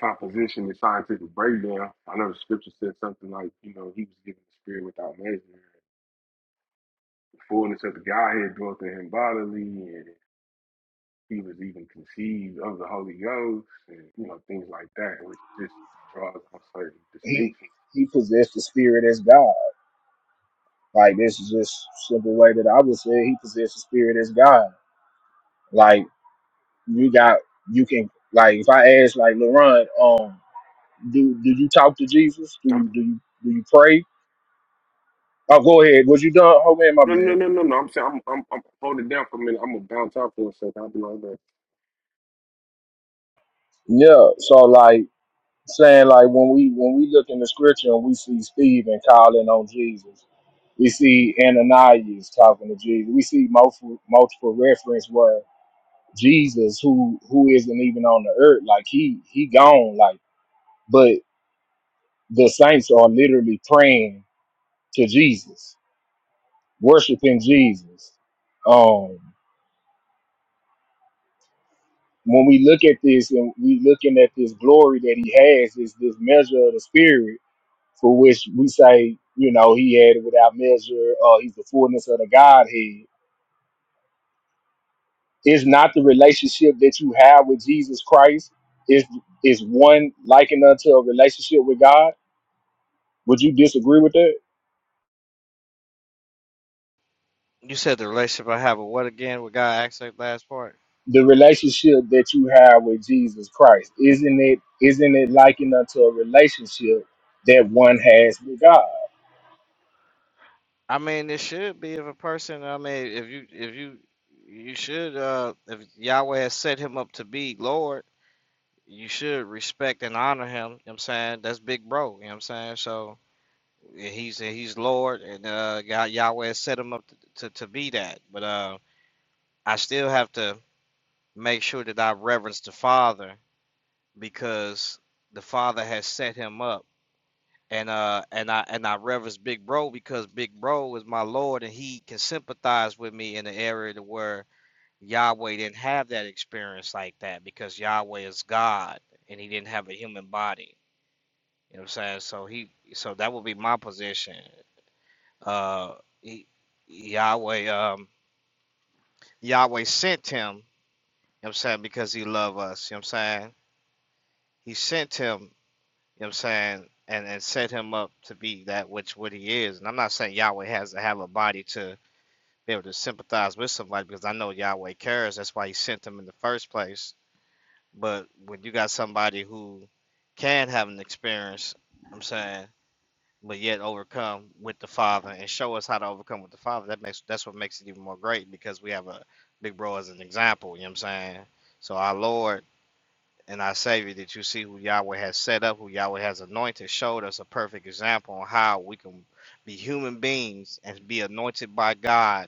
S1: composition and scientific breakdown. I know the scripture said something like, you know, he was given the spirit without measure. The fullness of the Godhead dwelt in him bodily, and he was even conceived of the Holy Ghost, and you know things like that, which just draws on certain
S10: He
S1: distinctions.
S10: he possessed the spirit as God. Like this is just simple way that I would say it. he possessed the spirit as God. Like you got you can like if I ask like Laron, um, do do you talk to Jesus? Do
S1: I'm,
S10: you do you do you pray? Oh, go ahead. Was you done? Oh man, my
S1: no, no,
S10: bad.
S1: no, no, no. I'm saying I'm, I'm, I'm holding down for a minute. I'm gonna bounce out for a second. I'll be like that.
S10: Yeah. So like. saying like when we when we look in the scripture and we see Stephen calling on Jesus, we see Ananias talking to Jesus. We see multiple multiple reference where Jesus, who who isn't even on the earth, like he he gone, like but the saints are literally praying to Jesus, worshiping Jesus. Um, when we look at this and we looking at this glory that he has, is this measure of the spirit for which we say, you know, he had it without measure, uh, he's the fullness of the Godhead. It's not the relationship that you have with Jesus Christ. Is is one likened unto a relationship with God? Would you disagree with that?
S11: you said the relationship I have with what again with God? Actually, last part.
S10: The relationship that you have with Jesus Christ, isn't it isn't it likened unto a relationship that one has with God?
S11: I mean, it should be if a person. I mean, if you if you you should uh if Yahweh has set him up to be Lord, you should respect and honor him. You know what I'm saying that's big bro. You know what I'm saying so yeah, he's he's Lord and uh God Yahweh has set him up to, to to be that. But uh, I still have to make sure that I reverence the Father because the Father has set him up and uh and I and I reverence Big Bro because Big Bro is my Lord and he can sympathize with me in the area to where Yahweh didn't have that experience like that because Yahweh is God and he didn't have a human body. You know what I'm saying? So he so that would be my position. Uh he, Yahweh um Yahweh sent him, you know what I'm saying, because he loved us, you know what I'm saying? He sent him You know what I'm saying? And and set him up to be that which what he is. And I'm not saying Yahweh has to have a body to be able to sympathize with somebody because I know Yahweh cares. That's why he sent him in the first place. But when you got somebody who can have an experience, I'm saying, but yet overcome with the Father and show us how to overcome with the Father, that makes that's what makes it even more great because we have a big bro as an example, you know what I'm saying? So our Lord and our Savior that you see who Yahweh has set up, who Yahweh has anointed, showed us a perfect example on how we can be human beings and be anointed by God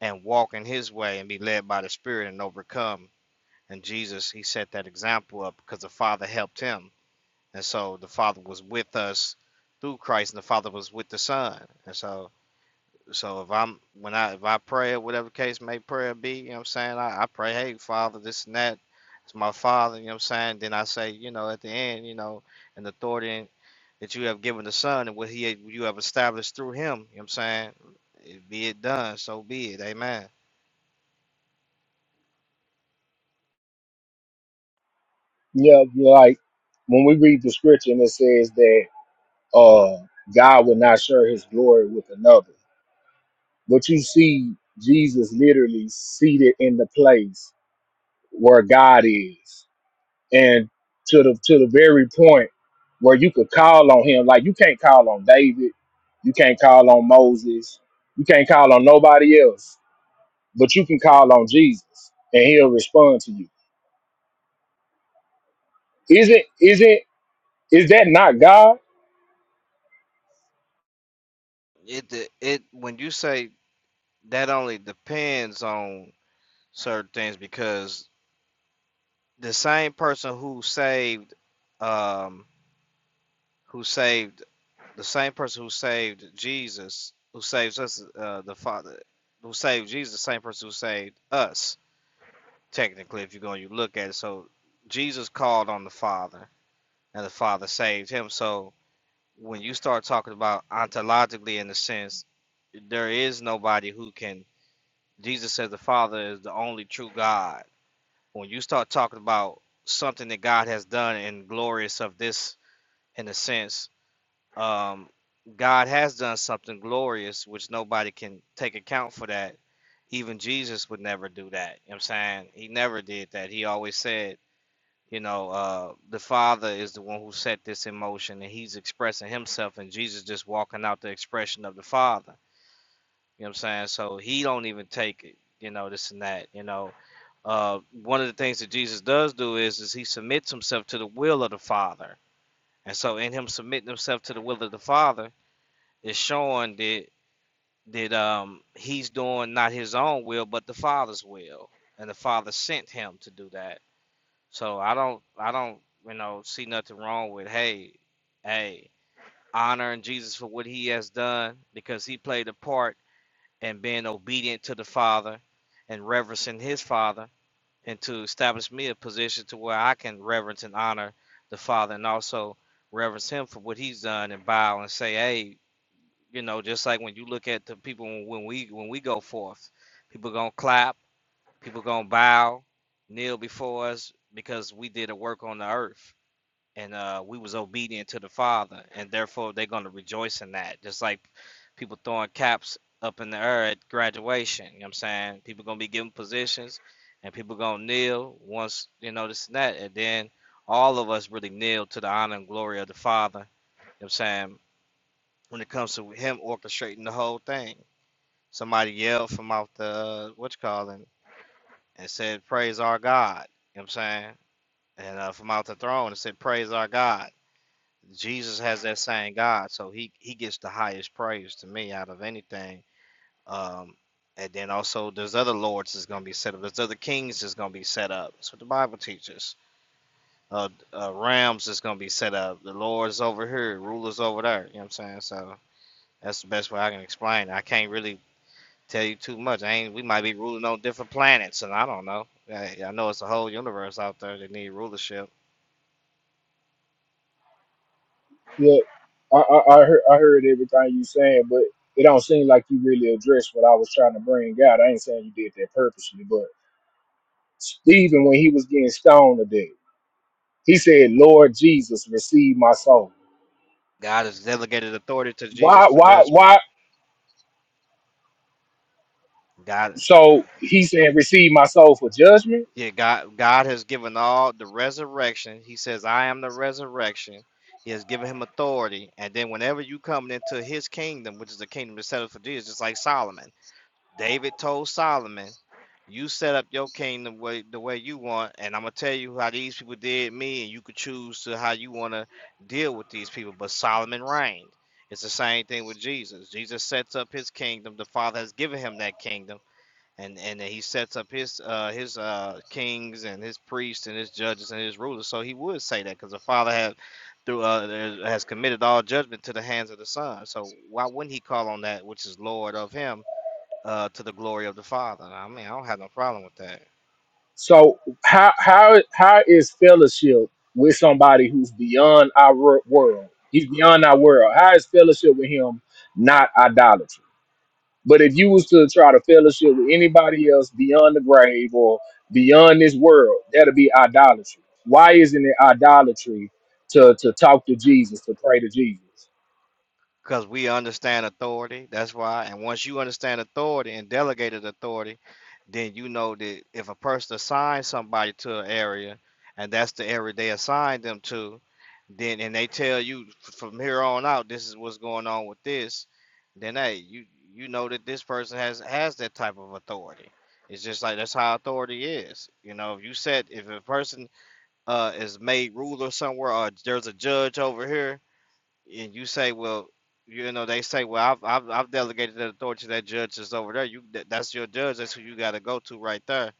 S11: and walk in His way and be led by the Spirit and overcome. And Jesus, He set that example up because the Father helped Him. And so the Father was with us through Christ, and the Father was with the Son. And so so if I'm when I if I pray or whatever case may prayer be, you know what I'm saying? I, I pray, hey Father, this and that. It's my father, you know what I'm saying? Then I say, you know, at the end, you know, and the authority that you have given the son and what he you have established through him, you know what I'm saying? It, be it done, so be it. Amen.
S10: Yeah, like when we read the scripture and it says that uh God will not share his glory with another But you see Jesus literally seated in the place where God is. And to the to the very point where you could call on him. Like you can't call on David. You can't call on Moses. You can't call on nobody else. But you can call on Jesus and he'll respond to you. Isn't isn't is that not God?
S11: It de- it when you say that only depends on certain things because the same person who saved um who saved the same person who saved Jesus, who saves us, uh, the Father, who saved Jesus, the same person who saved us. Technically, if you go and you look at it, so Jesus called on the Father, and the Father saved him. So when you start talking about ontologically, in the sense, there is nobody who can. Jesus says the Father is the only true God. When you start talking about something that God has done and glorious of this, in a sense, um, God has done something glorious, which nobody can take account for that. Even Jesus would never do that. You know what I'm saying? He never did that. He always said, you know, uh, the Father is the one who set this in motion and he's expressing himself and Jesus just walking out the expression of the Father. You know what I'm saying? So he don't even take it, you know, this and that, you know. Uh, one of the things that Jesus does do is is he submits himself to the will of the Father. And so in him submitting himself to the will of the Father, is showing that that um he's doing not his own will but the father's will and the father sent him to do that so i don't i don't you know see nothing wrong with hey hey honoring jesus for what he has done because he played a part in being obedient to the father and reverencing his father and to establish me a position to where i can reverence and honor the father and also reverence him for what he's done and bow and say hey you know, just like when you look at the people when we when we go forth, people gonna clap, people gonna bow, kneel before us because we did a work on the earth and uh, we was obedient to the Father, and therefore they're gonna rejoice in that. Just like people throwing caps up in the air at graduation. You know what I'm saying? People gonna be given positions, and people gonna kneel once you know this and that, and then all of us really kneel to the honor and glory of the Father. You know what I'm saying? when it comes to him orchestrating the whole thing. Somebody yelled from out the uh, what you call it and said, "Praise our God." You know what I'm saying? And uh, from out the throne, it said, "Praise our God." Jesus has that same God, so he he gets the highest praise to me out of anything. Um, and then also, there's other lords that's gonna be set up. There's other kings that's gonna be set up. That's what the Bible teaches. Uh, uh, realms that's gonna be set up. The lords over here, rulers over there. You know what I'm saying? So that's the best way I can explain. it. I can't really Tell you too much. I ain't. We might be ruling on different planets, and I don't know. I, I know it's a whole universe out there that need rulership.
S10: Look, I, I, I heard I heard everything you saying, but it don't seem like you really addressed what I was trying to bring out. I ain't saying you did that purposely, but Stephen, when he was getting stoned to death, he said, Lord Jesus, receive my soul.
S11: God has delegated authority to Jesus
S10: Why,
S11: for
S10: why,
S11: judgment.
S10: why?
S11: God,
S10: So he said, receive my soul for judgment.
S11: yeah, God, God has given all the resurrection. He says, "I am the resurrection." He has given him authority, and then whenever you come into His kingdom, which is the kingdom that's set up for Jesus, just like Solomon. David told Solomon, "You set up your kingdom way, the way you want, and I'm gonna tell you how these people did me, and you could choose to how you want to deal with these people." But Solomon reigned. It's the same thing with Jesus. Jesus sets up his kingdom. The Father has given him that kingdom, and and then he sets up his uh, his uh, kings and his priests and his judges and his rulers. So he would say that because the Father had through uh, has committed all judgment to the hands of the Son. So why wouldn't he call on that which is Lord of him? uh, to the glory of the Father. I mean, I don't have no problem with that
S10: So how, how, how is fellowship with somebody who's beyond our wor- world? He's beyond our world. How is fellowship with him not idolatry? But if you was to try to fellowship with anybody else beyond the grave or beyond this world, that'll be idolatry. Why isn't it idolatry to, to talk to Jesus, to pray to Jesus?
S11: because we understand authority. That's why. And once you understand authority and delegated authority, then you know that if a person assigns somebody to an area and that's the area they assigned them to, then and they tell you from here on out, this is what's going on with this, then hey, you you know that this person has has that type of authority. It's just like that's how authority is. You know, if you said if a person uh is made ruler somewhere or there's a judge over here and you say well you know they say well i've i've, I've delegated that authority to that judge that's over there you that, that's your judge that's who you got to go to right there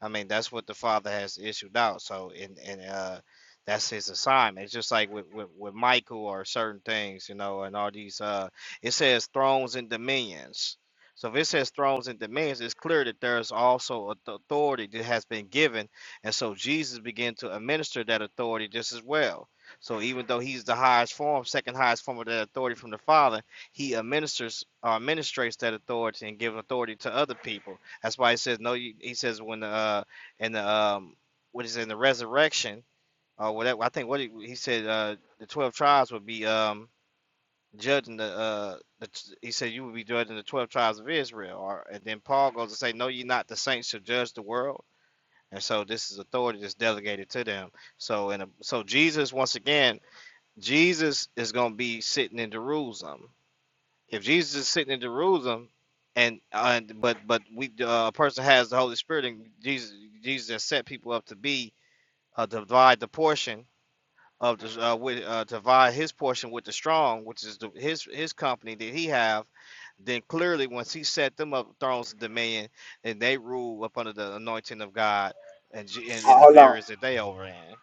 S11: I mean, that's what the Father has issued out. So, and and uh, that's his assignment. It's just like with, with with Michael or certain things, you know, and all these. Uh, it says thrones and dominions. So if it says thrones and dominions, it's clear that there's also a th- authority that has been given, and so Jesus began to administer that authority just as well. So even though he's the highest form, second highest form of that authority from the Father, he administers, uh, administrates that authority and gives authority to other people. That's why he says no. You, he says when uh in the um what is it, in the resurrection or whatever. I think what he, he said uh the twelve tribes would be um judging the uh the, he said you would be judging the twelve tribes of Israel. Or and then Paul goes to say no, you're not. The saints to judge the world. And so this is authority that's delegated to them. So and uh, so Jesus once again, Jesus is going to be sitting in Jerusalem if Jesus is sitting in Jerusalem, and uh, but but we uh, a person has the Holy Spirit, and Jesus Jesus has set people up to be uh, divide the portion of the uh, with, uh, divide his portion with the strong, which is the, his his company that he have. Then clearly, once he set them up thrones of dominion, and they rule up under the anointing of God, and G- in,
S10: Uh,
S11: in the
S10: Hold on.
S11: areas that they over in.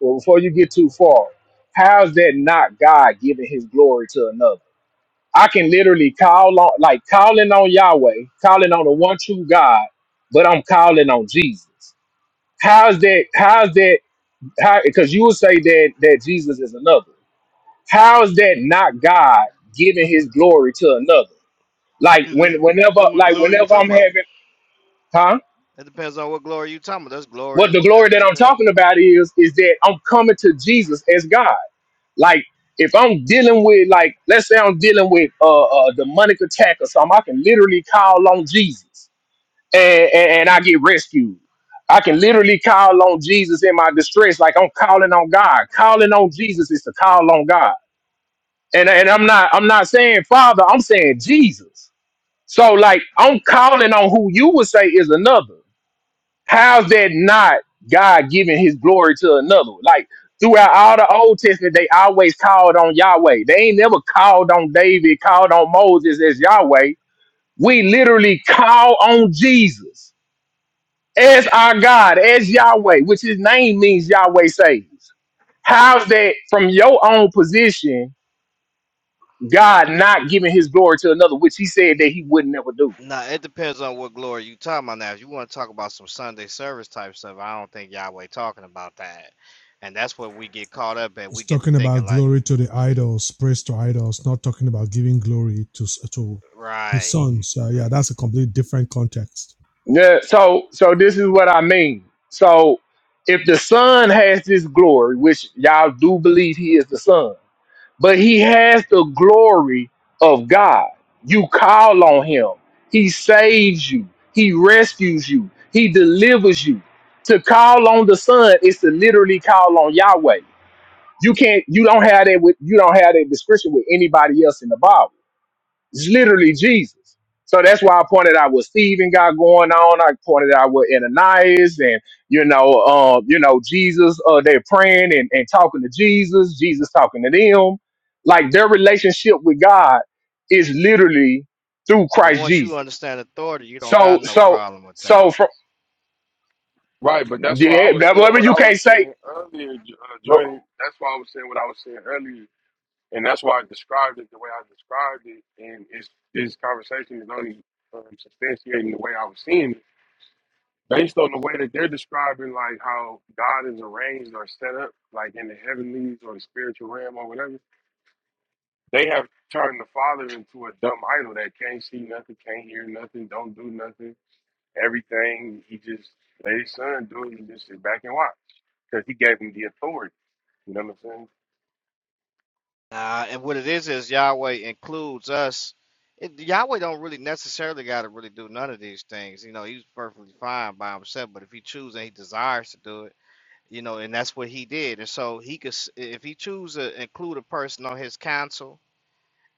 S10: Well, before you get too far, how's that not God giving his glory to another? I can literally call on like calling on Yahweh, calling on the one true God, but I'm calling on Jesus. How's that how's that how because you will say that that Jesus is another. How is that not God giving his glory to another? Like
S11: Because that
S10: when whenever
S11: what
S10: like
S11: glory you
S10: whenever
S11: talking
S10: I'm
S11: about?
S10: having huh?
S11: It depends on what glory you talking about. That's glory.
S10: What the
S11: and-
S10: glory
S11: and-
S10: that I'm
S11: and-
S10: talking about is is that I'm coming to Jesus as God. Like if I'm dealing with like let's say I'm dealing with uh, a demonic attack or something, I can literally call on Jesus and, and and I get rescued. I can literally call on Jesus in my distress, like I'm calling on God. Calling on Jesus is to call on God and and I'm not I'm not saying Father, I'm saying Jesus. So like I'm calling on who you would say is another. How's that not God giving His glory to another? Like throughout all the Old Testament, they always called on Yahweh. They ain't never called on David, called on Moses as Yahweh. We literally call on Jesus as our God, as Yahweh, which His name means Yahweh saves. How's that from your own position? God not giving his glory to another, which he said that he would never do.
S11: Nah, it depends on what glory you talking about. Now, if you want to talk about some Sunday service type stuff, I don't think Yahweh talking about that, and that's what we get caught up at.
S12: It's
S11: We get to
S12: talking
S11: thinking
S12: about
S11: like,
S12: glory to the idols, praise to idols, not talking about giving glory to to his
S11: right.
S12: sons. Uh, yeah, that's a completely different context.
S10: Yeah, so so this is what I mean. So if the Son has this glory, which y'all do believe he is the Son, but he has the glory of God. You call on him, he saves you, he rescues you, he delivers you. To call on the Son is to literally call on Yahweh. You can't you don't have that with you don't have that description with anybody else in the Bible It's literally Jesus. So that's why I pointed out what Stephen got going on. I pointed out what Ananias and you know, um, you know, Jesus. Uh, they're praying and, and talking to Jesus. Jesus talking to them. Like their relationship with God is literally through
S11: But
S10: Christ
S11: once you
S10: Jesus.
S11: understand authority, you don't got
S10: So,
S11: no
S10: so,
S11: problem with
S10: so
S11: that.
S10: from
S1: Right, but that's why I
S10: yeah,
S1: was
S10: that-
S1: saying
S10: whatever
S1: what
S10: you
S1: I
S10: can't
S1: was
S10: say.
S1: saying earlier, J- uh, Jordan. That's why I was saying what I was saying earlier and that's why I described it the way I described it, and it's, this conversation is only um, substantiating the way I was seeing it, based on the way that they're describing like how God is arranged or set up, like in the heavenlies or the spiritual realm or whatever. They have turned the Father into a dumb idol that can't see nothing, can't hear nothing, don't do nothing. Everything he just let his son do it, and just sit back and watch because he gave him the authority. You know what I'm saying?
S11: Uh, and what it is is Yahweh includes us. It, Yahweh don't really necessarily got to really do none of these things. You know, he's perfectly fine by himself. But if he chooses and he desires to do it, you know, and that's what he did. And so he could, s- if he chooses to include a person on his council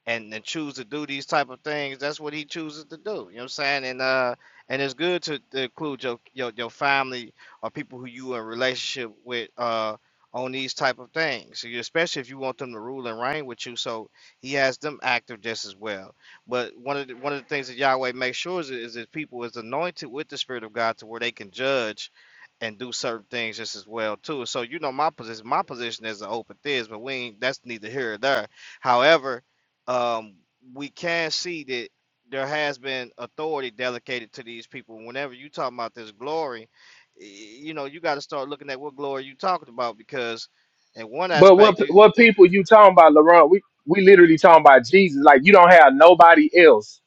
S11: and and choose to do these type of things, that's what he chooses to do. You know what I'm saying? And uh, and it's good to, to include your, your your family or people who you in relationship with uh on these type of things, So you- especially if you want them to rule and reign with you. So he has them active just as well. But one of the, one of the things that Yahweh makes sure is, is that people is anointed with the Spirit of God to where they can judge and do certain things just as well too. So you know my position. My position is an open theist, but we ain't, that's neither here or there. However um, we can see that there has been authority delegated to these people. Whenever you talk about this glory, you know you got to start looking at what glory you talking about because, in one
S10: But what
S11: aspect, you,
S10: what people you talking about, Laurent? We we literally talking about Jesus. Like you don't have nobody else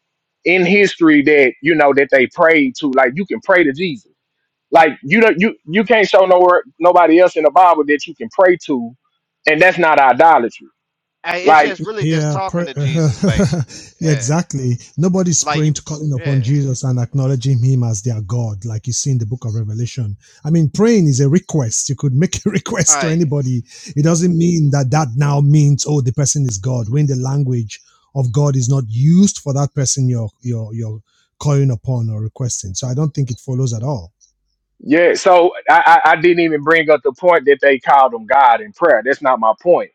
S10: in history that you know that they prayed to. Like you can pray to Jesus. Like you don't you you can't show nowhere nobody else in the Bible that you can pray to, and that's not idolatry.
S11: I- it's
S10: Like
S11: just really just
S12: Yeah,
S11: talking
S12: pray,
S11: to
S12: uh,
S11: Jesus basically.
S12: yeah,
S11: Yeah,
S12: exactly. Nobody's
S11: like
S12: praying
S11: you.
S12: to calling
S11: Yeah,
S12: upon Jesus and acknowledging him as their God, like you see in the book of Revelation. I mean, praying is a request. You could make a
S11: all
S12: request to
S11: right.
S12: anybody. It doesn't mean that that now means, oh, the person is God. When the language of God is not used for that person, you're, you're, you're, calling upon or requesting. So I don't think it follows at all.
S10: yeah, so I I, I didn't even bring up the point that they called them God in prayer. That's not my point.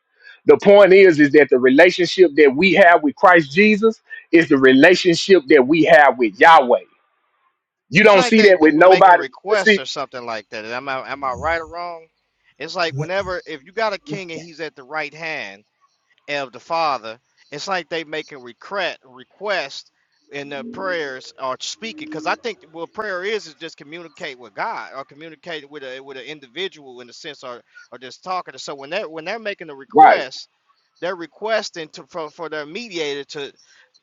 S10: The point is is that the relationship that we have with Christ Jesus is the relationship that we have with Yahweh. You
S11: It's
S10: don't
S11: like
S10: see that
S11: that
S10: with
S11: people making
S10: nobody.
S11: requests
S10: See,
S11: or something like that. Am I am I right or wrong? It's like whenever if you got a king and he's at the right hand of the Father. It's like they making regret request in their prayers or speaking, because I think what prayer is is just communicate with God or communicate with a with an individual in a sense, or or just talking. to. So when they when they're making a
S10: right.
S11: request, they're requesting to for, for their mediator to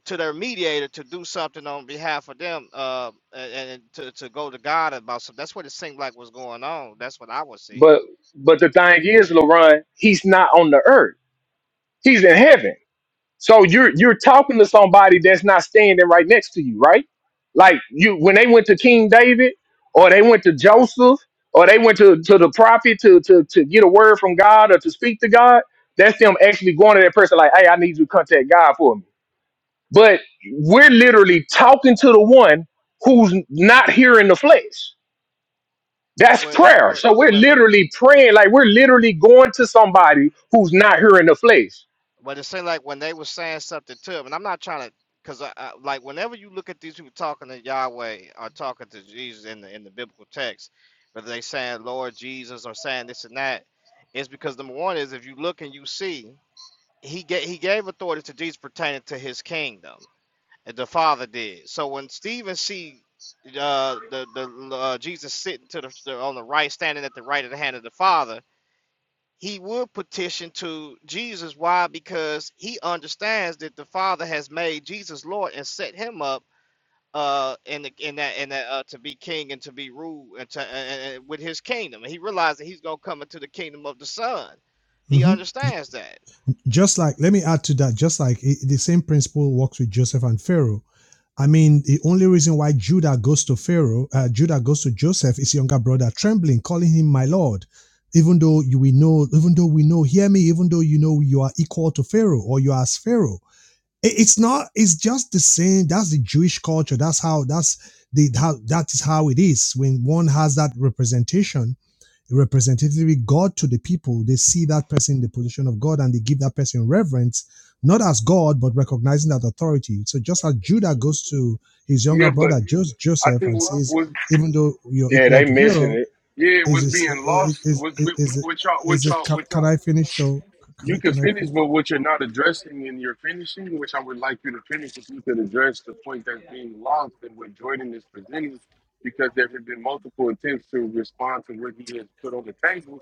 S11: to their mediator to do something on behalf of them, uh, and, and to to go to God about something. That's what it seemed like was going on. That's what I would see.
S10: But but the thing is, LaRon, he's not on the earth. He's in heaven. So you're you're talking to somebody that's not standing right next to you, right? Like you when they went to King David or they went to Joseph or they went to, to the prophet to, to to get a word from God or to speak to God, that's them actually going to that person like, hey, I need you to contact God for me. But we're literally talking to the one who's not here in the flesh. That's
S11: Well, if you
S10: prayer.
S11: were,
S10: So we're
S11: well, if you
S10: literally praying, like we're literally going to somebody who's not here in the flesh.
S11: But it seemed like when they were saying something to him, and I'm not trying to, because I, I, like whenever you look at these people talking to Yahweh or talking to Jesus in the in the biblical text, whether they saying Lord Jesus or saying this and that, it's because number one is if you look and you see, he gave he gave authority to Jesus pertaining to his kingdom, and the Father did. So when Stephen see uh the the uh, Jesus sitting to the, the on the right, standing at the right of the hand of the Father he would petition to Jesus. Why? Because he understands that the Father has made Jesus Lord and set him up uh in the, in that in that uh, to be king and to be ruled and to uh, uh, with his kingdom. And he realized that he's gonna come into the kingdom of the Son. He
S12: Mhm.
S11: understands that.
S12: Just like, let me add to that, just like it, the same principle works with Joseph and Pharaoh. I mean, the only reason why Judah goes to Pharaoh, uh, Judah goes to Joseph, his younger brother, trembling, calling him my lord. Even though you we know, even though we know, hear me, even though you know you are equal to Pharaoh or you are as Pharaoh. it's not, it's just the same. That's the Jewish culture. That's how, that's the, how, that is how it is. When one has that representation, Representatively, God to the people, they see that person in the position of God and they give that person reverence, not as God, but recognizing that authority. So just as Judah goes to his
S1: Yeah,
S12: younger
S1: but
S12: brother
S1: I
S12: Joseph
S1: think
S12: and
S1: what,
S12: says,
S1: what
S12: even though you're
S10: Yeah,
S12: equal
S10: they
S12: to
S10: missing
S12: Pharaoh,
S10: it.
S1: Yeah,
S12: is
S1: what's
S12: is
S1: being
S12: is
S1: lost, what,
S12: is
S1: what
S12: is,
S1: what y'all,
S12: is
S1: what
S12: it,
S1: y'all,
S12: can,
S1: what
S12: can
S1: y'all,
S12: I finish though? Can I
S1: you can
S12: can I? fin-
S1: finish, but what you're not addressing in your finishing, which I would like you to finish, if you could address the point that's being lost and what Jordan is presenting, because there have been multiple attempts to respond to what he has put on the table,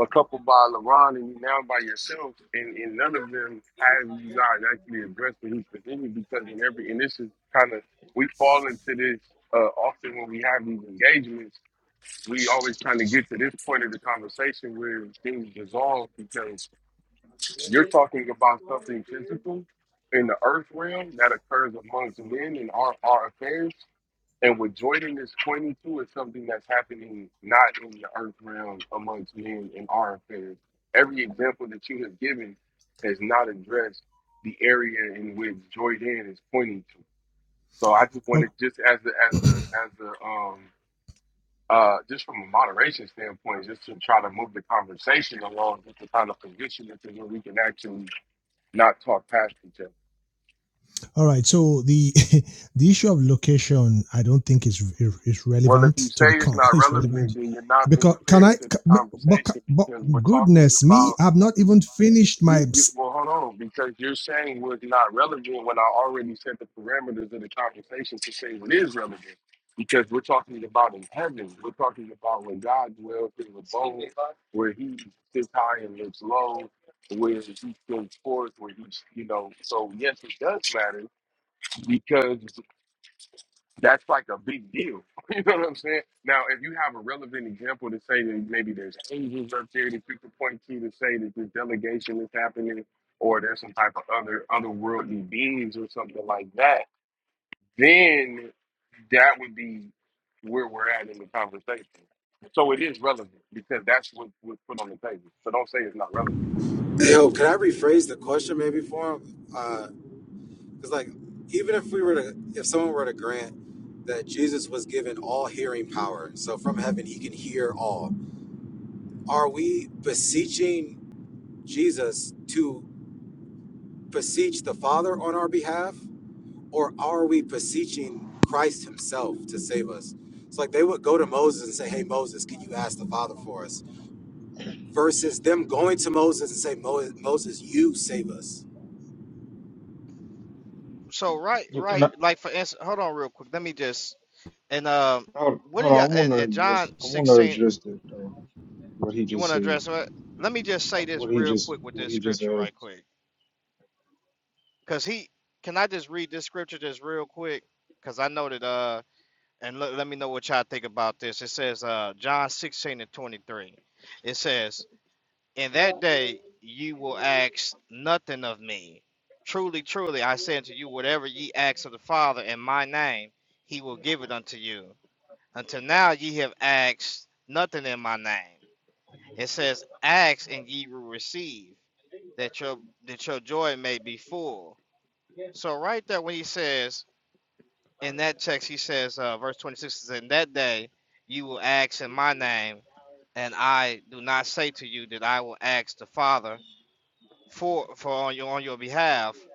S1: a couple by LeBron and now by yourself, and, and none of them have you guys actually addressed what he's presenting, because in every, and this is kind of, we fall into this uh, often when we have these engagements we always kind of get to this point of the conversation where things dissolve because you're talking about something physical in the earth realm that occurs amongst men in our, our affairs. And what Jordan is pointing to is something that's happening not in the earth realm amongst men in our affairs. Every example that you have given has not addressed the area in which Jordan is pointing to. So I just
S12: Oh,
S1: wanted just as a as a as a um uh, just from a moderation standpoint, just to try to move the conversation along, just to kind of position it to where we can actually not talk past each other.
S12: All right. So the the issue of location, I don't think is is
S1: Well, if
S12: relevant
S1: you
S12: to the
S1: say it's
S12: con.
S1: not
S12: It's relevant
S1: relevant, then you're not
S12: because
S1: being
S12: can
S1: fair
S12: I?
S1: to the
S12: ca- But,
S1: conversation
S12: ca- but
S1: because we're talking
S12: goodness
S1: about
S12: me, I've not even finished
S1: You,
S12: my
S1: you well, hold on, because you're saying what's not relevant when I already set the parameters of the conversation to say what is relevant. Because we're talking about in heaven, we're talking about when God dwells in the bone, where He sits high and looks low, where He goes forth, where He's, you know. So yes, it does matter because that's like a big deal. You know what I'm saying? Now, if you have a relevant example to say that maybe there's angels up there that you could point to to say that this delegation is happening, or there's some type of other otherworldly beings or something like that, then that would be where we're at in the conversation. So it is relevant because that's what was put on the table. So don't say it's not relevant.
S13: Yo, could I rephrase the question maybe for him? Because like, even if we were to, if someone were to grant that Jesus was given all hearing power, so from heaven he can hear all, are we beseeching Jesus to beseech the Father on our behalf, or are we beseeching Christ Himself to save us? It's like they would go to Moses and say, "Hey Moses, can you ask the Father for us?" Versus them going to Moses and say, "Mo- "Moses, you save us."
S11: So right,
S4: Yeah, Can
S11: right,
S4: I,
S11: like for instance, hold on real quick. Let me just and um,
S4: hold,
S11: what are
S4: hold on, I
S11: y'all
S4: want
S11: and, and
S4: to
S11: John
S4: just, I want to
S11: sixteen?
S4: address that though. What he
S11: You want
S4: just
S11: to
S4: said,
S11: address what? Let me just say this
S4: what he
S11: real
S4: just,
S11: quick with
S4: what
S11: this
S4: he just
S11: scripture,
S4: said.
S11: right quick Cause he can I just read this scripture just real quick? Cause I know that uh and let, let me know what y'all think about this. It says uh John 16 and 23. It says, In that day you will ask nothing of me. Truly, truly, I say unto you, whatever ye ask of the Father in my name, he will give it unto you. Until now ye have asked nothing in my name. It says, Ask and ye will receive, that your that your joy may be full. So right there, when he says in that text, he says, uh, verse 26 says, "In that day, you will ask in my name, and I do not say to you that I will ask the Father for for on your on your behalf."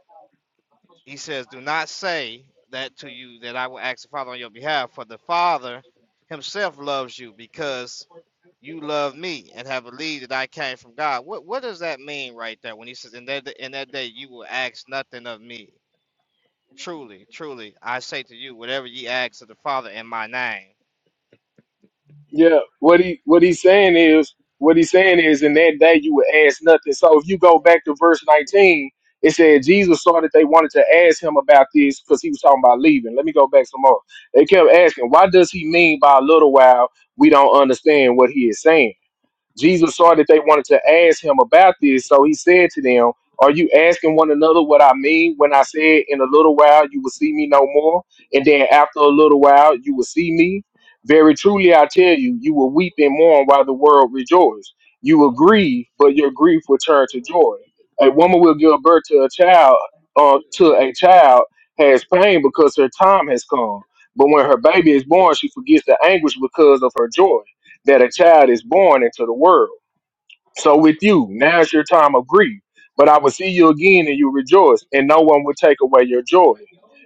S11: He says, "Do not say that to you that I will ask the Father on your behalf, for the Father Himself loves you because you love me and have believed that I came from God." What what does that mean right there when he says, "In that in that day, you will ask nothing of me"? Truly, truly, I say to you, whatever ye ask of the Father in my name.
S10: Yeah, what he what he's saying is what he's saying is in that day you would ask nothing. So if you go back to verse nineteen, it said Jesus saw that they wanted to ask him about this because he was talking about leaving. Let me go back some more. They kept asking, why does he mean by a little while we don't understand what he is saying? Jesus saw that they wanted to ask him about this, so he said to them, Are you asking one another what I mean when I said, In a little while you will see me no more, and then after a little while you will see me? Very truly I tell you, you will weep and mourn while the world rejoices. You will grieve, but your grief will turn to joy. A woman will give birth to a child, uh, to a child has pain because her time has come. But when her baby is born, she forgets the anguish because of her joy that a child is born into the world. So with you, now's your time of grief. But I will see you again and you rejoice, and no one will take away your joy.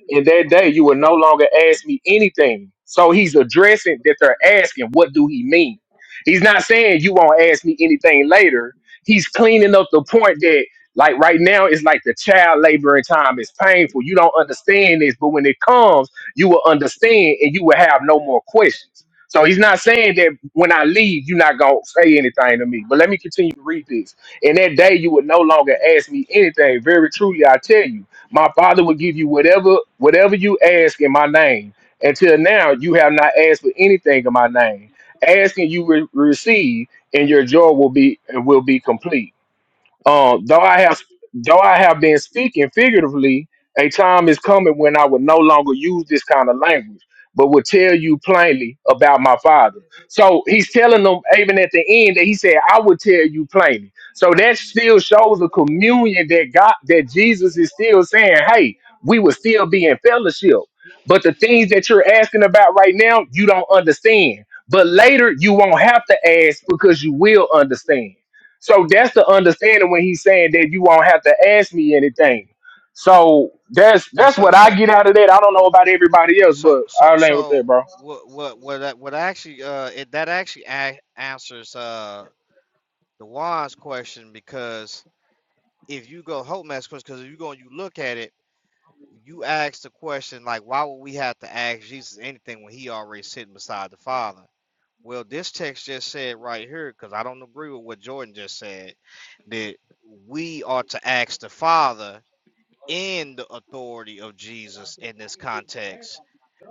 S10: In that day, you will no longer ask me anything. So he's addressing that they're asking, what do he mean? He's not saying you won't ask me anything later. He's cleaning up the point that, like right now, it's like the child laboring time is painful. You don't understand this, but when it comes, you will understand and you will have no more questions. So he's not saying that when I leave, you're not gonna say anything to me. But let me continue to read this. In that day, you would no longer ask me anything. Very truly, I tell you, my Father will give you whatever whatever you ask in my name. Until now, you have not asked for anything in my name. Asking you will receive, and your joy will be will be complete. Uh, though I have though I have been speaking figuratively, a time is coming when I will no longer use this kind of language, but will tell you plainly about my father. So he's telling them even at the end that he said, I will tell you plainly. So that still shows a communion that God that Jesus is still saying, Hey, we will still be in fellowship. But the things that you're asking about right now, you don't understand. But later you won't have to ask because you will understand. So that's the understanding when he's saying that you won't have to ask me anything. So that's
S11: And
S10: that's
S11: so,
S10: what I
S11: so,
S10: get out of that. I don't know about everybody else,
S11: so,
S10: but
S11: so,
S10: I'll land with that,
S11: so,
S10: bro.
S11: what, what, what, that- what actually, uh, it, that actually a- answers, uh, the wise question because if you go hope mass question, because if you go and you look at it, you ask the question like, why would we have to ask Jesus anything when he already sitting beside the Father? Well, this text just said right here, because I don't agree with what Jordan just said, that we are to ask the Father in the authority of Jesus in this context.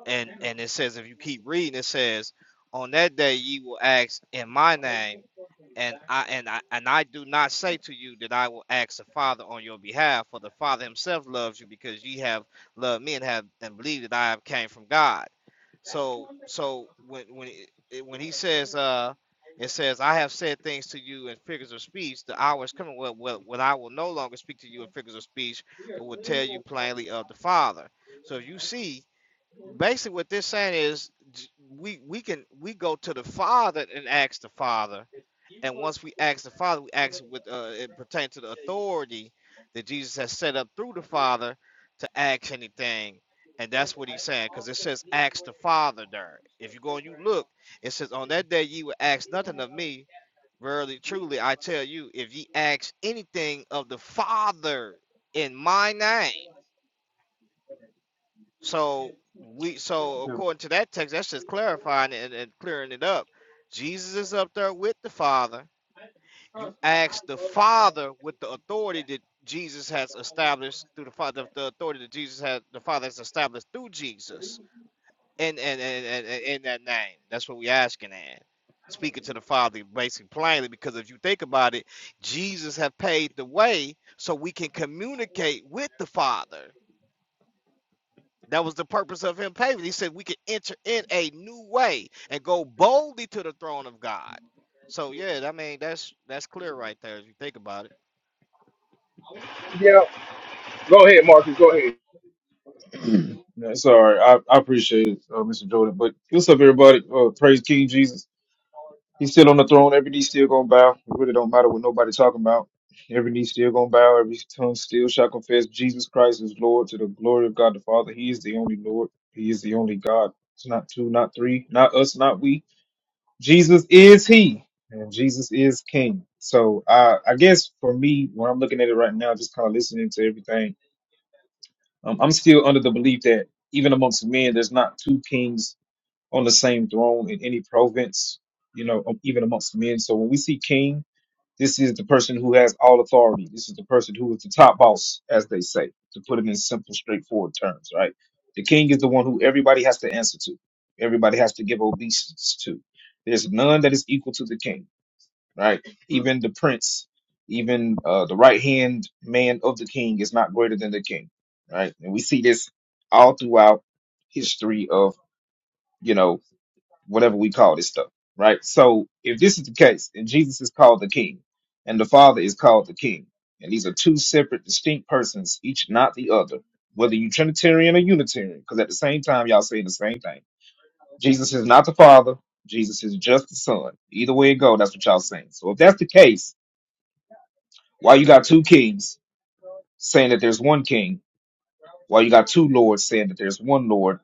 S11: And and it says if you keep reading, it says, On that day ye will ask in my name, and I and I and I do not say to you that I will ask the Father on your behalf, for the Father himself loves you because ye have loved me and have and believed that I have came from God. So so when when it, it- when he says uh it says I have said things to you in figures of speech, the hour is coming when, when, when I will no longer speak to you in figures of speech, but will tell you plainly of the Father. So if you see basically what this saying is j- we we can we go to the Father and ask the Father and once we ask the Father, we ask with uh, it pertains to the authority that Jesus has set up through the Father to ask anything. And that's what he's saying, because it says ask the Father there. If you go and you look, it says, On that day ye will ask nothing of me. Verily, truly, I tell you, if ye ask anything of the Father in my name. So we so according to that text, that's just clarifying and, and clearing it up. Jesus is up there with the Father you ask the Father with the authority that Jesus has established through the Father, the authority that Jesus had, the Father has established through Jesus, and and and and, in that name. That's what we're asking at. Speaking to the Father, basically plainly, because if you think about it, Jesus have paved the way so we can communicate with the Father. That was the purpose of him paving. He said we can enter in a new way and go boldly to the throne of God. So yeah, I mean that's that's clear right there if you think about it.
S10: Yeah. Go ahead, Marcus. Go ahead.
S4: Yeah, Sorry, I, I appreciate it, uh, Mr. Jordan. But what's up, everybody? Uh, praise King Jesus. He's still on the throne. Every knee still gonna bow. It really don't matter what nobody talking about. Every knee still gonna bow. Every tongue still shall confess Jesus Christ is Lord to the glory of God the Father. He is the only Lord. He is the only God. It's not two, not three, not us, not we. Jesus is He, and Jesus is King. So I, I guess for me, when I'm looking at it right now, just kind of listening to everything, um, I'm still under the belief that even amongst men, there's not two kings on the same throne in any province, you know, um, even amongst men. So when we see king, this is the person who has all authority. This is the person who is the top boss, as they say, to put it in simple, straightforward terms, right? The king is the one who everybody has to answer to, everybody has to give obeisance to. There's none that is equal to the king, right? Even the prince, even uh, the right hand man of the king is not greater than the king, right? And we see this all throughout history of, you know, whatever we call this stuff, right? So if this is the case, and Jesus is called the King, and the Father is called the King, and these are two separate, distinct persons, each not the other, whether you Trinitarian or Unitarian, because at the same time y'all saying the same thing. Jesus is not the Father. Jesus is just the Son. Either way it go, that's what y'all saying. So if that's the case, why you got two kings saying that there's one king? Why you got two lords saying that there's one Lord?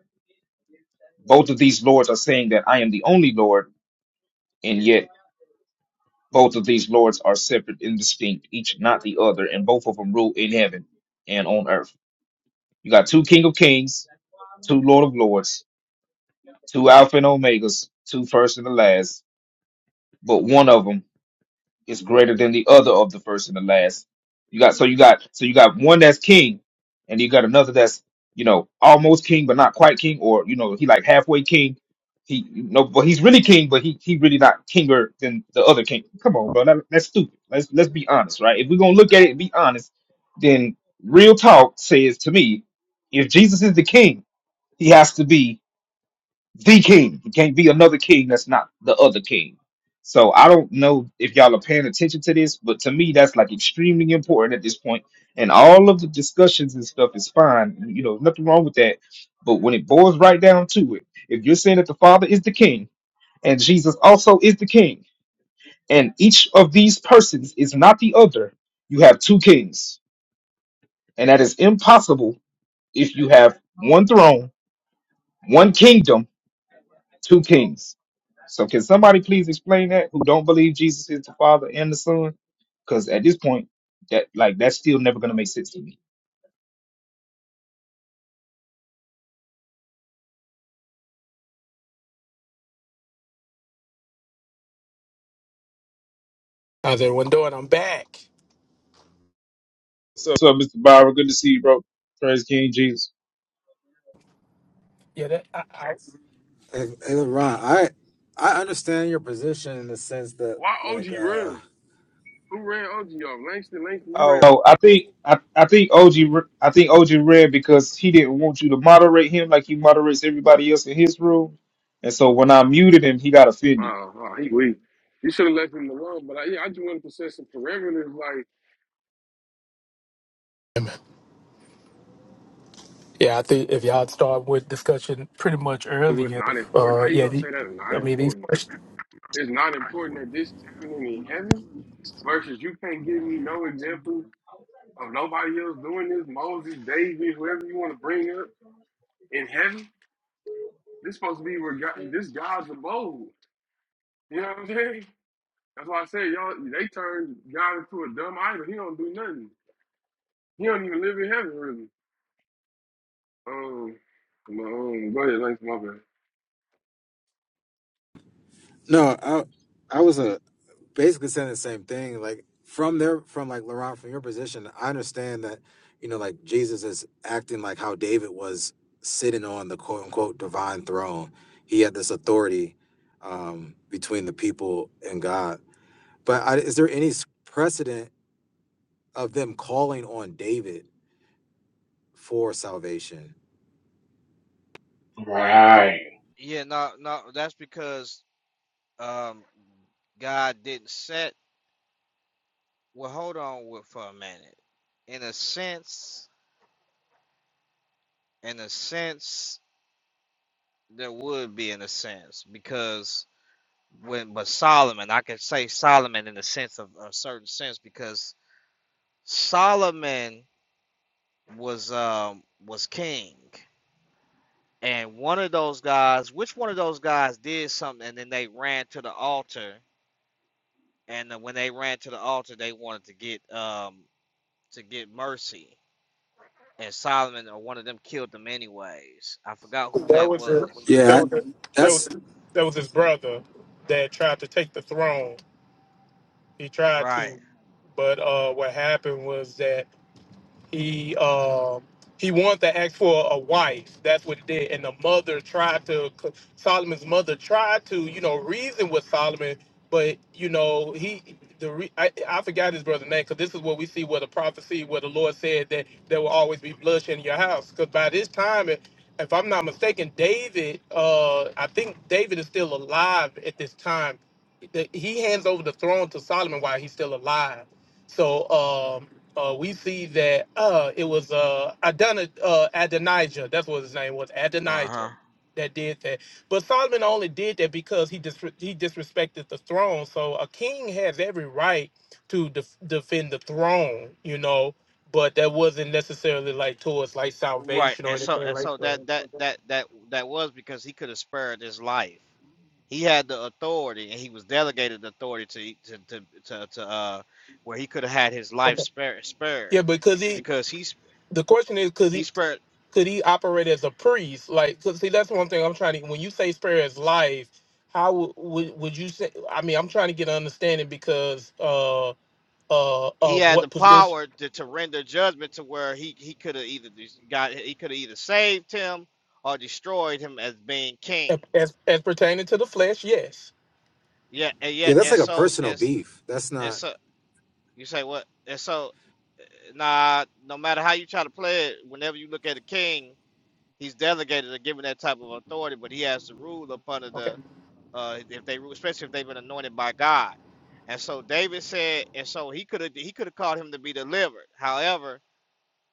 S4: Both of these lords are saying that I am the only Lord, and yet. Both of these lords are separate and distinct, each not the other, and both of them rule in heaven and on earth. You got two King of Kings, two Lord of Lords, two Alpha and Omegas, two first and the last, but one of them is greater than the other of the first and the last. You got so you got so you got one that's king, and you got another that's you know almost king but not quite king, or you know he like halfway king. He you know, but he's really king, but he he really not kinger than the other king. Come on, bro, that, that's stupid. Let's let's be honest, right? If we're gonna look at it and be honest, then real talk says to me, if Jesus is the king, he has to be the king. He can't be another king that's not the other king. So I don't know if y'all are paying attention to this, but to me that's like extremely important at this point. And all of the discussions and stuff is fine. You know, nothing wrong with that. But when it boils right down to it, if you're saying that the Father is the king and Jesus also is the king, and each of these persons is not the other, you have two kings. And that is impossible if you have one throne, one kingdom, two kings. So can somebody please explain that who don't believe Jesus is the Father and the Son? Because at this point, that like that's still never gonna make sense to me.
S6: How's everyone doing? I'm back.
S4: So, so Mr. Byron, good to see you, bro. Praise King Jesus.
S6: Yeah, that I, I,
S13: Hey, hey, LeBron, I I understand your position in the sense that
S1: Why OG
S13: like uh
S1: run? Who ran OG off? Langston, Langston, you
S4: Oh,
S1: ran
S4: So I think I, I think OG re- I think OG read because he didn't want you to moderate him like he moderates everybody else in his room, and so when I muted him, he got offended.
S1: Wow, wow, he weak. You should have left him alone. But I, yeah, I just wanted to set some parameters. Like
S6: Yeah, I think if y'all start with discussion pretty much
S1: it was
S6: earlier,
S1: not important.
S6: uh,
S1: How you
S6: yeah,
S1: gonna
S6: the,
S1: say that is not
S6: I mean these
S1: important?
S6: questions.
S1: It's not important that this is happening in heaven. Versus, you can't give me no example of nobody else doing this. Moses, David, whoever you want to bring up in heaven. This supposed to be where God, this God's abode. You know what I'm saying? That's why I said y'all. They turned God into a dumb idol. He don't do nothing. He don't even live in heaven really. Um, come on, go ahead, Lance, my bad.
S13: no, I I was uh basically saying the same thing. Like from their from like LeBron from your position, I understand that you know like Jesus is acting like how David was sitting on the quote unquote divine throne. He had this authority um between the people and God. But I, is there any s- precedent of them calling on David for salvation?
S10: Right.
S11: Yeah, no, no, that's because um God didn't set well hold on with for a minute. In a sense, in a sense, there would be in a sense because when but Solomon, I can say Solomon in the sense of a certain sense because Solomon was um was king and one of those guys which one of those guys did something and then they ran to the altar and uh, when they ran to the altar they wanted to get um to get mercy, and Solomon or one of them killed them anyways. I forgot who that was.
S6: That
S13: Yeah,
S6: was
S13: I-
S6: that
S13: that's
S6: was that was his brother that tried to take the throne. He tried
S11: Right.
S6: to, but uh, what happened was that He um he wanted to ask for a wife. That's what he did. And the mother tried to Solomon's mother tried to you know reason with Solomon, but you know he the re, I, I forgot his brother's name because this is what we see where the prophecy where the Lord said that there will always be bloodshed in your house because by this time. It, if I'm not mistaken, David, uh, I think David is still alive at this time. The- He hands over the throne to Solomon while he's still alive. So um, uh, we see that uh, it was uh, Adonijah, uh, Adonijah, that's what his name was,
S11: Uh huh.
S6: Adonijah, that did that. But Solomon only did that because he dis- he disrespected the throne. So a king has every right to def- defend the throne, you know. But that wasn't necessarily like towards like
S11: Right.
S6: salvation or
S11: And so
S6: anything
S11: and
S6: like
S11: so
S6: that.
S11: that that that that that was because he could have spared his life. He had the authority, and he was delegated authority to to to to, to uh where he could have had his life
S6: Okay.
S11: spared spared
S6: Yeah, because he
S11: because he
S6: The question is, could
S11: he
S6: he
S11: spared.
S6: could he operate as a priest? Like, 'cause see, that's one thing I'm trying to. When you say spare his life, how would would would you say? I mean, I'm trying to get an understanding because uh uh
S11: He
S6: of
S11: had the
S6: what position
S11: power to, to render judgment to where he, he could have either got he could have either saved him or destroyed him as being king.
S6: as as pertaining to the flesh. Yes.
S11: Yeah, and yeah,
S13: Yeah, that's
S11: and
S13: like a
S11: so
S13: personal
S11: it's
S13: beef. That's
S11: and
S13: not.
S11: so you say what? And so eh, nah, no matter how you try to play it, whenever you look at a king, he's delegated or given that type of authority, but he has to rule upon
S6: Okay.
S11: the uh if they rule, especially if they've been anointed by God. And so David said, and so he could have he could have called him to be delivered. However,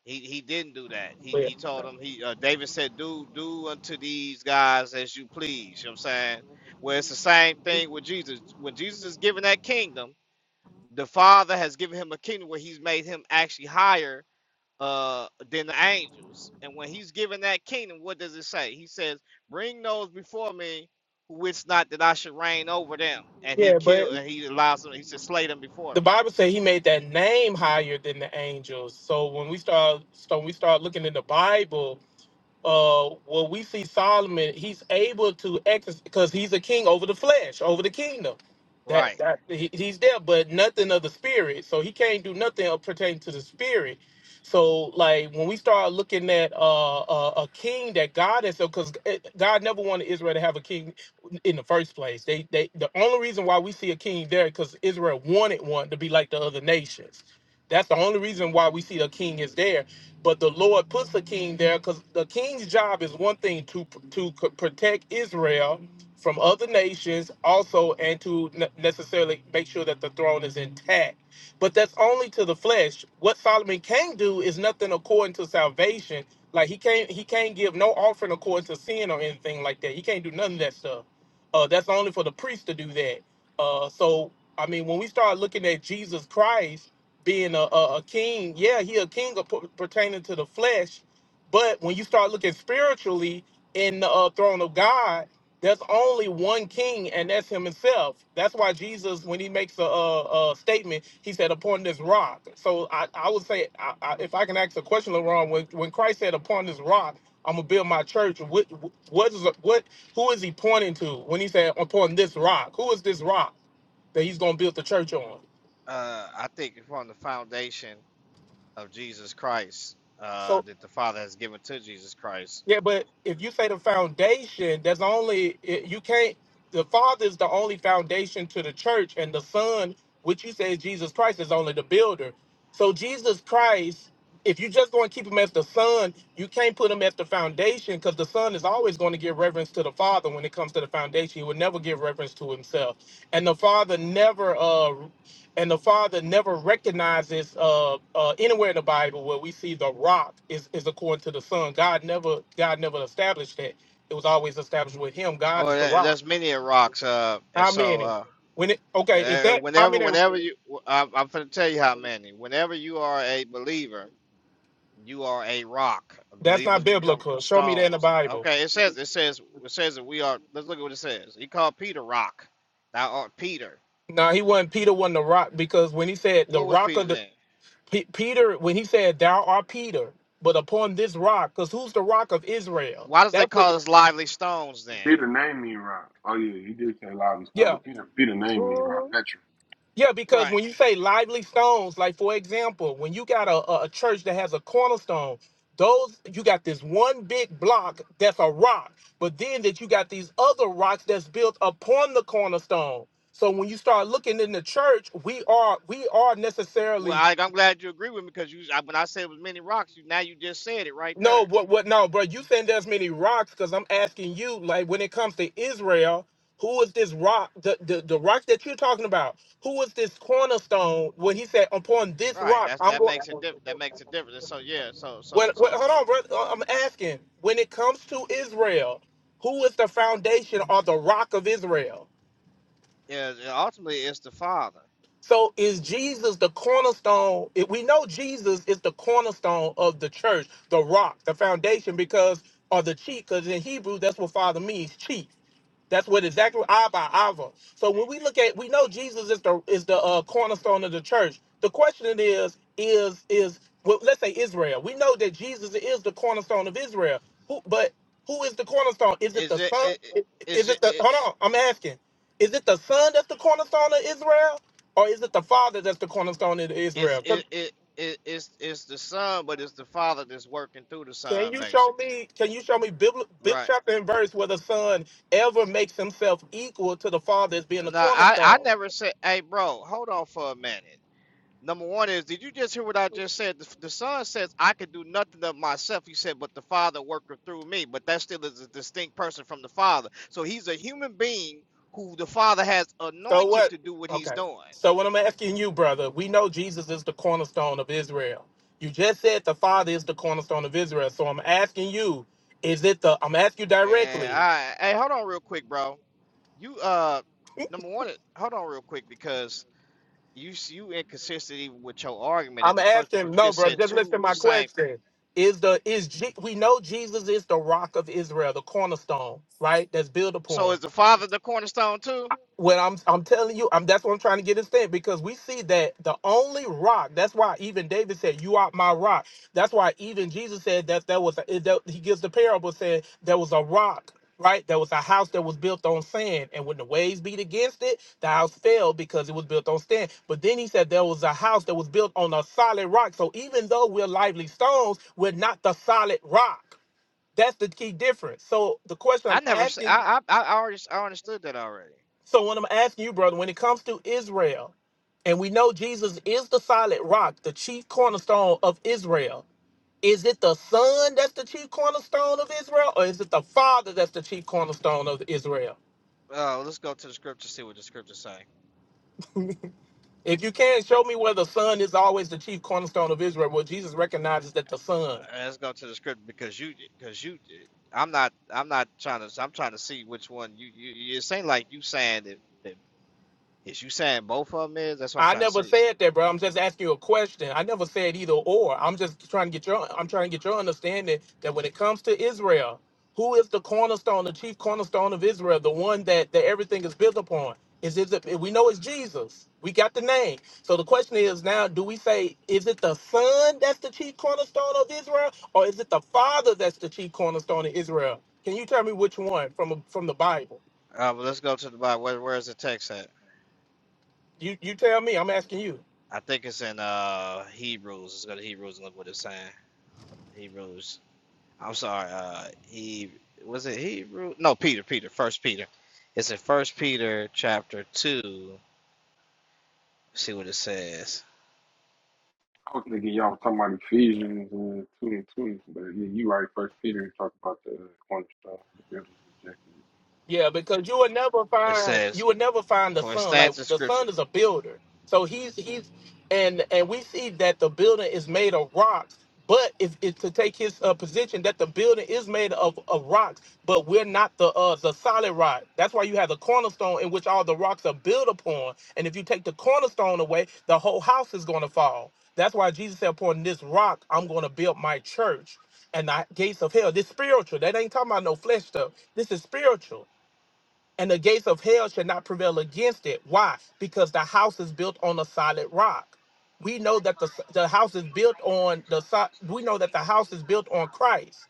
S11: he he didn't do that. He
S6: But
S11: he told him he uh, David said, "Do do unto these guys as you please." You know what I'm saying? Well, it's the same thing with Jesus. When Jesus is given that kingdom. the father has given him a kingdom where he's made him actually higher uh than the angels and when he's given that kingdom what does it say he says bring those before me who wish not that i should reign over them and he
S6: yeah, but
S11: killed and he allows them he said slay them before
S6: the
S11: me
S6: Bible says he made that name higher than the angels. So when we start, so when we start looking in the Bible, uh when we see Solomon, he's able to exercise because he's a king over the flesh, over the kingdom. That
S11: right
S6: that he, he's there, but nothing of the spirit. So he can't do nothing pertaining to the spirit. So like when we start looking at uh, uh, a king that God has, because God never wanted Israel to have a king in the first place. They they the only reason why we see a king there because Israel wanted one to be like the other nations. That's the only reason why we see a king is there but the Lord puts a king there because the king's job is one thing to to c- protect Israel from other nations, also, and to ne- necessarily make sure that the throne is intact. But that's only to the flesh. What Solomon can do is nothing according to salvation. Like he can't he can't give no offering according to sin or anything like that. He can't do none of that stuff. Uh, that's only for the priest to do that. Uh, so I mean, when we start looking at Jesus Christ being a, a, a king, yeah, he a king of, per- pertaining to the flesh. But when you start looking spiritually in the uh, throne of God, there's only one king, and that's him himself. That's why Jesus, when he makes a, a, a statement, he said, upon this rock. So I, I would say, I, I, if I can ask a question, LaRon, when, when Christ said, upon this rock, I'm gonna build my church. What, what is what? Who is he pointing to when he said upon this rock? Who is this rock that he's gonna build the church on?
S11: uh i think from the foundation of jesus christ
S6: So
S11: uh that the father has given to jesus christ
S6: Yeah, but if you say the foundation, there's only it- you can't. The Father is the only foundation to the church, and the Son, which you say is Jesus Christ, is only the builder. So Jesus Christ, if you just going to keep him as the Son, you can't put him as the foundation because the Son is always going to give reverence to the Father when it comes to the foundation. He would never give reverence to himself, and the Father never uh, and the Father never recognizes uh, uh, anywhere in the Bible where we see the rock is, is according to the Son. God never God never established that. It was always established with Him. God
S11: or
S6: is the
S11: that,
S6: rock.
S11: that's many of rocks uh and
S6: How
S11: so
S6: many?
S11: uh
S6: When it okay, if
S11: Uh,
S6: that how
S11: whenever,
S6: many
S11: whenever you, I'm, I'm going to tell you how many. Whenever you are a believer, you are a rock.
S6: that's
S11: Believers
S6: not
S11: become
S6: biblical. Show me that in the
S11: stones.
S6: Bible.
S11: Okay, it says, it says, it says that we are. Let's look at what it says. He called Peter rock. Thou art Peter.
S6: No, he wasn't Peter wasn't the rock because when he said the
S11: What was
S6: rock
S11: Peter
S6: of the
S11: then?
S6: P- Peter, when he said thou art Peter, but upon this rock, because who's the rock of Israel?
S11: Why does they
S6: That's the
S11: call us lively stones then?
S1: Peter named me right. Oh yeah, you did say loud and
S6: yeah.
S1: stumble. Peter Peter named me right. Petra.
S6: Yeah, because
S11: Right.
S6: when you say lively stones, like for example, when you got a, a a church that has a cornerstone, those you got this one big block that's a rock, but then that you got these other rocks that's built upon the cornerstone. So when you start looking in the church, we are we are
S11: Well,
S6: necessarily
S11: I, I'm glad you agree with me because you. I, when I said it was many rocks, you now you just said it right there.
S6: no what what no, bro. You saying there's many rocks because I'm asking you like when it comes to Israel, who is this rock the, the the rock that you're talking about who is this cornerstone when he said upon this
S11: Right.
S6: rock
S11: That's
S6: i'm
S11: that
S6: going
S11: makes it. Diff- that makes a difference. So yeah. So so
S6: When, when,
S11: so
S6: hold on, brother. uh, I'm asking. When it comes to Israel, who is the foundation or the rock of Israel?
S11: yeah. Ultimately, it's the Father
S6: So is Jesus the cornerstone? If we know Jesus is the cornerstone of the church, the rock, the foundation, because or the chief, because in Hebrew that's what Father means, chief. That's what exactly eye by Ava. So when we look at, we know Jesus is the is the uh, cornerstone of the church. The question is, is is well, let's say Israel. We know that Jesus is the cornerstone of Israel. Who, but who is the cornerstone? Is it
S11: Is
S6: the
S11: it?
S6: son?
S11: it, it
S6: Is
S11: is it?
S6: it the?
S11: it
S6: Hold on, I'm asking. Is it the son that's the cornerstone of Israel, or is it the father that's the cornerstone of
S11: it's
S6: Israel?
S11: it,
S6: Can
S11: it it it's it's the son, but it's the father that's working through the
S6: can
S11: son,
S6: you show
S11: basically.
S6: me? Can you show me Bible, Bible
S11: Right.
S6: chapter and verse where the son ever makes himself equal to the father as being the
S11: Now I I
S6: cornerstone?
S11: never said. Hey, bro, hold on for a minute. Number one is, did you just hear what I just said? The, the son says, "I could do nothing of myself." He said, "But the father working through me." But that still is a distinct person from the father. So he's a human being who the father has
S6: So
S11: anointed
S6: what?
S11: to do what he's
S6: Okay.
S11: doing.
S6: So what I'm asking you, brother, we know Jesus is the cornerstone of Israel. You just said the Father is the cornerstone of Israel. So I'm asking you, is it the I'm asking you directly.
S11: Yeah, I, hey, hold on real quick, bro. You uh, number one, hold on real quick because you s- you inconsistent even with your argument in
S6: I'm
S11: the first because
S6: asking
S11: you
S6: no,
S11: just
S6: bro.
S11: said
S6: just listen to
S11: two the
S6: my
S11: same thing.
S6: question. Is the is Je- we know Jesus is the rock of Israel, the cornerstone, right? That's built
S11: So
S6: upon.
S11: is the father the cornerstone too?
S6: When I'm I'm telling you, I'm that's what I'm trying to get understand because we see that the only rock. That's why even David said, "You are my rock." That's why even Jesus said that there was a, that he gives the parable saying there was a rock. Right, there was a house that was built on sand, and when the waves beat against it, the house fell because it was built on sand. But then he said there was a house that was built on a solid rock. So even though we're lively stones, we're not the solid rock. That's the key difference. So the question
S11: I
S6: I'm
S11: never s-
S6: asking
S11: I I I already s- I understood that already.
S6: so when I'm asking you, brother, when it comes to Israel, and we know Jesus is the solid rock, the chief cornerstone of Israel, is it the Son that's the chief cornerstone of Israel, or is it the Father that's the chief cornerstone of Israel?
S11: Uh, let's go to the scripture see what the scripture say.
S6: If you can show me where the Son is always the chief cornerstone of Israel, where Jesus recognizes that the Son
S11: Uh, let's go to the scripture because you because you I'm not I'm not trying to I'm trying to see which one you you you- it ain't like you saying that, that is you saying both of them is that's what I'm
S6: I
S11: trying to
S6: never
S11: see.
S6: said that, bro. I'm just asking you a question. I never said either or. I'm just trying to get your I'm trying to get your understanding that when it comes to Israel, who is the cornerstone, the chief cornerstone of Israel, the one that, that everything is built upon? Is is it we know it's Jesus. We got the name. So the question is now, do we say is it the son that's the chief cornerstone of Israel, or is it the father that's the chief cornerstone of Israel? Can you tell me which one from from the Bible?
S11: Uh, but let's go to the Bible. Where, where is the text at?
S6: You you tell me. I'm asking you.
S11: I think it's in uh Hebrews. Let's go to Hebrews and look what it's saying. Hebrews. I'm sorry. Uh, he was it Hebrew? No, Peter. Peter. First Peter. It's in First Peter chapter two. Let's See what it says.
S1: I was thinking y'all was talking about Ephesians uh, two and twenty, but yeah, you right. First Peter talked about the uh, cornerstone, the builders rejected.
S6: Yeah, because you would never
S11: It
S6: find
S11: says,
S6: you would never find the
S11: "For it
S6: son. Like
S11: stands in
S6: the
S11: Scripture."
S6: son is a builder, so he's he's and and we see that the building is made of rocks. But if it's to take his uh, position that the building is made of, of rocks, but we're not the uh, the solid rock. That's why you have the cornerstone in which all the rocks are built upon. And if you take the cornerstone away, the whole house is going to fall. That's why Jesus said, "Upon this rock, I'm going to build my church." And the gates of hell. This spiritual. That ain't talking about no flesh stuff. This is spiritual and the gates of hell shall not prevail against it. Why? Because the house is built on a solid rock. We know that the the house is built on the so- we know that the house is built on Christ.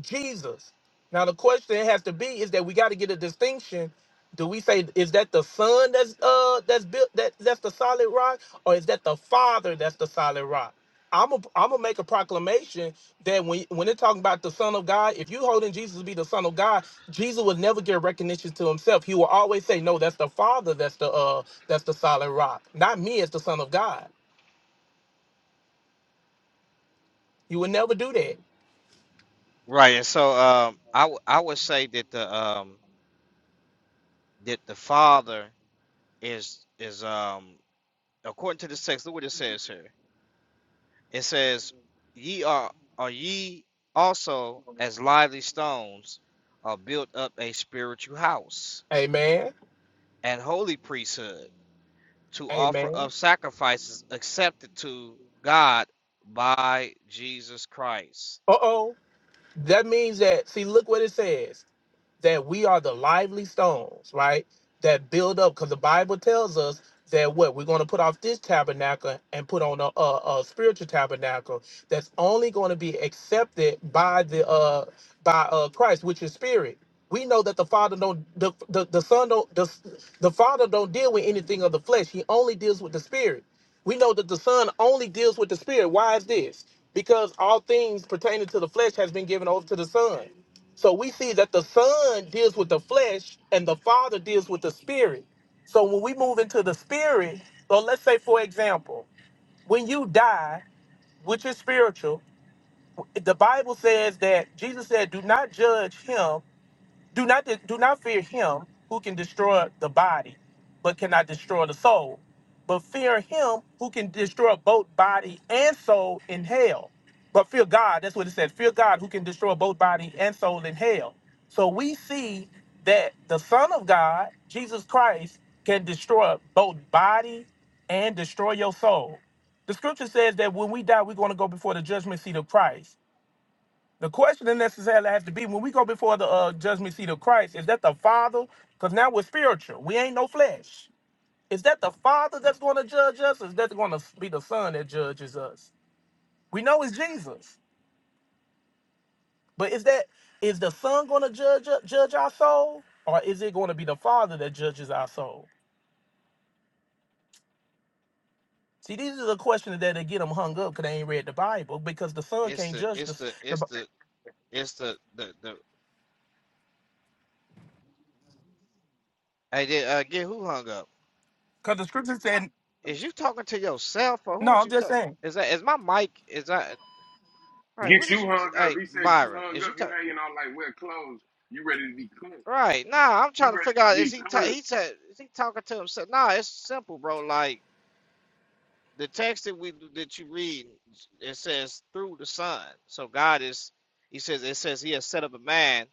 S6: Jesus. Now the question has to be is that we got to get a distinction. Do we say is that the son that's uh that's built that that's the solid rock or is that the father that's the solid rock? I'm a, I'm gonna make a proclamation that when when they're talking about the son of God, if you holding Jesus to be the son of God, Jesus will never give recognition to himself. He will always say, "No, that's the Father. That's the uh that's the solid rock, not me as the son of God." You will never do that.
S11: Right, and so um, I w- I would say that the um that the Father is is um according to this text. Look what it says here. It says, Ye are, are ye also as lively stones are built up a spiritual house
S6: Amen.
S11: and holy priesthood to offer
S6: Amen.
S11: up sacrifices accepted to God by Jesus Christ.
S6: Uh oh. That means that, see, look what it says that we are the lively stones, right? That build up, because the Bible tells us that what we're going to put off this tabernacle and put on a, a, a spiritual tabernacle that's only going to be accepted by the uh by uh Christ, which is spirit. We know that the Father don't the the, the Son don't the, the Father don't deal with anything of the flesh. He only deals with the spirit. We know that the Son only deals with the Spirit. Why is this? Because all things pertaining to the flesh has been given over to the Son. So we see that the Son deals with the flesh and the Father deals with the Spirit. So when we move into the Spirit, so let's say, for example, when you die, which is spiritual, the Bible says that Jesus said, Do not judge him do not do not fear him who can destroy the body, but cannot destroy the soul. But fear him who can destroy both body and soul in hell. But fear God, that's what it said. Fear God who can destroy both body and soul in hell. So we see that the Son of God, Jesus Christ, can destroy both body and destroy your soul. The scripture says that when we die, we're going to go before the judgment seat of Christ. The question that necessarily has to be when we go before the uh, judgment seat of Christ, is that the Father? Because now we're spiritual. We ain't no flesh. Is that the Father that's going to judge us? Or is that going to be the Son that judges us? We know it's Jesus, but is that is the Son going to judge judge our soul, or is it going to be the Father that judges our soul? See, these are the questions that they get them hung up because they ain't read the Bible because the Son
S11: It's
S6: can't
S11: the
S6: judge
S11: it's
S6: the
S11: the
S6: because
S11: it's
S6: the,
S11: the it's the the, the hey did, uh, again who hung up?
S6: 'cause the Scripture said
S11: Is you talking to yourself or
S6: no.
S11: who is
S6: I'm
S11: you
S6: just
S11: talking?
S6: saying
S11: Is that is my mic? Is that all
S1: it.
S11: right? What
S1: Get
S11: is
S1: you
S11: you? T-
S1: hung up.
S11: hey
S1: He said you
S11: Byron,
S1: hung
S11: is you
S1: up. You
S11: talking?
S1: hanging on like wet clothes. You ready to be clipped.
S11: Right. Nah, I'm
S1: You
S11: trying to
S1: ready
S11: figure out
S1: to
S11: is
S1: get
S11: he ta-
S1: clipped.
S11: he said is he talking to himself? Nah, it's simple, bro. Like the text that we that you read, it says through the Son. So God is he says it says he has set up a man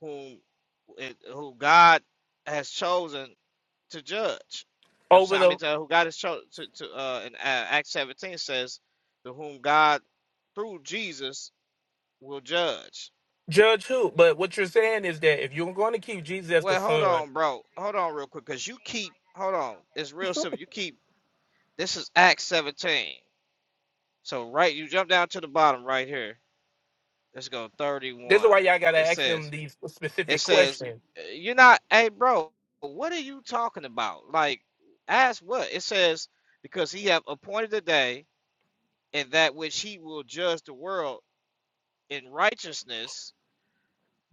S11: whom it, who God has chosen to judge. You know what I'm
S6: over
S11: saying? I
S6: the
S11: mean, to, who God has chosen to, to uh in uh, Acts 17 says to whom God through Jesus will judge.
S6: Judge who? But what you're saying is that if you're going to keep Jesus as the
S11: Well, hold
S6: son,
S11: on, bro. Hold on real quick, cause you keep hold on. It's real simple. You keep This is Acts 17. So right, you jump down to the bottom right here. Let's go
S6: this is
S11: 31.
S6: why y'all gotta
S11: It
S6: ask them
S11: says,
S6: these
S11: it
S6: specific
S11: says,
S6: questions.
S11: uh, you're not, hey bro, what are you talking about? Like, ask what? It says, because he have appointed a day in that which he will judge the world in righteousness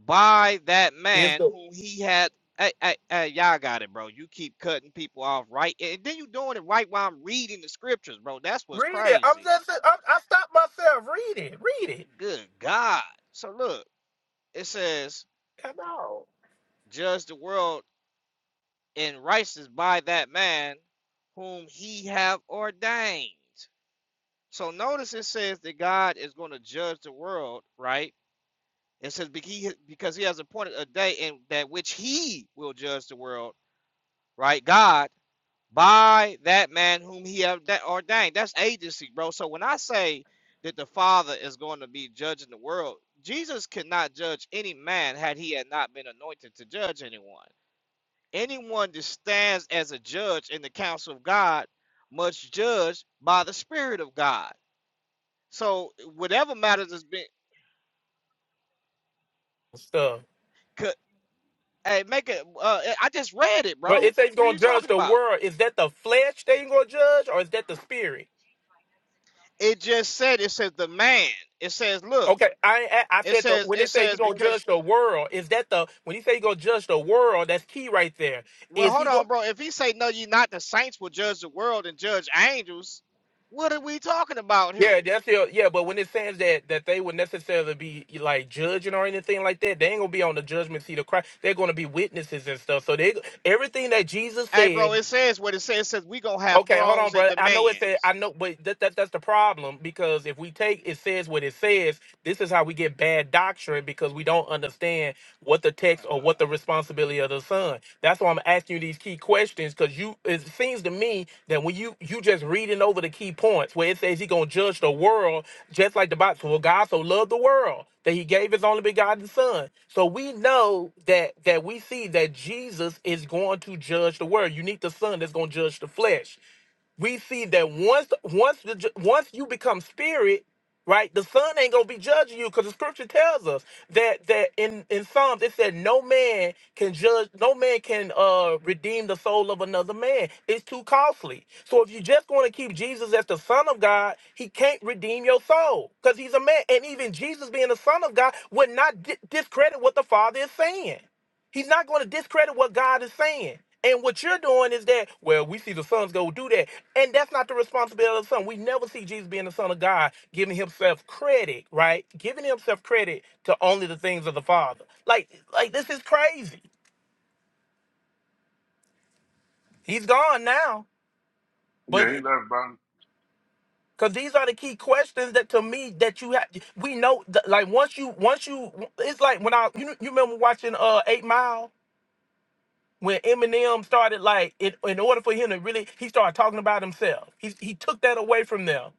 S11: by that
S6: Is
S11: man
S6: the
S11: whom he had. Hey, hey, hey, y'all got it, bro. You keep cutting people off right, and then you doing it right while I'm reading the scriptures, bro. That's what's
S6: read it? I'm
S11: crazy.
S6: just I'm, I stopped myself. Read it. Read it.
S11: Good God. So look, it says,
S6: Come on.
S11: judge the world in righteousness by that man whom he have ordained. So notice it says that God is going to judge the world, right? It says because he has appointed a day in that which he will judge the world, right? God by that man whom he have ordained. That's agency, bro. So when I say that the Father is going to be judging the world, Jesus could not judge any man had he had not been anointed to judge anyone. Anyone that stands as a judge in the council of God must judge by the Spirit of God. So whatever matters has been,
S6: Stuff.
S11: could, hey, make it. Uh, I just read it, bro.
S6: But it says he's
S11: What are
S6: gonna
S11: you
S6: judge
S11: talking
S6: the
S11: about?
S6: world. Is that the flesh that he's gonna judge, or is that the spirit?
S11: It just said it says the man. It says, look.
S6: Okay, I ain't a- I
S11: It
S6: said the
S11: says
S6: when
S11: it
S6: it says he's
S11: says
S6: gonna
S11: because
S6: judge the world, is that the when he say he's gonna judge the world? That's key right there.
S11: Well,
S6: Is
S11: hold
S6: he?
S11: on, bro. If he say no, you not the saints will judge the world and judge angels. What are we talking about here?
S6: Yeah, that's your yeah. But when it says that that they would necessarily be like judging or anything like that, they ain't gonna be on the judgment seat of Christ. They're gonna be witnesses and stuff. So they everything that Jesus
S11: Hey,
S6: said
S11: bro, it says what it says. It says we gonna have
S6: Okay, hold
S11: thrones
S6: on,
S11: and
S6: brother. I know it said I
S11: dominions.
S6: know, but that, that that's the problem because if we take it says what it says, this is how we get bad doctrine because we don't understand what the text or what the responsibility of the son. That's why I'm asking you these key questions because you it seems to me that when you you just reading over the key points where it says he gonna judge the world just like the Bible. Well, God so loved the world that he gave his only begotten son. So we know that that we see that Jesus is going to judge the world. You need the son that's going to judge the flesh we see that once once the, once you become spirit right the son ain't gonna be judging you because the scripture tells us that that in in psalms it said no man can judge no man can uh redeem the soul of another man it's too costly so if you just want to keep jesus as the son of god he can't redeem your soul because he's a man and even jesus being the son of god would not di- discredit what the father is saying He's not going to discredit what God is saying. And what you're doing is that, well, we see the sons go do that. And that's not the responsibility of the son. We never see Jesus being the son of God, giving himself credit, right? Giving himself credit to only the things of the Father. Like, like this is crazy. He's gone now. But
S1: Yeah, he left, bro.
S6: because these are the key questions that to me that you have we know that, like once you once you it's like when I you, you remember watching uh Eight Mile? when Eminem started like it, in order for him to really he started talking about himself. He he took that away from them.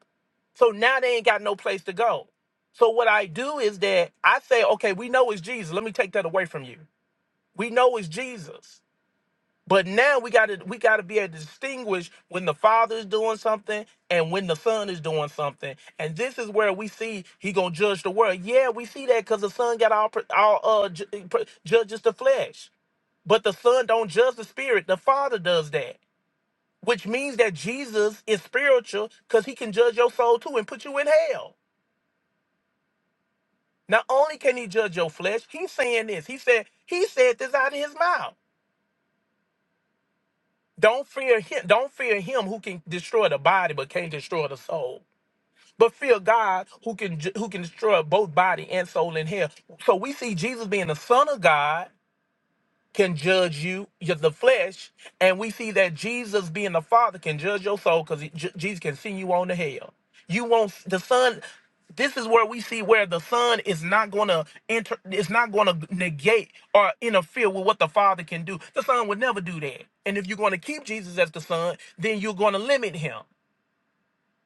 S6: So now they ain't got no place to go. So what I do is that I say, okay, we know it's Jesus. Let me take that away from you. We know it's Jesus. But now we gotta we gotta be able to distinguish when the Father is doing something and when the Son is doing something. And this is where we see he gonna judge the world. Yeah, we see that because the Son got all pr- all uh, ju- eh, pr- judges the flesh. But the Son don't judge the Spirit. The Father does that. Which means that Jesus is spiritual because he can judge your soul too and put you in hell. Not only can he judge your flesh, he's saying this. He said, he said this out of his mouth. Don't fear him. Don't fear him who can destroy the body but can't destroy the soul. But fear God who can ju- who can destroy both body and soul in hell. So we see Jesus being the Son of God can judge you, you- the flesh, and we see that Jesus, being the Father, can judge your soul because Jesus can send you on to hell. You won't. The Son. This is where we see where the Son is not going to enter. It's not going to negate or interfere with what the Father can do. The Son would never do that. And if you're going to keep Jesus as the Son, then you're going to limit him.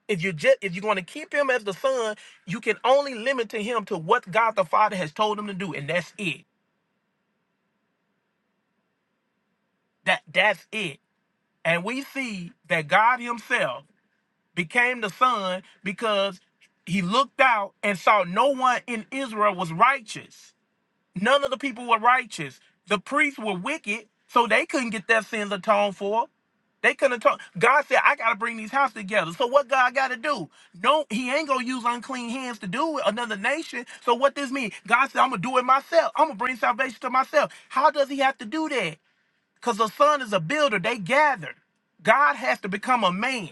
S6: If you just, if you're going to keep him as the Son, you can only limit to him to what God the Father has told him to do, and that's it. That that's it. And we see that God Himself became the Son because He looked out and saw no one in Israel was righteous. None of the people were righteous. The priests were wicked, so they couldn't get their sins atoned for. They couldn't atone. God said, I got to bring these houses together. So, what God got to do? No, He ain't going to use unclean hands to do it, another nation. So, what this mean? God said, I'm going to do it myself. I'm going to bring salvation to myself. How does He have to do that? Because the son is a builder. They gathered. God has to become a man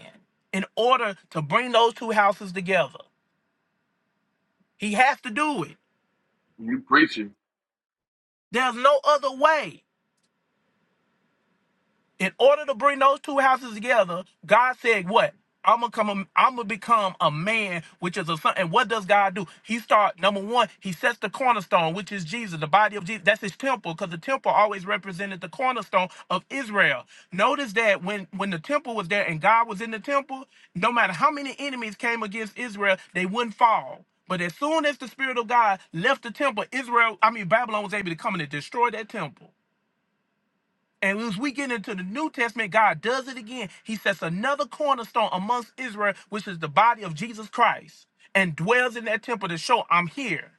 S6: in order to bring those two houses together. He has to do it.
S1: You preaching.
S6: There's no other way. in order to bring those two houses together, God said, "What? I'm gonna come. A, I'm gonna become a man, which is a son." And what does God do? He start number one. He sets the cornerstone, which is Jesus, the body of Jesus. That's his temple, because the temple always represented the cornerstone of Israel. Notice that when when the temple was there and God was in the temple, no matter how many enemies came against Israel, they wouldn't fall. But as soon as the Spirit of God left the temple, Israel, I mean Babylon, was able to come in and destroy that temple. And as we get into the New Testament, God does it again. He sets another cornerstone amongst Israel, which is the body of Jesus Christ, and dwells in that temple to show I'm here.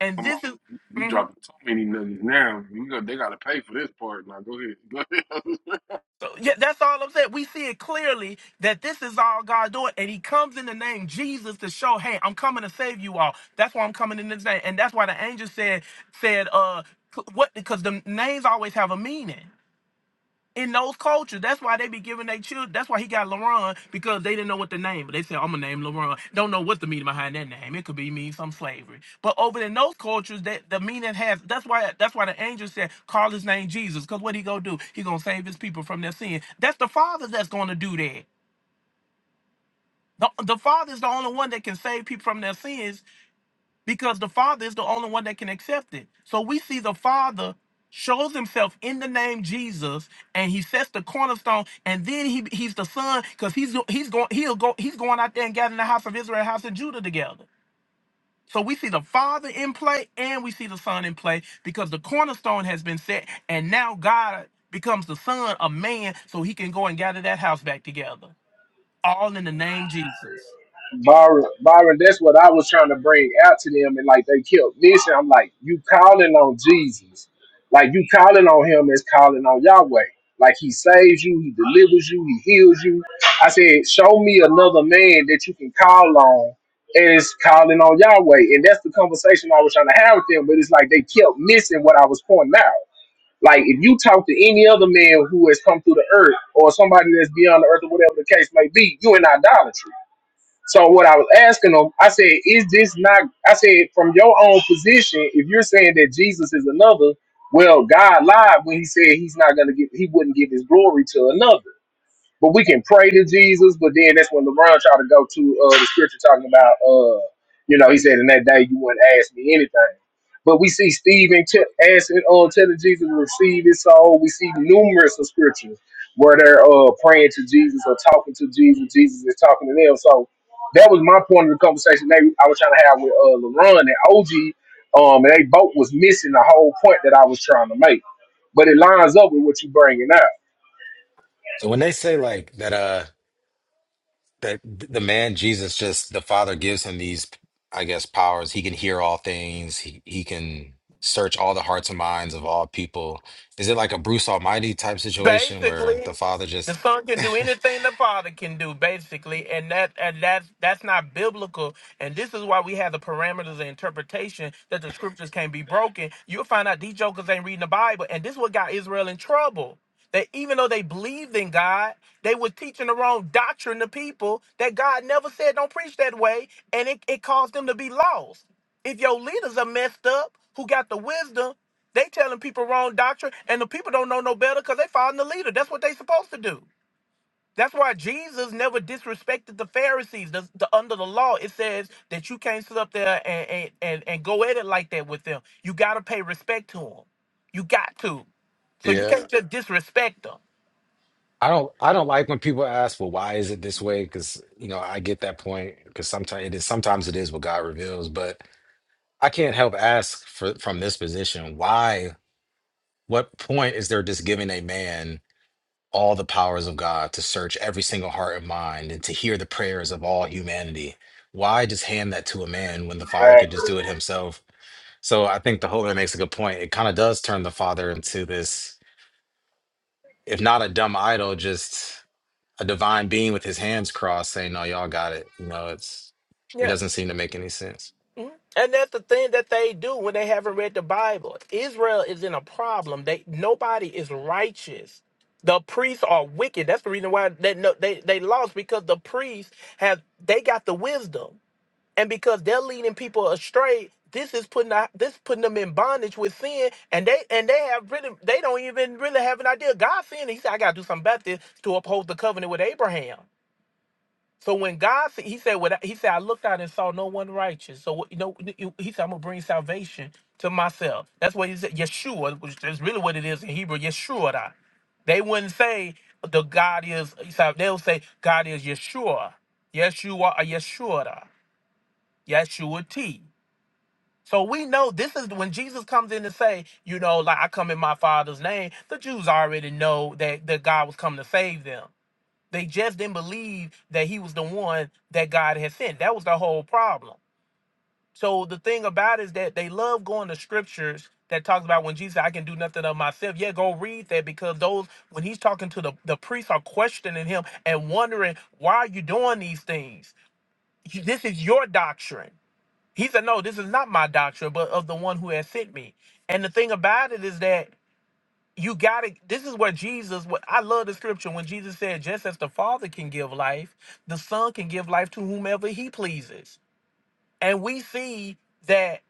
S6: And
S1: Come on.
S6: this is,
S1: You you
S6: Mhm.
S1: dropping too many niggas now. You go, they gotta pay for this part. Now go ahead. Go ahead.
S6: so yeah, that's all I'm saying. We see it clearly that this is all God doing, and He comes in the name Jesus to show, hey, I'm coming to save you all. That's why I'm coming in this name, and that's why the angel said, said, uh, what? Because the names always have a meaning. in those cultures. That's why they be giving their children. That's why he got LaRon because they didn't know what the name. But they said, "I'm gonna name LaRon." Don't know what the meaning behind that name. It could be mean some slavery. But over in those cultures, that the meaning has. That's why. That's why the angel said, "Call his name Jesus," because what he gonna do? He gonna save his people from their sin. That's the Father that's gonna do that. The, the Father is the only one that can save people from their sins because the Father is the only one that can accept it. So we see the Father shows himself in the name Jesus and he sets the cornerstone and then he he's the son because he's he's going he'll go he's going out there and gathering the house of Israel house of Judah together. So we see the Father in play and we see the Son in play because the cornerstone has been set and now God becomes the son of man so he can go and gather that house back together. All in the name Jesus.
S10: Byron, Byron, that's what I was trying to bring out to them, and like they kept missing. I'm like, you calling on Jesus, like you calling on Him is calling on Yahweh. Like He saves you, He delivers you, He heals you. I said, show me another man that you can call on, and it's calling on Yahweh. And that's the conversation I was trying to have with them, but it's like they kept missing what I was pointing out. Like if you talk to any other man who has come through the earth, or somebody that's beyond the earth, or whatever the case may be, you in idolatry so what I was asking them, I said, is this not? I said, from your own position, if you're saying that Jesus is another, well, God lied when He said He's not going to give, He wouldn't give His glory to another. But we can pray to Jesus. But then that's when LeBron tried to go to uh, the scripture talking about, uh, you know, he said, in that day you wouldn't ask me anything. But we see Stephen t- asking, uh, telling Jesus to receive his soul. We see numerous of scriptures where they're uh, praying to Jesus or talking to Jesus. Jesus is talking to them. So that was my point of the conversation they, I was trying to have with uh, LeBron and OG. Um, and they both was missing the whole point that I was trying to make. But it lines up with what you bringing
S13: So when they say like that, uh, that the man Jesus just the Father gives him these, I guess, powers. He can hear all things. He he can search all the hearts and minds of all people. Is it like a Bruce Almighty type situation where
S6: Basically,
S13: the Father
S6: the
S13: just?
S6: son can do anything the father can do, basically, and that and that's that's not biblical. And this is why we have the parameters of interpretation that the scriptures can not be broken. You'll find out these jokers ain't reading the Bible, and this is what got Israel in trouble. That even though they believed in God, they were teaching the wrong doctrine to people that God never said don't preach that way, and it, it caused them to be lost. If your leaders are messed up, who got the wisdom, they telling people wrong doctrine, and the people don't know no better because they following the leader. That's what they supposed to do. That's why Jesus never disrespected the Pharisees. The, the- under the law, it says that you can't sit up there and, and, and, and go at it like that with them. You got to pay respect to them. You got to. So you
S13: Yeah,
S6: can't just disrespect them.
S13: I don't I don't like when people ask, well, why is it this way? Because you know I get that point. Because sometimes it is sometimes it is what God reveals, but I can't help ask for from this position why What point is there just giving a man all the powers of God to search every single heart and mind and to hear the prayers of all humanity? Why just hand that to a man when the
S10: up.
S13: father could just do it himself? So I think the Holy Man makes a good point. It kind of does turn the father into this, if not a dumb idol, just a divine being with his hands crossed saying, No, y'all got it. You know, it's it doesn't seem to make any sense.
S6: Mhm. And that's the thing that they do when they haven't read the Bible. Israel is in a problem. They nobody is righteous. The priests are wicked. That's the reason why they no, they they lost because the priests have they got the wisdom, and because they're leading people astray. This is putting out, this putting them in bondage with sin, and they and they have really they don't even really have an idea. God said He said I got to do something about this to uphold the covenant with Abraham. So when God, sa- he said, "What he said, I looked out and saw no one righteous." So what- you know, you- he said, "I'm gonna bring salvation to myself." That's what he said. Yeshua, which is really what it is in Hebrew, Yeshua. They wouldn't say the God is. They'll say God is Yeshua, Yeshua, or Yeshua, Yeshua T. So we know this is when Jesus comes in to say, you know, like I come in my Father's name. The Jews already know that that God was coming to save them. They just didn't believe that he was the one that God had sent. That was the whole problem. So the thing about it is that they love going to scriptures that talks about when Jesus said, I can do nothing of myself. Yeah, go read that because those when he's talking to the, the priests are questioning him and wondering why are you doing these things? You- This is your doctrine. He said, No, this is not my doctrine, but of the one who has sent me. And the thing about it is that you gotta this is where jesus what i love the scripture when jesus said just as the father can give life the son can give life to whomever he pleases and we see that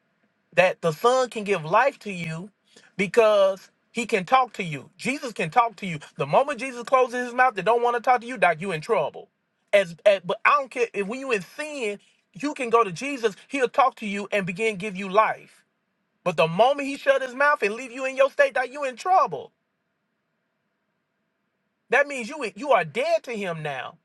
S6: that the son can give life to you because he can talk to you jesus can talk to you the moment jesus closes his mouth they don't want to talk to you doc you in trouble as, as but i don't care if when you in sin you can go to jesus he'll talk to you and begin to give you life but the moment he shut his mouth and leave you in your state, that you in trouble. That means you you are dead to him now.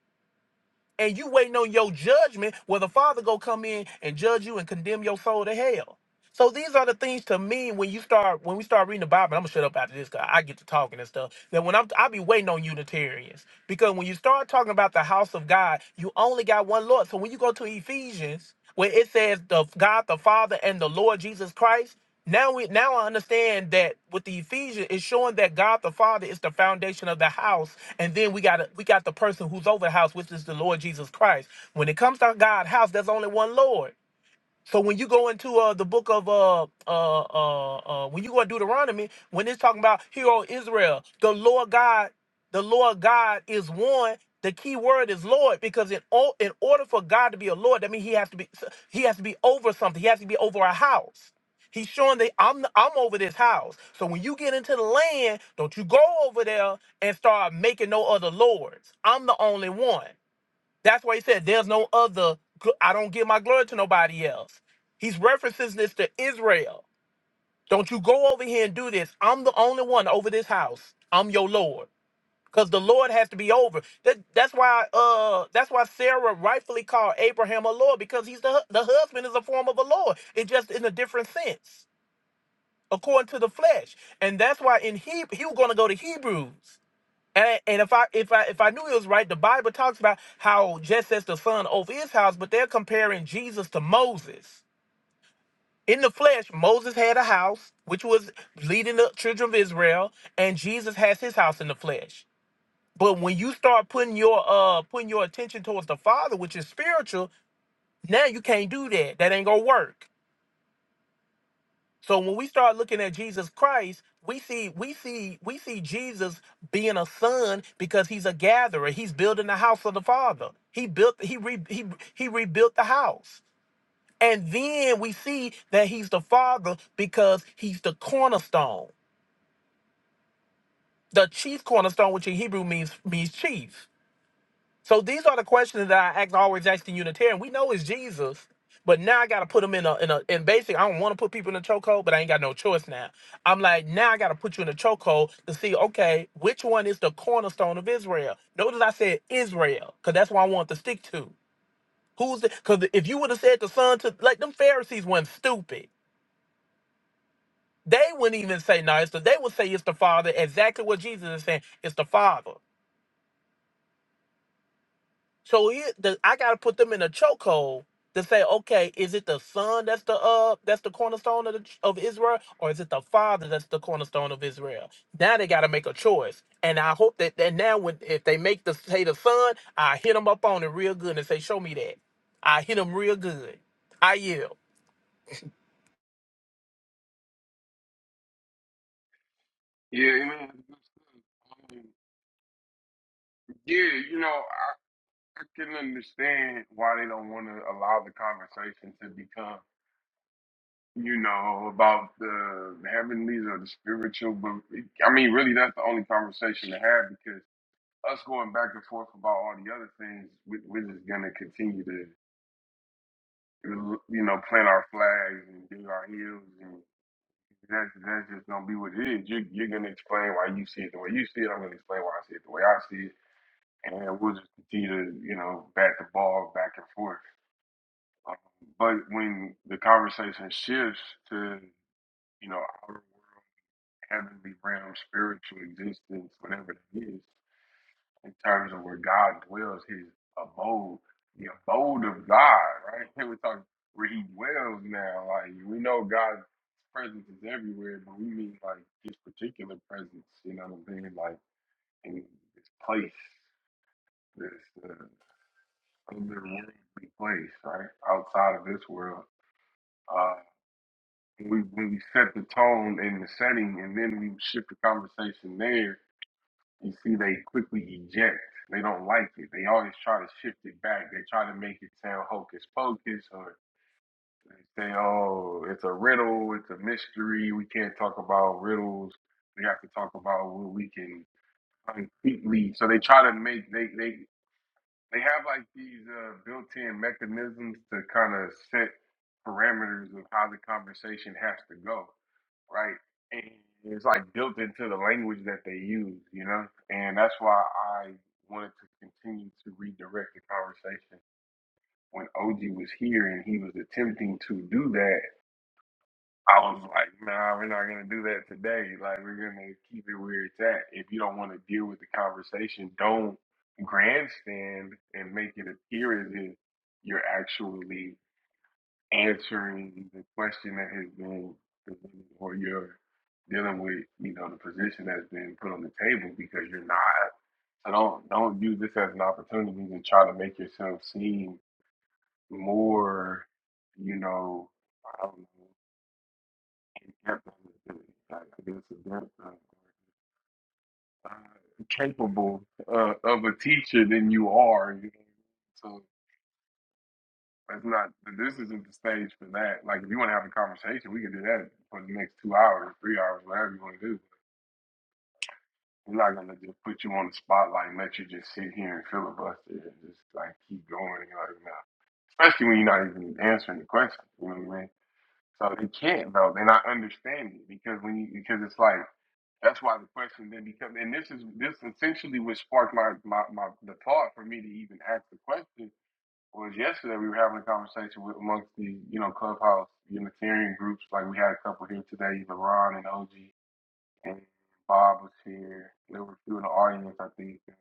S6: And you waiting on your judgment where the Father go come in and judge you and condemn your soul to hell. So these are the things to me when you start when we start reading the Bible. I'm gonna shut up after this because I get to talking and stuff. That when I'm I be waiting on Unitarians because when you start talking about the house of God, you only got one Lord. So when you go to Ephesians where it says the God the Father and the Lord Jesus Christ, now we now I understand that with the Ephesians, it's showing that God the Father is the foundation of the house, and then we got we got the person who's over the house, which is the Lord Jesus Christ. When it comes to God's house, there's only one Lord. So when you go into uh, the book of uh, uh uh uh when you go to Deuteronomy, when it's talking about hero Israel, the Lord God, the Lord God is one. The key word is Lord because in all, in order for God to be a Lord, that means he has to be he has to be over something. He has to be over a house. He's showing that I'm I'm over this house. So when you get into the land, don't you go over there and start making no other lords. I'm the only one. That's why he said, There's no other, gl- I don't give my glory to nobody else. He's referencing this to Israel. Don't you go over here and do this. I'm the only one over this house. I'm your Lord. Because the Lord has to be over. That, that's why uh that's why Sarah rightfully called Abraham a Lord, because he's the hu- the husband is a form of a Lord. It's just in a different sense, according to the flesh. And that's why in Hebrew he was gonna go to Hebrews. And, and if I if I if I knew it was right, the Bible talks about how just as the son over his house, but they're comparing Jesus to Moses. In the flesh, Moses had a house which was leading the children of Israel, and Jesus has his house in the flesh. But when you start putting your uh putting your attention towards the Father, which is spiritual, now you can't do that. That ain't gonna work. So when we start looking at Jesus Christ, we see we see we see Jesus being a son because he's a gatherer. He's building the house of the Father. He built he re, he he rebuilt the house. And then we see that he's the father because he's the cornerstone, the chief cornerstone, which in Hebrew means means chief. So these are the questions that I act always ask the Unitarian. We know it's Jesus, but now I gotta put them in a in a and basically I don't want to put people in a chokehold, but I ain't got no choice now. I'm like, now I gotta put you in a chokehold to see, okay, which one is the cornerstone of Israel? Notice I said Israel, because that's what I want to stick to. Who's the because if you would have said the son to like them Pharisees weren't stupid. They wouldn't even say no, it's the, they would say it's the father, exactly what Jesus is saying, it's the father. So it, the, I gotta put them in a chokehold to say, okay, is it the son that's the uh that's the cornerstone of the, ch- of Israel, or is it the father that's the cornerstone of Israel? Now they gotta make a choice, and I hope that that now when if they make the say the son, I hit them up on it real good and say, show me that. I hit them real good. I yield.
S1: yeah, man. Yeah, you know, I can understand why they don't want to allow the conversation to become, you know, about the heavenlies or the spiritual. But I mean, really, that's the only conversation to have because us going back and forth about all the other things, we, we're just gonna continue to, you know, plant our flags and dig our heels, and that's that's just gonna be what it You're you're gonna explain why you see it the way you see it. I'm gonna explain why I see it the way I see it, and we'll just continue to, you know, bat the ball back and forth. Um, But when the conversation shifts to, you know, outer world, heavenly realm, spiritual existence, whatever it is, in terms of where God dwells, his abode, the abode of God, right? Here we talk where he dwells now. Like we know God's presence is everywhere, but we mean like his particular presence, you know what I'm saying? Like in this place, this uh, otherworldly place, right? Outside of this world. uh, we when we set the tone and the setting, and then we shift the conversation there. You see, they quickly eject. They don't like it. They always try to shift it back. They try to make it sound hocus pocus, or they say, "Oh, it's a riddle. It's a mystery. We can't talk about riddles. We have to talk about what we can concretely." So they try to make they they they have like these uh, built-in mechanisms to kind of set parameters of how the conversation has to go, right? And it's like built into the language that they use, you know. And that's why I wanted to continue to redirect the conversation when OG was here and he was attempting to do that. I was like, nah, we're not gonna do that today. Like, we're gonna keep it where it's at. If you don't want to deal with the conversation, don't grandstand and make it appear as if you're actually answering the question that has been presented, or you're dealing with, you know, the position that's been put on the table because you're not. So don't don't use this as an opportunity to try to make yourself seem more, you know, I don't know, apt on the thing. I guess if that's uh, uh, capable uh, of a teacher than you are, you know. So that's not. This isn't the stage for that. Like if you want to have a conversation, we can do that for the next two hours, three hours, whatever you want to do. We're not gonna just put you on the spotlight and let you just sit here and filibuster and just like keep going. You know, no. especially when you're not even answering the question. You know what I mean? So they can't though, They're not understanding because when you because it's like. That's why the question then becomes, and this is this essentially what sparked my, my my the thought for me to even ask the question was yesterday we were having a conversation with amongst the you know clubhouse Unitarian groups like we had a couple here today, LeBron and OG and Bob was here. There were a few in the audience, I think. and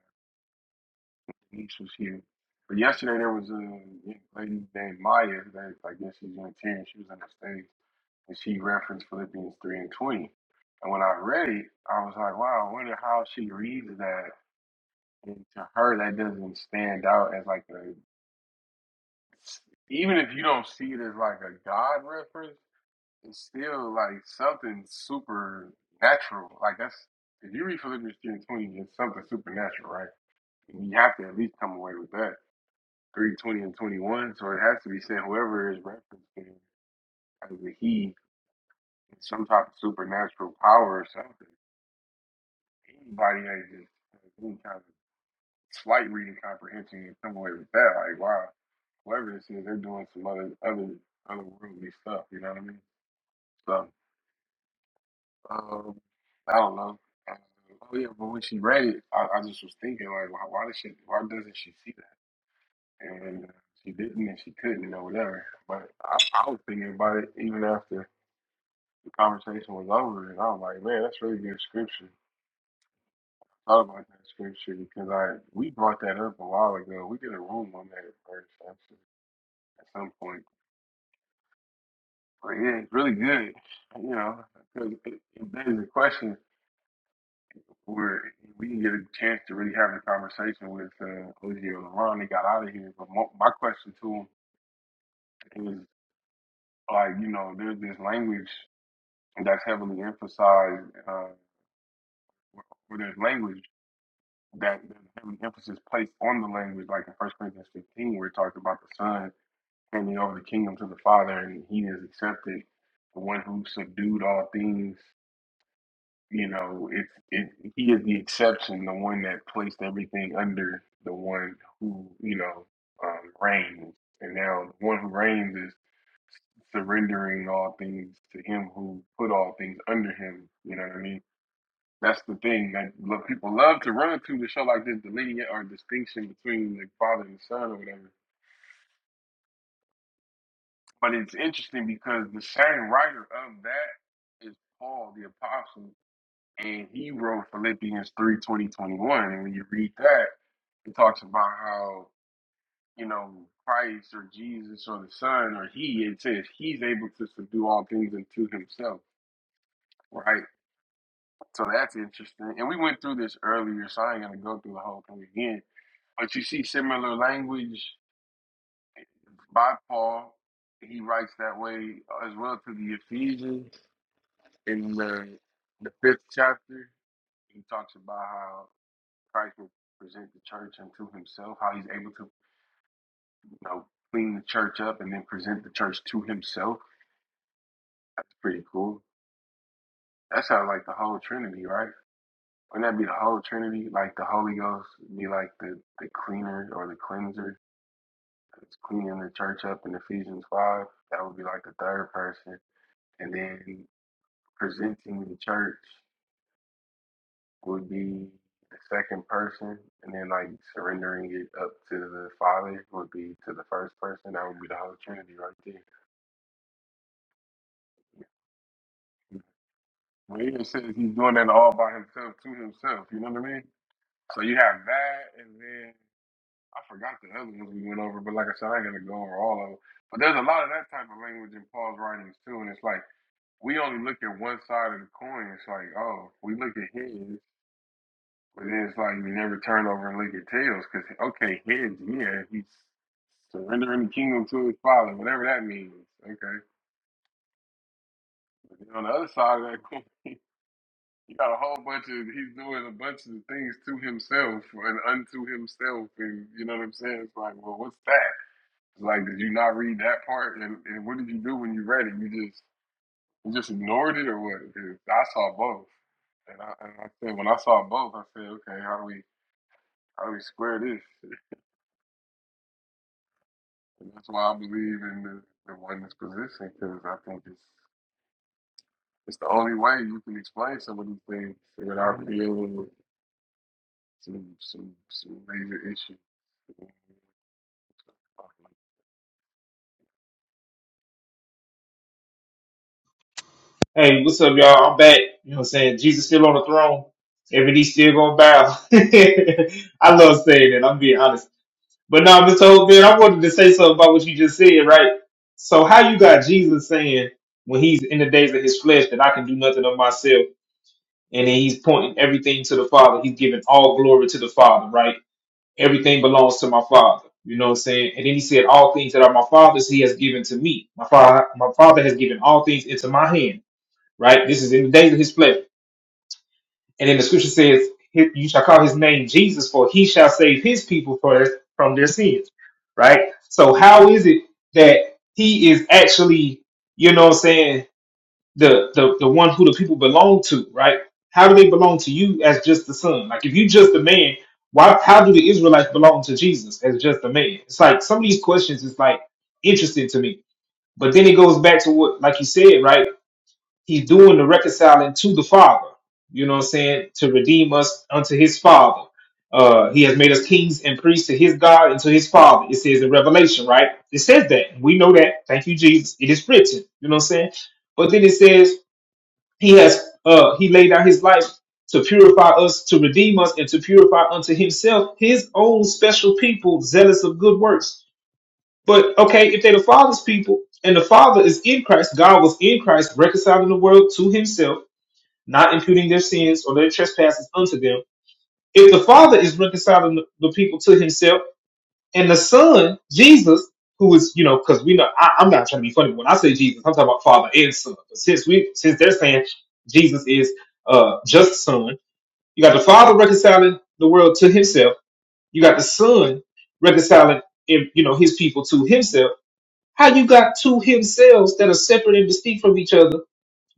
S1: Denise was here, but yesterday there was a lady named Maya. That I guess she's Unitarian. She was on the stage and she referenced Philippians 3 and 20. And when I read it, I was like, wow, I wonder how she reads that. And to her, that doesn't stand out as like a, even if you don't see it as like a God reference, it's still like something supernatural. Like that's, if you read Philippians 3 and 20, it's something supernatural, right? And you have to at least come away with that. 3 20 and 21. So it has to be saying whoever is referencing as a he, some type of supernatural power or something. anybody has just any kind of slight reading comprehension and come away with that, like wow, whoever this is, they're doing some other other otherworldly stuff. You know what I mean? So um, I don't know. Uh, Oh yeah, but when she read it, I, I just was thinking like, why, why does she? Why doesn't she see that? And uh, she didn't, and she couldn't, or whatever. But I, I was thinking about it even after the conversation was over, and I was like, man, that's really good scripture. thought about that scripture because I we brought that up a while ago. We did a room on that at actually, at some point. But yeah, it's really good, you know, because it, it begs the question where we can get a chance to really have a conversation with uh, Ozzy or LeBron. They got out of here, but mo- my question to him is like, you know, there's this language that's heavily emphasized, uh, where where there's language that there's heavy emphasis placed on the language, like in First Corinthians 15, where it talks about the Son handing over the kingdom to the Father, and He is accepted. The one who subdued all things, you know, it's it. He is the exception, the one that placed everything under the one who, you know, um, reigns. And now the one who reigns is surrendering all things to Him who put all things under Him. You know what I mean? That's the thing that lo- people love to run to to show like this delineate or distinction between the Father and the Son or whatever But it's interesting because the same writer of that is Paul the Apostle, and he wrote Philippians 3 20 21. And when you read that, it talks about how, you know, Christ or Jesus or the Son or He, it says He's able to subdue all things unto Himself, right? So that's interesting. And we went through this earlier, so I ain't going to go through the whole thing again. But you see similar language by Paul. He writes that way as well to the Ephesians in the the fifth chapter, he talks about how Christ will present the church unto himself, how he's able to you know clean the church up and then present the church to himself. That's pretty cool. That's how like the whole Trinity, right? Wouldn't that be the whole Trinity? Like the Holy Ghost be like the, the cleaner or the cleanser that's cleaning the church up in Ephesians five. That would be like the third person. And then presenting the church. would be the second person, and then like surrendering it up to the Father would be to the first person. That would be the Holy Trinity right there. Well, he even says he's doing that all by himself to himself. You know what I mean? So you have that, and then I forgot the other ones we went over, but like I said, I ain't gonna go over all of them. But there's a lot of that type of language in Paul's writings too, and it's like we only look at one side of the coin. It's like, oh, we look at his. But then it's like you never turn over and look at tails because, okay, heads, yeah, he's surrendering the kingdom to his father, whatever that means. Okay. But then on the other side of that coin, you got a whole bunch of, he's doing a bunch of things to himself and unto himself. And you know what I'm saying? It's like, well, what's that? It's like, did you not read that part? And, and what did you do when you read it? You just, you just ignored it or what? 'Cause I saw both. And I, and I said, when I saw both, I said, okay, how do we, how do we square this? And that's why I believe in the, the oneness position because I think it's it's the only way you can explain some of these things without dealing with some some some major issues.
S4: Hey, what's up, y'all? I'm back. You know what I'm saying? Jesus still on the throne. Every knee still gonna bow. I love saying that. I'm being honest. But no, Mr. Hope, man, I wanted to say something about what you just said, right? So how you got Jesus saying when he's in the days of his flesh that I can do nothing of myself, and then he's pointing everything to the Father. He's giving all glory to the Father, right? Everything belongs to my Father. You know what I'm saying? And then he said, All things that are my father's he has given to me. My father my father has given all things into my hand. Right? This is in the days of his flesh. And then the scripture says, You shall call his name Jesus, for he shall save his people for, from their sins. Right? So, how is it that he is actually, you know what I'm saying, the, the, the one who the people belong to, right? How do they belong to you as just the son? Like, if you just a man, why, how do the Israelites belong to Jesus as just a man? It's like some of these questions is like interesting to me. But then it goes back to what, like you said, right? He's doing the reconciling to the Father. You know what I'm saying? To redeem us unto his Father. Uh, he has made us kings and priests to his God and to his Father. It says in Revelation, right? It says that. We know that. Thank you, Jesus. It is written. You know what I'm saying? But then it says he has uh he laid down his life to purify us, to redeem us, and to purify unto himself his own special people, zealous of good works. But okay, if they're the Father's people and the Father is in Christ, God was in Christ, reconciling the world to himself, not imputing their sins or their trespasses unto them. If the Father is reconciling the the people to himself and the Son, Jesus, who is, you know, because we know, I, I'm not trying to be funny, when I say Jesus, I'm talking about Father and Son. But since we, since they're saying Jesus is uh, just Son, you got the Father reconciling the world to himself, you got the Son reconciling, eh, you know, his people to himself how you got two himselves that are separate and distinct from each other,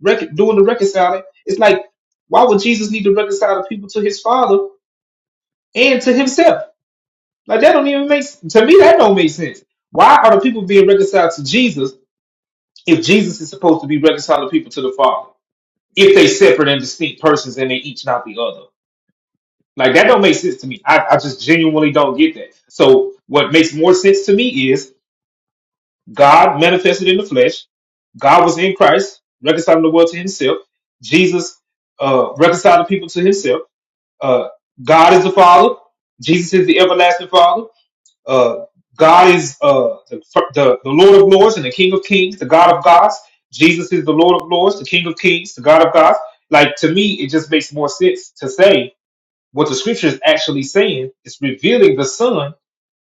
S4: rec- doing the reconciling? It's like, why would Jesus need to reconcile the people to his Father and to himself? Like that don't even make s- to me. That don't make sense. Why are the people being reconciled to Jesus if Jesus is supposed to be reconciling people to the Father if they separate and distinct persons and they each not the other? Like that don't make sense to me. I, I just genuinely don't get that. So what makes more sense to me is God manifested in the flesh. God was in Christ, reconciling the world to himself. Jesus uh, reconciled the people to himself. Uh, God is the Father. Jesus is the everlasting Father. Uh, God is uh, the, the, the Lord of Lords and the King of Kings, the God of Gods. Jesus is the Lord of Lords, the King of Kings, the God of Gods. Like, to me, it just makes more sense to say what the scripture is actually saying is revealing the Son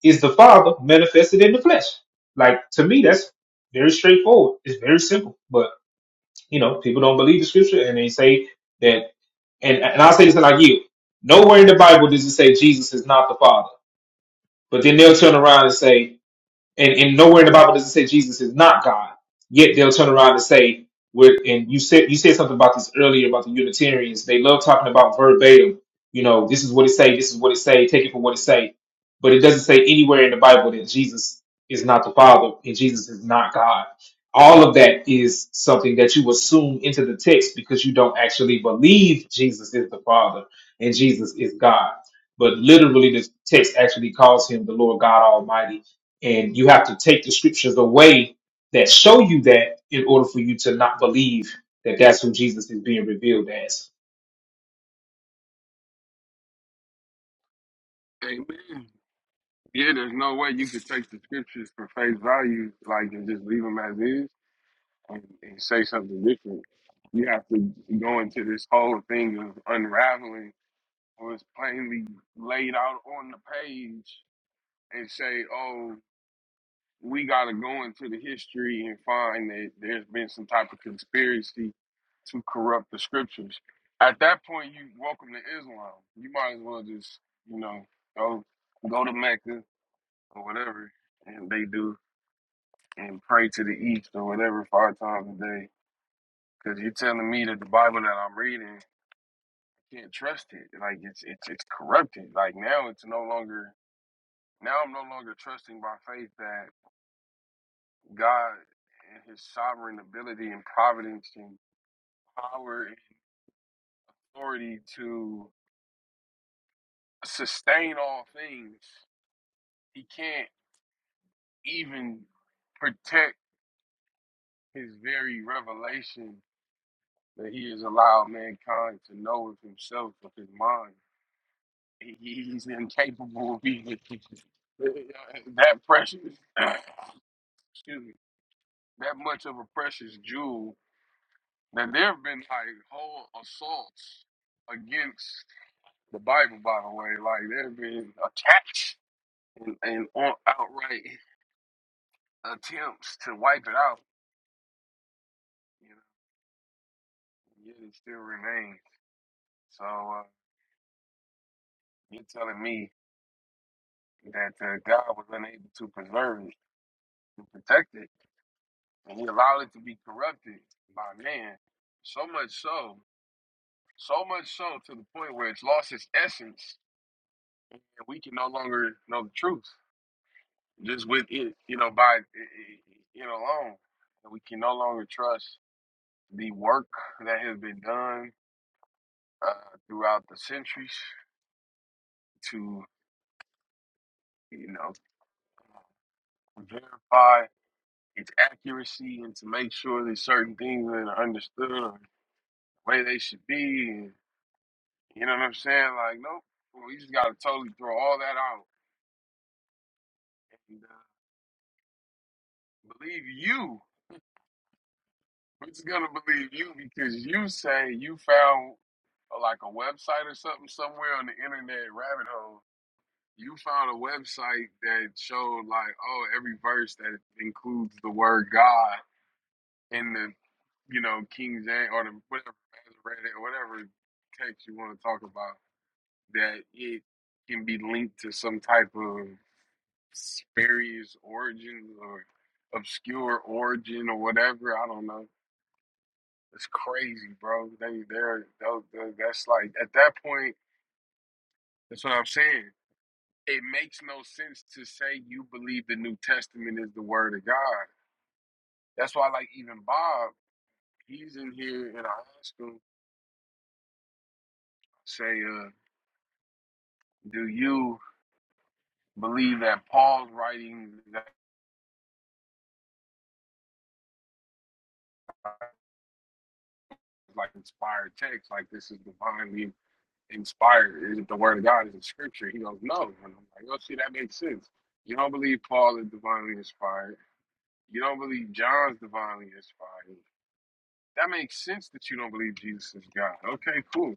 S4: is the Father manifested in the flesh. Like to me, that's very straightforward. It's very simple. But you know, people don't believe the scripture and they say that and, and I'll say this and I yield. Nowhere in the Bible does it say Jesus is not the Father. But then they'll turn around and say and, and nowhere in the Bible does it say Jesus is not God. Yet they'll turn around and say, we're, and you said you said something about this earlier about the Unitarians. They love talking about verbatim. You know, this is what it say, this is what it say, take it for what it say. But it doesn't say anywhere in the Bible that Jesus is not the Father and Jesus is not God. All of that is something that you assume into the text because you don't actually believe Jesus is the Father and Jesus is God. But literally, the text actually calls him the Lord God Almighty and you have to take the scriptures away that show you that in order for you to not believe that that's who Jesus is being revealed as.
S1: Amen. Yeah, there's no way you could take the scriptures for face value, like and just leave them as is, and, and say something different. You have to go into this whole thing of unraveling what's plainly laid out on the page, and say, "Oh, we gotta go into the history and find that there's been some type of conspiracy to corrupt the scriptures. At that point, you welcome to Islam. You might as well just, you know, go go to Mecca or whatever, and they do, and pray to the east or whatever five times a day. Because you're telling me that the Bible that I'm reading, I can't trust it. Like it's it's it's corrupted. Like now, it's no longer. Now I'm no longer trusting by faith that God and his sovereign ability and providence and power and authority to sustain all things, he can't even protect his very revelation that he has allowed mankind to know of himself, of his mind. He- He's incapable of even that precious, excuse me, that much of a precious jewel. That there have been like whole assaults against the Bible, by the way. Like there's been attacks and, and on, outright attempts to wipe it out, you know, yet it still remains. So uh, you're telling me that uh, God was unable to preserve it and protect it, and He allowed it to be corrupted by man. So much so, so much so to the point where it's lost its essence, and we can no longer know the truth. Just with it, you know, by it, it, it alone, and we can no longer trust the work that has been done uh, throughout the centuries to, you know, verify its accuracy and to make sure that certain things are understood or the way they should be. And, you know what I'm saying? Like, nope, well, we just got to totally throw all that out and uh, believe you. We're just going to believe you because you say you found uh, like a website or something somewhere on the internet rabbit hole you found a website that showed like oh every verse that includes the word God in the you know King James or the whatever Masoretic or whatever text you want to talk about that it can be linked to some type of spurious origin or obscure origin or whatever I don't know it's crazy bro they they're, those- those- that's like at that point that's what I'm saying it makes no sense to say you believe the New Testament is the Word of God. That's why, like, even Bob, he's in here and I ask him, say, uh, do you believe that Paul's writing that like inspired text, like this is divinely inspired? Is it the Word of God? Is it Scripture? He goes, no. And I'm like, oh, see, that makes sense. You don't believe Paul is divinely inspired. You don't believe John's divinely inspired. That makes sense that you don't believe Jesus is God. Okay, cool.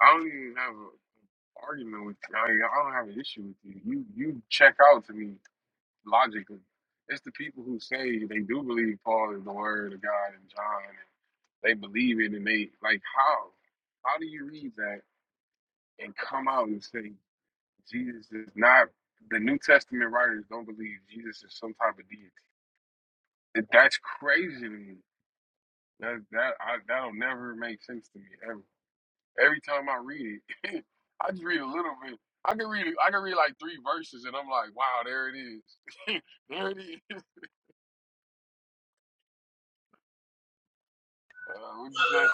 S1: I don't even have a argument with you. I, mean, I don't have an issue with you. You you check out to me logically. It's the people who say they do believe Paul is the word of God and John, and they believe it, and they like how how do you read that and come out and say Jesus is not the New Testament writers don't believe Jesus is some type of deity? That- That's crazy to me. That that I, that'll never make sense to me ever. Every time I read it, I just read a little bit. I can read I can read like three verses, and I'm like, wow, there it is. there it is. Uh, what'd you say?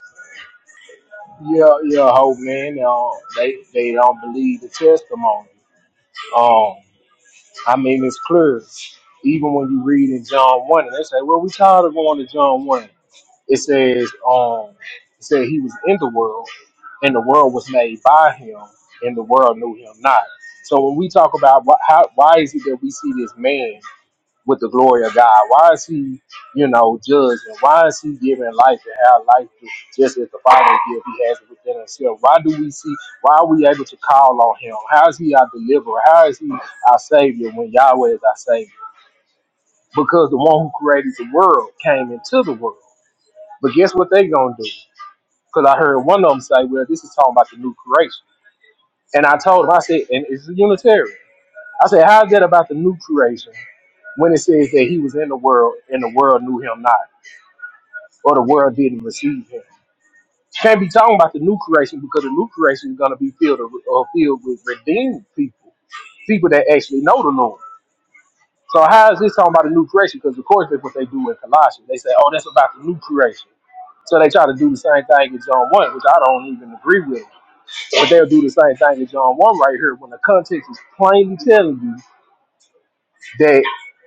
S10: Yeah, yeah, whole man. Uh, they they don't believe the testimony. Um, I mean it's clear. Even when you read in John one, and they say, "Well, we tired of going to John one." It says, "Um, it said he was in the world, and the world was made by him, and the world knew him not." So when we talk about wh- how, why is it that we see this man? with the glory of God? Why is he, you know, judging? Why is he giving life and how life is just as the Father gives? He has it within himself. Why do we see? Why are we able to call on him? How is he our deliverer? How is he our savior when Yahweh is our savior? Because the one who created the world came into the world. But guess what they gonna do? Because I heard one of them say, "Well, this is talking about the new creation." And I told him, I said, "And it's a Unitarian." I said, "How is that about the new creation?" when it says that he was in the world and the world knew him not. or the world didn't receive him. Can't be talking about the new creation because the new creation is going to be filled or filled with redeemed people, people that actually know the Lord. So how is this talking about the new creation? Because of course that's what they do in Colossians. They say, "Oh, that's about the new creation." So they try to do the same thing in John one, which I don't even agree with. But they'll do the same thing in John one right here when the context is plainly telling you that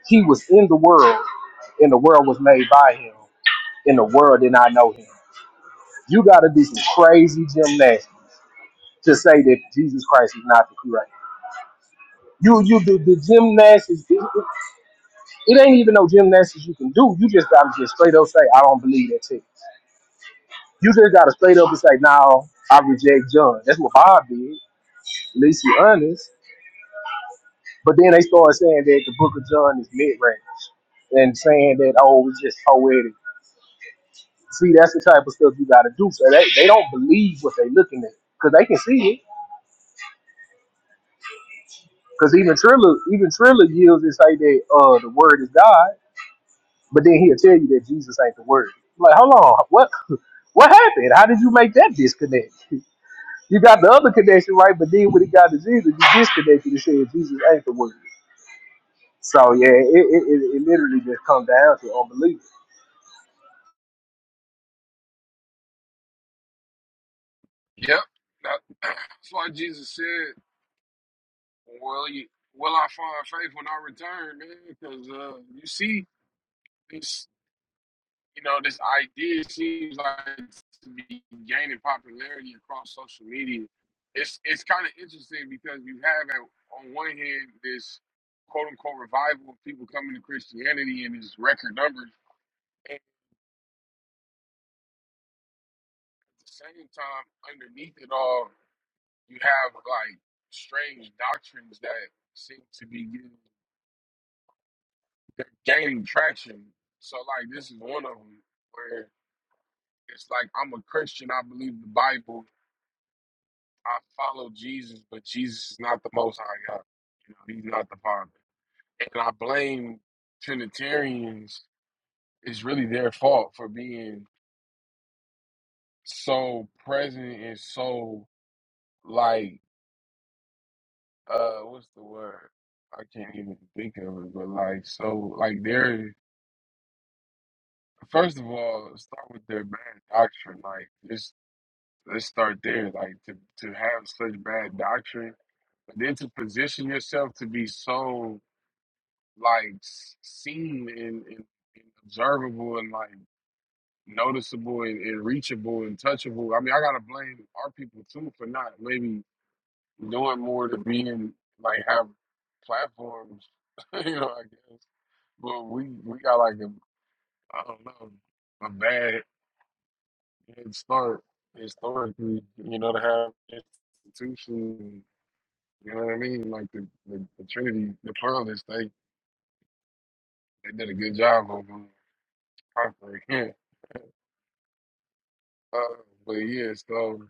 S10: he was in the world, and the world was made by him, and the world did not know him. You got to do some crazy gymnastics to say that Jesus Christ is not the Christ. You, you do the gymnastics. It, it it ain't even no gymnastics you can do. You just got to just straight up say, I don't believe that text. You just got to straight up and say, no, I reject John. That's what Bob did. At least you honest. But then they started saying that the book of John is mid-range and saying that, oh, it's just poetic. See, that's the type of stuff you got to do. So they, they don't believe what they looking at because they can see it Because even Trilla, even Trilla yields and say that uh the word is God, but then he'll tell you that Jesus ain't the word. Like, hold on, what what happened? How did you make that disconnect? You got the other connection right, but then when it got to Jesus, you disconnected and said Jesus ain't the word. So yeah, it it, it, it literally just comes down to unbelief.
S1: Yep. That, that's why Jesus said, "Well, you, will I find faith when I return, man? Because uh, you see, it's you know, this idea seems like to be gaining popularity across social media. It's it's kind of interesting because you have at, on one hand this quote unquote revival of people coming to Christianity in these record numbers, and at the same time, underneath it all, you have like strange doctrines that seem to be getting, they're gaining traction. So like this is one of them where it's like I'm a Christian, I believe the Bible, I follow Jesus, but Jesus is not the most high God. You know, he's not the Father. And I blame Trinitarians, it's really their fault for being so present and so like uh what's the word? I can't even think of it, but like so like they're first of all, start with their bad doctrine. Like just let's start there. Like to to have such bad doctrine, but then to position yourself to be so like s- seen and, and, and observable and like noticeable and, and reachable and touchable. I mean, I gotta blame our people too for not maybe doing more to be in like have platforms, you know, I guess. But we we got like a I don't know a bad head start historically, you know, to have institutions. You know what I mean? Like the, the, the Trinity, the pluralists, they, they did a good job of um, conquering. Uh, but yeah, so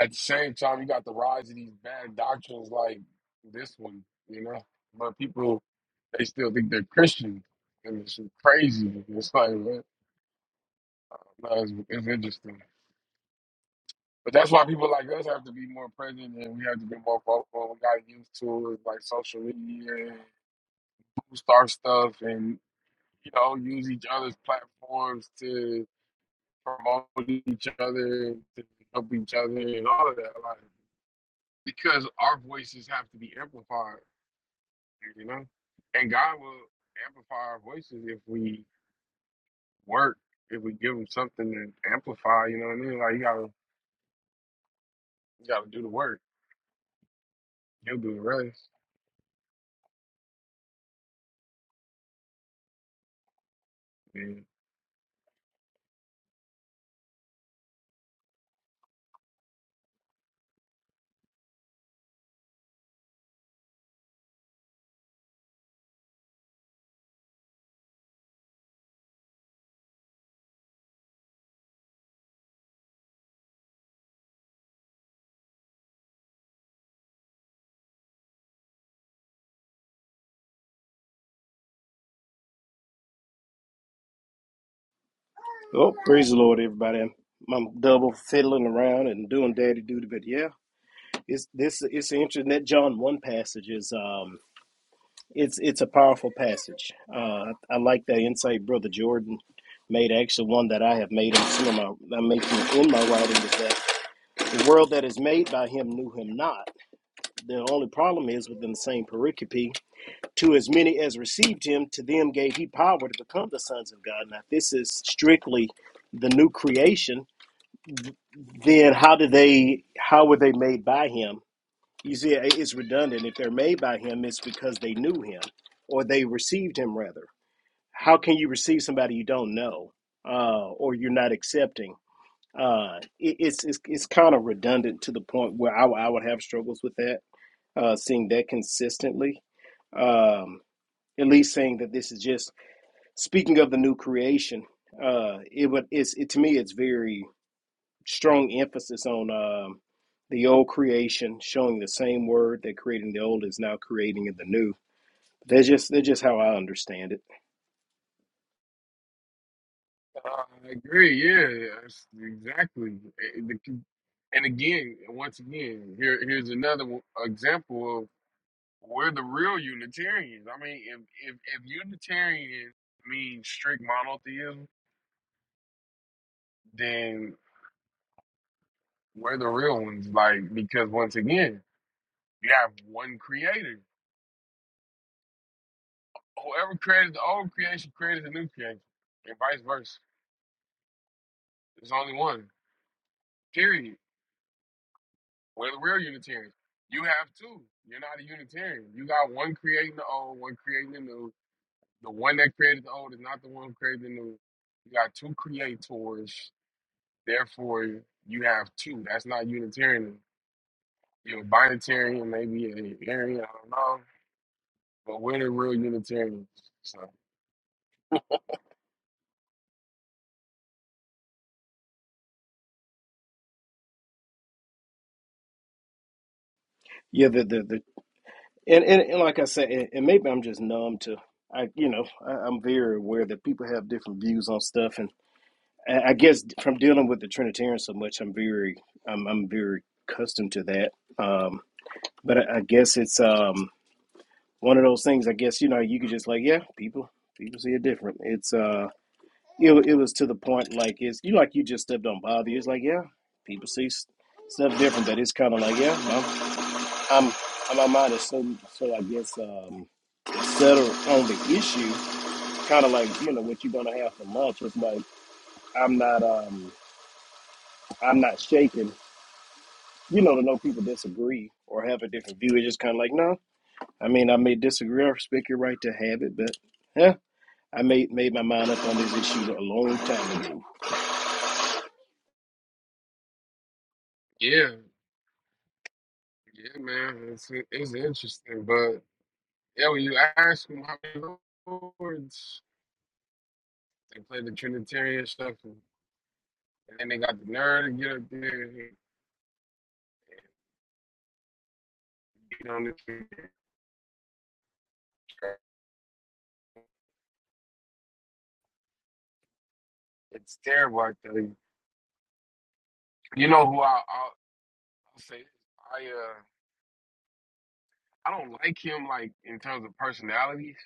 S1: at the same time, you got the rise of these bad doctrines like this one, you know. But people they still think they're Christian, and it's just crazy. It's like what? No, it's, it's interesting. But that's why people like us have to be more present, and we have to be more vocal. We got used to it, like social media, and star stuff, and you know, use each other's platforms to promote each other, to help each other, and all of that. Like. because our voices have to be amplified, you know. And God will amplify our voices if we work, if we give Him something to amplify. You know what I mean? Like you gotta, you gotta do the work. He'll do the rest. And
S2: oh praise the Lord, everybody. I'm, I'm double fiddling around and doing daddy duty, but yeah. It's this it's interesting that John one passage is um it's it's a powerful passage. Uh, I, I like that insight brother Jordan made. Actually, one that I have made in some of my I'm in my writing is that the world that is made by him knew him not. The only problem is within the same pericope, to as many as received him, to them gave he power to become the sons of God. Now, if this is strictly the new creation. Then how did they? How were they made by him? You see, it's redundant. If they're made by him, it's because they knew him or they received him, rather. How can you receive somebody you don't know uh, or you're not accepting? Uh, it, it's it's, it's kind of redundant to the point where I I would have struggles with that, uh, seeing that consistently. Um, at least saying that this is just speaking of the new creation. Uh, it would it's it to me it's very strong emphasis on um, the old creation, showing the same word that creating the old is now creating in the new. That's just that's just how I understand it.
S1: I agree. Yeah, that's exactly. And the- and again, once again, here here's another one- example of we're the real Unitarians. I mean, if if, if Unitarian means strict monotheism, We're the real ones, like because once again, you have one creator. Whoever created the old creation created the new creation, and vice versa. There's only one. Period. We're the real Unitarians. You have two. You're not a Unitarian. You got one creating the old, one creating the new. The one that created the old is not the one who created the new. You got two creators. Therefore, you have two. That's not Unitarian. You're a binitarian, maybe a Arian, I don't know. But we're the real Unitarians. So.
S2: Yeah, the the, the and, and and like I said, and, and maybe I'm just numb to. I you know I, I'm very aware that people have different views on stuff, and I I guess from dealing with the Trinitarians so much, I'm very I'm I'm very accustomed to that. Um, but I, I guess it's um one of those things. I guess you know you could just like yeah, people people see it different. It's uh it, wa- it was to the point like it's you like you just stuff don't bother you. It's like yeah, people see s- stuff different. That it's kind of like yeah, I'm I'm I'm out of so so I guess um settle on the issue. Kind of like you know what you're gonna have for lunch. It's like I'm not um I'm not shaking. You know to know people disagree or have a different view. It's just kind of like no. I mean I may disagree. I respect your right to have it, but yeah, I made made my mind up on this issue a long time ago.
S1: Yeah, yeah, man. It's it's interesting, but yeah, when you ask them how many chords, they play the Trinitarian stuff, and, then they got the nerve to get up there and get on the Trinitarian track. It's terrible, I tell you. You know who I, I'll, I'll say? I uh, I don't like him like in terms of personalities.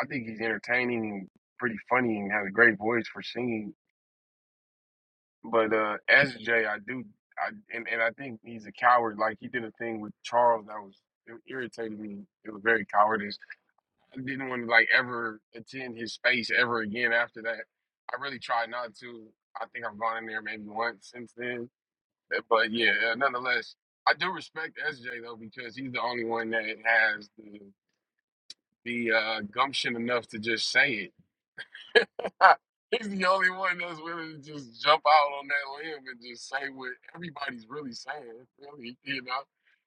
S1: I think he's entertaining and pretty funny and has a great voice for singing But uh, S J, I do, I and, and I think he's a coward. Like he did a thing with Charles that was it irritated me. It was very cowardice. I didn't want to like ever attend his space ever again after that. I really tried not to. I think I've gone in there maybe once since then. But but yeah, uh, nonetheless, I do respect SJ though because he's the only one that has the the uh, gumption enough to just say it. He's the only one that's willing to just jump out on that limb and just say what everybody's really saying. Really, you know,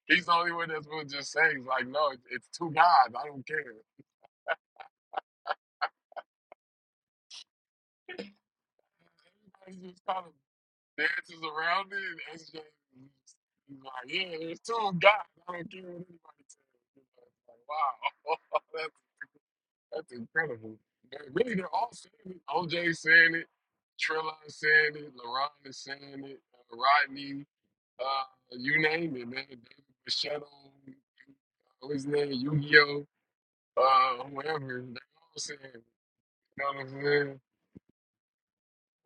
S1: he's the only one that's willing to just say, he's like, no, it- it's two guys. I don't care. Everybody just kind of dances around it, and SJ is he's like, yeah, it's two guys. I don't care what anybody says. You know, it's like, wow, That's incredible. They're really, they're all saying it. OJ saying it. Trilla saying it. LaRon is saying it. Uh, Rodney, uh, you name it, man. David Machado, what his name, Yu-Gi-Oh, uh, whoever. They all saying, it. you know what I'm saying?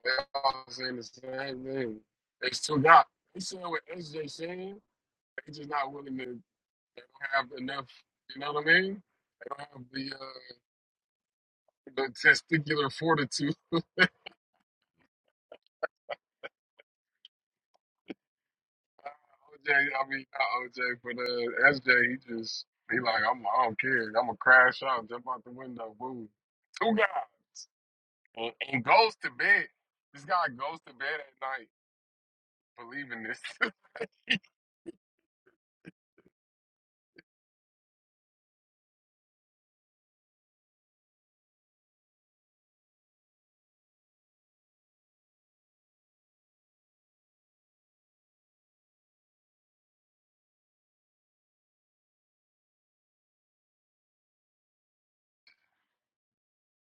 S1: They all saying the same thing. They still got. They saying what SJ saying. They just not willing to. They don't have enough. You know what I mean? They don't have the uh, the testicular fortitude OJ, I mean not OJ, but uh, SJ, he just he like I'm I don't care. I'm gonna crash out, jump out the window, boom. Two guys and, and goes to bed. This guy goes to bed at night believing this.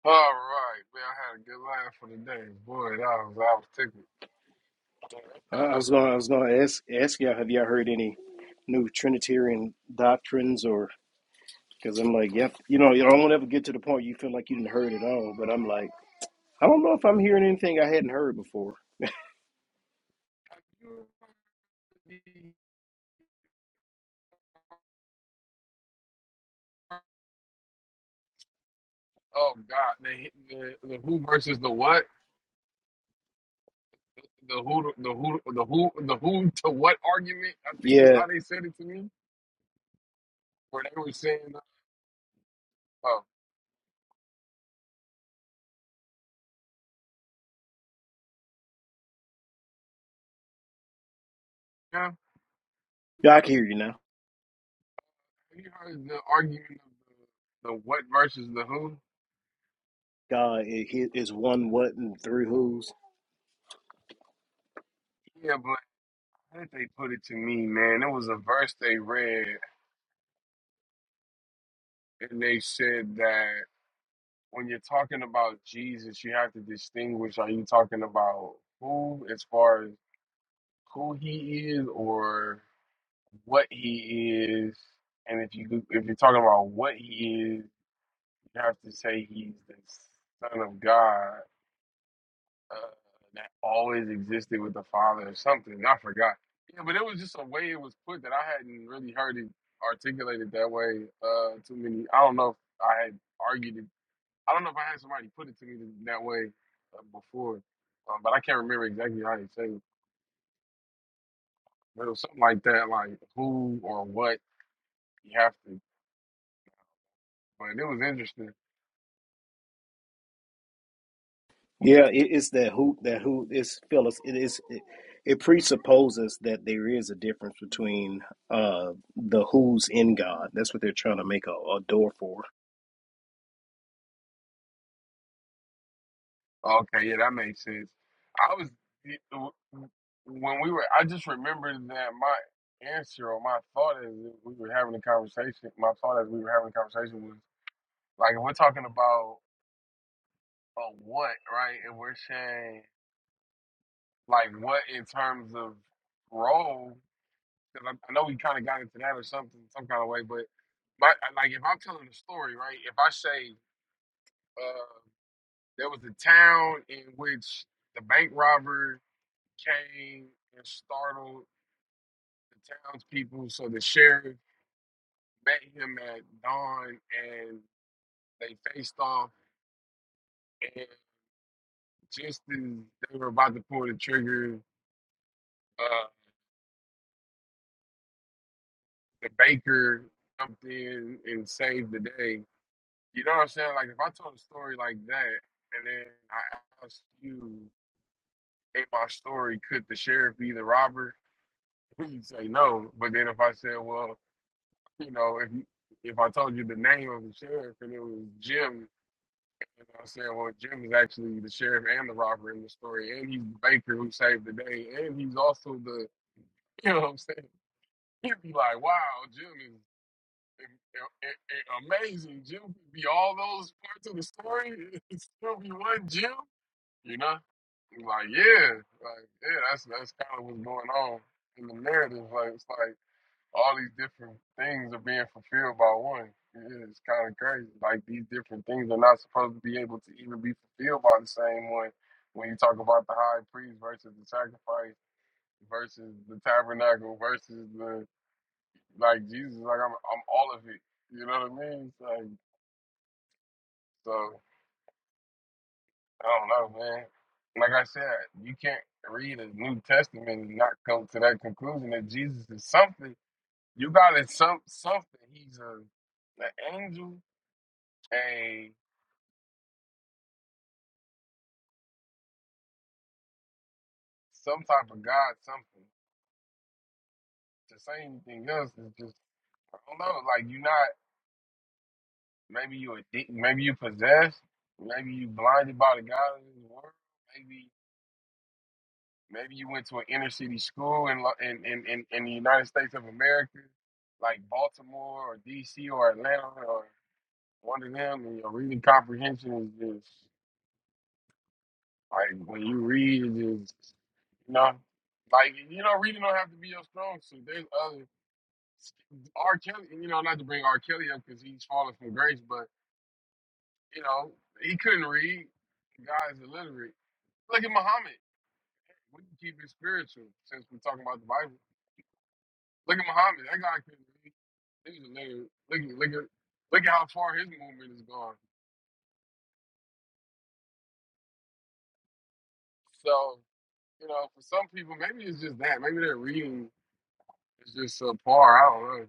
S1: All right, man, I had a good laugh for the day, boy. That was I was tickled.
S2: I I was gonna, I was gonna ask ask y'all, have y'all heard any new Trinitarian doctrines or? Because I'm like, yep, you know, you don't ever get to the point you feel like you didn't heard it all. But I'm like, I don't know if I'm hearing anything I hadn't heard before.
S1: oh God, the, the the who versus the what, the who the who the who the who to what argument? I think is
S2: Yeah,
S1: how they said it to me, where they were saying. uh, Yeah,
S2: yeah, I can hear you now.
S1: you heard the argument of the, the what versus the who.
S2: God i- he is one what and three who's.
S1: Yeah, but how did they put it to me, man? It was a verse they read, and they said that when you're talking about Jesus, you have to distinguish: are you talking about who, as far as who he is, or what he is? And if you if you're talking about what he is, you have to say he's the Son of God uh, that always existed with the father or something. I forgot. Yeah, but it was just a way it was put that I hadn't really heard it articulated that way. Uh, too many. I don't know if I had argued it. I don't know if I had somebody put it to me that way uh, before, um, but I can't remember exactly how they said it. But it was something like that, like who or what you have to. But it was interesting.
S2: Yeah, it, it's that who that who it's Phyllis. It is it, it presupposes that there is a difference between uh the who's in God. That's what they're trying to make a, a door for.
S1: Okay, yeah, that makes sense. I was when we were. I just remembered that my answer or my thought as we were having a conversation. My thought as we were having a conversation was like, if we're talking about a what, right? And we're saying like what in terms of role. Because I, I know we kind of got into that or something, some kind of way. But my, like, if I'm telling a story, right? If I say uh, there was a town in which the bank robbers came and startled the townspeople. So the sheriff met him at dawn and they faced off. And just as they were about to pull the trigger, uh, the baker jumped in and saved the day. You know what I'm saying? Like, if I told a story like that and then I asked you in my story, could the sheriff be the robber? You'd say no. But then if I said, well, you know, if you, if I told you the name of the sheriff and it was Jim, You know what I'm saying? Well, Jim is actually the sheriff and the robber in the story, and he's the baker who saved the day, and he's also the, you know what I'm saying? He'd be like, wow, Jim is a- a- a- amazing. Jim could be all those parts of the story. It's still be one Jim. You know? It's Like, yeah. Like, yeah, that's that's kind of what's going on in the narrative. Like it's like all these different things are being fulfilled by one. It- It's kind of crazy. Like these different things are not supposed to be able to even be fulfilled by the same one. When you talk about the high priest versus the sacrifice versus the tabernacle versus the like Jesus, like I'm I'm all of it. You know what I mean? It's Like so. I don't know, man. Like I said, you can't read a New Testament and not come to that conclusion that Jesus is something. You got it, some something. He's a an angel, a some type of God, something. To say anything else is just I don't know. Like you're not. Maybe you addic- Maybe you possessed. Maybe you blinded by the God of this world. Maybe. Maybe you went to an inner city school in, in, in, in, the United States of America, like Baltimore or DC or Atlanta or one of them, and your reading comprehension is just like when you read, it just, you know, like, you know, reading don't have to be your strong suit. There's other, R. Kelly, you know, not to bring R. Kelly up because he's fallen from grace, but, you know, he couldn't read. The guy's illiterate. Look at Muhammad. We can keep it spiritual since we're talking about the Bible Look at Muhammad. That guy can he's a nigga. Look at look at look at how far his movement is gone. So, you know, for some people maybe it's just that. Maybe their reading is just subpar. I don't know.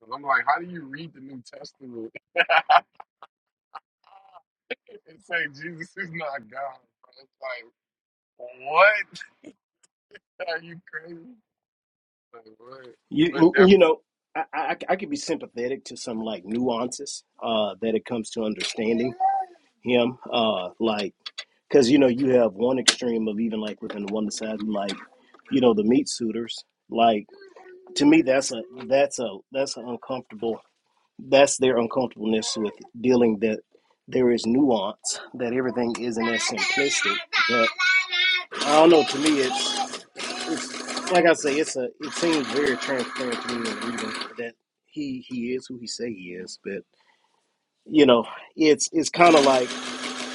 S1: 'Cause I'm like, how do you read the New Testament and say Jesus is not God? bro? It's like, what? Are you crazy? Like, what? We're
S2: You
S1: definitely
S2: you know, I, I I could be sympathetic to some like nuances uh, that it comes to understanding him, uh, like because you know you have one extreme of even like within one side, like you know the meat suitors. Like to me, that's a that's a that's an uncomfortable. That's their uncomfortableness with dealing that there is nuance that everything isn't as simplistic. But I don't know. To me, it's it's like I say, it's a it seems very transparent to me in reading that he he is who he say he is, but you know, it's it's kind of like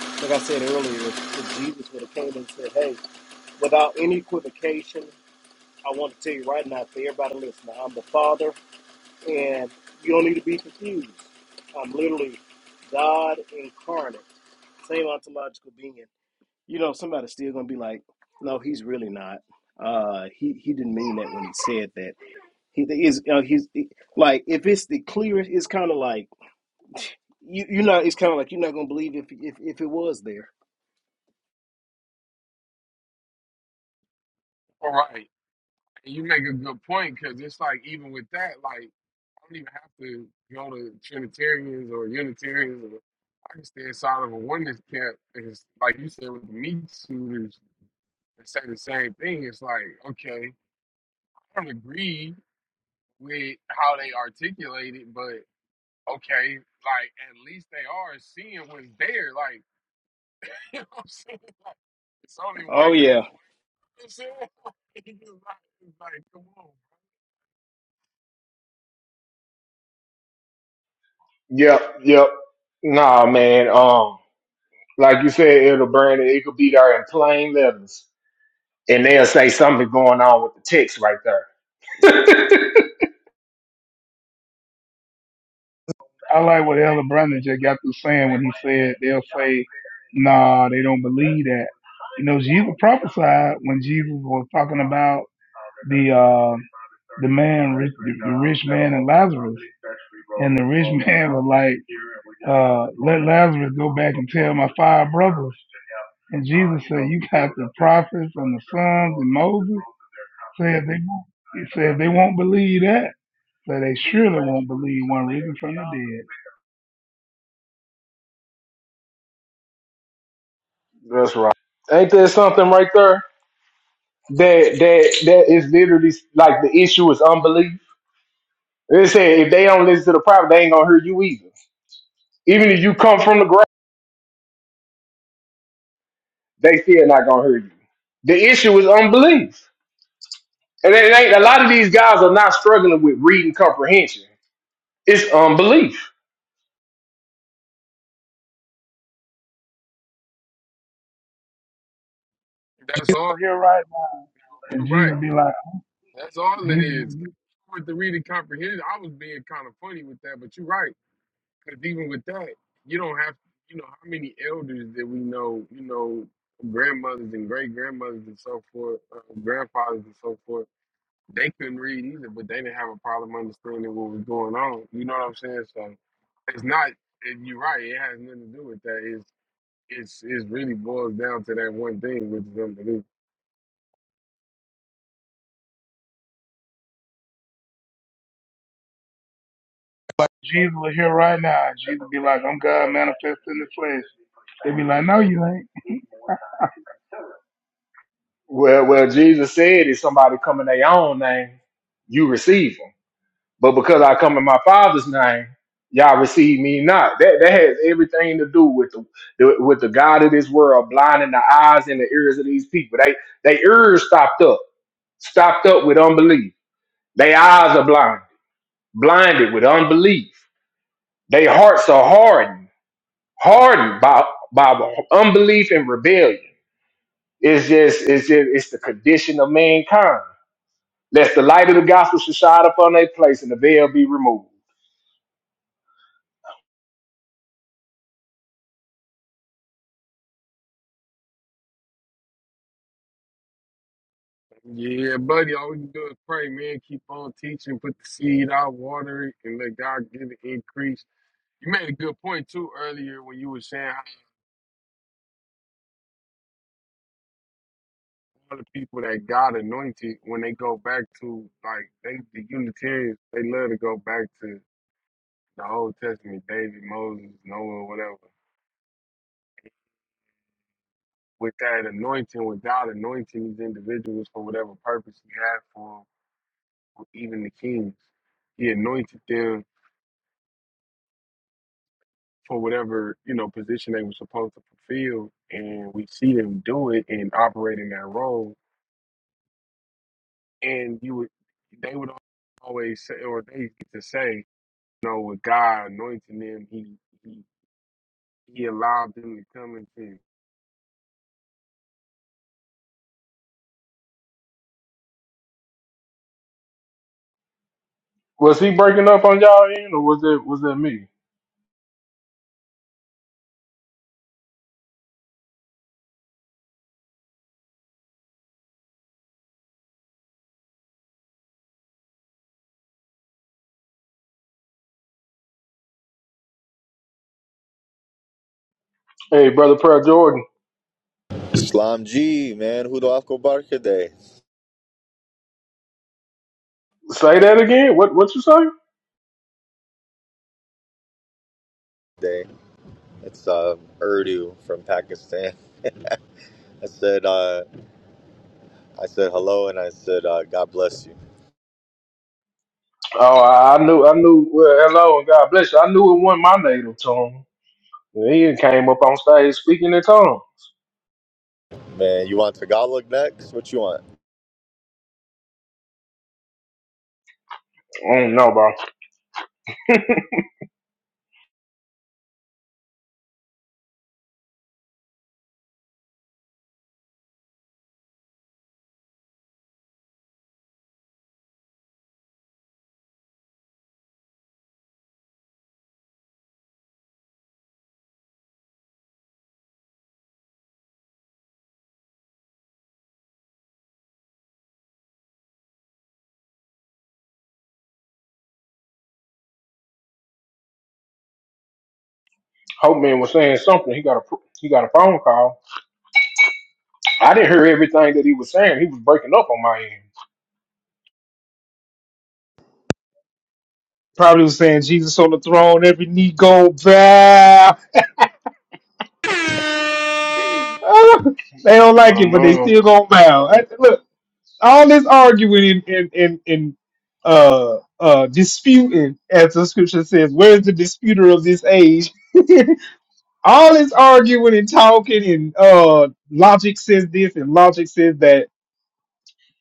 S2: like I said earlier, if, if Jesus would have came and said, "Hey, without any equivocation, I want to tell you right now, for everybody listening, I'm the Father, and you don't need to be confused. I'm literally God incarnate, same ontological being." You know, somebody's still gonna be like, "No, he's really not. Uh, he he didn't mean that when he said that." He is you know, he's like if it's the clearest, it's kind of like you you know it's kind of like you're not gonna believe if if if it was there.
S1: right. You make a good point because it's like even with that, like I don't even have to go to Trinitarians or Unitarians. Or, I can stay inside of a oneness camp. And it's like you said with the meat suiters and say the same thing. It's like okay, I don't agree with how they articulate it, but okay, like at least they are seeing what's there. Like you know what I'm saying? Like, it's only one.
S2: Oh
S1: guy.
S2: yeah,
S1: You know what I'm saying? It's like, it's like, come on.
S10: Yep, yep. Nah, man. Um, like you said, Elder Brandon, it could be there in plain letters, and they'll say something going on with the text right there.
S14: I like what Elder Brandon just got through saying when he said they'll say, "Nah, they don't believe that." You know, Jesus prophesied when Jesus was talking about the uh, the man, rich- the rich man and Lazarus, and the rich man was like, uh, "Let Lazarus go back and tell my five brothers." And Jesus said, "You got the prophets and the sons and Moses." Said they, he said they won't believe that. So they surely won't believe one risen from the dead.
S10: That's right. Ain't there something right there that that that is literally like the issue is unbelief? They say if they don't listen to the prophet, they ain't gonna hear you either. Even if you come from the grave, they still not gonna hear you. The issue is unbelief, and it ain't a lot of these guys are not struggling with reading comprehension. It's unbelief.
S1: That's all.
S14: So You're right. now.
S1: You're
S14: And
S1: right.
S14: Jesus be like.
S1: That's all it
S14: Jesus,
S1: is. With the reading comprehension, I was being kind of funny with that, but you're right. Because even with that, you don't have, you know, how many elders that we know, you know, grandmothers and great grandmothers and so forth, uh, grandfathers and so forth, they couldn't read either, but they didn't have a problem understanding what was going on. You know what I'm saying? So it's not, and you're right, it has nothing to do with that. It's, it's, it's really boils down to that one thing, which is unbelief.
S14: like Jesus was here right now. Jesus be like, I'm God manifest in the flesh. They be like, No, you ain't.
S10: Well, well, Jesus said, if somebody come in their own name, you receive 'em. But because I come in my father's name, y'all receive me not. That that has everything to do with the, the with the God of this world blinding the eyes and the ears of these people. They they ears stopped up, stopped up with unbelief. They eyes are blinded, blinded with unbelief. They hearts are hardened, hardened by by unbelief and rebellion. It's just it's just it's the condition of mankind. Lest the light of the gospel should shine upon their place and the veil be removed.
S1: Yeah, buddy. All we can do is pray, man. Keep on teaching, put the seed out, water it, and let God give it increase. You made a good point too earlier when you were saying how all the people that God anointed when they go back to like they the Unitarians, they love to go back to the Old Testament, David, Moses, Noah, whatever. With that anointing, with God anointing these individuals for whatever purpose He had for 'em, or even the kings, He anointed them for whatever you know position they were supposed to fulfill, and we see them do it and operate in that role. And you would, they would always say, or they get to say, you know, with God anointing them, he he he allowed them to come into. him.
S10: Was he breaking up on y'all end, or was it was that me? Hey, brother, Pearl Jordan,
S15: Islam G, man. Hudo Afko Barka Day.
S10: say that again. What what you say?
S15: Day. It's uh, Urdu from Pakistan. I said, uh, I said hello, and I said, uh, God bless you,
S10: Oh, I, I knew, I knew. Well, hello and God bless you. I knew it wasn't my native tongue. He came up on stage speaking in tongue.
S15: man. You want Tagalog next? What you want?
S10: I don't know, bro. Hope man was saying something. He got a he got a phone call. I didn't hear everything that he was saying. He was breaking up on my end.
S4: Probably was saying Jesus on the throne, every knee go bow. Ah, they don't
S10: I
S4: like it,
S10: don't
S4: but they
S10: know.
S4: still gonna bow. I- Look, all this arguing and and and, and uh uh disputing, as the scripture says, where's the disputer of this age? all this arguing and talking and uh logic says this and logic says that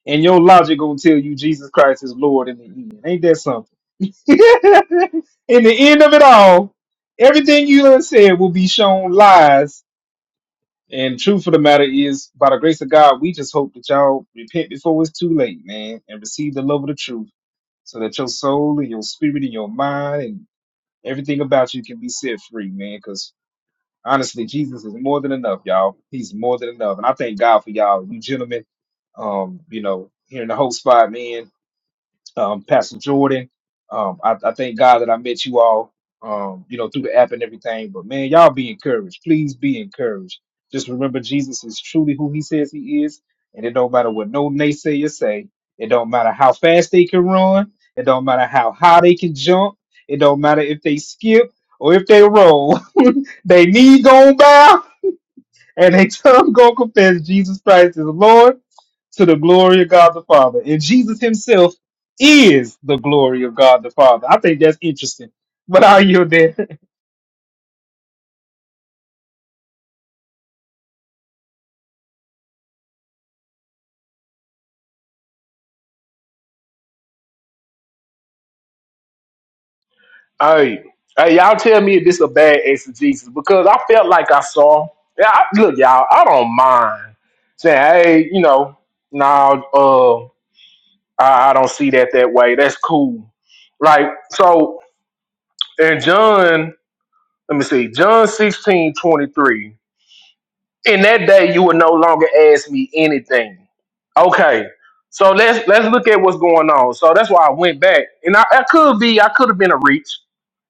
S4: and your logic gonna tell you Jesus Christ is Lord in the end. Ain't that something? in the end of it all, everything you done said will be shown lies. And truth of the matter is, by the grace of God, we just hope that y'all repent before it's too late, man, and receive the love of the truth, so that your soul and your spirit and your mind and everything about you can be set free, man. Because honestly, Jesus is more than enough, y'all. He's more than enough, and I thank God for y'all, you gentlemen. Um, you know, here in the whole spot, man um, Pastor Jordan. Um, I, I thank God that I met you all, um, you know, through the app and everything. But man, y'all be encouraged. Please be encouraged. Just remember, Jesus is truly who He says He is, and it don't matter what no naysayer say. It don't matter how fast they can run. It don't matter how high they can jump. It don't matter if they skip or if they roll. they need gonna bow and they tongue gonna confess Jesus Christ is Lord to the glory of God the Father. And Jesus himself is the glory of God the Father. I think that's interesting. But I yield there.
S10: Hey, hey, y'all tell me if this a bad exegesis because I felt like I saw. Yeah, I, look, y'all, I don't mind saying, hey, you know, no, uh, I, I don't see that that way. That's cool. Like, so in John, let me see, John 16 23. in that day you will no longer ask me anything. Okay. So let's let's look at what's going on. So that's why I went back. And I, I could be, I could have been a reach.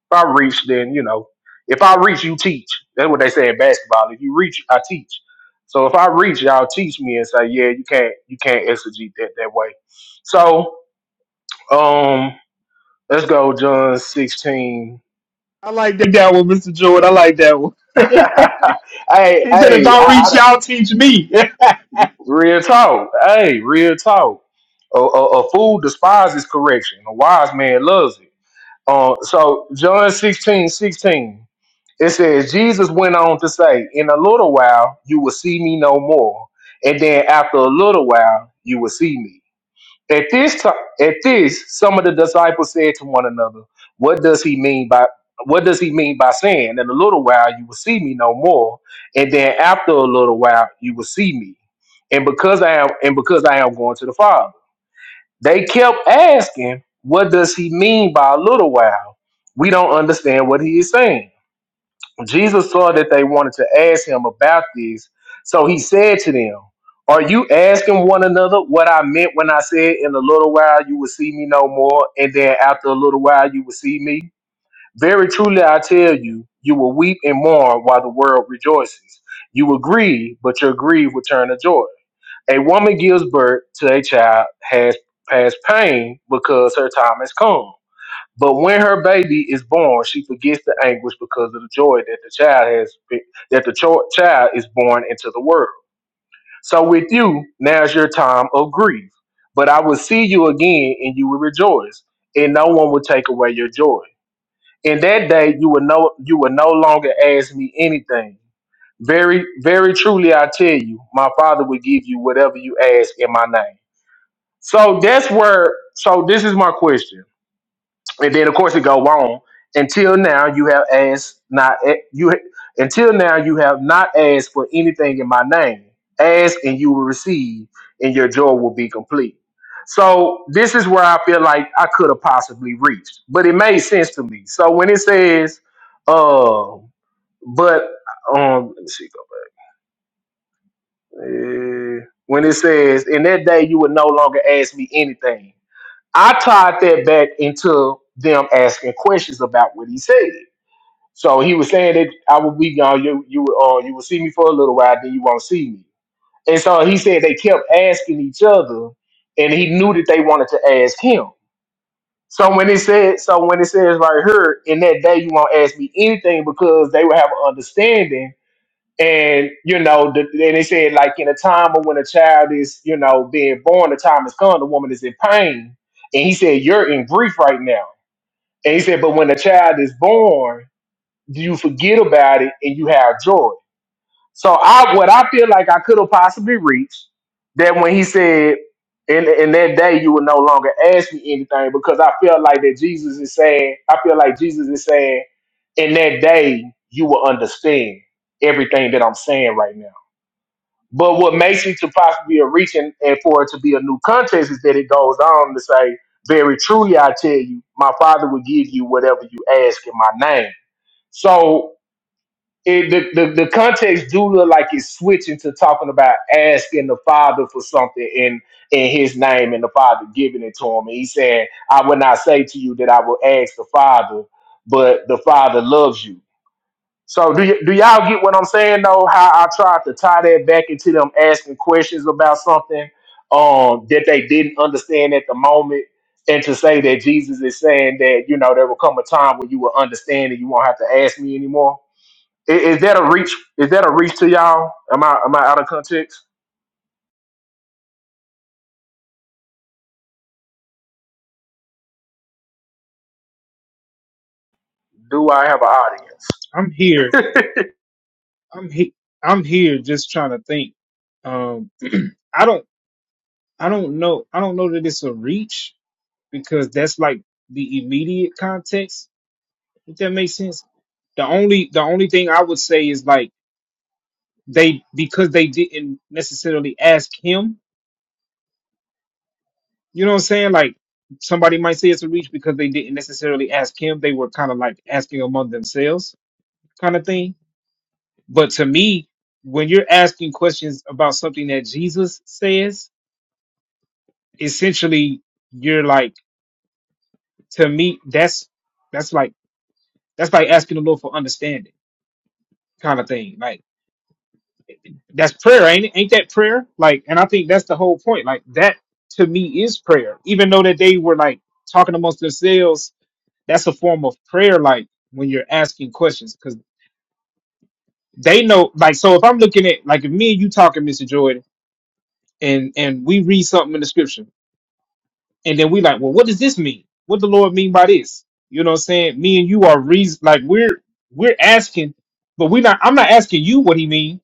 S10: If I reach, then you know, if I reach, you teach. That's what they say in basketball. If you reach, I teach. So if I reach, y'all teach me and say, yeah, you can't, you can't exegete that that way. So um, let's go, John sixteen.
S4: I like that, that one, Mr. Jordan. I like that one. he
S10: hey,
S4: said, if
S10: hey, I,
S4: I reach,
S10: I,
S4: y'all teach me.
S10: real talk. Hey, real talk. A, a, a fool despises correction. A wise man loves it. Uh, so John 16 16, it says, Jesus went on to say, In a little while you will see me no more. And then after a little while you will see me. At this time at this, some of the disciples said to one another, What does he mean by what does he mean by saying, In a little while you will see me no more, and then after a little while you will see me. And because I am and because I am going to the Father. They kept asking, What does he mean by a little while? We don't understand what he is saying. Jesus saw that they wanted to ask him about this, so he said to them, Are you asking one another what I meant when I said, In a little while you will see me no more, and then after a little while you will see me? Very truly I tell you, you will weep and mourn while the world rejoices. You will grieve, but your grief will turn to joy. A woman gives birth to a child has past pain because her time has come. But when her baby is born, she forgets the anguish because of the joy that the child has been, that the cho- child is born into the world. So with you, now's your time of grief. But I will see you again, and you will rejoice, and no one will take away your joy. In that day, you will no you will no longer ask me anything. Very, very truly, I tell you, my Father will give you whatever you ask in my name. So that's where. So this is my question, and then of course it go on. Until now, you have asked not eh, you. Until now, you have not asked for anything in my name. Ask and you will receive, and your joy will be complete. So this is where I feel like I could have possibly reached, but it made sense to me. So when it says, uh, but um, let me see. Go back. Uh, when it says, in that day you will no longer ask me anything. I tied that back into them asking questions about what he said. So he was saying that I would be gone. You you uh, you will see me for a little while, then you won't see me. And so he said they kept asking each other, and he knew that they wanted to ask him. So when it said, so when it says right here, in that day you won't ask me anything because they will have an understanding and you know, the, and they said like in a time of when a child is, you know, being born, the time has come. The woman is in pain, and he said, "You're in grief right now." And he said, "But when a child is born, you forget about it and you have joy." So I, what I feel like I could have possibly reached that when he said, "In in that day, you will no longer ask me anything," because I feel like that Jesus is saying, I feel like Jesus is saying, "In that day, you will understand everything that I'm saying right now." But what makes it to possibly a reach and, and for it to be a new contest is that it goes on to say, Very truly I tell you, my father will give you whatever you ask in my name. So it, the, the the context do look like it's switching to talking about asking the father for something in in his name and the father giving it to him. And he's saying, I will not say to you that I will ask the father, but the father loves you. So do y- do y'all get what I'm saying though? How I tried to tie that back into them asking questions about something um that they didn't understand at the moment, and to say that Jesus is saying that you know there will come a time when you will understand and you won't have to ask me anymore. I- Is, that a reach? Is that a reach to y'all? Am I am I out of context? Do I have an audience?
S4: I'm here. I'm he- I'm here just trying to think. Um I don't I don't know I don't know that it's a reach because that's like the immediate context, if that makes sense. The only the only thing I would say is like they because they didn't necessarily ask him. You know what I'm saying? Like somebody might say it's a reach because they didn't necessarily ask him. They were kind of like asking among themselves, kind of thing. But to me, when you're asking questions about something that Jesus says, essentially you're like to me that's that's like that's like asking the Lord for understanding, kind of thing. Like That's prayer, ain't it? Ain't that prayer? Like, and I think that's the whole point. Like that to me is prayer. Even though that they were like talking amongst themselves, that's a form of prayer. Like when you're asking questions, because they know. Like, so if I'm looking at like if me and you talking, Mr. Jordan, and and we read something in the scripture, and then we like, well, what does this mean? What the Lord mean by this? You know what I'm saying? Me and you are reason like we're we're asking, but we're not. I'm not asking you what He mean.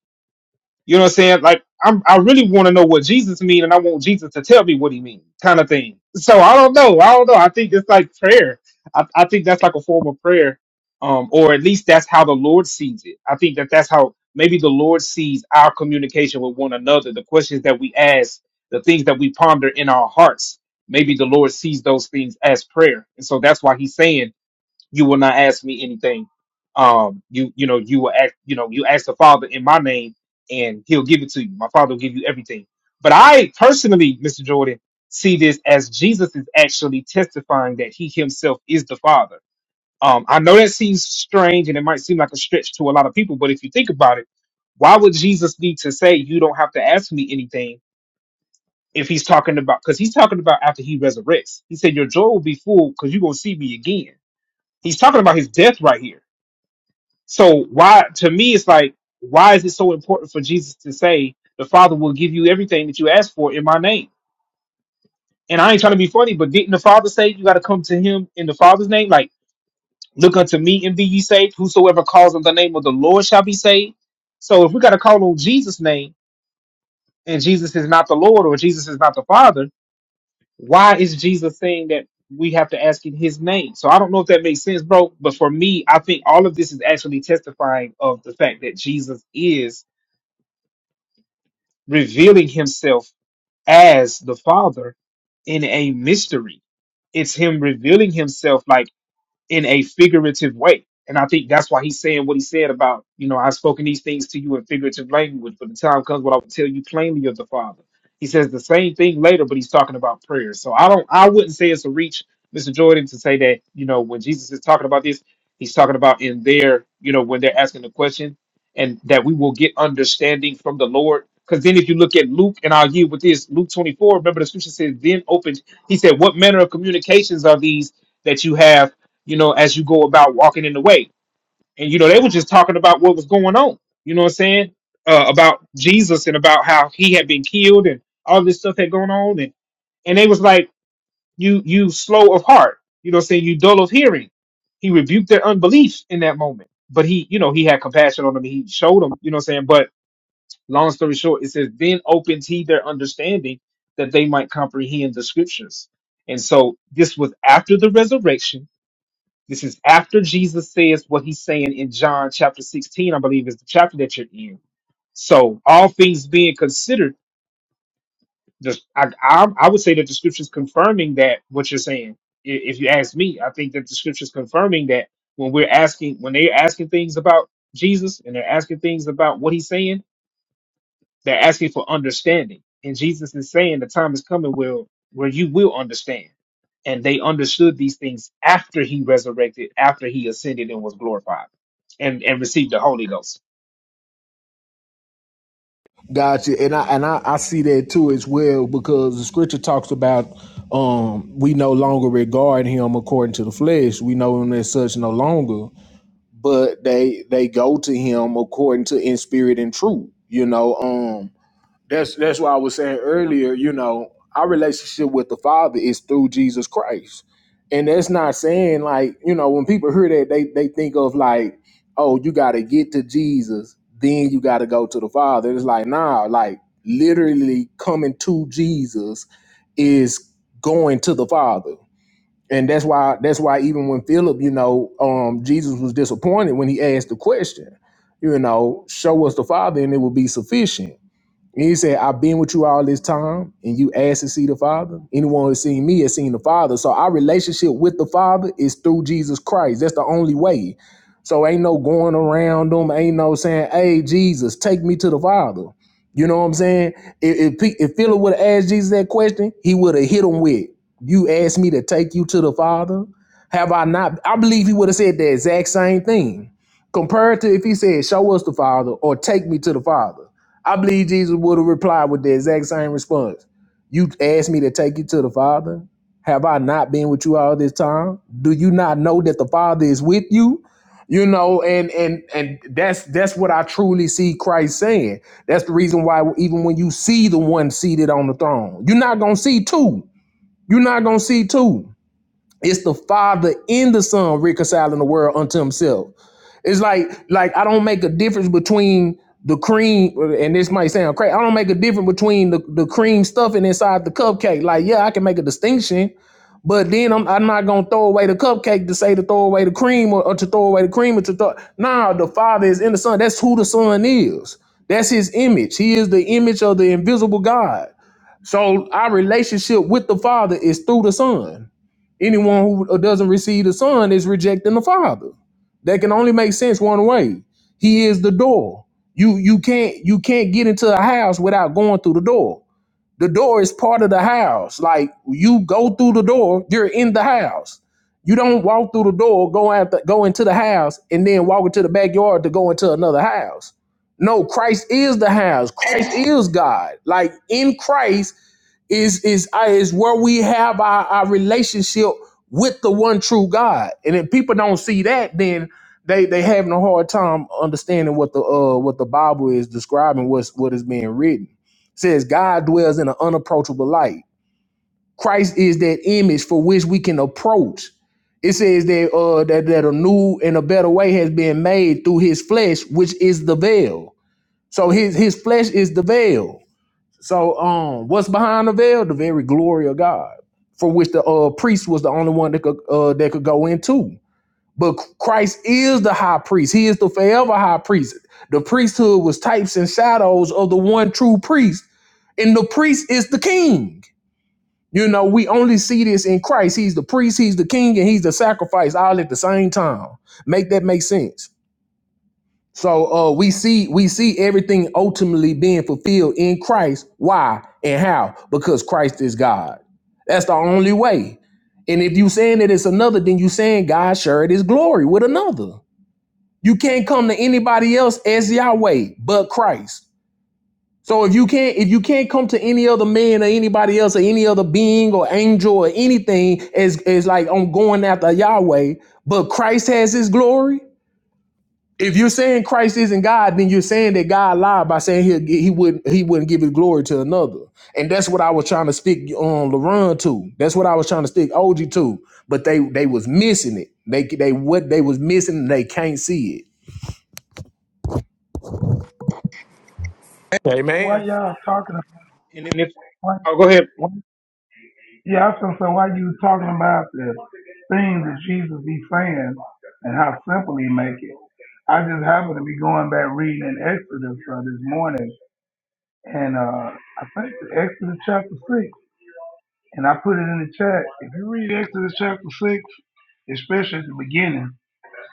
S4: You know what I'm saying? Like I'm I really want to know what Jesus means and I want Jesus to tell me what he means, kind of thing. So I don't know. I don't know. I think it's like prayer. I, I think that's like a form of prayer. Um, or at least that's how the Lord sees it. I think that that's how maybe the Lord sees our communication with one another, the questions that we ask, the things that we ponder in our hearts. Maybe the Lord sees those things as prayer. And so that's why he's saying you will not ask me anything. Um, you you know you will ask you know you ask the Father in my name, and He'll give it to you. My Father will give you everything. But I personally, Mr. Jordan, see this as Jesus is actually testifying that He Himself is the Father. Um, I know that seems strange, and it might seem like a stretch to a lot of people. But if you think about it, why would Jesus need to say you don't have to ask me anything? If he's talking about, because he's talking about after he resurrects, he said, Your joy will be full because you're going to see me again. He's talking about his death right here so why to me it's like why is it so important for Jesus to say the Father will give you everything that you ask for in my name? And I ain't trying to be funny, but didn't the Father say you got to come to Him in the Father's name? Like, look unto me and be ye saved. Whosoever calls on the name of the Lord shall be saved. So if we got to call on Jesus' name and Jesus is not the Lord or Jesus is not the Father, why is Jesus saying that we have to ask in His name? So I don't know if that makes sense, bro. But for me, I think all of this is actually testifying of the fact that Jesus is revealing himself as the Father in a mystery. It's him revealing himself like in a figurative way. And I think that's why he's saying what he said about, you know, I've spoken these things to you in figurative language, but the time comes when I will tell you plainly of the Father. He says the same thing later, but he's talking about prayer. So I don't I wouldn't say it's a reach, Mr. Jordan, to say that, you know, when Jesus is talking about this, he's talking about in their, you know, when they're asking the question and that we will get understanding from the Lord. Because then if you look at Luke, and I'll yield with this, Luke 24, remember the scripture says, then opened, he said, What manner of communications are these that you have? you know, as you go about walking in the way. And, you know, they were just talking about what was going on, you know what I'm saying? Uh, about Jesus and about how he had been killed and all this stuff had gone on. And, and they was like, you, you slow of heart, you know what I'm saying? You dull of hearing. He rebuked their unbelief in that moment. But he, you know, he had compassion on them. He showed them, you know what I'm saying? But long story short, it says, then opens he their understanding that they might comprehend the scriptures. And so this was after the resurrection this is after Jesus says what he's saying in John chapter 16, I believe is the chapter that you're in. So, all things being considered, the, I, I, I would say that the scripture's confirming that what you're saying. I- If you ask me, I think that the scripture's confirming that when we're asking, when they're asking things about Jesus and they're asking things about what he's saying, they're asking for understanding. And Jesus is saying the time is coming where, where you will understand. And they understood these things after he resurrected, after he ascended and was glorified and, and received the Holy Ghost.
S10: Gotcha, and I and I, I see that too as well because the scripture talks about um we no longer regard him according to the flesh. We know him as such no longer, but they they go to him according to in spirit and truth. You know, um that's that's why I was saying earlier, you know, our relationship with the Father is through Jesus Christ. And that's not saying like, you know, when people hear that they they think of like, oh, you gotta get to Jesus, then you gotta go to the Father. It's like, nah, like literally coming to Jesus is going to the Father. And that's why that's why even when Philip, you know, um, Jesus was disappointed when he asked the question, you know, show us the Father and it will be sufficient and he said, I've been with you all this time, and you asked to see the Father. Anyone who's seen me has seen the Father. So our relationship with the Father is through Jesus Christ. That's the only way. So ain't no going around them. Ain't no saying, hey, Jesus, take me to the Father. You know what I'm saying? If, if, if Philip would have asked Jesus that question, he would have hit him with, you asked me to take you to the Father? Have I not? I believe he would have said the exact same thing compared to if he said, show us the Father or take me to the Father. I believe Jesus would have replied with the exact same response. You asked me to take you to the Father. Have I not been with you all this time? Do you not know that the Father is with you? You know, and and and that's that's what I truly see Christ saying. That's the reason why even when you see the one seated on the throne, you're not gonna see two. You're not gonna see two. It's the Father and the Son reconciling the world unto Himself. It's like like I don't make a difference between the cream and this might sound crazy. I don't make a difference between the, the cream stuffing inside the cupcake. Like, yeah, I can make a distinction, but then I'm I'm not gonna throw away the cupcake to say to throw away the cream or, or to throw away the cream or to throw nah, the father is in the son. That's who the son is. That's his image. He is the image of the invisible God. So our relationship with the Father is through the Son. Anyone who doesn't receive the Son is rejecting the Father. That can only make sense one way. He is the door. You you can't you can't get into a house without going through the door. The door is part of the house. Like you go through the door, you're in the house. You don't walk through the door, go after go into the house, and then walk into the backyard to go into another house. No, Christ is the house. Christ is God. Like in Christ, is is uh, is where we have our, our relationship with the one true God. And if people don't see that, then they they having a hard time understanding what the uh what the Bible is describing, what's what is being written. It says God dwells in an unapproachable light. Christ is that image for which we can approach. It says that uh that, that a new and a better way has been made through his flesh, which is the veil. So his his flesh is the veil so, um, what's behind the veil? The very glory of God, for which the uh, priest was the only one that could uh, that could go into. But Christ is the high priest. He is the forever high priest. The priesthood was types and shadows of the one true priest, and the priest is the king. You know, we only see this in Christ. He's the priest, he's the king, and he's the sacrifice all at the same time. Make that make sense? So uh, we see we see everything ultimately being fulfilled in Christ. Why and how? Because Christ is God. That's the only way. And if you saying that it's another, then you saying God shared His glory with another. You can't come to anybody else as Yahweh but Christ. So if you can't if you can't come to any other man or anybody else or any other being or angel or anything as as like I'm going after Yahweh, but Christ has His glory if you're saying Christ isn't God, then you're saying that God lied by saying he he wouldn't he wouldn't give his glory to another, and that's what I was trying to stick on um, LaRon to. That's what I was trying to stick OG to, but they they was missing it. They they what they was missing, they can't see
S6: Amen.
S14: Why y'all talking about?
S4: And it, And if,
S14: Why,
S4: oh, go ahead.
S14: why? Yeah, I feel so. Why you talking about the things that Jesus be saying and how simple he make it? I just happen to be going back reading in Exodus uh, this morning, and uh, I think it's Exodus chapter six, and I put it in the chat. If you read Exodus chapter six, especially at the beginning.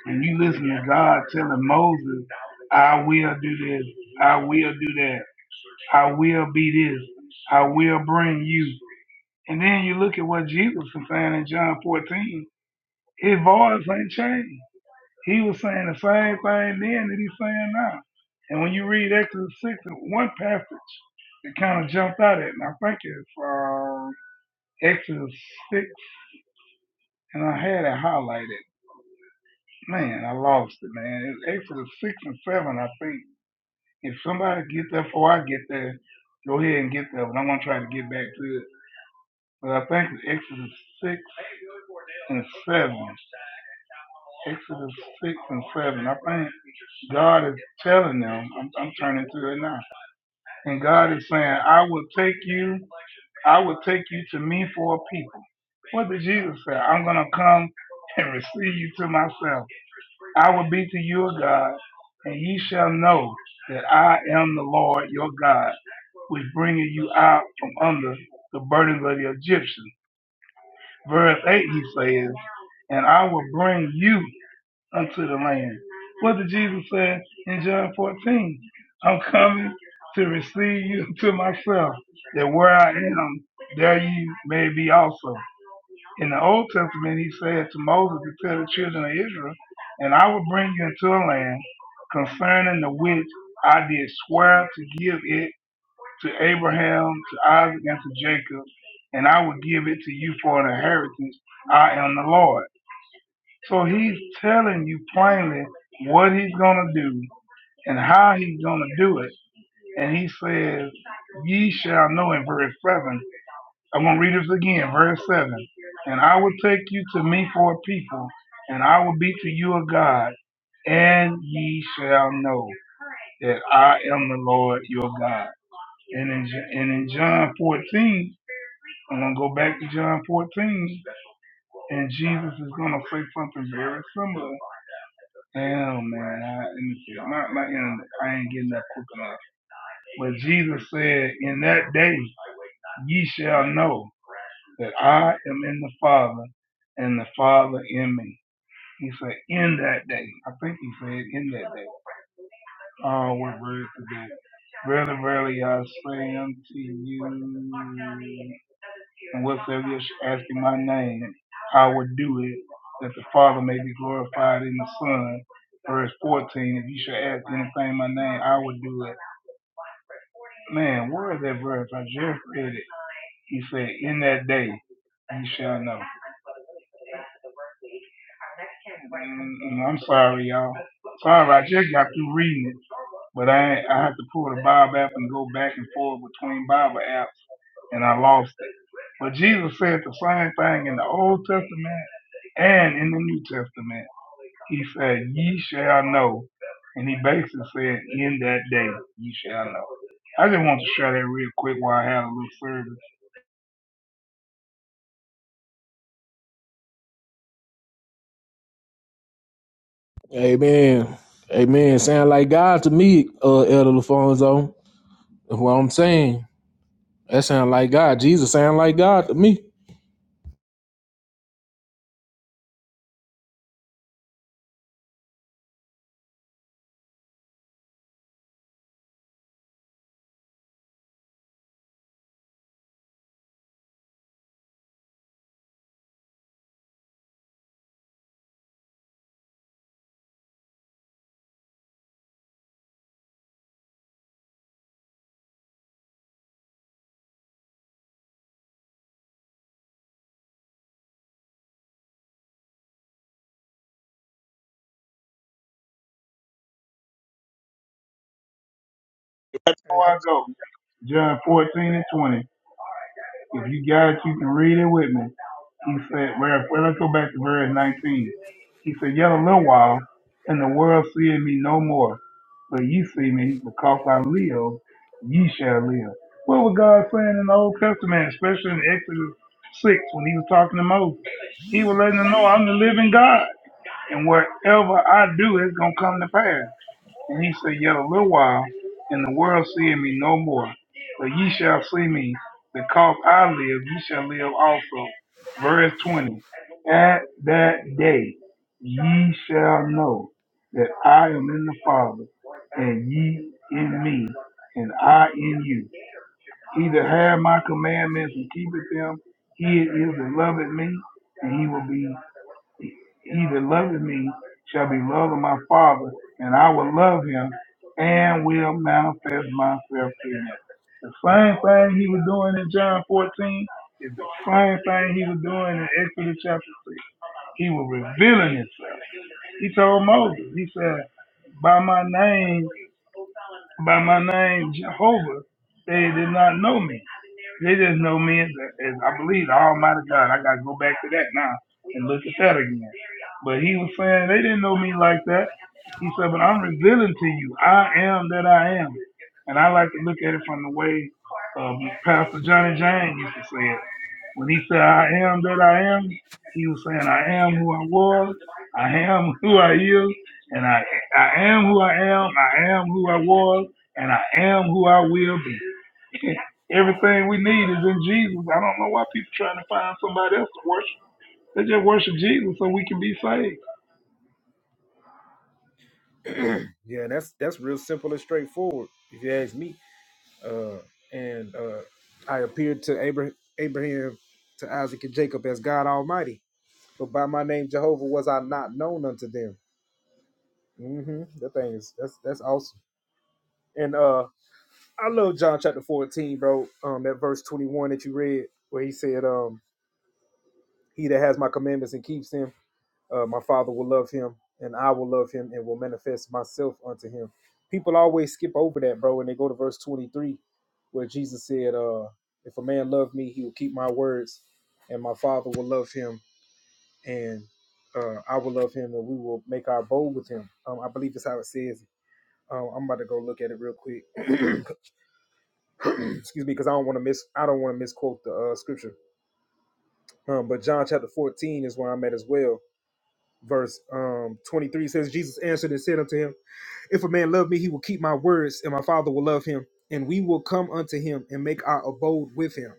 S14: and you listen to God telling Moses, I will do this, I will do that, I will be this, I will bring you. And then you look at what Jesus was saying in John 14, his voice ain't changed. He was saying the same thing then that he's saying now. And when you read Exodus 6, one passage that kind of jumped out at me, I think it's uh, Exodus 6, and I had it highlighted. Man, I lost it, man. It's Exodus 6 and 7, I think If somebody gets there before I get there, go ahead and get there. But I'm gonna try to get back to it. But I think it's Exodus six and seven. Exodus six and seven. I think God is telling them. I'm, I'm turning to it now. And God is saying, I will take you. I will take you to me for a people. What did Jesus say? I'm gonna come and receive you to myself. I will be to you a God, and ye shall know that I am the Lord your God, which bringeth you out from under the burdens of the Egyptians. Verse 8, he says, And I will bring you unto the land. What did Jesus say in John 14? I'm coming to receive you to myself, that where I am, there you may be also. In the Old Testament, he said to Moses to tell the children of Israel, and I will bring you into a land concerning the which I did swear to give it to Abraham, to Isaac, and to Jacob, and I will give it to you for an inheritance. I am the Lord. So he's telling you plainly what he's going to do and how he's going to do it. And he says, Ye shall know in verse 7 I'm going to read this again, verse 7. And I will take you to me for a people, and I will be to you a God, and ye shall know that I am the Lord your God. And in, J- and in John 14, I'm going to go back to John 14, and Jesus is going to say something very similar. Damn, man. I, let me see. my, my internet, I ain't getting that quick enough. But Jesus said, In that day ye shall know. that I am in the Father and the Father in me. He said, in that day. I think he said, in that day. Oh, what word today? Verily, verily, I say unto you, and whatsoever you shall ask in my name, I will do it, that the Father may be glorified in the Son. Verse 14, if you shall ask anything in my name, I will do it. Man, where is that verse? I just read it. He said, in that day, you shall know. Mm, mm, I'm sorry, y'all. Sorry, I just got through reading it, but I ain't- I had to pull the Bible app and go back and forth between Bible apps, and I lost it. But Jesus said the same thing in the Old Testament and in the New Testament. He said, "Ye shall know," and he basically said, "In that day, ye shall know." I just want to share that real quick while I have a little service.
S10: it. Amen, amen. Sound like God to me, uh, Elder Lafonso. That's What I'm saying, that sound like God. Jesus sound like God to me.
S14: Before I go, John 14 and 20. If you got it, you can read it with me. He said, well, well, let's go back to verse 19. He said, Yet a little while, and the world seeth me no more. But ye see me, because I live, ye shall live. What was God saying in the Old Testament, especially in Exodus 6, when he was talking to Moses? He was letting them know, I'm the living God, and whatever I do is going to come to pass. And he said, Yet a little while, and the world seeth me no more. But ye shall see me, because I live, ye shall live also. Verse 20. At that day ye shall know that I am in the Father, and ye in me, and I in you. He that hath my commandments and keepeth them, he it is that loveth me, and he will be he that loveth me shall be loved of my Father, and I will love him and will manifest myself to him. The same thing he was doing in John 14 is the same thing he was doing in Exodus chapter 6. He was revealing himself. He told Moses, he said, by my name, by my name Jehovah, they did not know me. They just know me as, as I believe the Almighty God. I gotta go back to that now and look at that again. But he was saying they didn't know me like that. He said, but I'm revealing to you, I am that I am. And I like to look at it from the way um, Pastor Johnny James used to say it. When he said, I am that I am, he was saying, I am who I was, I am who I is, and I, I am who I am, I am who I was, and I am who I will be. Everything we need is in Jesus. I don't know why people trying to find somebody else to worship. They just worship Jesus so we can be saved.
S4: yeah, that's that's real simple and straightforward, if you ask me. Uh, and uh, I appeared to Abraham, Abraham, to Isaac and Jacob as God Almighty, but by my name Jehovah was I not known unto them. hmm That thing is that's that's awesome. And uh, I love John chapter 14, bro. Um, that verse 21 that you read, where he said, um, He that has my commandments and keeps them, uh, my Father will love him, and I will love him, and will manifest myself unto him. People always skip over that, bro, and they go to verse 23, where Jesus said, uh, If a man love me, he will keep my words, and my Father will love him, and uh, I will love him, and we will make our abode with him. Um, I believe that's how it says. Um, I'm about to go look at it real quick. Excuse me, because I don't want to miss. I don't want to misquote the uh, scripture. Um, but John chapter 14 is where I'm at as well. Verse um 23 says, Jesus answered and said unto him, If a man love me, he will keep my words, and my father will love him, and we will come unto him and make our abode with him.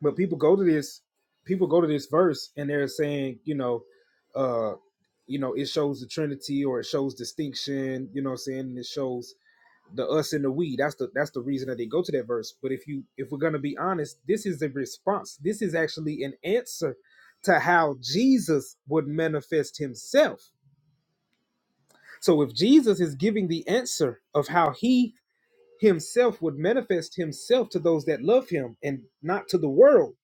S4: But people go to this, people go to this verse and they're saying, you know, uh, you know, it shows the Trinity or it shows distinction, you know what I'm saying? And it shows the us and the we that's the that's the reason that they go to that verse but if you if we're going to be honest this is a response this is actually an answer to how jesus would manifest himself so if jesus is giving the answer of how he himself would manifest himself to those that love him and not to the world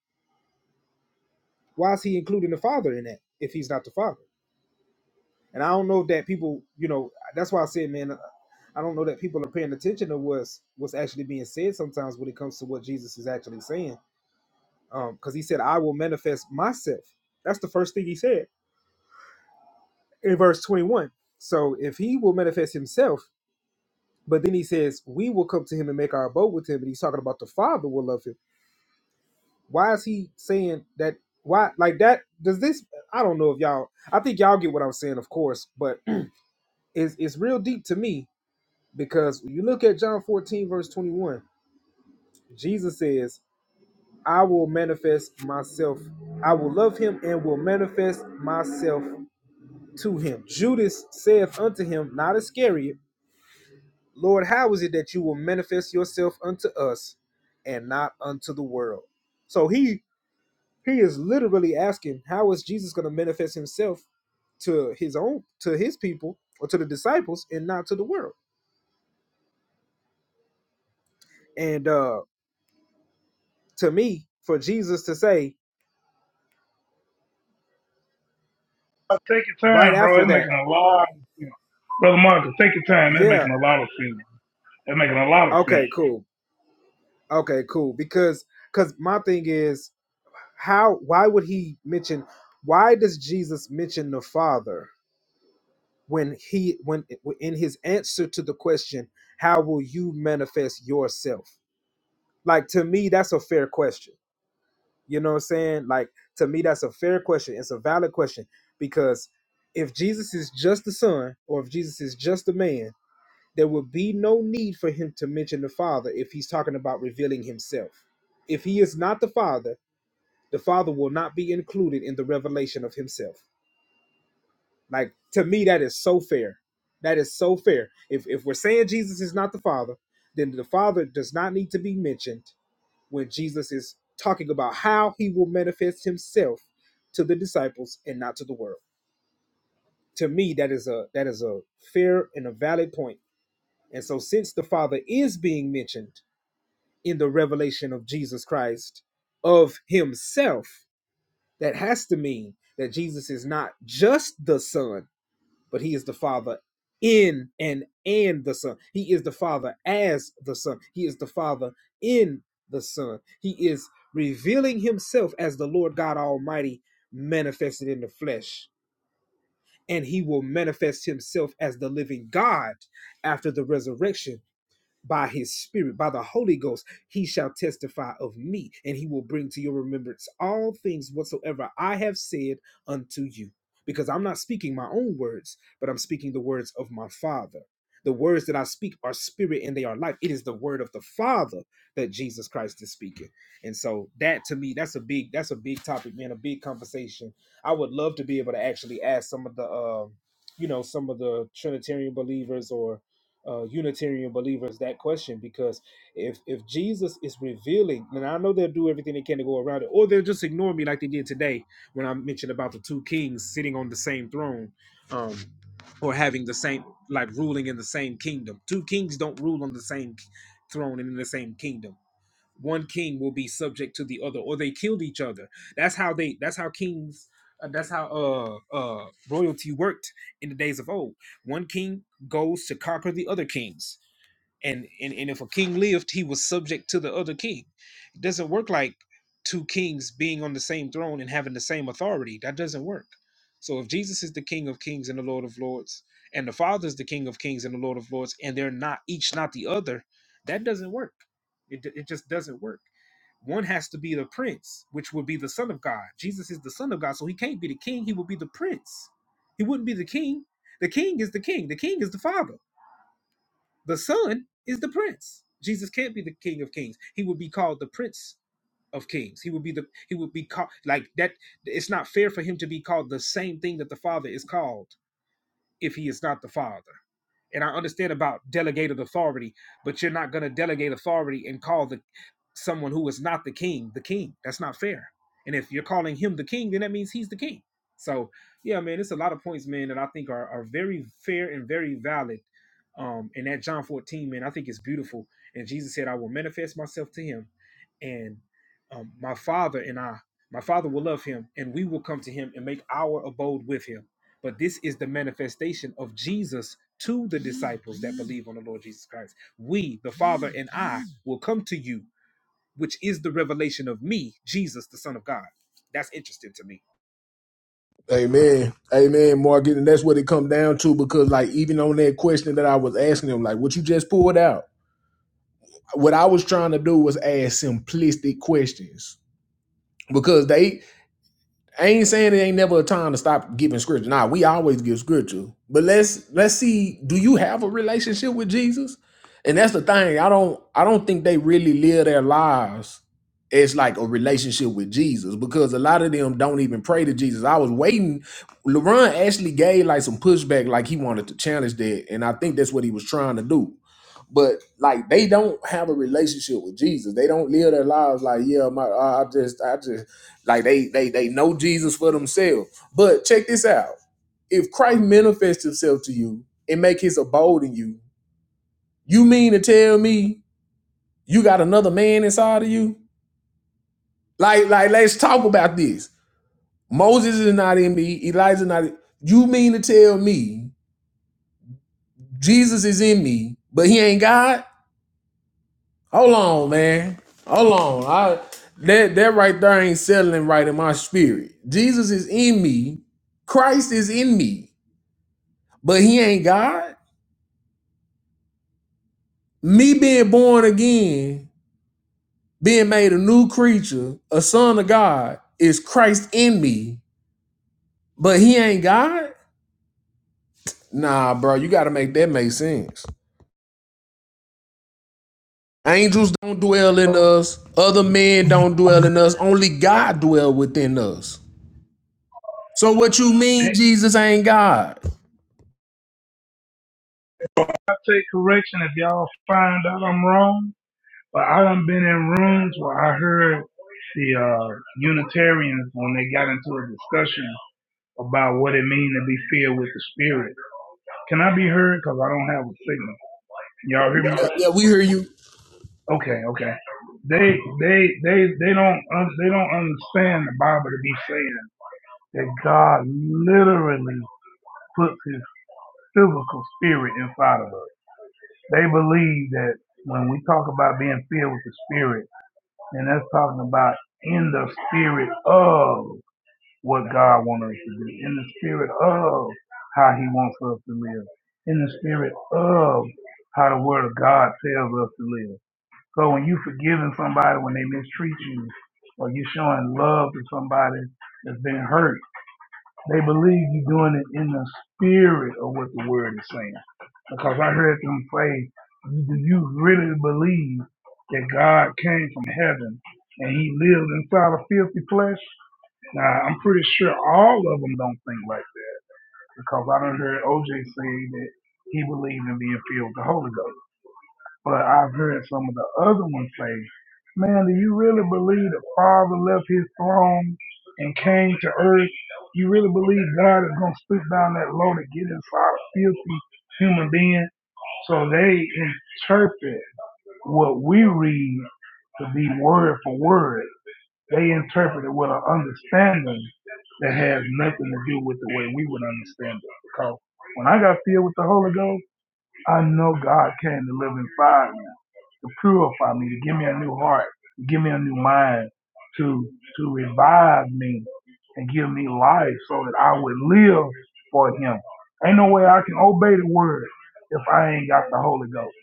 S4: why is he including the father in that if he's not the father And I don't know that people, you know, that's why I said, man, I don't know that people are paying attention to what's what's actually being said sometimes when it comes to what Jesus is actually saying. Um, because he said, I will manifest myself. That's the first thing he said in verse 21. So if he will manifest himself, but then he says, We will come to him and make our abode with him, and he's talking about the Father will love him. Why is he saying that why like that does this I don't know if y'all I think y'all get what I'm saying, of course, but it's it's real deep to me Because when you look at John 14, verse 21, Jesus says, I will manifest myself. I will love him and will manifest myself to him. Judas saith unto him, not Iscariot, Lord, how is it that you will manifest yourself unto us and not unto the world? So he he is literally asking, how is Jesus going to manifest himself to his own to his people or to the disciples and not to the world? And uh to me, for Jesus to say
S14: Uh, Take your
S4: right
S14: time, bro.
S4: after
S14: They're
S4: that.
S14: making a lot of sense. Brother Marcus, take your time. They're
S4: Yeah.
S14: making a lot of sense. They're making a lot of
S4: Okay.
S14: sense.
S4: Cool. Okay. Cool. Because because my thing is how why would he mention why does Jesus mention the Father when he when in his answer to the question how will you manifest yourself? Like to me that's a fair question. You know what I'm saying? Like to me that's a fair question. It's a valid question because if Jesus is just the Son or if Jesus is just a man there would be no need for him to mention the Father if he's talking about revealing himself. If he is not the Father, the Father will not be included in the revelation of himself. Like to me, that is so fair. That is so fair. If if we're saying Jesus is not the Father, then the Father does not need to be mentioned when Jesus is talking about how he will manifest himself to the disciples and not to the world. To me, that is a that is a fair and a valid point. And so since the Father is being mentioned, in the revelation of Jesus Christ of himself, that has to mean that Jesus is not just the Son, but he is the Father in and and the Son. He is the Father as the Son. He is the Father in the Son. He is revealing himself as the Lord God Almighty manifested in the flesh. And he will manifest himself as the living God after the resurrection by his spirit, by the Holy Ghost, he shall testify of me, and he will bring to your remembrance all things whatsoever I have said unto you. Because I'm not speaking my own words, but I'm speaking the words of my Father. The words that I speak are spirit and they are life. It is the word of the Father that Jesus Christ is speaking. And so that to me, that's a big, that's a big topic, man, a big conversation. I would love to be able to actually ask some of the um, you know, some of the Trinitarian believers or uh, Unitarian believers that question because if if Jesus is revealing, and I know they'll do everything they can to go around it, or they'll just ignore me like they did today when I mentioned about the two kings sitting on the same throne, um, or having the same like ruling in the same kingdom. Two kings don't rule on the same k- throne and in the same kingdom one king will be subject to the other or they killed each other that's how they that's how kings uh, that's how uh uh royalty worked in the days of old one king goes to conquer the other kings and and, and if a king lived he was subject to the other king it doesn't work like two kings being on the same throne and having the same authority that doesn't work so if jesus is the king of kings and the lord of lords and the father is the king of kings and the lord of lords and they're not each not the other that doesn't work it, d- it just doesn't work one has to be the prince which would be the son of god jesus is the son of god so he can't be the king he would be the prince he wouldn't be the king the king is the king the king is the father the Son is the Prince. Jesus can't be the King of Kings. He would be called the Prince of Kings. He would be the he would be called like that. It's not fair for him to be called the same thing that the Father is called if he is not the father. And I understand about delegated authority, but you're not going to delegate authority and call the someone who is not the king the king. That's not fair. And if you're calling him the king, then that means he's the king. So yeah, man, it's a lot of points, man, that I think are, are very fair and very valid. Um, and that John 14, man, I think it's beautiful. And Jesus said, I will manifest myself to him and um, my father and I, my father will love him, and we will come to him and make our abode with him. But this is the manifestation of Jesus to the disciples that believe on the Lord Jesus Christ. We, the Father and I, will come to you, which is the revelation of me, Jesus, the Son of God. That's interesting to me.
S10: Amen. Amen, Morgan. And that's what it come down to because like even on that question that I was asking him, like what you just pulled out, what I was trying to do was ask simplistic questions. Because they I ain't saying it ain't never a time to stop giving scripture. Nah, we always give scripture. But let's let's see, do you have a relationship with Jesus? And that's the thing. I don't I don't think they really live their lives as like a relationship with Jesus because a lot of them don't even pray to Jesus. I was waiting. LeBron actually gave like some pushback, like he wanted to challenge that. And I think that's what he was trying to do but like they don't have a relationship with Jesus. They don't live their lives like, yeah, my I just I just like they they they know Jesus for themselves. But check this out. If Christ manifests himself to you and make his abode in you, you mean to tell me you got another man inside of you? Like like let's talk about this. Moses is not in me, Elijah not you mean to tell me Jesus is in me, but he ain't God? Hold on, man. Hold on. I that that right there ain't settling right in my spirit. Jesus is in me. Christ is in me. But he ain't God. Me being born again, being made a new creature, a son of God, is Christ in me. But he ain't God? Nah, bro, you gotta make that make sense. Angels don't dwell in us, other men don't dwell in us, only God dwell within us. So what you mean
S14: Hey,
S10: Jesus ain't God?
S14: I take correction if y'all find out I'm wrong, but I done been in rooms where I heard the uh, Unitarians when they got into a discussion about what it means to be filled with the Spirit. Can I be heard? Because I don't have a signal. Y'all hear me?
S10: Yeah, we hear you.
S14: Okay, okay. They they they they don't un- they don't understand the Bible to be saying that God literally puts His physical spirit inside of us. They believe that when we talk about being filled with the Spirit, and that's talking about in the spirit of what God wants us to do, in the spirit of how He wants us to live, in the spirit of how the Word of God tells us to live. So when you forgiving somebody when they mistreat you, or you showing love to somebody that's been hurt, they believe you're doing it in the spirit of what the word is saying. Because I heard them say, "Do you really believe that God came from heaven and He lived inside of filthy flesh?" Now I'm pretty sure all of them don't think like that because I don't heard OJ say that he believed in being filled with the Holy Ghost. But I've heard some of the other ones say, man, do you really believe the Father left his throne and came to earth? You really believe God is going to stoop down that low to get inside a filthy human being? So they interpret what we read to be word for word. They interpret it with an understanding that has nothing to do with the way we would understand it. Because when I got filled with the Holy Ghost, I know God came to live inside me, to purify me, to give me a new heart, to give me a new mind, to to revive me and give me life so that I would live for him. Ain't no way I can obey the word if I ain't got the Holy Ghost.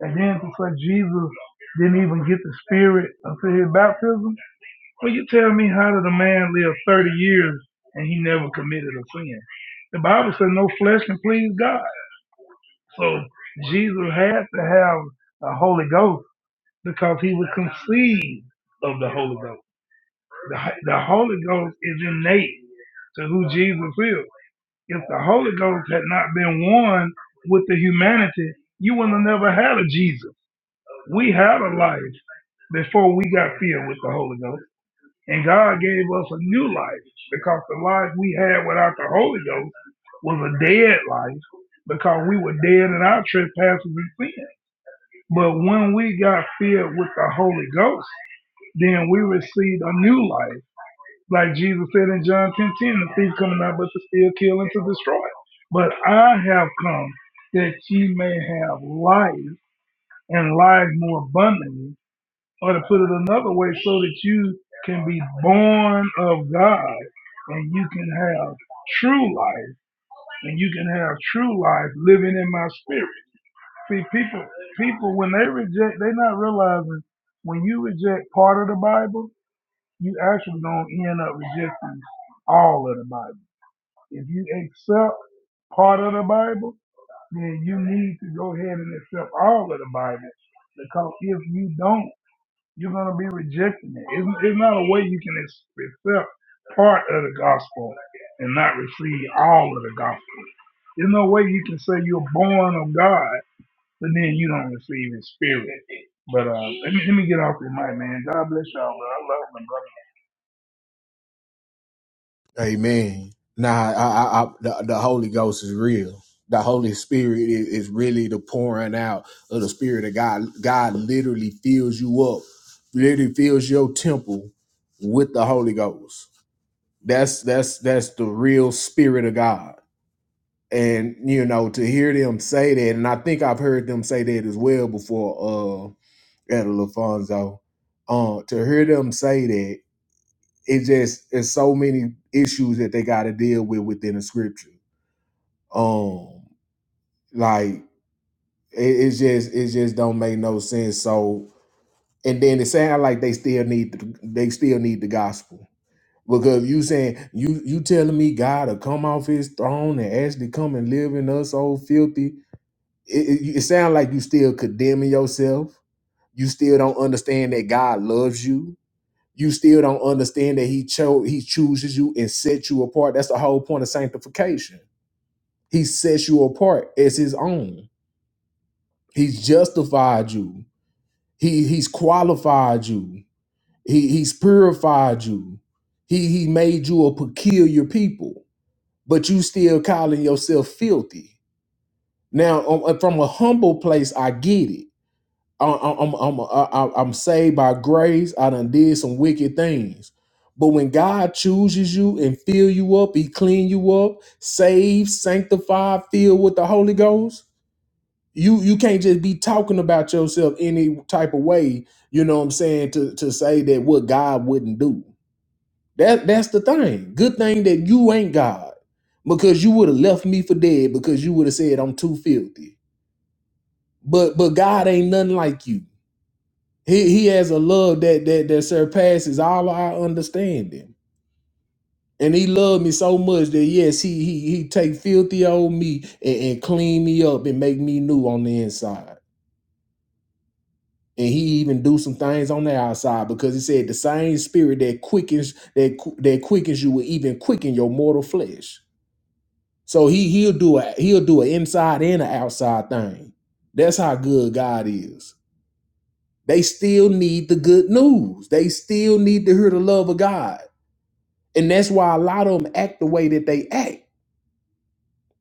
S14: And then to say Jesus didn't even get the Spirit until his baptism. Will you tell me how did a man live 30 years and he never committed a sin? The Bible says no flesh can please God. So Jesus had to have the Holy Ghost because he was conceived of the Holy Ghost. The, the Holy Ghost is innate to who Jesus is. If the Holy Ghost had not been one with the humanity, you would have never had a Jesus. We had a life before we got filled with the Holy Ghost. And God gave us a new life because the life we had without the Holy Ghost was a dead life because we were dead in our trespasses and sin. But when we got filled with the Holy Ghost, then we received a new life. Like Jesus said in John 10:10. the thief coming out, but to steal, kill, and to destroy. But I have come that ye may have life and life more abundantly. Or to put it another way, so that you can be born of God and you can have true life and you can have true life living in my spirit. See, people, people, when they reject, they not realizing when you reject part of the Bible, you actually gonna end up rejecting all of the Bible. If you accept part of the Bible, then you need to go ahead and accept all of the Bible because if you don't, you're gonna be rejecting it. It's, it's not a way you can ex- accept part of the gospel and not receive all of the gospel. There's no way you can say you're born of God but then you don't receive his spirit. But uh, let me let me get off your mic, man. God bless y'all, bro. I love my brother.
S10: Amen. Nah, I, I, I, the, the Holy Ghost is real. The Holy Spirit is, is really the pouring out of the Spirit of God. God literally fills you up, literally fills your temple with the Holy Ghost. That's that's that's the real Spirit of God. And you know, to hear them say that, and I think I've heard them say that as well before, uh, at Lafonso. Uh, to hear them say that It just it's so many issues that they got to deal with within the scripture. Um, like it, it's just it just don't make no sense. So and then it sounds like they still need the, they still need the gospel because you saying you you telling me God to come off His throne and actually come and live in us, old filthy. It, it, it sounds like you still condemning yourself. You still don't understand that God loves you you still don't understand that he chose he chooses you and sets you apart that's the whole point of sanctification he sets you apart as his own he's justified you he he's qualified you he he's purified you he he made you a peculiar people but you still calling yourself filthy now um, uh, from a humble place i get it I- am I'm I'm I- I- I'm saved by grace. I done did some wicked things, but when God chooses you and fill you up, He clean you up, save, sanctify, fill with the Holy Ghost. You you can't just be talking about yourself any type of way. You know what I'm saying to to say that what God wouldn't do. That that's the thing. Good thing that you ain't God, because you would have left me for dead because you would have said I'm too filthy. But but God ain't nothing like you. He he has a love that that that surpasses all our understanding. And he loved me so much that yes, he he he take filthy old me and, and clean me up and make me new on the inside. And he even do some things on the outside because he said the same spirit that quickens that qu- that quickens you will even quicken your mortal flesh. So he he'll do a he'll do an inside and an outside thing. That's how good God is. They still need the good news. They still need to hear the love of God And that's why a lot of them act the way that they act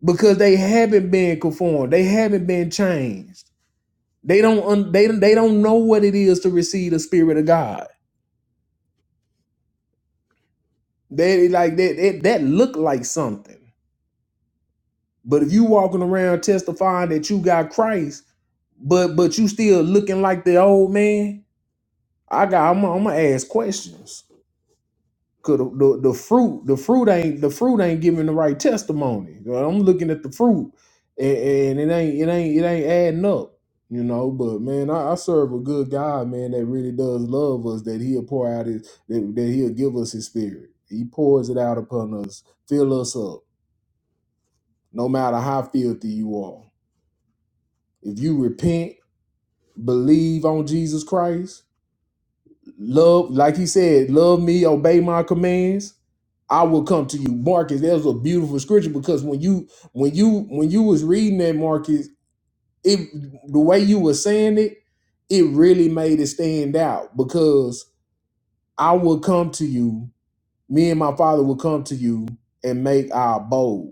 S10: because they haven't been conformed. They haven't been changed. They don't un- they they don't know what it is to receive the spirit of God. They like that that, that look like something. But if you walking around testifying that you got Christ, but but you still looking like the old man, I got I'm I'm gonna ask questions. Cause the, the, the fruit, the fruit ain't the fruit ain't giving the right testimony. You know, I'm looking at the fruit, and, and it ain't it ain't it ain't adding up. You know, but man, I, I serve a good God, man, that really does love us. That He'll pour out His that, that He'll give us His Spirit. He pours it out upon us, fill us up, no matter how filthy you are. If you repent, believe on Jesus Christ. Love, like he said, love me, obey my commands. I will come to you, Marcus. That was a beautiful scripture because when you when you when you was reading that, Marcus, it the way you were saying it, it really made it stand out because I will come to you. Me and my father will come to you and make our abode.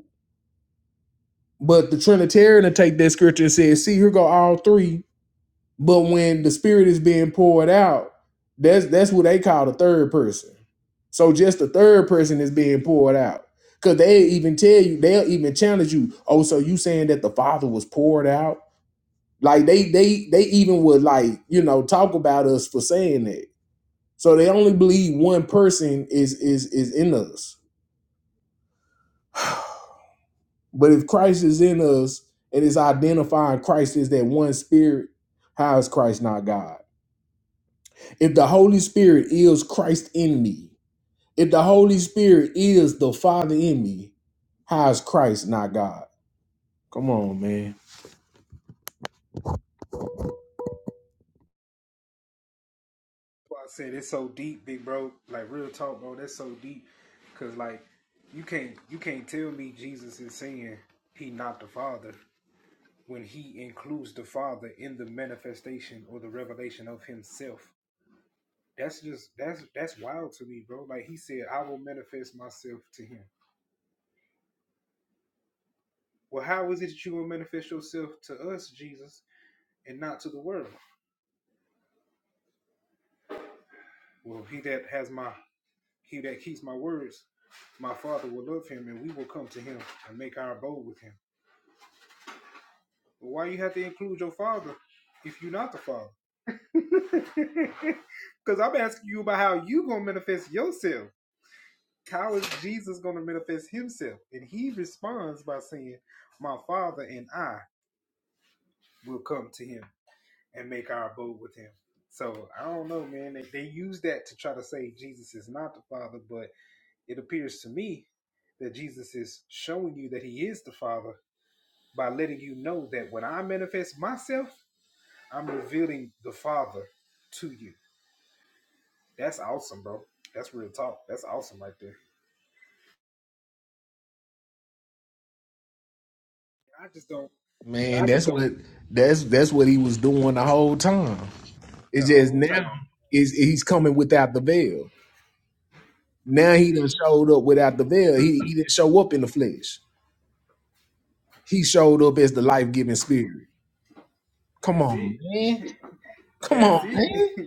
S10: But the Trinitarian will take that scripture and say, "See, here go all three. But when the spirit is being poured out, that's that's what they call the third person. So just the third person is being poured out. Cause they even tell you, they'll even challenge you. Oh, so you saying that the Father was poured out? Like they they they even would like, you know, talk about us for saying that. So they only believe one person is is is in us. But if Christ is in us and is identifying Christ as that one spirit, how is Christ not God? If the Holy Spirit is Christ in me, if the Holy Spirit is the Father in me, how is Christ not God? Come on, man.
S4: Well, I said it's so deep, big bro. Like real talk, bro. That's so deep, cause like you can't you can't tell me Jesus is saying he not the Father when he includes the Father in the manifestation or the revelation of himself. That's just that's that's wild to me, bro. Like he said, I will manifest myself to him. Well, how is it that you will manifest yourself to us, Jesus, and not to the world? Well, he that has my he that keeps my words, my father will love him and we will come to him and make our abode with him. But why you have to include your father if you're not the father? Because I'm asking you about how you gonna manifest yourself. how is Jesus going to manifest himself? And he responds by saying, My Father and I will come to him and make our abode with him. So I don't know, man. They, they use that to try to say Jesus is not the Father, but it appears to me that Jesus is showing you that he is the Father by letting you know that when I manifest myself, I'm revealing the Father to you. That's awesome, bro. That's real talk. That's awesome right there. I just don't,
S10: Man, that's what that's that's what he was doing the whole time.
S4: the
S10: It's just
S4: whole
S10: now
S4: time,
S10: is he's coming without the veil. Now
S4: that's
S10: he done
S4: it.
S10: showed up without the veil. He he didn't show up in the flesh. He showed up as the life giving spirit. Come
S4: That's it.
S10: on, man. Come
S4: That's
S10: on,
S4: it.
S10: man.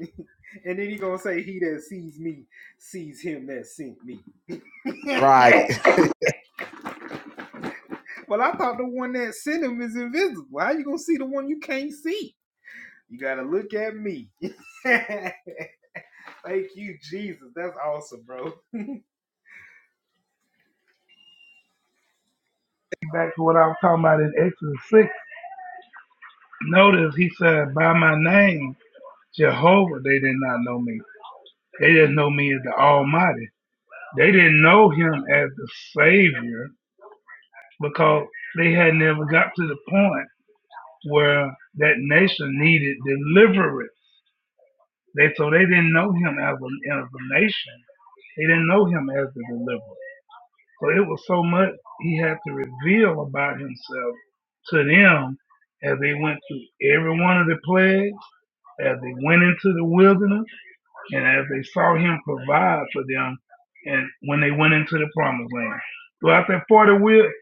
S4: and then he gonna say, "He that sees me sees him that sent me."
S10: Right.
S4: Well, I thought the one that sent him is invisible. How you gonna see the one you can't see? You gotta look at me. Thank you, Jesus. That's awesome, bro.
S14: Back to what I was talking about in Exodus six. Notice he said, "By my name, Jehovah, they did not know me. They didn't know me as the Almighty. They didn't know Him as the Savior because they had never got to the point where that nation needed deliverance. They so they didn't know Him as a, as a nation. They didn't know Him as the deliverer. So it was so much he had to reveal about himself to them as they went through every one of the plagues, as they went into the wilderness, and as they saw him provide for them and when they went into the promised land. Throughout that 40,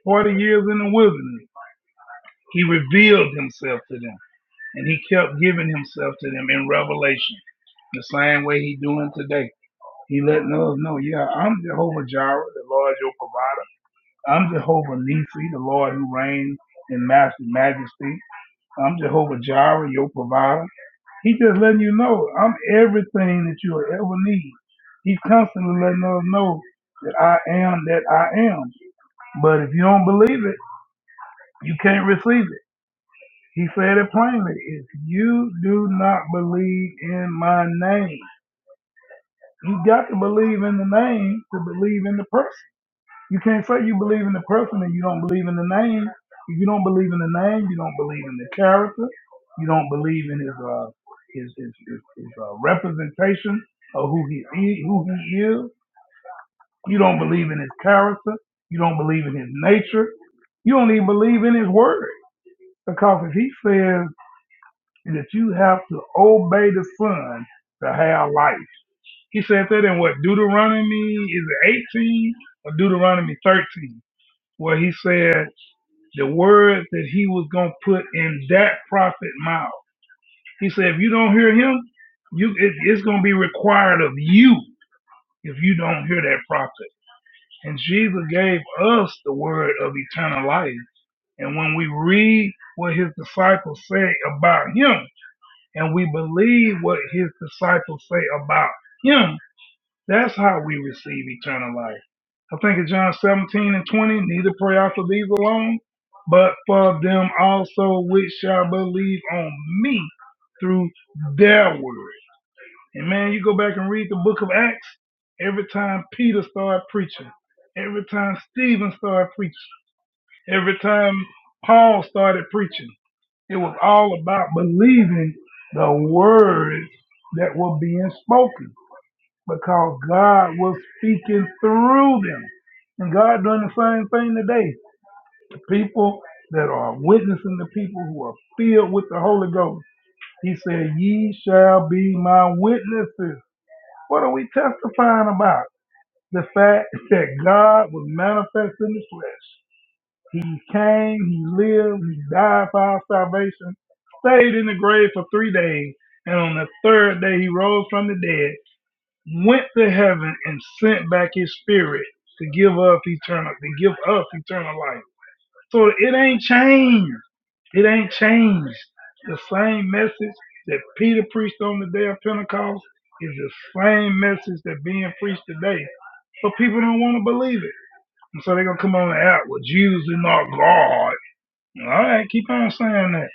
S14: 40 years in the wilderness, he revealed himself to them and he kept giving himself to them in revelation, the same way he's doing today. He letting us know, yeah, I'm Jehovah Jireh, the Lord your provider. I'm Jehovah Nissi, the Lord who reigns in master majesty. I'm Jehovah Jireh, your provider. He's just letting you know I'm everything that you'll ever need. He's constantly letting us know that I am that I am. But if you don't believe it, you can't receive it. He said it plainly. If you do not believe in my name, you got to believe in the name to believe in the person. You can't say you believe in the person and you don't believe in the name. If you don't believe in the name, you don't believe in the character. You don't believe in his uh, his his, his, his uh, representation of who he is, who he is. You don't believe in his character. You don't believe in his nature. You don't even believe in his word because if he says that you have to obey the Son to have life, he said that in what Deuteronomy is it 18 or Deuteronomy 13, where he said. the word that he was going to put in that prophet's mouth. He said, if you don't hear him, you it, it's going to be required of you if you don't hear that prophet. And Jesus gave us the word of eternal life. And when we read what his disciples say about him, and we believe what his disciples say about him, that's how we receive eternal life. I think in John 17 and 20, neither pray I for these alone, but for them also which shall believe on me through their word. And man, you go back and read the book of Acts, every time Peter started preaching, every time Stephen started preaching, every time Paul started preaching, it was all about believing the words that were being spoken because God was speaking through them. And God doing the same thing today. The people that are witnessing the people who are filled with the Holy Ghost. He said, Ye shall be my witnesses. What are we testifying about? The fact that God was manifest in the flesh. He came, he lived, he died for our salvation, stayed in the grave for three days, and on the third day he rose from the dead went to heaven and sent back his spirit to give up eternal to give up eternal life. So it ain't changed. It ain't changed. The same message that Peter preached on the day of Pentecost is the same message that being preached today. But people don't want to believe it. And so they're gonna come on the app, well Jesus is not God. All right, keep on saying that.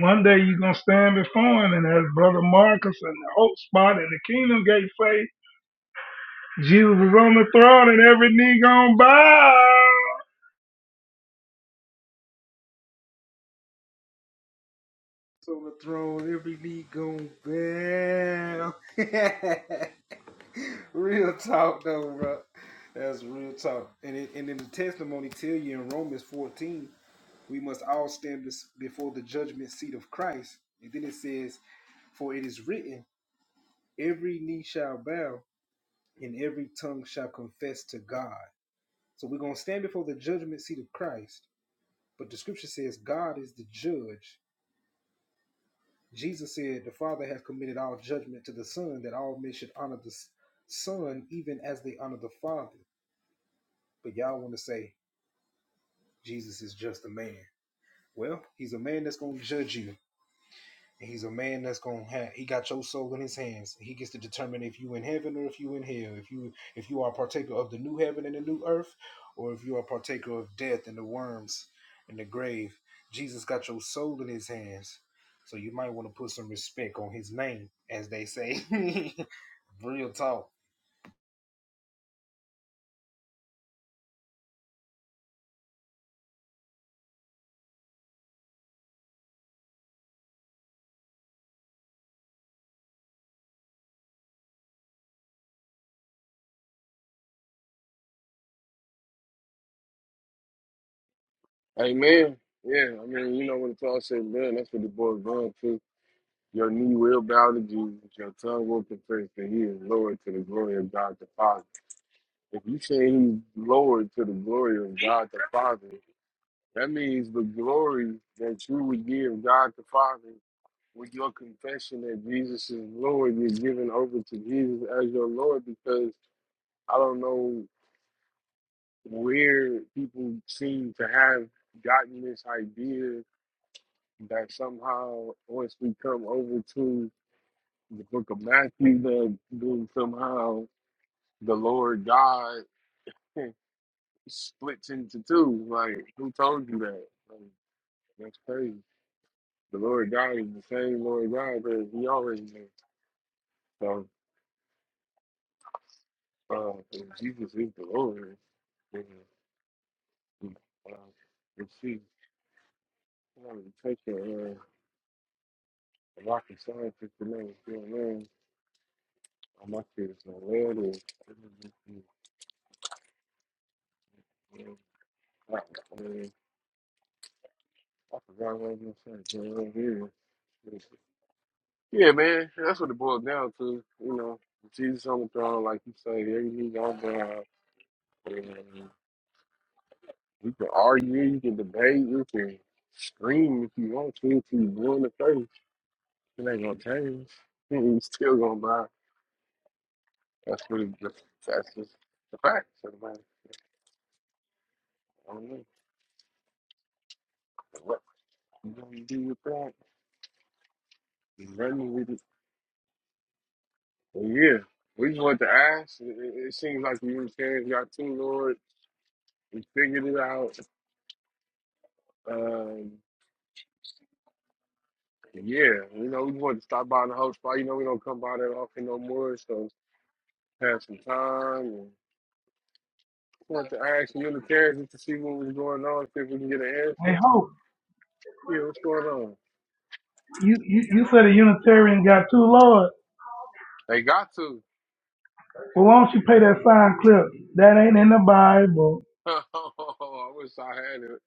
S14: One day you're gonna stand before him and as Brother Marcus and the Hope Spot and the Kingdom Gate say, Jesus is on the throne and every knee gonna bow.
S4: So the throne, every knee going bow. real talk, though, bro. That's real talk. And it, and then the testimony tell you in Romans fourteen we must all stand bes- before the judgment seat of Christ. And then it says, For it is written, every knee shall bow and every tongue shall confess to God. So we're going to stand before the judgment seat of Christ. But the scripture says, God is the judge. Jesus said, The Father has committed all judgment to the Son, that all men should honor the S- Son even as they honor the Father. But y'all want to say, Jesus is just a man. Well, he's a man that's going to judge you. He's a man that's gonna have. He got your soul in his hands. He gets to determine if you in heaven or if you in hell. If you if you are a partaker of the new heaven and the new earth, or if you are a partaker of death and the worms and the grave. Jesus got your soul in his hands, so you might want to put some respect on his name, as they say. Real talk.
S1: Amen. Yeah, I mean, you know, when it's all said and done, that's what the boy's going to. Your knee will bow to Jesus. Your tongue will confess that He is Lord to the glory of God the Father. If you say He's Lord to the glory of God the Father, That means the glory that you would give God the Father with your confession that Jesus is Lord, you're giving over to Jesus as your Lord because I don't know where people seem to have gotten this idea that somehow once we come over to the book of Matthew that then somehow the Lord God splits into two. Like who told you that? Like, that's crazy. the Lord God is the same Lord God that He always been. So uh, if Jesus is the Lord, then uh, if she wanted to take a, uh, a rocket scientist to know what's going on, I'm not sure going to land or I mean, I forgot what I was going to say. but, uh, Yeah, Yeah, man, that's what it boils down to. You know, Jesus on the throne, like you say, every knee gonna bow. and You can argue, you can debate, you can scream if you want to, to you blue in the face. It ain't gonna change. You still gonna buy. That's what it, that's, that's just the facts. of the matter. I don't know. What you gonna do with that? You running with it. But yeah, we just want to ask. It, it it seems like the Unitarians got too Lord. We figured it out. Um, yeah, you know, we just want to stop by the host spot. You know, we don't come by that often no more, so have some time. Want to ask Unitarians just to see what was going on, see if we can get an
S14: Hey,
S1: answer.
S14: Hope,
S1: Yeah, what's going on?
S14: you, you, you said a Unitarian got two lords.
S1: They got to.
S14: Well, why don't you pay that sign clip? That ain't in the Bible.
S1: I wish I had it.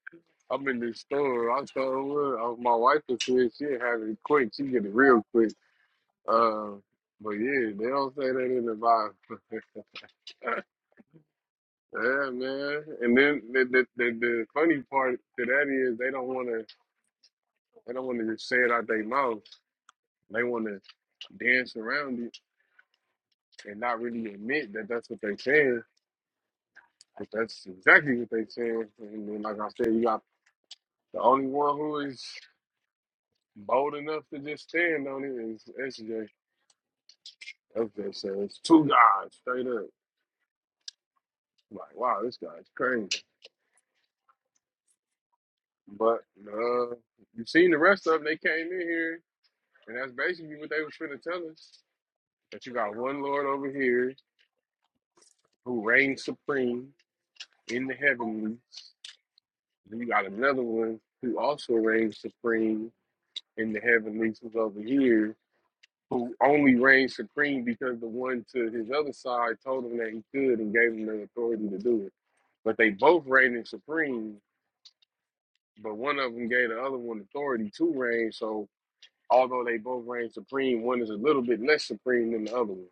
S1: I'm in this store. I told her uh, my wife was here. She had it quick. She get it real quick. Uh, but yeah, they don't say that in the Bible. yeah, man. And then the, the the the funny part to that is they don't want to they don't want to just say it out their mouth. They want to dance around it and not really admit that that's what they are saying. That's exactly what they said. And then, like I said, you got the only one who is bold enough to just stand on it is SJ. That's what it says. Two guys straight up. Like, wow, this guy's crazy. But uh, you seen the rest of them. They came in here, and that's basically what they was trying to tell us. That you got one Lord over here who reigns supreme in the heavenlies. Then you got another one who also reigns supreme in the heavenlies who's over here who only reigned supreme because the one to his other side told him that he could and gave him the authority to do it. But they both reigning supreme, but one of them gave the other one authority to reign. So although they both reign supreme, one is a little bit less supreme than the other one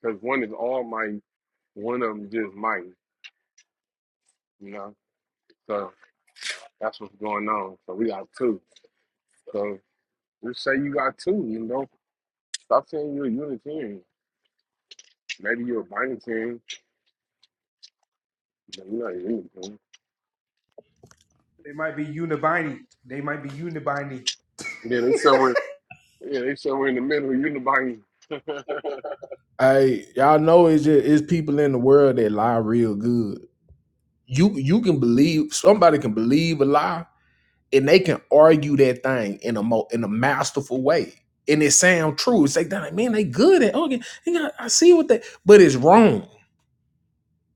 S1: because one is almighty, one of them just mighty, you know. So that's what's going on. So we got two. So just say you got two, you know. Stop saying you're a Unitarian. Maybe you're a Binitarian, but you're not a Unitarian.
S4: They might be unibiny. They might be unibiny.
S1: Yeah, they somewhere Yeah, they somewhere in the middle. Unibody.
S10: Hey, y'all know it's just, it's people in the world that lie real good. you you can believe somebody can believe a lie and they can argue that thing in a mo in a masterful way and it sound true it's like "Dang, man they good at okay i see what they but it's wrong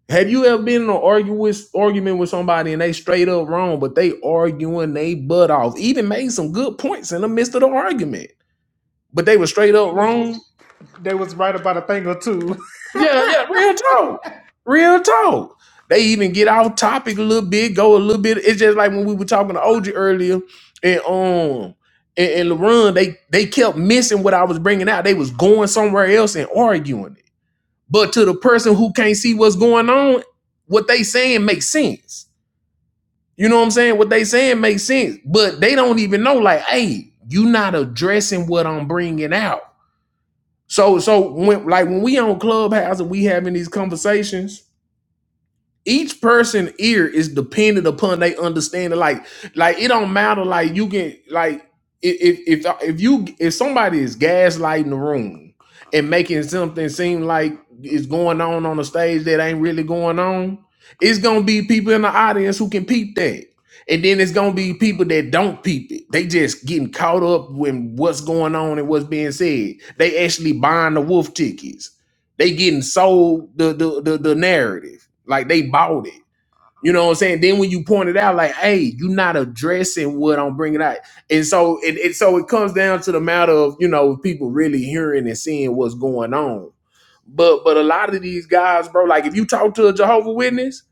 S10: have you ever been in an argue with, argument with somebody and they straight up wrong but they arguing they butt off even made some good points in the midst of the argument but they were straight up
S4: You was
S10: wrong
S4: they was right about a thing or two.
S10: Yeah, yeah, real talk. Real talk. They even get off topic a little bit, go a little bit. It's just like when we were talking to OG earlier and um and, and LaRon, they they kept missing what I was bringing out. They was going somewhere else and arguing it. But to the person who can't see what's going on, what they saying makes sense. You know what I'm saying? What they saying makes sense, but they don't even know. Like, hey, you not addressing what I'm bringing out. So, so when like when we on Clubhouse and we having these conversations, each person ear is dependent upon they understanding. Like, like it don't matter. Like you can like if if if if you if somebody is gaslighting the room and making something seem like it's going on on the stage that ain't really going on, it's gonna be people in the audience who can peep that. And then it's gonna be people that don't peep it. They just getting caught up when what's going on and what's being said. They actually buying the wolf tickets they getting sold the the the, the narrative. Like they bought it. You know what I'm saying? Then when you point it out, like, hey, you're not addressing what I'm bringing out, and so it, it so it comes down to the matter of you know people really hearing and seeing what's going on. But but a lot of these guys, bro, like if you talk to a Jehovah Witness,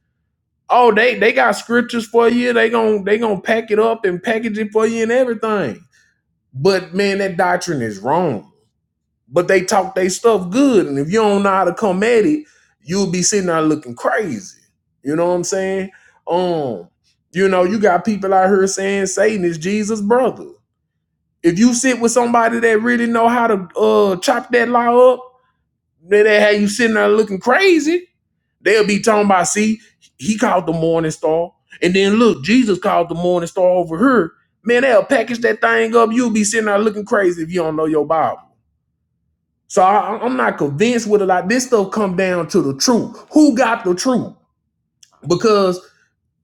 S10: oh they they got scriptures for you. They gon' they gonna pack it up and package it for you and everything. But man, that doctrine is wrong but they talk their stuff good. And if you don't know how to come at it, you'll be sitting there looking crazy. You know what I'm saying? Um, you know, you got people out here saying Satan is Jesus' brother. If you sit with somebody that really know how to uh chop that lie up, then they have you sitting there looking crazy. They'll be talking about, see, he called the morning star. And then look, Jesus called the morning star over here. Man, they'll package that thing up. You'll be sitting there looking crazy if you don't know your Bible. So I, I'm not convinced with a lot. This stuff come down to the truth. Who got the truth? Because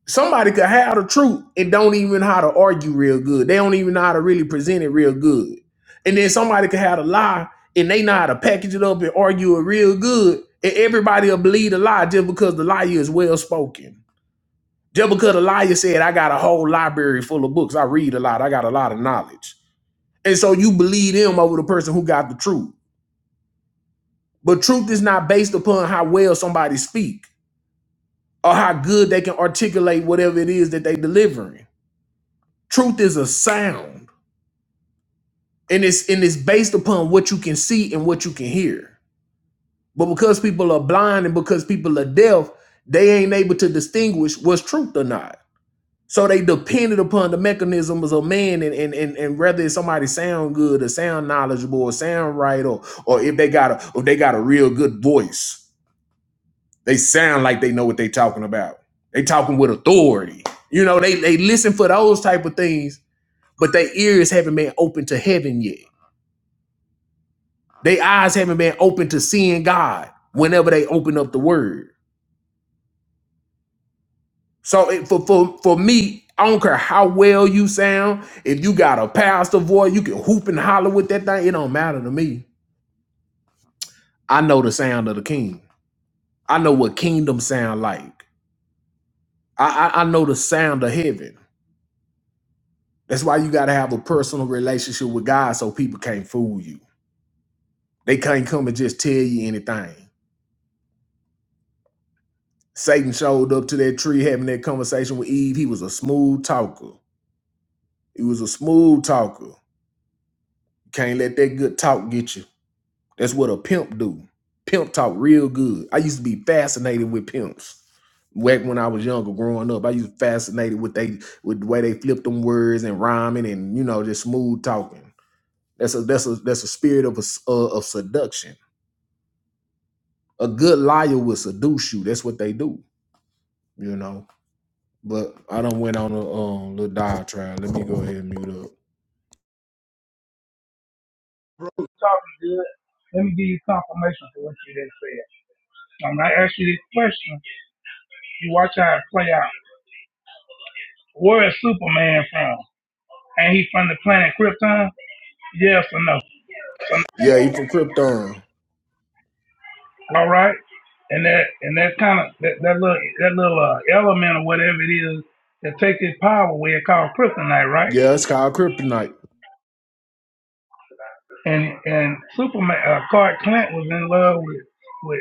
S10: somebody could have the truth and don't even know how to argue real good. They don't even know how to really present it real good. And then somebody could have a lie and they know how to package it up and argue it real good. And everybody will believe the lie just because the liar is well spoken. Just because the liar said, I got a whole library full of books. I read a lot. I got a lot of knowledge. And so you believe them over the person who got the truth. But truth is not based upon how well somebody speak or how good they can articulate whatever it is that they delivering. Truth is a sound, and it's and it's based upon what you can see and what you can hear. But because people are blind and because people are deaf, they ain't able to distinguish what's truth or not. So they depended upon the mechanisms of man and and and, and whether it's somebody sound good or sound knowledgeable or sound right or or if they got a if they got a real good voice. They sound like they know what they talking about. They talking with authority. You know, they they listen for those type of things, but their ears haven't been open to heaven yet. Their eyes haven't been open to seeing God whenever they open up the word. So it, for for for me, I don't care how well you sound. If you got a pastor voice, you can hoop and holler with that thing. It don't matter to me. I know the sound of the king. I know what kingdom sound like. I I, I know the sound of heaven. That's why you got to have a personal relationship with God so people can't fool you. They can't come and just tell you anything. Satan showed up to that tree having that conversation with Eve. He was a smooth talker. He was a smooth talker. Can't let that good talk get you. That's what a pimp do. Pimp talk real good. I used to be fascinated with pimps. Back when I was younger, growing up, I used to be fascinated with they with the way they flipped them words and rhyming and you know just smooth talking. That's a that's a that's a spirit of a uh, of seduction A good liar will seduce you. That's what they do, you know. But I don't went on a um, little diatribe. Let me go ahead and mute up.
S14: Talking good. Let me give you confirmation for what you just said. When I ask you this question, you watch how it play out. Where is Superman from? Ain't he from the planet Krypton? Yes or no?
S10: Yeah, he from Krypton.
S14: All right. And that and that kind of that, that little that little uh, element or whatever it is that takes his power away, it's called kryptonite, right?
S10: Yeah, it's called Kryptonite.
S14: and and Superman uh, Clark Kent was in love with with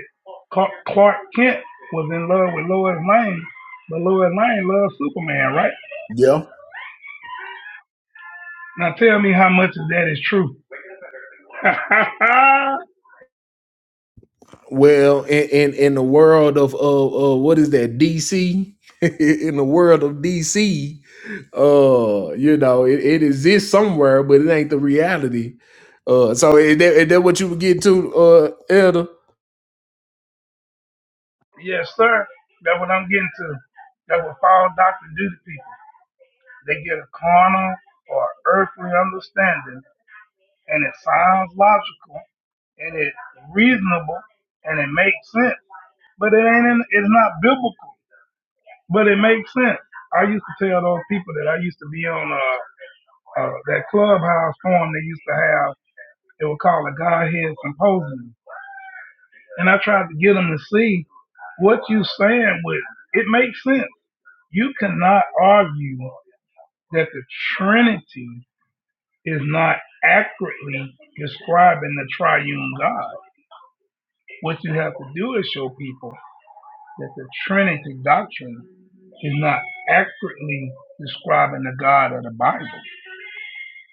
S14: Clark Clark Kent was in love with Lois Lane, but Lois Lane loves Superman, right?
S10: Yeah.
S14: Now tell me how much of that is true.
S10: Well, in, in in the world of uh, uh what is that DC? in the world of DC, uh, you know, it, it exists somewhere, but it ain't the reality. Uh, so is that, is that what you would get to, uh, Elder?
S14: yes, sir. That's what I'm getting to. That's what fall Doctor do to people. They get a carnal or earthly understanding, and it sounds logical, and it's reasonable, and it makes sense, but it ain't. In, it's not biblical. But it makes sense. I used to tell those people that I used to be on uh, uh, that clubhouse forum they used to have. They would call a Godhead Symposium. And I tried to get them to see what you saying with it. It makes sense. You cannot argue that the Trinity is not accurately describing the triune God. What you have to do is show people that the Trinity doctrine is not accurately describing the God of the Bible.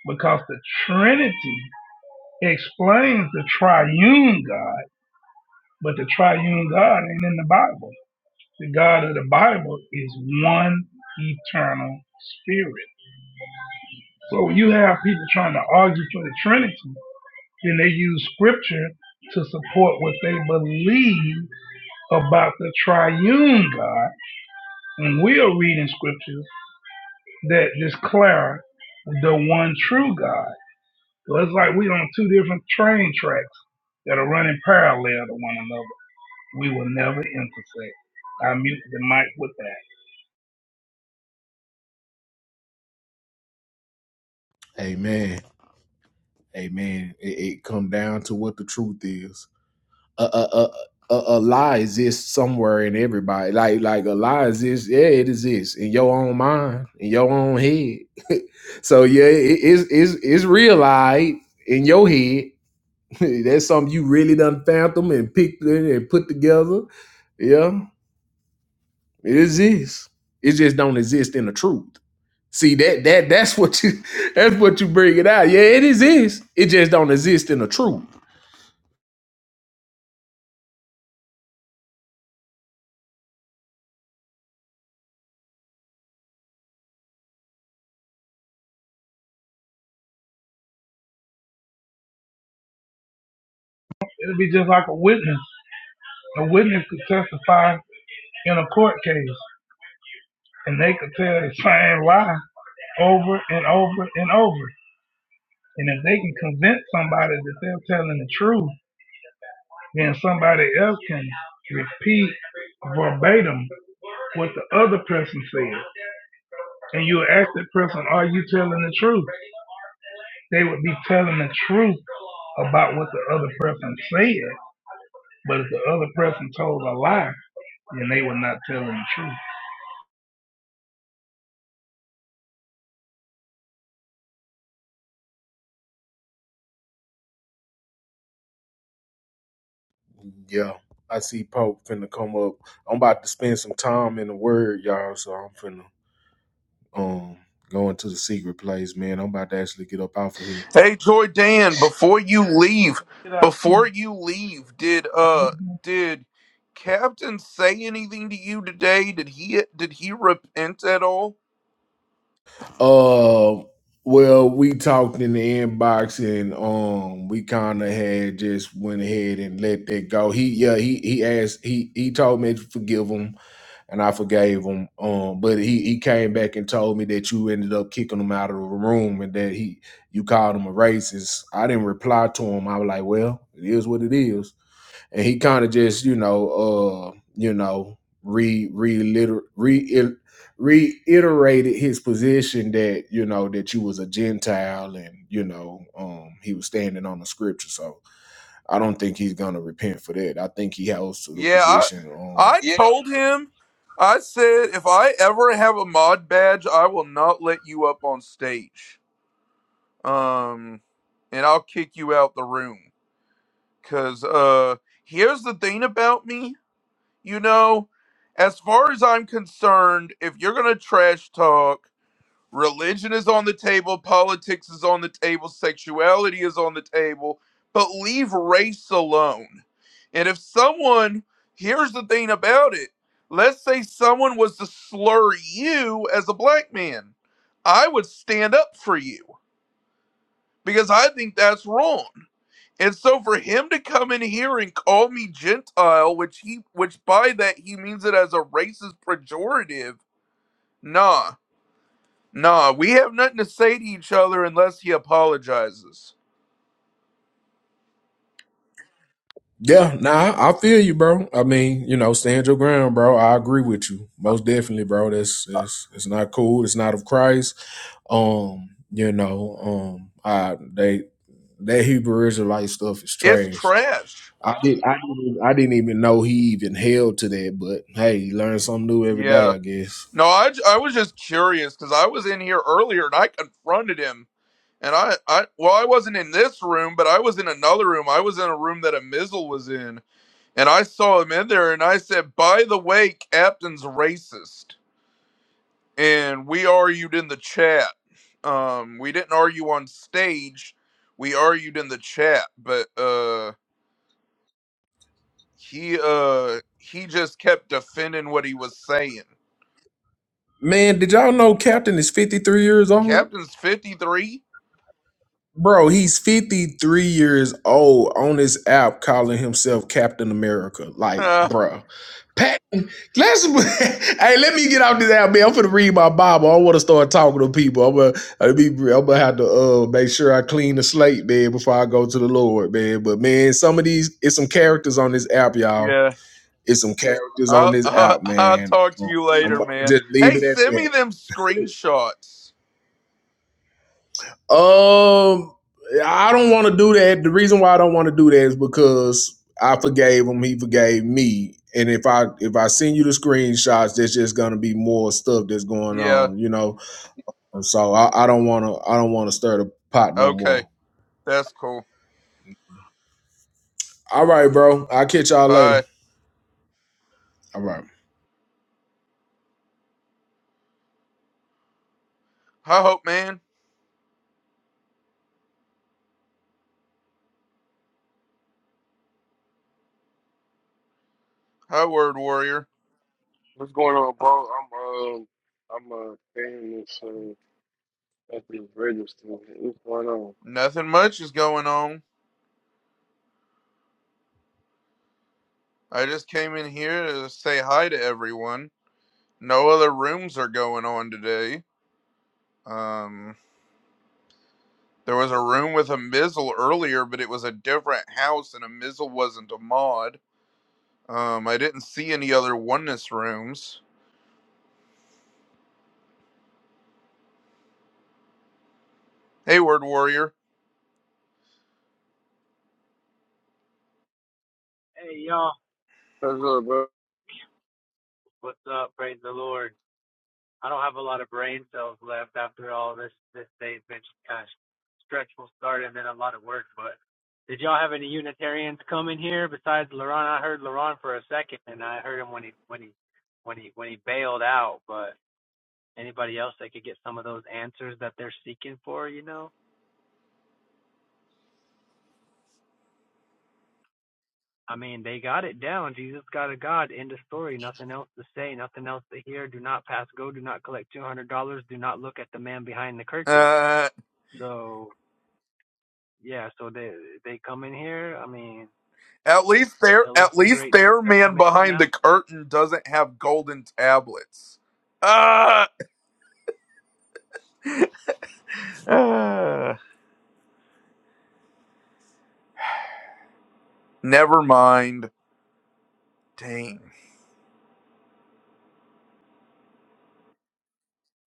S14: because the Trinity explains the triune God, but the triune God ain't in the Bible. The God of the Bible is one eternal spirit. So when you have people trying to argue for the Trinity, then they use scripture to support what they believe about the triune God. And we are reading scriptures that declare the one true God. So it's like we on two different train tracks that are running parallel to one another. We will never intersect. I mute the mic with that.
S10: Amen, amen. It, it come down to what the truth is. a a a, a lie exists somewhere in everybody. Like like a lie exists. Yeah, it exists in your own mind, in your own head. so yeah, it, it's it's it's real lie in your head. That's something you really done phantom and picked in and put together. Yeah, it exists. It just don't exist in the truth. See that that that's what you that's what you bring it out. Yeah, it exists. It just don't exist in the truth.
S14: It'll be just like a witness. A witness could testify in a court case and they could tell the same lie over and over and over. And if they can convince somebody that they're telling the truth, then somebody else can repeat verbatim what the other person said. And you ask that person, are you telling the truth? they would be telling the truth about what the other person said. But if the other person told a lie, then they were not telling the truth.
S10: Yeah, I see Pope finna come up. I'm about to spend some time in the Word, y'all. So I'm finna um go into the secret place, man. I'm about to actually get up off of here.
S16: Hey Joy Dan, before you leave, before you leave, did uh did Captain say anything to you today? Did he did he repent at all?
S10: Uh, well, we talked in the inbox, and um, we kind of had just went ahead and let that go. He, yeah, he he asked, he he told me to forgive him, and I forgave him. Um, but he he came back and told me that you ended up kicking him out of the room, and that he you called him a racist. I didn't reply to him. I was like, well, it is what it is and he kind of just you know uh you know re re re reiterated his position that you know that you was a gentile and you know um he was standing on the scripture so i don't think he's gonna repent for that i think he holds to the
S16: Yeah, I
S10: position um
S16: I
S10: Yeah,
S16: told him I said if I ever have a mod badge, I will not let you up on stage. Um and I'll kick you out the room cuz uh here's the thing about me, you know, as far as I'm concerned, if you're going to trash talk Religion is on the table, politics is on the table, sexuality is on the table, but leave race alone. And if someone, here's the thing about it let's say someone was to slur you as a black man, I would stand up for you because I think that's wrong. And so for him to come in here and call me Gentile, which he which by that he means it as a racist pejorative, nah. Nah, we have nothing to say to each other unless he apologizes.
S10: yeah nah i feel you bro i mean you know stand your ground bro i agree with you most definitely bro that's that's it's not cool it's not of christ um you know um i they That Hebrew Israelite stuff is
S16: It's
S10: trash.
S16: trash.
S10: I did I didn't even- I didn't even know he even held to that, but hey, you learn something new every day,
S16: Yeah.
S10: I guess.
S16: No, I, j- I was just curious because I was in here earlier and I confronted him. And I, I, well, I wasn't in this room, but I was in another room. I was in a room that a Mizzle was in. And I saw him in there and I said, by the way, Captain's racist. And we argued in the chat. Um, we didn't argue on stage. We argued in the chat, but, uh. he uh he just kept defending what he was saying.
S10: Man, did y'all know Captain is 53 years old?
S16: Captain's fifty three.
S10: Bro, he's 53 years old on this app calling himself Captain America. Like,
S16: Uh,
S10: bruh. Pat Let's hey, let me get out this out, man. I'm finna read my Bible. I want to start talking to people. I'm gonna, I'm gonna, I'm gonna have to uh, make sure I clean the slate, man, before I go to the Lord, man. But man, some of these, it's some characters on this app, y'all.
S16: yeah.
S10: It's some characters on
S16: I'll,
S10: this
S16: I'll,
S10: app,
S16: I'll
S10: man.
S16: talk to
S10: I'm,
S16: you
S10: I'm
S16: later,
S10: gonna
S16: man.
S10: just leave
S16: Hey,
S10: it at
S16: send me
S10: that.
S16: them screenshots.
S10: Um, I don't want to do that. The reason why I don't want to do that is because I forgave him. He forgave me. And if I if I send you the screenshots, there's just gonna be more stuff that's going
S16: Yeah.
S10: on, you know And so I, I don't want to I don't want to stir the pot no
S16: Okay.
S10: more.
S16: That's cool.
S10: All right, bro. I'll catch y'all later.
S16: Bye.
S10: All right.
S16: Hi, Hope Man. Hi, Word Warrior.
S1: What's going on, bro? I'm um, I'm uh, paying this uh, at the register. What's going on?
S16: Nothing much is going on. I just came in here to say hi to everyone. No other rooms are going on today. Um. There was a room with a Mizzle earlier, but it was a different house, and a Mizzle wasn't a mod. Um, I didn't see any other oneness rooms. Hey, Word Warrior.
S9: Hey, y'all.
S1: What's up, bro?
S9: What's up? Praise the Lord. I don't have a lot of brain cells left after all this. This day's been kind of stretchful start and then a lot of work. But did y'all have any Unitarians come in here besides Laron? I heard Laron for a second, and I heard him when he when he when he when he bailed out. But anybody else that could get some of those answers that they're seeking for, you know? I mean, they got it down. Jesus got a God. End of story. Nothing else to say. Nothing else to hear. Do not pass go. Do not collect two hundred dollars. Do not look at the man behind the curtain
S16: Uh,
S9: So yeah, so they they come in here. I mean,
S16: at least their
S9: tell us
S16: at
S9: the
S16: least
S9: great truth
S16: their
S9: that we're
S16: man
S9: missing
S16: behind the
S9: out.
S16: curtain doesn't have golden tablets. Ah, ah. never mind. Dang,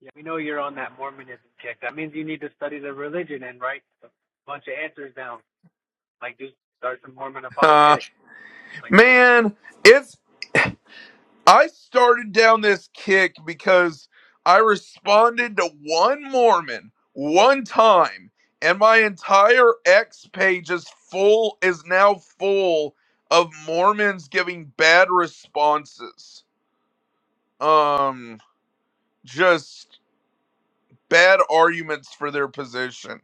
S9: Yeah, we know you're on that Mormonism kick. That means you need to study the religion and write a bunch of answers down. Like just start some Mormon
S16: uh,
S9: apologetics. Like
S16: man. It's. I started down this kick because I responded to one Mormon one time, and my entire X page is full is now full of Mormons giving bad responses. Um, just bad arguments for their position.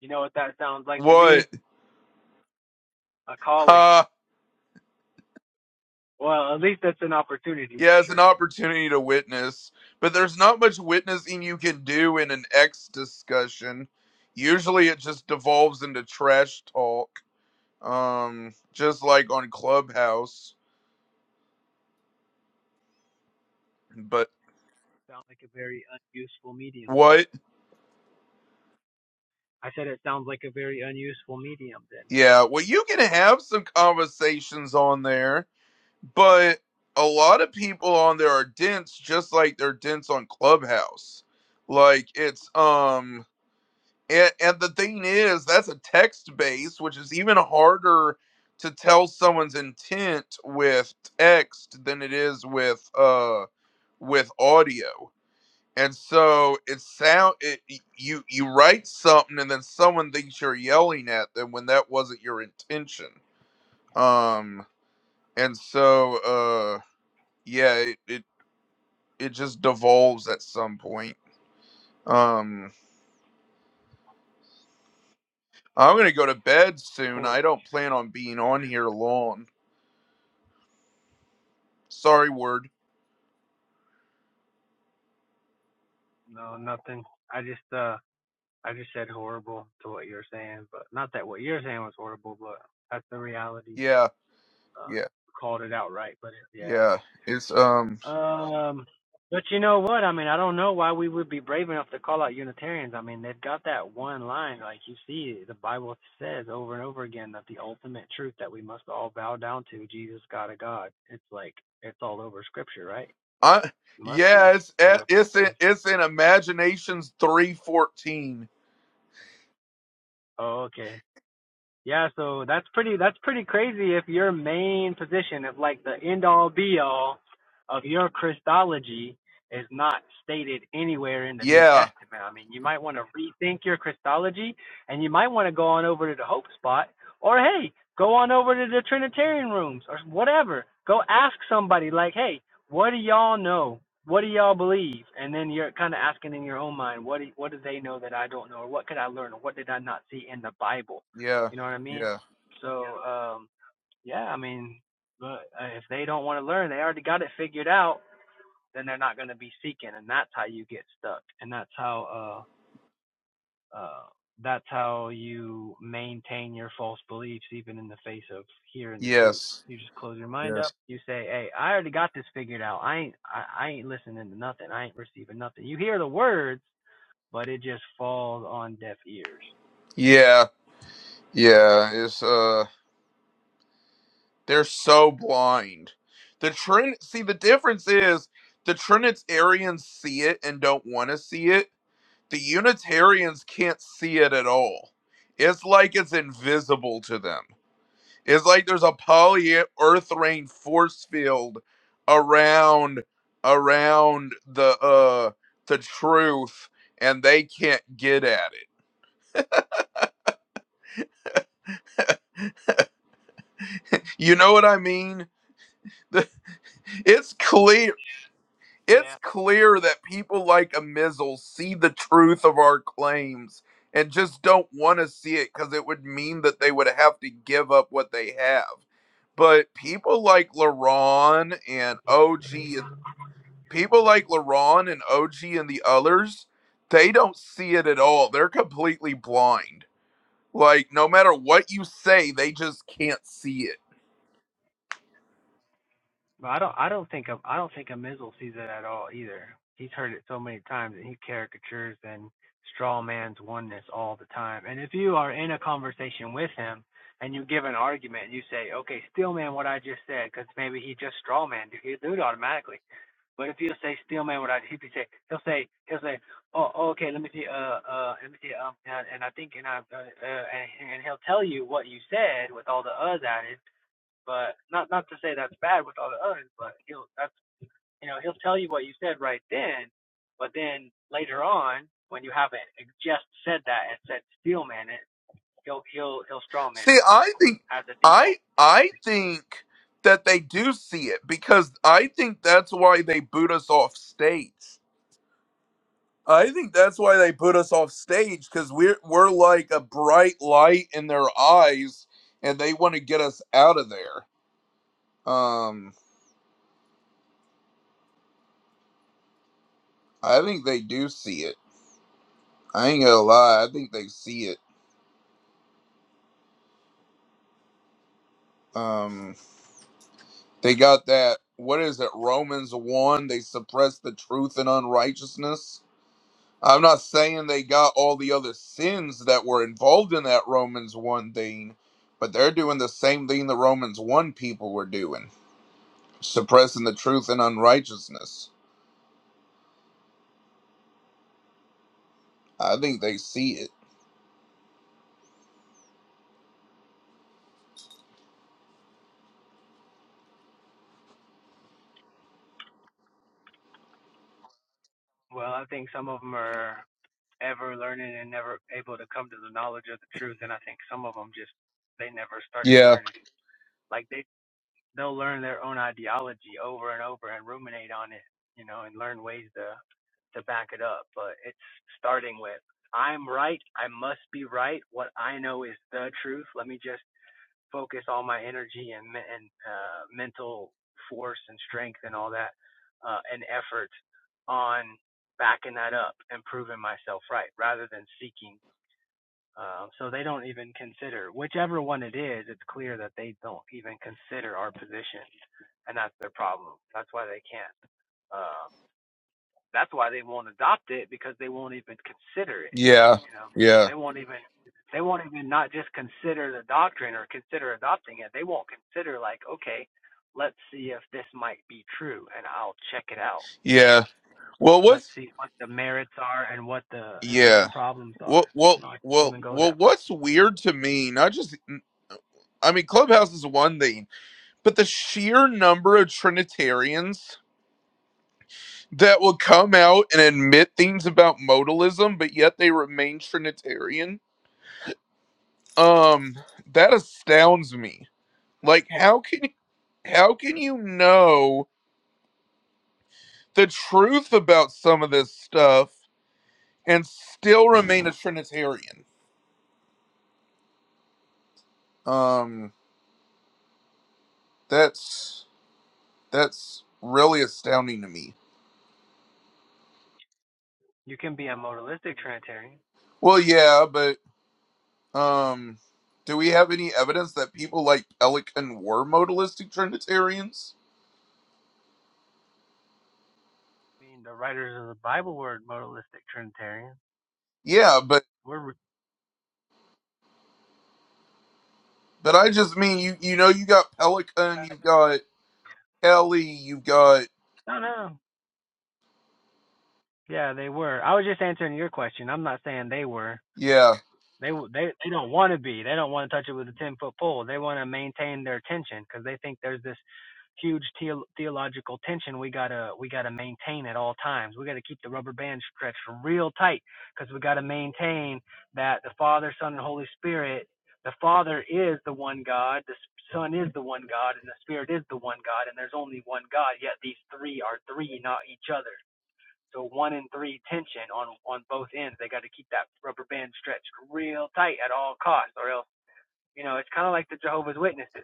S9: you know what that sounds like to
S16: What?
S9: me? A calling.
S16: Ha
S9: Well, at least that's an opportunity for
S16: Yeah, it's an
S9: sure.
S16: opportunity to witness, but there's not much witnessing you can do in an X discussion. Usually it just devolves into trash talk, um, just like on Clubhouse. But
S9: Sounds like a very unuseful medium.
S16: what?
S9: I said it sounds like a very unuseful medium. Then
S16: Yeah, well, you can have some conversations on there, but a lot of people on there are dense, just like they're dense on Clubhouse. Like it's, um, And, and the thing is, that's a text base, which is even harder to tell someone's intent with text than it is with uh with audio. And so it sound it, y- you you write something and then someone thinks you're yelling at them when that wasn't your intention. Um and so uh yeah, it it, it just devolves at some point. Um I'm going to go to bed soon. I
S9: horrible.
S16: don't plan on being on here long. Sorry, word.
S9: No, nothing. I just uh I just said horrible to what you're saying, but not that what you're saying was horrible, but that's the reality.
S16: Yeah,
S9: Uh,
S16: yeah,
S9: called it outright, but it, yeah.
S16: yeah. It's um,
S9: Um, but you know what? I mean, I don't know why we would be brave enough to call out Unitarians. I mean, they've got that one line, like you see, the Bible says over and over again that the ultimate truth that we must all bow down to, Jesus, God of God. It's like it's all over Scripture, right?
S16: I
S9: Must
S16: yeah,
S9: be
S16: it's
S9: the
S16: eh,
S9: way that
S16: it's in
S9: they.
S16: it's in Imaginations three fourteen.
S9: Oh, okay. Yeah, so that's pretty that's pretty crazy if your main position, if like the end all be all of your Christology is not stated anywhere in the New
S16: Yeah,
S9: Testament. I mean, you might want to rethink your Christology and you might want to go on over to the Hope Spot or hey, go on over to the Trinitarian rooms or whatever. Go ask somebody like, "Hey, what do y'all know? What do y'all believe?" And then you're kind of asking in your own mind, "What do, what do they know that I don't know or what could I learn or what did I not see in the Bible?"
S16: yeah,
S9: You know what I mean?
S16: yeah.
S9: So um, yeah, I mean, but uh, if they don't want to learn, they already got it figured out. Then they're not going to be seeking, and that's how you get stuck, and that's how uh, uh, that's how you maintain your false beliefs, even in the face of hearing the truth.
S16: Yes,
S9: You just close your mind up.
S16: yes.
S9: You say, "Hey, I already got this figured out. I ain't, I, I ain't listening to nothing. I ain't receiving nothing." You hear the words, but it just falls on deaf ears.
S16: Yeah, yeah. It's uh, they're so blind. The Trin. See, the difference is the Trinitarians see it and don't want to see it. The Unitarians can't see it at all. It's like it's invisible to them. It's like there's a poly earth rain force field around around the uh the truth and they can't get at it. You know what I mean? The- It's clear
S9: Yeah.
S16: it's clear that people like a Mizzle see the truth of our claims and just don't want to see it because it would mean that they would have to give up what they have. But people like LaRon and OG people like LaRon and OG and the others, they don't see it at all. They're completely blind. Like no matter what you say, they just can't see it.
S9: But I don't I don't think a, I don't think a Mizzle sees it at all either. He's heard it so many times and he caricatures and straw man's oneness all the time. And if you are in a conversation with him and you give an argument and you say, okay, steel man what I just said, because maybe he just straw man, he'll do it automatically. But if you say steel man what I he could say he'll say he'll say oh oh, okay let me see uh uh let me see um and, and I think and I uh, uh, and, and he'll tell you what you said with all the uhs added but not not to say that's bad with all the others, but he'll that's you know he'll tell you what you said right then, but then later on when you haven't just said that and said steelman it, he'll he'll he'll strawman
S16: See,
S9: it
S16: I think
S9: as a default.
S16: I I think that they do see it because I think that's why they boot us off stage. I think that's why they put us off stage because we're we're like a bright light in their eyes, and they want to get us out of there. Um, I think they do see it. I ain't gonna lie. I think they see it. Um, they got that. What is it? Romans one. They suppress the truth and unrighteousness. I'm not saying they got all the other sins that were involved in that Romans one thing, but they're doing the same thing the Romans one people were doing, suppressing the truth and unrighteousness. I think they see it.
S9: Well, I think some of them are ever learning and never able to come to the knowledge of the truth, and I think some of them just they never started
S16: Yeah.
S9: learning. Like they they'll learn their own ideology over and over and ruminate on it, you know, and learn ways to to back it up. But it's starting with I'm right, I must be right. What I know is the truth. Let me just focus all my energy and me- and uh, mental force and strength and all that uh, and effort on backing that up and proving myself right, rather than seeking um, so they don't even consider whichever one it is. It's clear that they don't even consider our position, and that's their problem. That's why they can't. Uh, that's why they won't adopt it because they won't even consider it.
S16: Yeah.
S9: You know,
S16: Yeah.
S9: they won't even they won't even not just consider the doctrine or consider adopting it. They won't consider like, okay, let's see if this might be true, and I'll check it out. You know,
S16: Yeah. Well,
S9: let's
S16: what's
S9: see what the merits are and what the and what the
S16: yeah.
S9: problems
S16: Well,
S9: are.
S16: well,
S9: No, I didn't
S16: well,
S9: even go
S16: well.
S9: that
S16: What's
S9: far.
S16: weird to me? Not just. I mean, Clubhouse is one thing, but the sheer number of Trinitarians that will come out and admit things about modalism, but yet they remain Trinitarian, um, that astounds me. Like, how can how can you know the truth about some of this stuff and still remain a Trinitarian? Um, that's that's really astounding to me.
S9: You can be a modalistic Trinitarian,
S16: Well, yeah, but Um, do we have any evidence that people like Pelican were modalistic Trinitarians?
S9: meaning the writers of the Bible were modalistic trinitarians.
S16: Yeah, but
S9: We're
S16: but I just mean you you know you got Pelican,
S9: like,
S16: you've got Kelly, you've got
S9: no, no. Yeah, they were. I was just answering your question. I'm not saying they were.
S16: yeah
S9: They they they don't want to be. They don't want to touch it with a ten foot pole. They want to maintain their tension because they think there's this huge theo- theological tension we gotta we gotta maintain at all times. We gotta keep the rubber band stretched real tight because we gotta maintain that the Father, Son, and Holy Spirit. The Father is the one God, the Son is the one God, and the Spirit is the one God, and there's only one God. Yet these three are three, not each other. So one and three tension on on both ends. They got to keep that rubber band stretched real tight at all costs, or else you know it's kind of like the Jehovah's Witnesses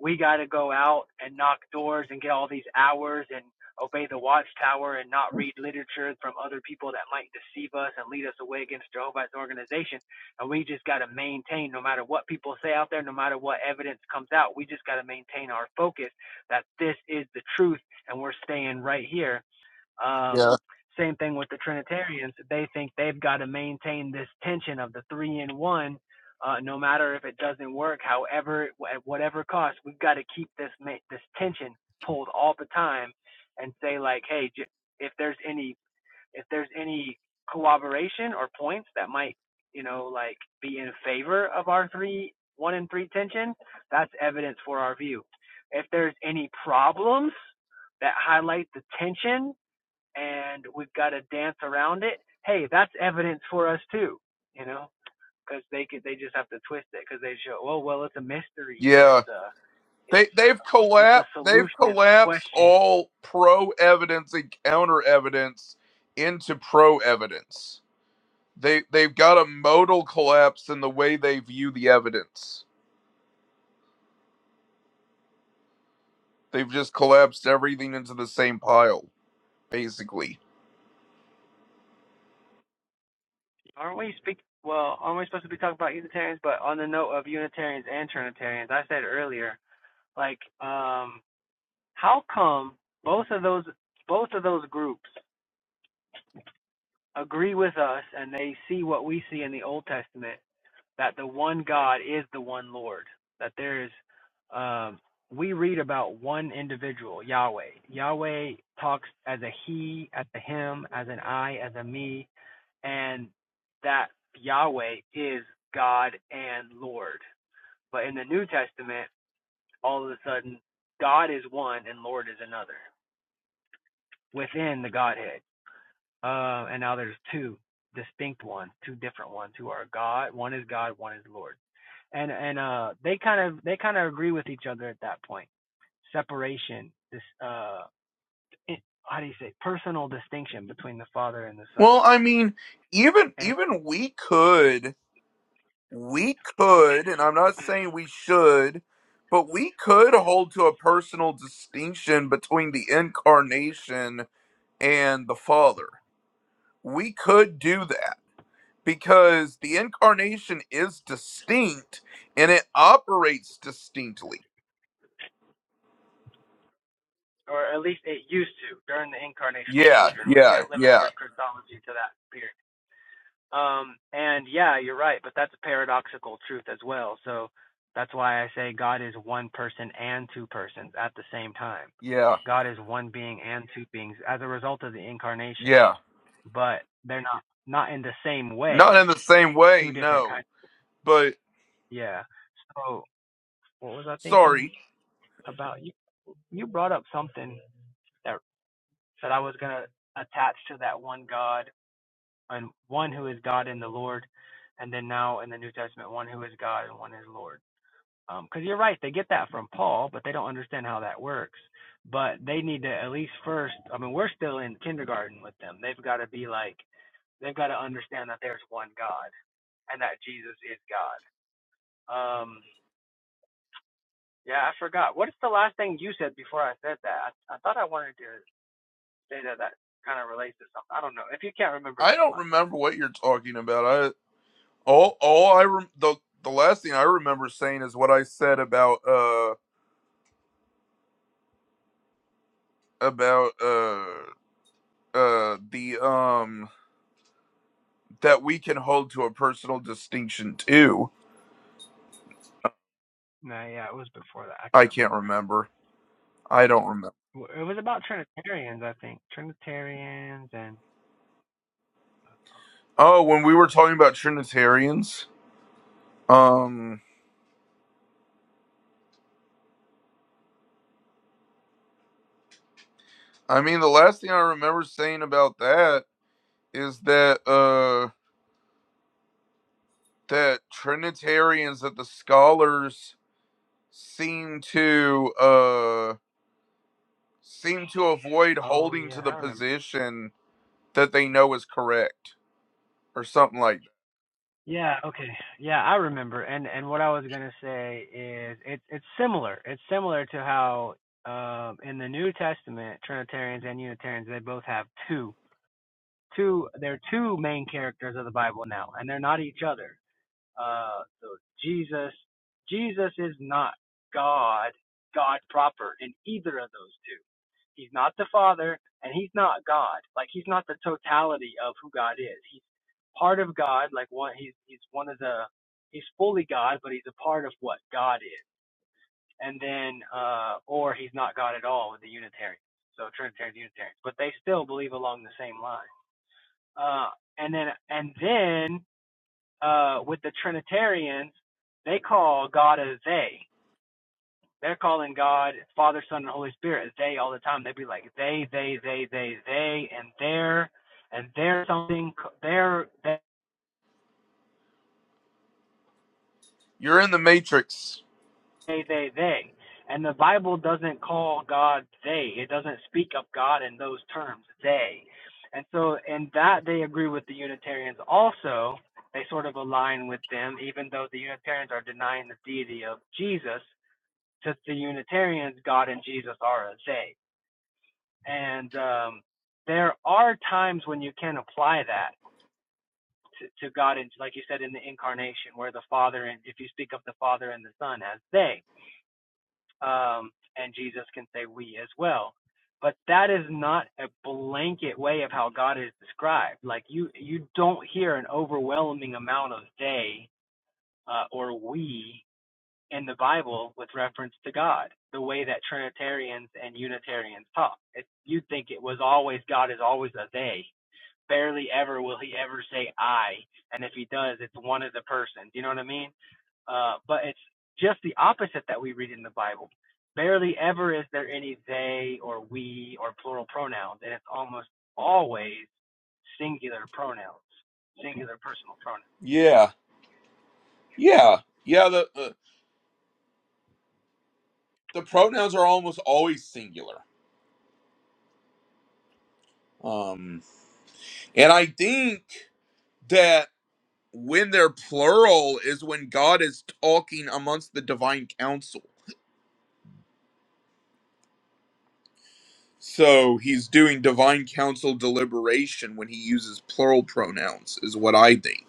S9: we got to go out and knock doors and get all these hours and obey the watchtower and not read literature from other people that might deceive us and lead us away against Jehovah's organization. And we just got to maintain, no matter what people say out there, no matter what evidence comes out, we just got to maintain our focus that this is the truth and we're staying right here um,
S16: yeah
S9: same thing with the Trinitarians. They think they've got to maintain this tension of the three in one, uh, no matter if it doesn't work, however, at whatever cost, we've got to keep this this tension pulled all the time, and say like, hey, if there's any if there's any cooperation or points that might you know like be in favor of our three one and three tension, that's evidence for our view. If there's any problems that highlight the tension and we've got to dance around it. Hey, that's evidence for us too, you know, because they could they just have to twist it because they show oh well it's a mystery or
S16: yeah
S9: it's a it's
S16: they they've
S9: a, it's a
S16: collapsed they've
S9: solution to
S16: collapsed
S9: question.
S16: all pro evidence and counter evidence into pro evidence. They they've got a modal collapse in the way they view the evidence. They've just collapsed everything into the same pile basically.
S9: Aren't we speak? Well, aren't we supposed to be talking about Unitarians? But on the note of Unitarians and Trinitarians, I said earlier, like, um, how come both of those both of those groups agree with us and they see what we see in the Old Testament, that the one God is the one Lord. That there is, um, we read about one individual, Yahweh. Yahweh talks as a he, as a him, as an I, as a me, and that Yahweh is God and Lord. But in the New Testament, all of a sudden, God is one and Lord is another within the Godhead. Uh, and now there's two distinct ones, two different ones who are God. One is God, one is Lord. and and uh they kind of they kind of agree with each other at that point separation this uh how do you say personal distinction between the father and the son
S16: Well, I mean, even
S9: and
S16: even we could, we could, and I'm not saying we should, but we could hold to a personal distinction between the incarnation and the Father. We could do that because the incarnation is distinct and it operates distinctly.
S9: or at least it used to during the incarnational
S16: Yeah,
S9: sojourn we
S16: yeah,
S9: can't limit
S16: yeah,
S9: our christology to that period um and yeah you're right but that's a paradoxical truth as well so that's why i say god is one person and two persons at the same time
S16: yeah,
S9: god is one being and two beings as a result of the incarnation
S16: yeah.
S9: but they're not not in the same
S16: Not
S9: way.
S16: in the same
S9: Two
S16: way,
S9: different
S16: no.
S9: kinds.
S16: But
S9: Yeah. So what was I thinking
S16: sorry,
S9: about? You you brought up something that that I was gonna attach to that one God and one who is God in the Lord, and then now in the New Testament, one who is God and one is Lord. Because you're right, they get that from Paul, but they don't understand how that works. But they need to at least first. I mean, we're still in kindergarten with them. They've got to be like, they've got to understand that there's one God and that Jesus is God. Um, yeah, I forgot. What is the last thing you said before I said that? I, I thought I wanted to say that that kind of relates to something. I don't know. If you can't remember,
S16: I
S9: that's
S16: don't
S9: fine.
S16: remember what you're talking about. All all I rem- the the last thing I remember saying is what I said about uh about uh uh the um that we can hold to a personal distinction too.
S9: No, yeah, it was before that. I
S16: I
S9: can't
S16: can't
S9: remember.
S16: remember. I don't remember.
S9: It was about Trinitarians, I think. Trinitarians and
S16: Oh, when we were talking about Trinitarians, um I mean the last thing I remember saying about that is that uh that Trinitarians that the scholars seem to uh. seem to avoid
S9: oh
S16: holding
S9: yeah,
S16: to the
S9: I remember.
S16: position that they know is correct or something like that.
S9: Yeah, okay. Yeah, I remember. And and what I was gonna say is it's it's similar. It's similar to how um in the New Testament Trinitarians and Unitarians they both have two two there are two main characters of the Bible now, and they're not each other. Uh, so Jesus Jesus is not God God proper in either of those two. He's not the Father, and he's not God. Like he's not the totality of who God is. He's part of God. Like one he's he's one of the he's fully God, but he's a part of what God is. And then uh, or he's not God at all with the Unitarian. So Trinitarian Unitarian, but they still believe along the same line. Uh, and then and then uh, with the Trinitarians, they call God a they. They're calling God Father, Son, and Holy Spirit they all the time. They'd be like they, they, they, they, they, and they're and they're something. They're they're
S16: You're in the matrix.
S9: they, they, they. And the Bible doesn't call God they. It doesn't speak of God in those terms, they. And so in that they agree with the Unitarians also. They sort of align with them, even though the Unitarians are denying the deity of Jesus. To the Unitarians, God and Jesus are a they. And um, there are times when you can apply that to, to God, and like you said, in the incarnation, where the Father, and if you speak of the Father and the Son as they, Um, and Jesus can say we as well. But that is not a blanket way of how God is described. Like you, you don't hear an overwhelming amount of they uh, or we in the Bible with reference to God, the way that Trinitarians and Unitarians talk. It, you'd think it was always God is always a they barely ever will he ever say I, and if he does, it's one as a person. You know what I mean? Uh, but it's just the opposite that we read in the Bible. Barely ever is there any they or we or plural pronouns, and it's almost always singular pronouns, singular personal pronouns.
S16: Yeah, yeah, yeah. The the, the pronouns are almost always singular. Um, and I think that when they're plural is when God is talking amongst the divine council. So he's doing divine council deliberation when he uses plural pronouns, is what I think.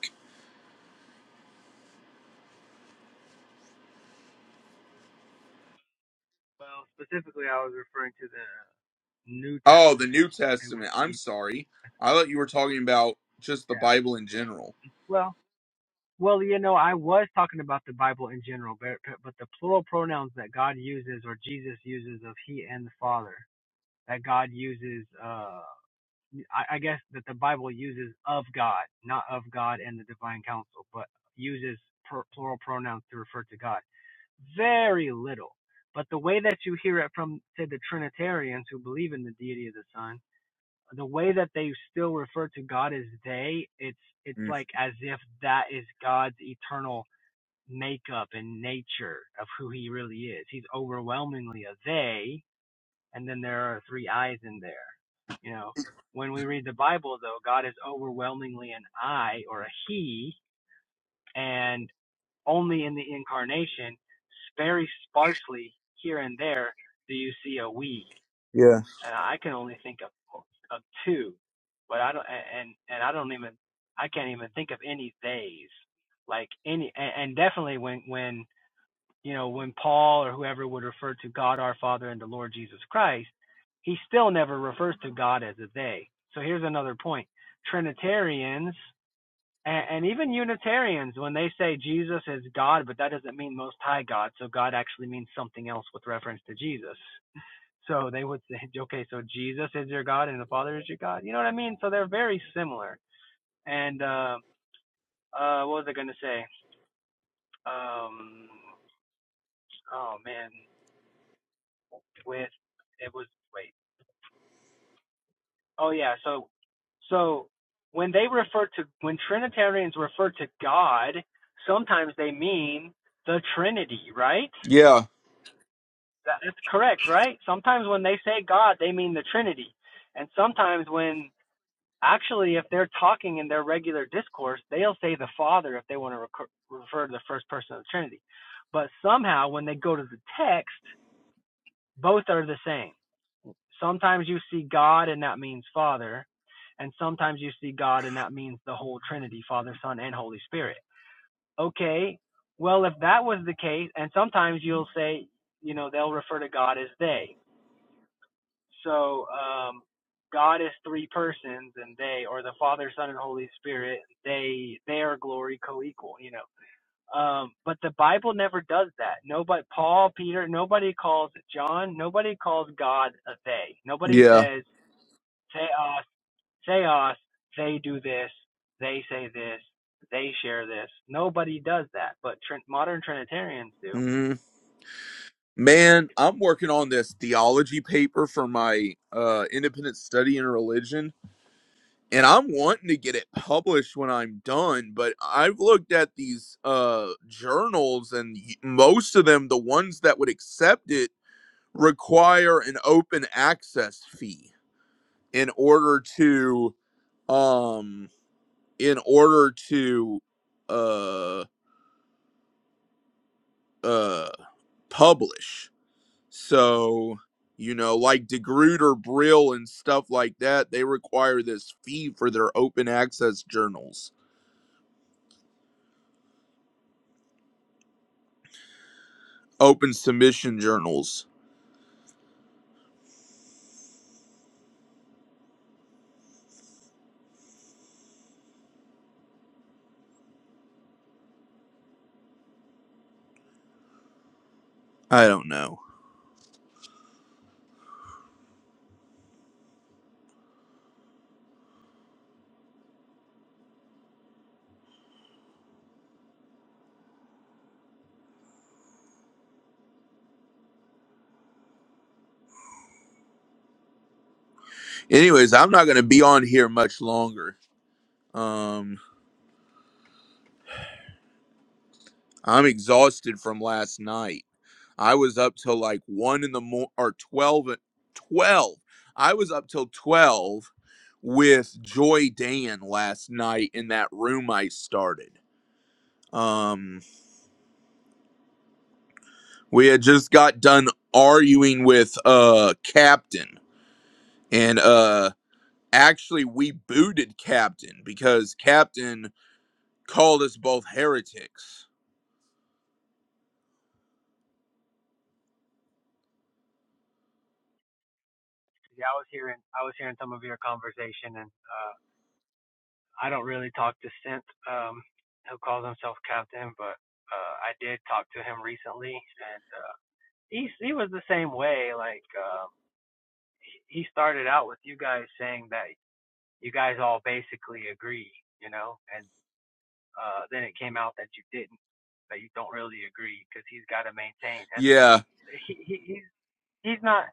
S9: Well, specifically, I was referring to the New
S16: Oh, the
S9: Testament
S16: New
S9: in which
S16: Testament. I'm
S9: Jesus.
S16: sorry. I thought you were talking about just the
S9: Yeah.
S16: Bible in general.
S9: Well. Well, you know, I was talking about the Bible in general, but but the plural pronouns that God uses or Jesus uses of He and the Father that God uses, uh, I, I guess that the Bible uses of God, not of God and the divine counsel, but uses pr- plural pronouns to refer to God. Very little, but the way that you hear it from say the Trinitarians who believe in the deity of the Son, the way that they still refer to God as they, it's it's
S16: Mm.
S9: like as if that is God's eternal makeup and nature of who he really is. He's overwhelmingly a they, and then there are three I's in there. You know, when we read the Bible, though, God is overwhelmingly an I or a he, and only in the incarnation, very sparsely here and there, do you see a we.
S16: Yeah.
S9: And I can only think of, of two, but I don't, and, and I don't even, I can't even think of any theys like any and, and definitely when when you know, when Paul or whoever would refer to God our Father and the Lord Jesus Christ, he still never refers to God as a they. So here's another point. Trinitarians and, and even Unitarians, when they say Jesus is God, but that doesn't mean Most High God, so God actually means something else with reference to Jesus. So they would say, okay, so Jesus is your God and the Father is your God. You know what I mean? So they're very similar. And uh, uh, what was I going to say? Um, oh man, with it was wait. Oh yeah, so so when they refer to when Trinitarians refer to God, sometimes they mean the Trinity, right?
S16: Yeah.
S9: That- That's correct, right? Sometimes when they say God, they mean the Trinity, and sometimes when actually if they're talking in their regular discourse, they'll say the Father if they want to recur, refer to the first person of the Trinity. But somehow when they go to the text, both are the same Sometimes you see God and that means Father, and sometimes you see God and that means the whole Trinity, Father, Son, and Holy Spirit. Okay, well, if that was the case, and sometimes you'll say, you know, they'll refer to God as they. So, um, God is three persons and they, or the Father, Son, and Holy Spirit, they, they are glory co-equal, you know. Um, but the Bible never does that. Nobody, Paul, Peter, nobody calls John, nobody calls God a they. Nobody
S16: Yeah.
S9: says, say us, they do this, they say this, they share this. Nobody does that, but trin modern Trinitarians do.
S16: hmm Man, I'm working on this theology paper for my uh, independent study in religion, and I'm wanting to get it published when I'm done. But I've looked at these uh, journals, and y- most of them, the ones that would accept it, require an open access fee in order to um in order to uh uh publish. So, you know, like DeGrooter, Brill, and stuff like that, they require this fee for their open access journals, open submission journals. I don't know. Anyways, I'm not gonna be on here much longer. Um, I'm exhausted from last night. I was up till like one in the morning or 12, uh, 12. I was up till 12 with Joy Dan last night in that room I started. Um, we had just got done arguing with uh Captain and uh actually we booted Captain because Captain called us both heretics.
S9: Yeah, I was hearing I was hearing some of your conversation, and uh, I don't really talk to Synth, um, who calls himself Captain, but uh, I did talk to him recently, and uh, he he was the same way. Like uh, he started out with you guys saying that you guys all basically agree, you know, and. uh, then it came out that you didn't, that you don't really agree, because he's got to maintain, and
S16: Yeah,
S9: he, he he's he's not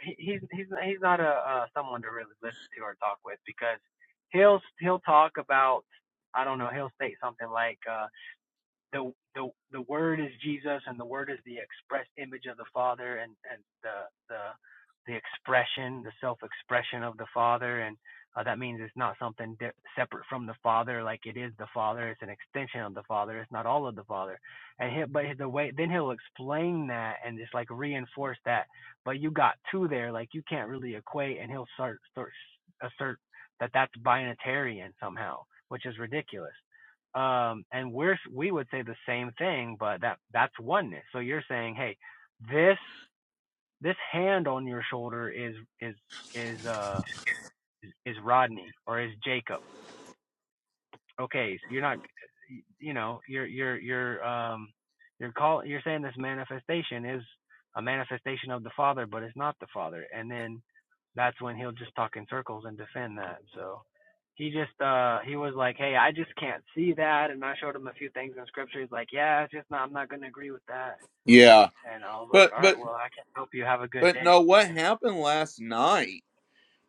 S9: he, he's he's he's not a uh, someone to really listen to or talk with because he'll he'll talk about I don't know he'll state something like uh, the the the word is Jesus and the word is the express image of the Father and and the the the expression the self expression of the Father and uh, that means it's not something di- separate from the Father like it is the Father it's an extension of the Father it's not all of the Father and he, but the way then he'll explain that and just like reinforce that but you got two there like you can't really equate and he'll start start assert that that's binatarian somehow which is ridiculous um and we're we would say the same thing but that that's oneness so you're saying hey this this hand on your shoulder is is is uh is rodney or is jacob okay, you're not, you know, you're you're you're um you're call you're saying this manifestation is a manifestation of the Father, but it's not the Father, and then that's when he'll just talk in circles and defend that. So he just uh he was like, hey, I just can't see that, and I showed him a few things in Scripture. He's like, yeah, it's just not, I'm not going to agree with that,
S16: yeah.
S9: and I was like,
S16: But
S9: all right,
S16: but
S9: well, I can help you have a good
S16: but no,
S9: day.
S16: what
S9: You
S16: happened last night?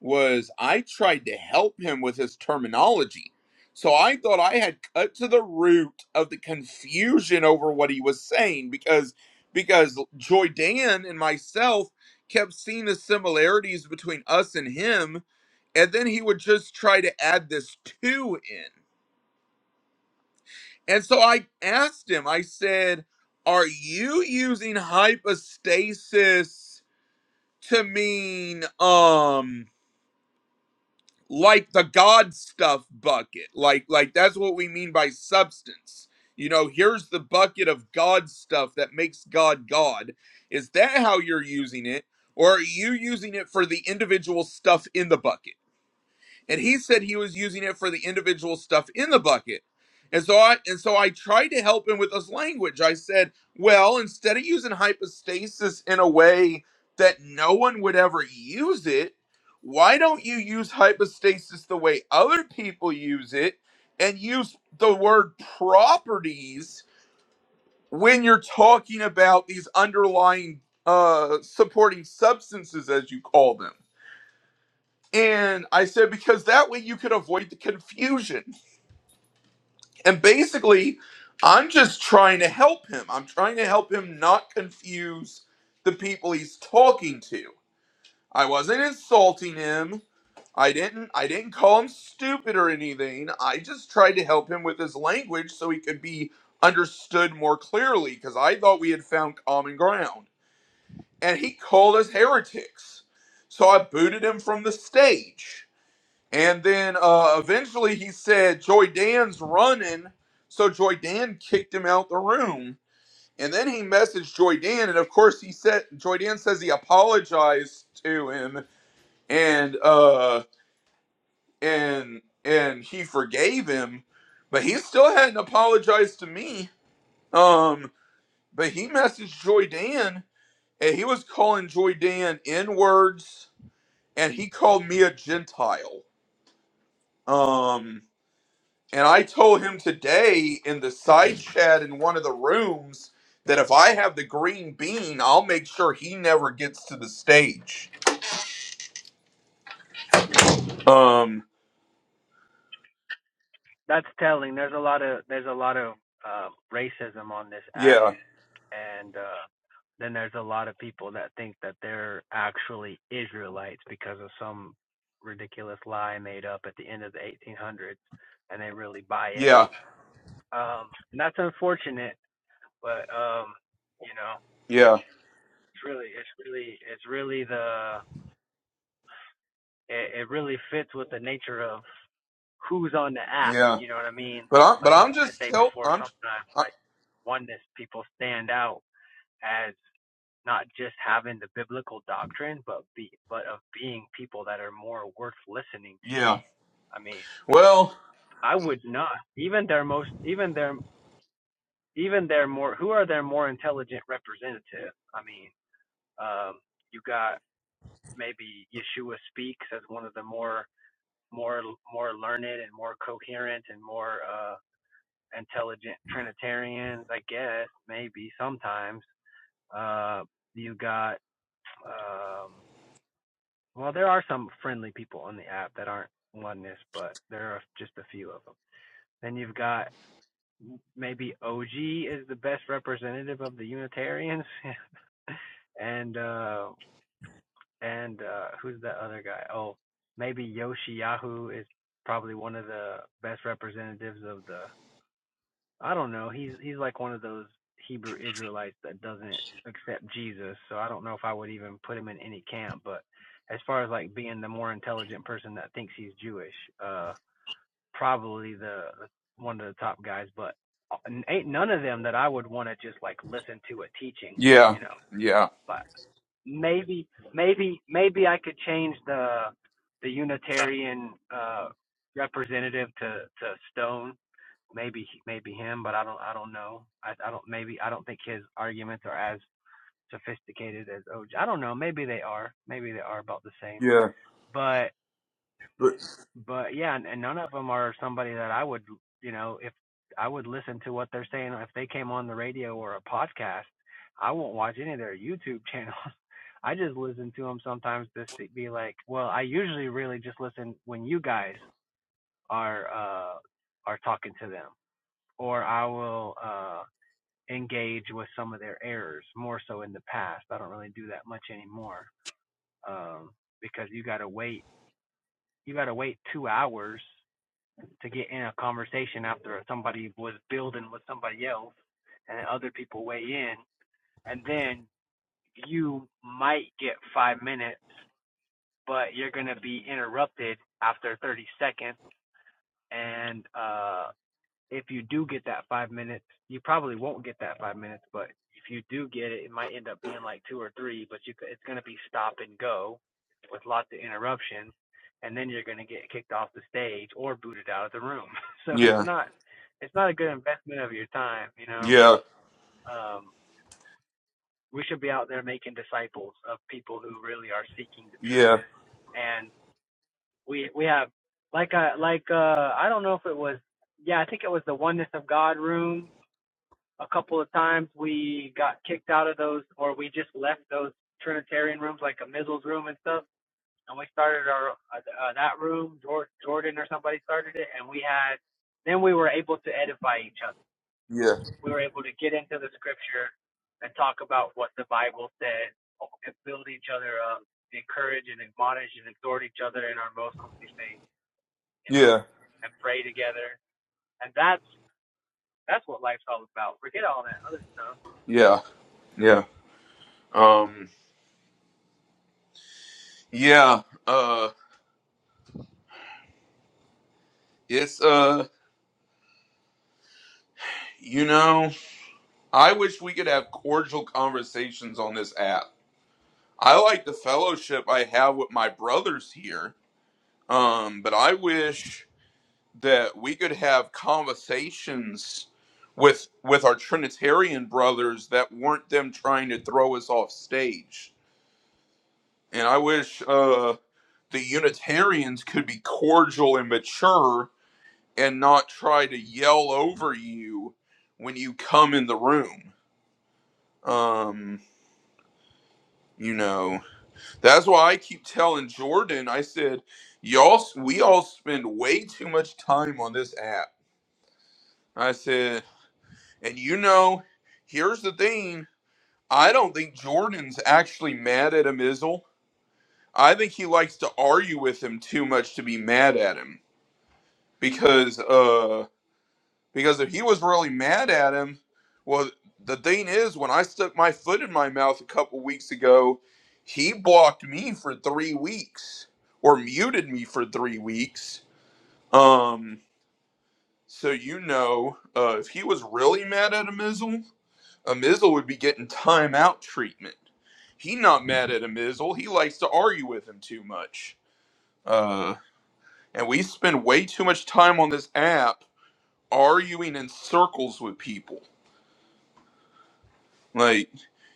S16: was I tried to help him with his terminology. So I thought I had cut to the root of the confusion over what he was saying because because Joy Dan and myself kept seeing the similarities between us and him, and then he would just try to add this two in. And so I asked him, I said, Are you using hypostasis to mean um like the god stuff bucket like like that's what we mean by substance you know here's the bucket of god stuff that makes god god is that how you're using it or are you using it for the individual stuff in the bucket and he said he was using it for the individual stuff in the bucket and so i and so i tried to help him with his language i said well instead of using hypostasis in a way that no one would ever use it why don't you use hypostasis the way other people use it and use the word properties when you're talking about these underlying uh supporting substances as you call them and I said, because that way you could avoid the confusion. And basically, I'm just trying to help him. I'm trying to help him not confuse the people he's talking to. I wasn't insulting him. I didn't I didn't call him stupid or anything. I just tried to help him with his language so he could be understood more clearly because I thought we had found common ground. And he called us heretics. So I booted him from the stage And then uh, eventually he said, Joy Dan's running. So Joy Dan kicked him out the room. And then he messaged Joy Dan. And of course, he said, Joy Dan says he apologized to him and, uh, and, and he forgave him, but he still hadn't apologized to me. Um, but he messaged Joy Dan and he was calling Joy Dan N words and he called me a Gentile. Um, And I told him today in the side chat in one of the rooms that if I have the green bean, I'll make sure he never gets to the stage. Um,
S9: That's telling. There's a lot of there's a lot of uh, racism on this app,
S16: yeah,
S9: and uh then there's a lot of people that think that they're actually Israelites because of some ridiculous lie made up at the end of the 1800s, and they really buy it.
S16: yeah,
S9: Um, and that's unfortunate, but um, you know,
S16: yeah,
S9: it's really, it's really, it's really the, it, it really fits with the nature of who's on the app.
S16: yeah.
S9: You know what I mean?
S16: But I'm, but
S9: Like
S16: I'm
S9: I
S16: just
S9: say
S16: tell,
S9: before,
S16: I'm,
S9: sometimes
S16: I,
S9: like oneness people stand out as. not just having the biblical doctrine, but be but of being people that are more worth listening to.
S16: yeah.
S9: I mean,
S16: Well,
S9: I would not even their most even their even their more who are their more intelligent representative. I mean, um, you got maybe Yeshua speaks as one of the more more more learned and more coherent and more uh intelligent Trinitarians, I guess maybe sometimes. Uh, you got um Well, there are some friendly people on the app that aren't oneness, but there are just a few of them. Then you've got maybe OG is the best representative of the Unitarians, and uh, and uh, who's that other guy? Oh, maybe Yoshiyahu is probably one of the best representatives of the I don't know. He's he's like one of those Hebrew Israelites that doesn't accept Jesus. So I don't know if I would even put him in any camp. But as far as like being the more intelligent person that thinks he's Jewish, uh, probably the one of the top guys. But ain't none of them that I would want to just like listen to a teaching,
S16: yeah,
S9: you know.
S16: yeah,
S9: But maybe maybe maybe I could change the the Unitarian uh representative to to Stone maybe maybe him, but I don't I don't know. I I don't maybe I don't think his arguments are as sophisticated as OJ. I don't know. Maybe they are. Maybe they are about the same.
S16: yeah,
S9: But
S16: but-
S9: but yeah, and, and none of them are somebody that I would you know if I would listen to what they're saying if they came on the radio or a podcast. I won't watch any of their YouTube channels. I just listen to them sometimes to be like, well, I usually really just listen when you guys are uh are talking to them, or I will uh engage with some of their errors more so in the past. I don't really do that much anymore um, because you got to wait. You got to wait two hours to get in a conversation after somebody was building with somebody else and then other people weigh in. And then you might get five minutes, but you're going to be interrupted after 30 seconds. And uh, if you do get that five minutes, you probably won't get that five minutes, but if you do get it, it might end up being like two or three, but you it's going to be stop and go with lots of interruptions, and then you're going to get kicked off the stage or booted out of the room. So it's
S16: yeah,
S9: not it's not a good investment of your time, you know.
S16: yeah,
S9: Um, we should be out there making disciples of people who really are seeking the truth,
S16: yeah,
S9: and we we have like uh like uh I don't know if it was yeah I think it was the oneness of God room a couple of times we got kicked out of those, or we just left those Trinitarian rooms, like a Mizzle's room and stuff, and we started our uh, uh, that room. Jordan or somebody started it, and we had. Then we were able to edify each other.
S16: yeah,
S9: We were able to get into the scripture and talk about what the Bible said, oh, and build each other up, encourage and admonish and exhort each other in our most holy faith, you know,
S16: yeah,
S9: and pray together. And that's that's what life's all about. Forget all that other stuff
S16: yeah, yeah. Um, yeah. Uh, it's uh, you know. I wish we could have cordial conversations on this app. I like the fellowship I have with my brothers here, um, but I wish that we could have conversations with with our Trinitarian brothers that weren't them trying to throw us off stage. And I wish uh, the Unitarians could be cordial and mature and not try to yell over you when you come in the room. Um, you know. That's why I keep telling Jordan, I said, y'all, we all spend way too much time on this app. I said, and you know, here's the thing. I don't think Jordan's actually mad at Amizel. I think he likes to argue with him too much to be mad at him because uh, Because if he was really mad at him, well, the thing is, when I stuck my foot in my mouth a couple weeks ago, he blocked me for three weeks or muted me for three weeks. Um, so you know, uh, if he was really mad at Amizel, Amizel would be getting timeout treatment. He not mad at Amizel. He likes to argue with him too much. Uh, and we spend way too much time on this app arguing in circles with people Like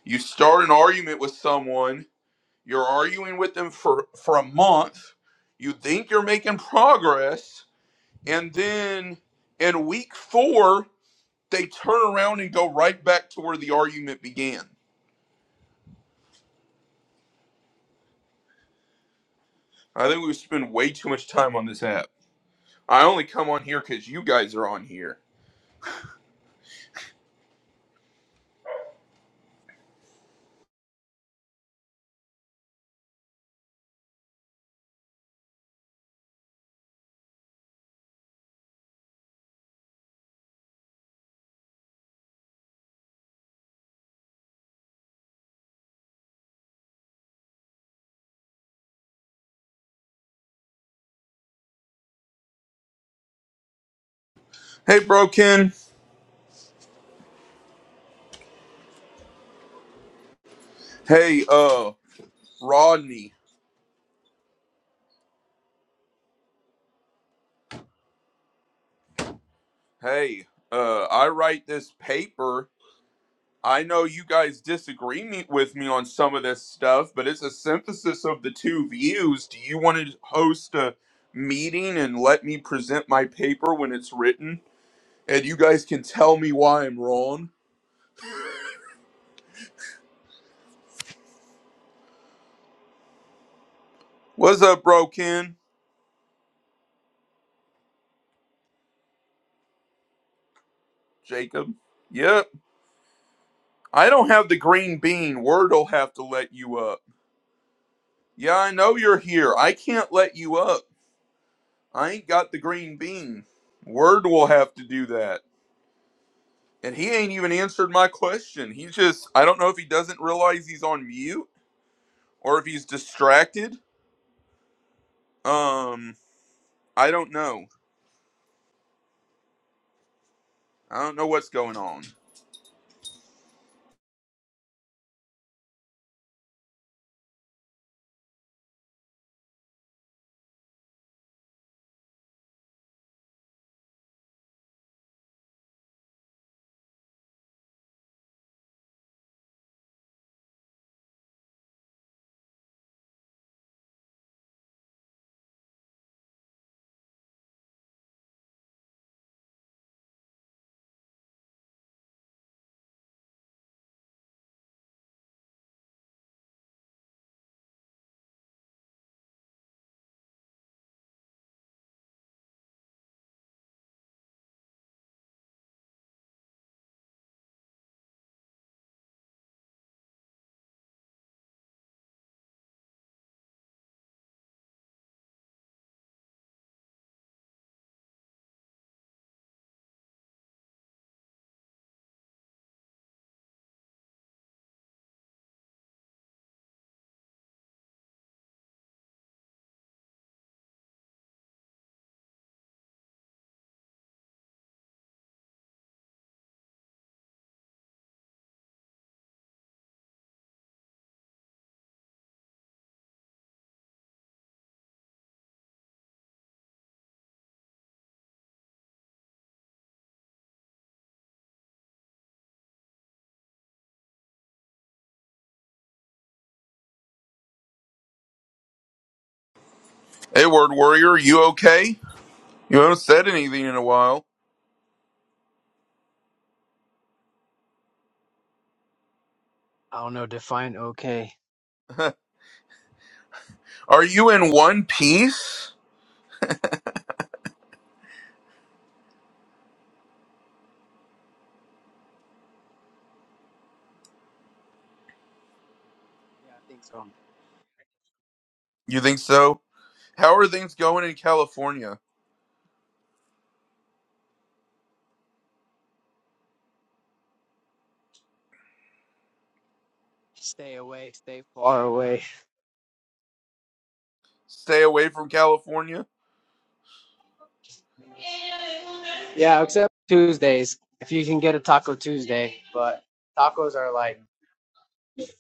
S16: you start an argument with someone, you're arguing with them for for a month, you think you're making progress, and then in week 4, they turn around and go right back to where the argument began. I think we spend way too much time on this app. I only come on here cuz you guys are on here. Hey Broken. Hey uh Rodney. Hey, uh I write this paper I know you guys disagree me, with me on some of this stuff, but it's a synthesis of the two views. Do you want to host a meeting and let me present my paper when it's written? And you guys can tell me why I'm wrong? What's up, bro, Ken? Jacob? Yep. I don't have the green bean. Word'll have to let you up. Yeah, I know you're here. I can't let you up. I ain't got the green bean. Word will have to do that. And he ain't even answered my question. He just I don't know if he doesn't realize he's on mute or if he's distracted. Um I don't know. I don't know what's going on. Hey word warrior, you okay? You haven't said anything in a while.
S9: I don't know, define okay.
S16: are you in one piece?
S9: Yeah, I think so.
S16: You think so? How are things going in California?
S9: Stay away, stay far away.
S16: Stay away from California?
S9: Yeah, except Tuesdays. If you can get a Taco Tuesday, but tacos are like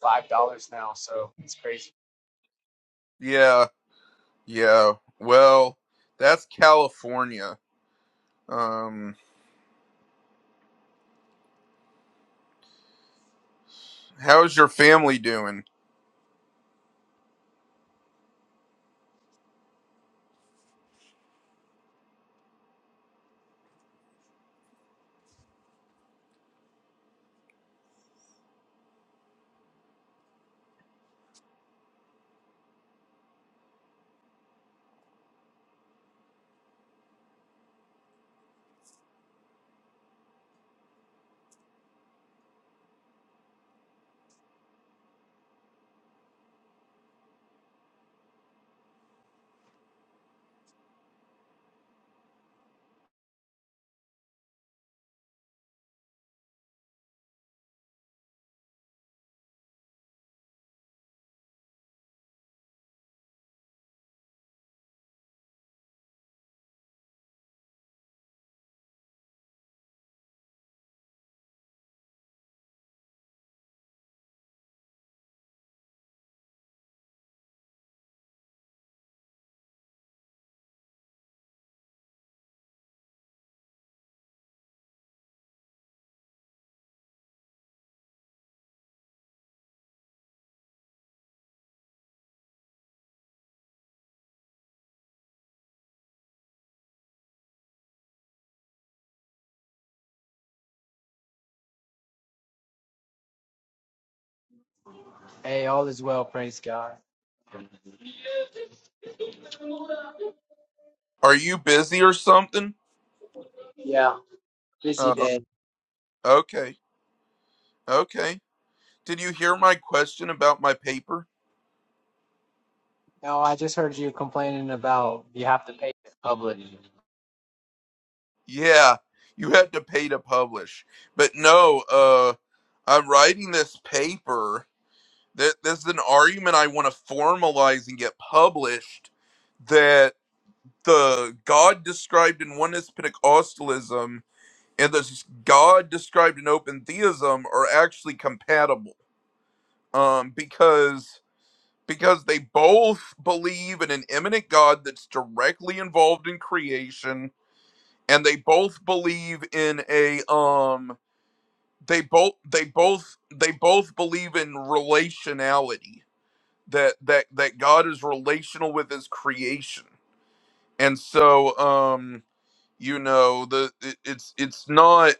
S9: five dollars now, so it's crazy.
S16: Yeah. Yeah. Well, that's California. Um how's your family doing?
S9: Hey, all is well, praise God.
S16: Are you busy or something?
S9: Yeah, busy
S16: Uh,
S9: day.
S16: o- okay, okay. Did you hear my question about my paper?
S9: No, I just heard you complaining about you have to pay in public.
S16: Yeah, you had to pay to publish. But no, uh, I'm writing this paper. That this is an argument I want to formalize and get published. That the God described in oneness Pentecostalism and the God described in open theism are actually compatible. Um, because because they both believe in an imminent God that's directly involved in creation, and they both believe in a um they both they both they both believe in relationality that that that God is relational with his creation. And so um you know the it, it's it's not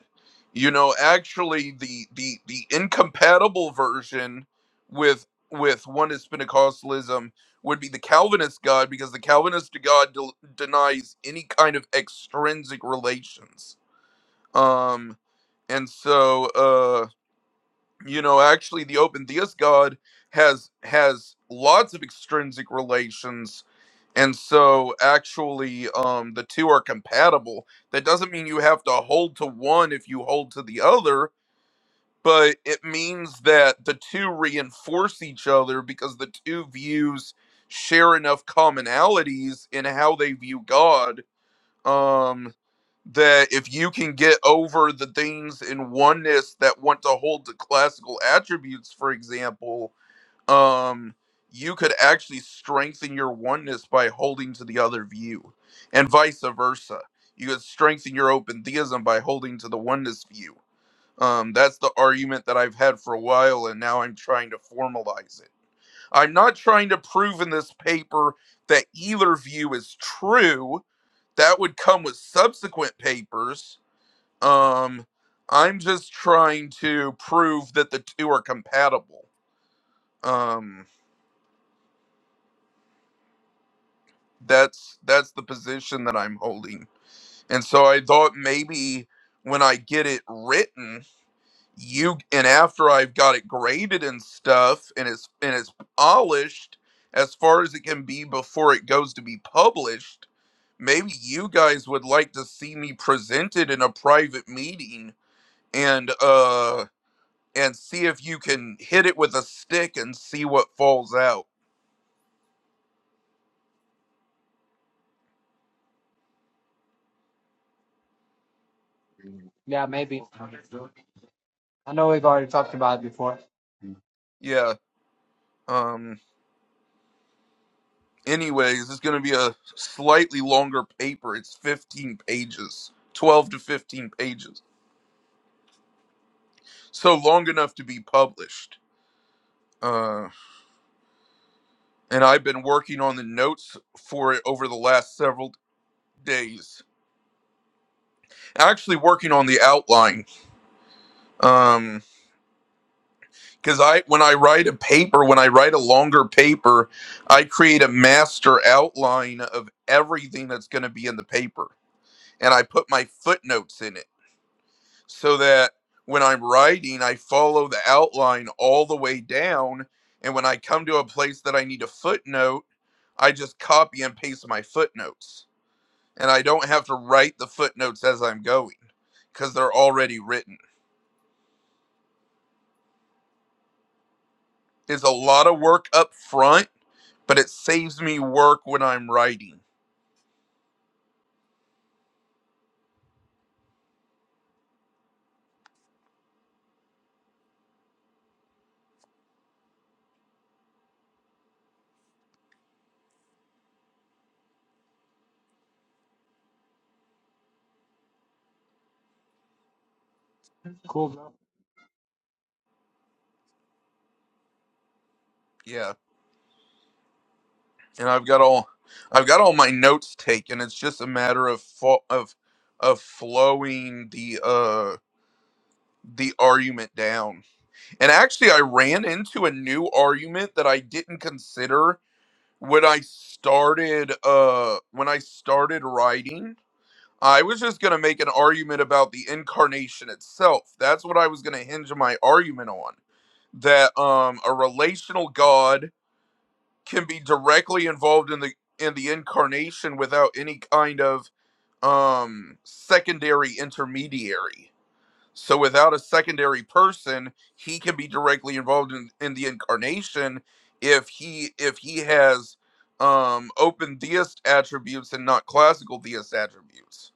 S16: you know actually the the the incompatible version with with oneness pentecostalism would be the calvinist god because the calvinist god del- denies any kind of extrinsic relations um and so uh you know actually the open theist god has has lots of extrinsic relations and so actually um the two are compatible that doesn't mean you have to hold to one if you hold to the other but it means that the two reinforce each other because the two views share enough commonalities in how they view god um that if you can get over the things in oneness that want to hold to classical attributes for example um you could actually strengthen your oneness by holding to the other view and vice versa you could strengthen your open theism by holding to the oneness view um that's the argument that i've had for a while and now i'm trying to formalize it i'm not trying to prove in this paper that either view is true that would come with subsequent papers um i'm just trying to prove that the two are compatible um that's that's the position that I'm holding. And so I thought maybe when I get it written, you and after I've got it graded and stuff and it's and it's polished as far as it can be before it goes to be published, maybe you guys would like to see me presented in a private meeting and uh and see if you can hit it with a stick and see what falls out.
S9: Yeah, maybe. I know we've already talked about it before.
S16: Yeah. um, Anyways, it's going to be a slightly longer paper. It's 15 pages, 12 to 15 pages. So long enough to be published. Uh, and I've been working on the notes for it over the last several days. Actually, working on the outline. Um, because I, when I write a paper, when I write a longer paper, I create a master outline of everything that's going to be in the paper, and I put my footnotes in it so that when I'm writing, I follow the outline all the way down. And when I come to a place that I need a footnote, I just copy and paste my footnotes. And I don't have to write the footnotes as I'm going because they're already written. It's a lot of work up front, but it saves me work when I'm writing.
S9: Cool, bro. All
S16: Yeah. And I've got all. I've got all my notes taken. It's just a matter of fo- of of flowing the uh the argument down And actually, I ran into a new argument that I didn't consider when I started. Uh, when I started writing, I was just gonna make an argument about the incarnation itself. That's what I was gonna hinge my argument on. That um, a relational God can be directly involved in the in the incarnation without any kind of um secondary intermediary so without a secondary person, he can be directly involved in, in the incarnation if he if he has um open theist attributes and not classical theist attributes.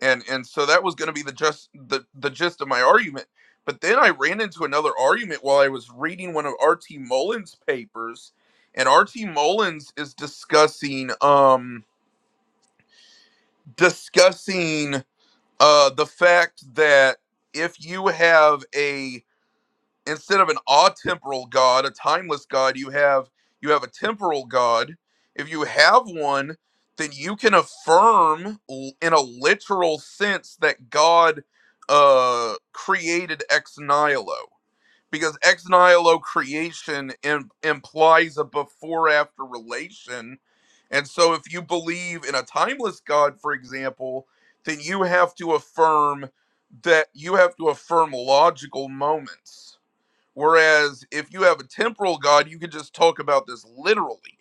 S16: And and so that was gonna be the just the, the gist of my argument. But then I ran into another argument while I was reading one of R.T. Mullins' papers. And R.T. Mullins is discussing um discussing uh the fact that if you have a instead of an temporal god, a timeless god, you have you have a temporal god. If you have one, then you can affirm l- in a literal sense that God uh, created ex nihilo because ex nihilo creation Im- implies a before after relation. And so, if you believe in a timeless God, for example, then you have to affirm that you have to affirm logical moments Whereas if you have a temporal God, you can just talk about this literally.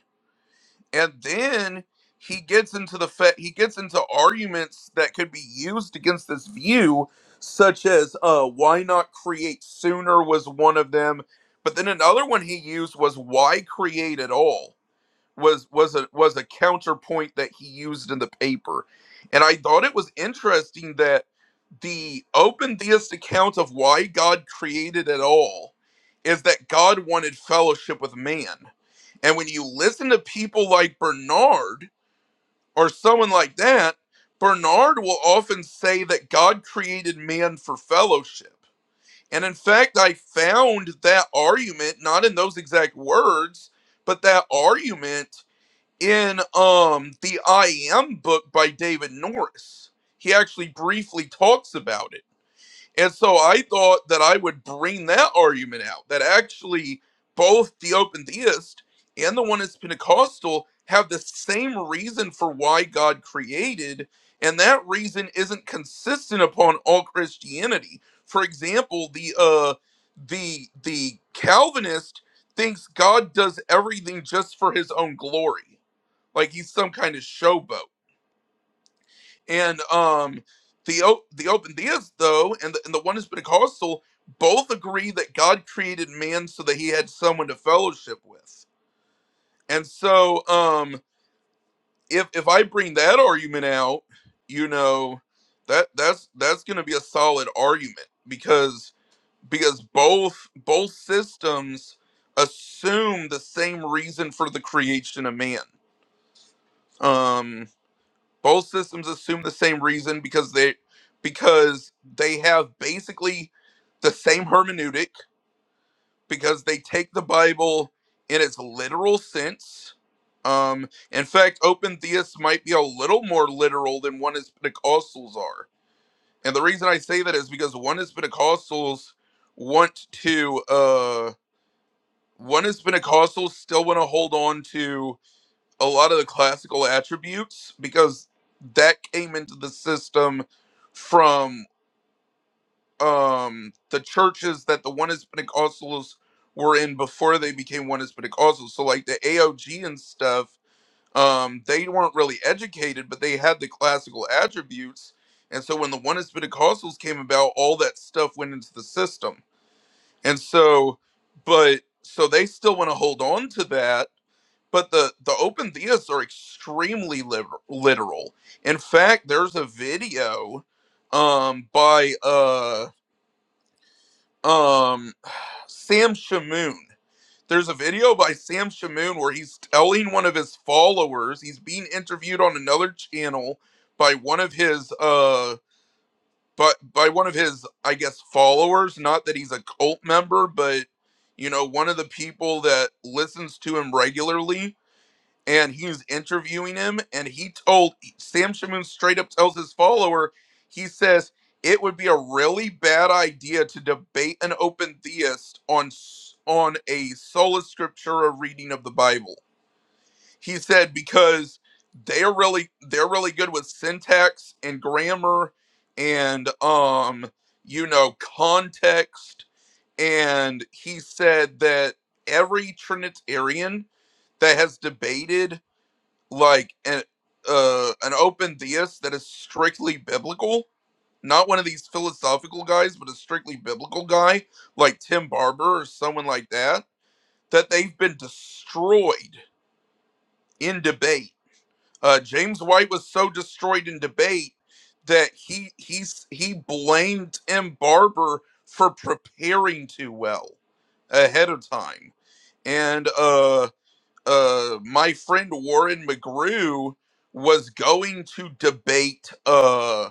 S16: And then he gets into the fa- he gets into arguments that could be used against this view, such as uh, why not create sooner was one of them. But then another one he used was why create at all was was a was a counterpoint that he used in the paper. And I thought it was interesting that the open theist account of why God created at all is that God wanted fellowship with man. And when you listen to people like Bernard or someone like that, Bernard will often say that God created man for fellowship. And in fact, I found that argument not in those exact words, but that argument in um the I am book by David Norris. He actually briefly talks about it and so I thought that I would bring that argument out that actually both the open theist and the one that's Pentecostal have the same reason for why God created, and that reason isn't consistent upon all Christianity. For example, the uh the the Calvinist thinks God does everything just for his own glory. Like he's some kind of showboat and um the the open deists though and the, and the oneness pentecostal both agree that god created man so that he had someone to fellowship with and so um if if i bring that argument out you know that that's that's gonna be a solid argument because because both both systems assume the same reason for the creation of man Um, Both systems assume the same reason because they because they have basically the same hermeneutic because they take the Bible in its literal sense. Um, in fact, open theists might be a little more literal than one is Pentecostals are, and the reason I say that is because one is Pentecostals want to uh, one is Pentecostals still want to hold on to a lot of the classical attributes because that came into the system from um the churches that the one Pentecostals were in before they became one Pentecostals. So like the AOG and stuff, um, they weren't really educated, but they had the classical attributes. And so when the one Pentecostals came about, all that stuff went into the system. And so but so they still want to hold on to that but the the open theists are extremely liber- literal in fact there's a video um by uh um sam shamoon there's a video by sam shamoon where he's telling one of his followers he's being interviewed on another channel by one of his uh by by one of his i guess followers not that he's a cult member but you know one of the people that listens to him regularly and he's interviewing him and he told sam shamoon straight up tells his follower he says it would be a really bad idea to debate an open theist on s- on a sola scriptura reading of the bible he said because they're really they're really good with syntax and grammar and um you know context and he said that every trinitarian that has debated like an uh an open theist that is strictly biblical, not one of these philosophical guys, but a strictly biblical guy like Tim Barber or someone like that, that they've been destroyed in debate. Uh, James White was so destroyed in debate that he he's he blamed Tim Barber for preparing too well ahead of time, and uh uh, my friend Warren McGrew was going to debate uh,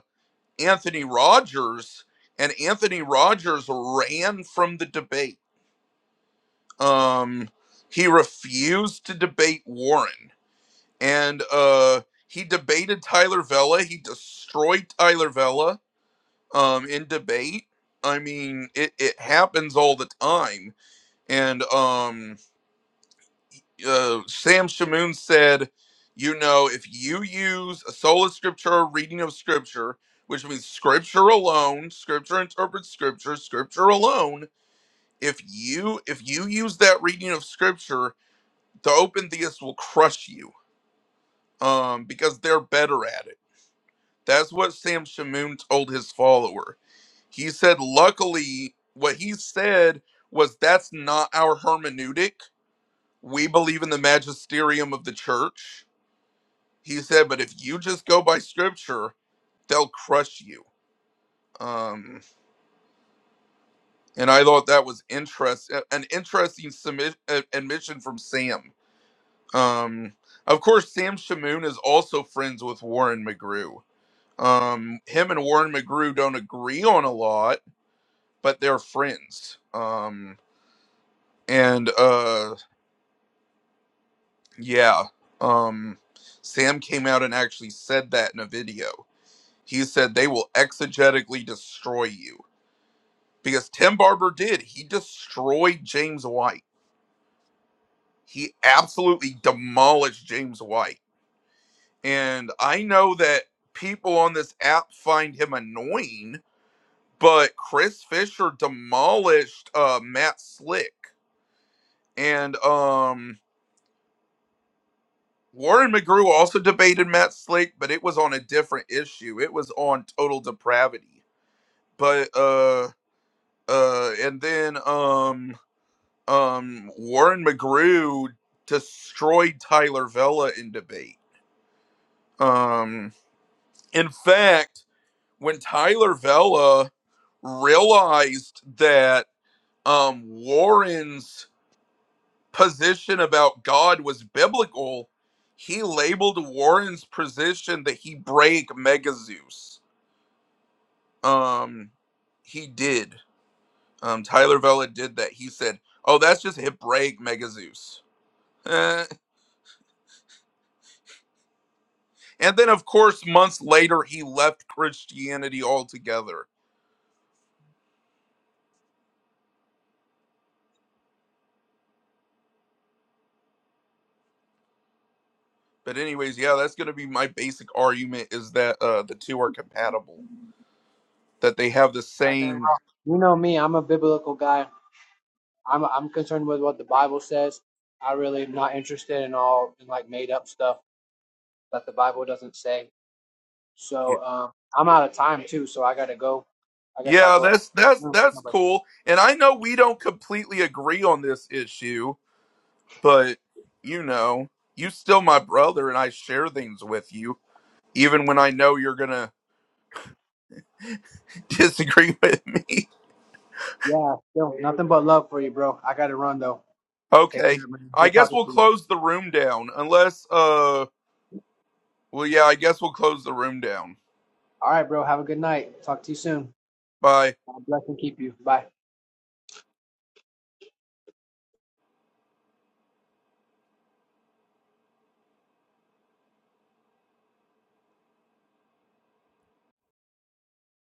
S16: Anthony Rogers, and Anthony Rogers ran from the debate. Um, he refused to debate Warren, and uh, he debated Tyler Vella. He destroyed Tyler Vella um, in debate. I mean, it, it happens all the time, and um, uh, Sam Shamoon said, you know, if you use a sola scriptura reading of scripture, which means scripture alone, scripture interprets scripture, scripture alone, if you if you use that reading of scripture, the open theists will crush you. Um, because they're better at it. That's what Sam Shamoon told his follower. He said, luckily, what he said was that's not our hermeneutic. We believe in the magisterium of the church He said, but if you just go by scripture, they'll crush you. Um, and I thought that was interest an interesting submit, uh, admission from Sam. Um, of course, Sam Shamoon is also friends with Warren McGrew. Um, him and Warren McGrew don't agree on a lot, but they're friends. Um, and uh, yeah, um, Sam came out and actually said that in a video. He said they will exegetically destroy you because Tim Barber did. He destroyed James White. He absolutely demolished James White. And I know that people on this app find him annoying, but Chris Fisher demolished uh, Matt Slick. And um, Warren McGrew also debated Matt Slick, but it was on a different issue. It was on total depravity. But uh uh and then um um Warren McGrew destroyed Tyler Vella in debate. Um in fact, when Tyler Vella realized that um Warren's position about God was biblical, he labeled Warren's position that he break Mega Zeus. Um he did. Um Tyler Vella did that. He said, "Oh, that's just Hebraic Mega Zeus." Eh, And then, of course, months later, he left Christianity altogether. But, anyways, yeah, that's going to be my basic argument: is that uh, the two are compatible, that they have the
S9: right, man.
S16: same.
S9: Well, you know me, I'm a biblical guy. I'm I'm concerned with what the Bible says. I really am not interested in all in like made up stuff that the Bible doesn't say.
S16: Yeah,
S9: So um, I'm out of time too, so I gotta go. I guess I'll
S16: Yeah,
S9: go.
S16: that's that's
S9: No,
S16: that's
S9: no, but
S16: cool. And I know we don't completely agree on this issue, but you know, you still my brother, and I share things with you, even when I know you're gonna disagree with me.
S9: yeah, still nothing but love for you, bro. I gotta run though. Take
S16: Okay,
S9: care, man.
S16: I
S9: Good
S16: guess
S9: talking
S16: we'll
S9: to you.
S16: close the room down, unless uh Well, yeah, I guess we'll close the room down.
S9: All right, bro. Have a good night. Talk to you soon.
S16: Bye.
S9: God bless and keep you. Bye.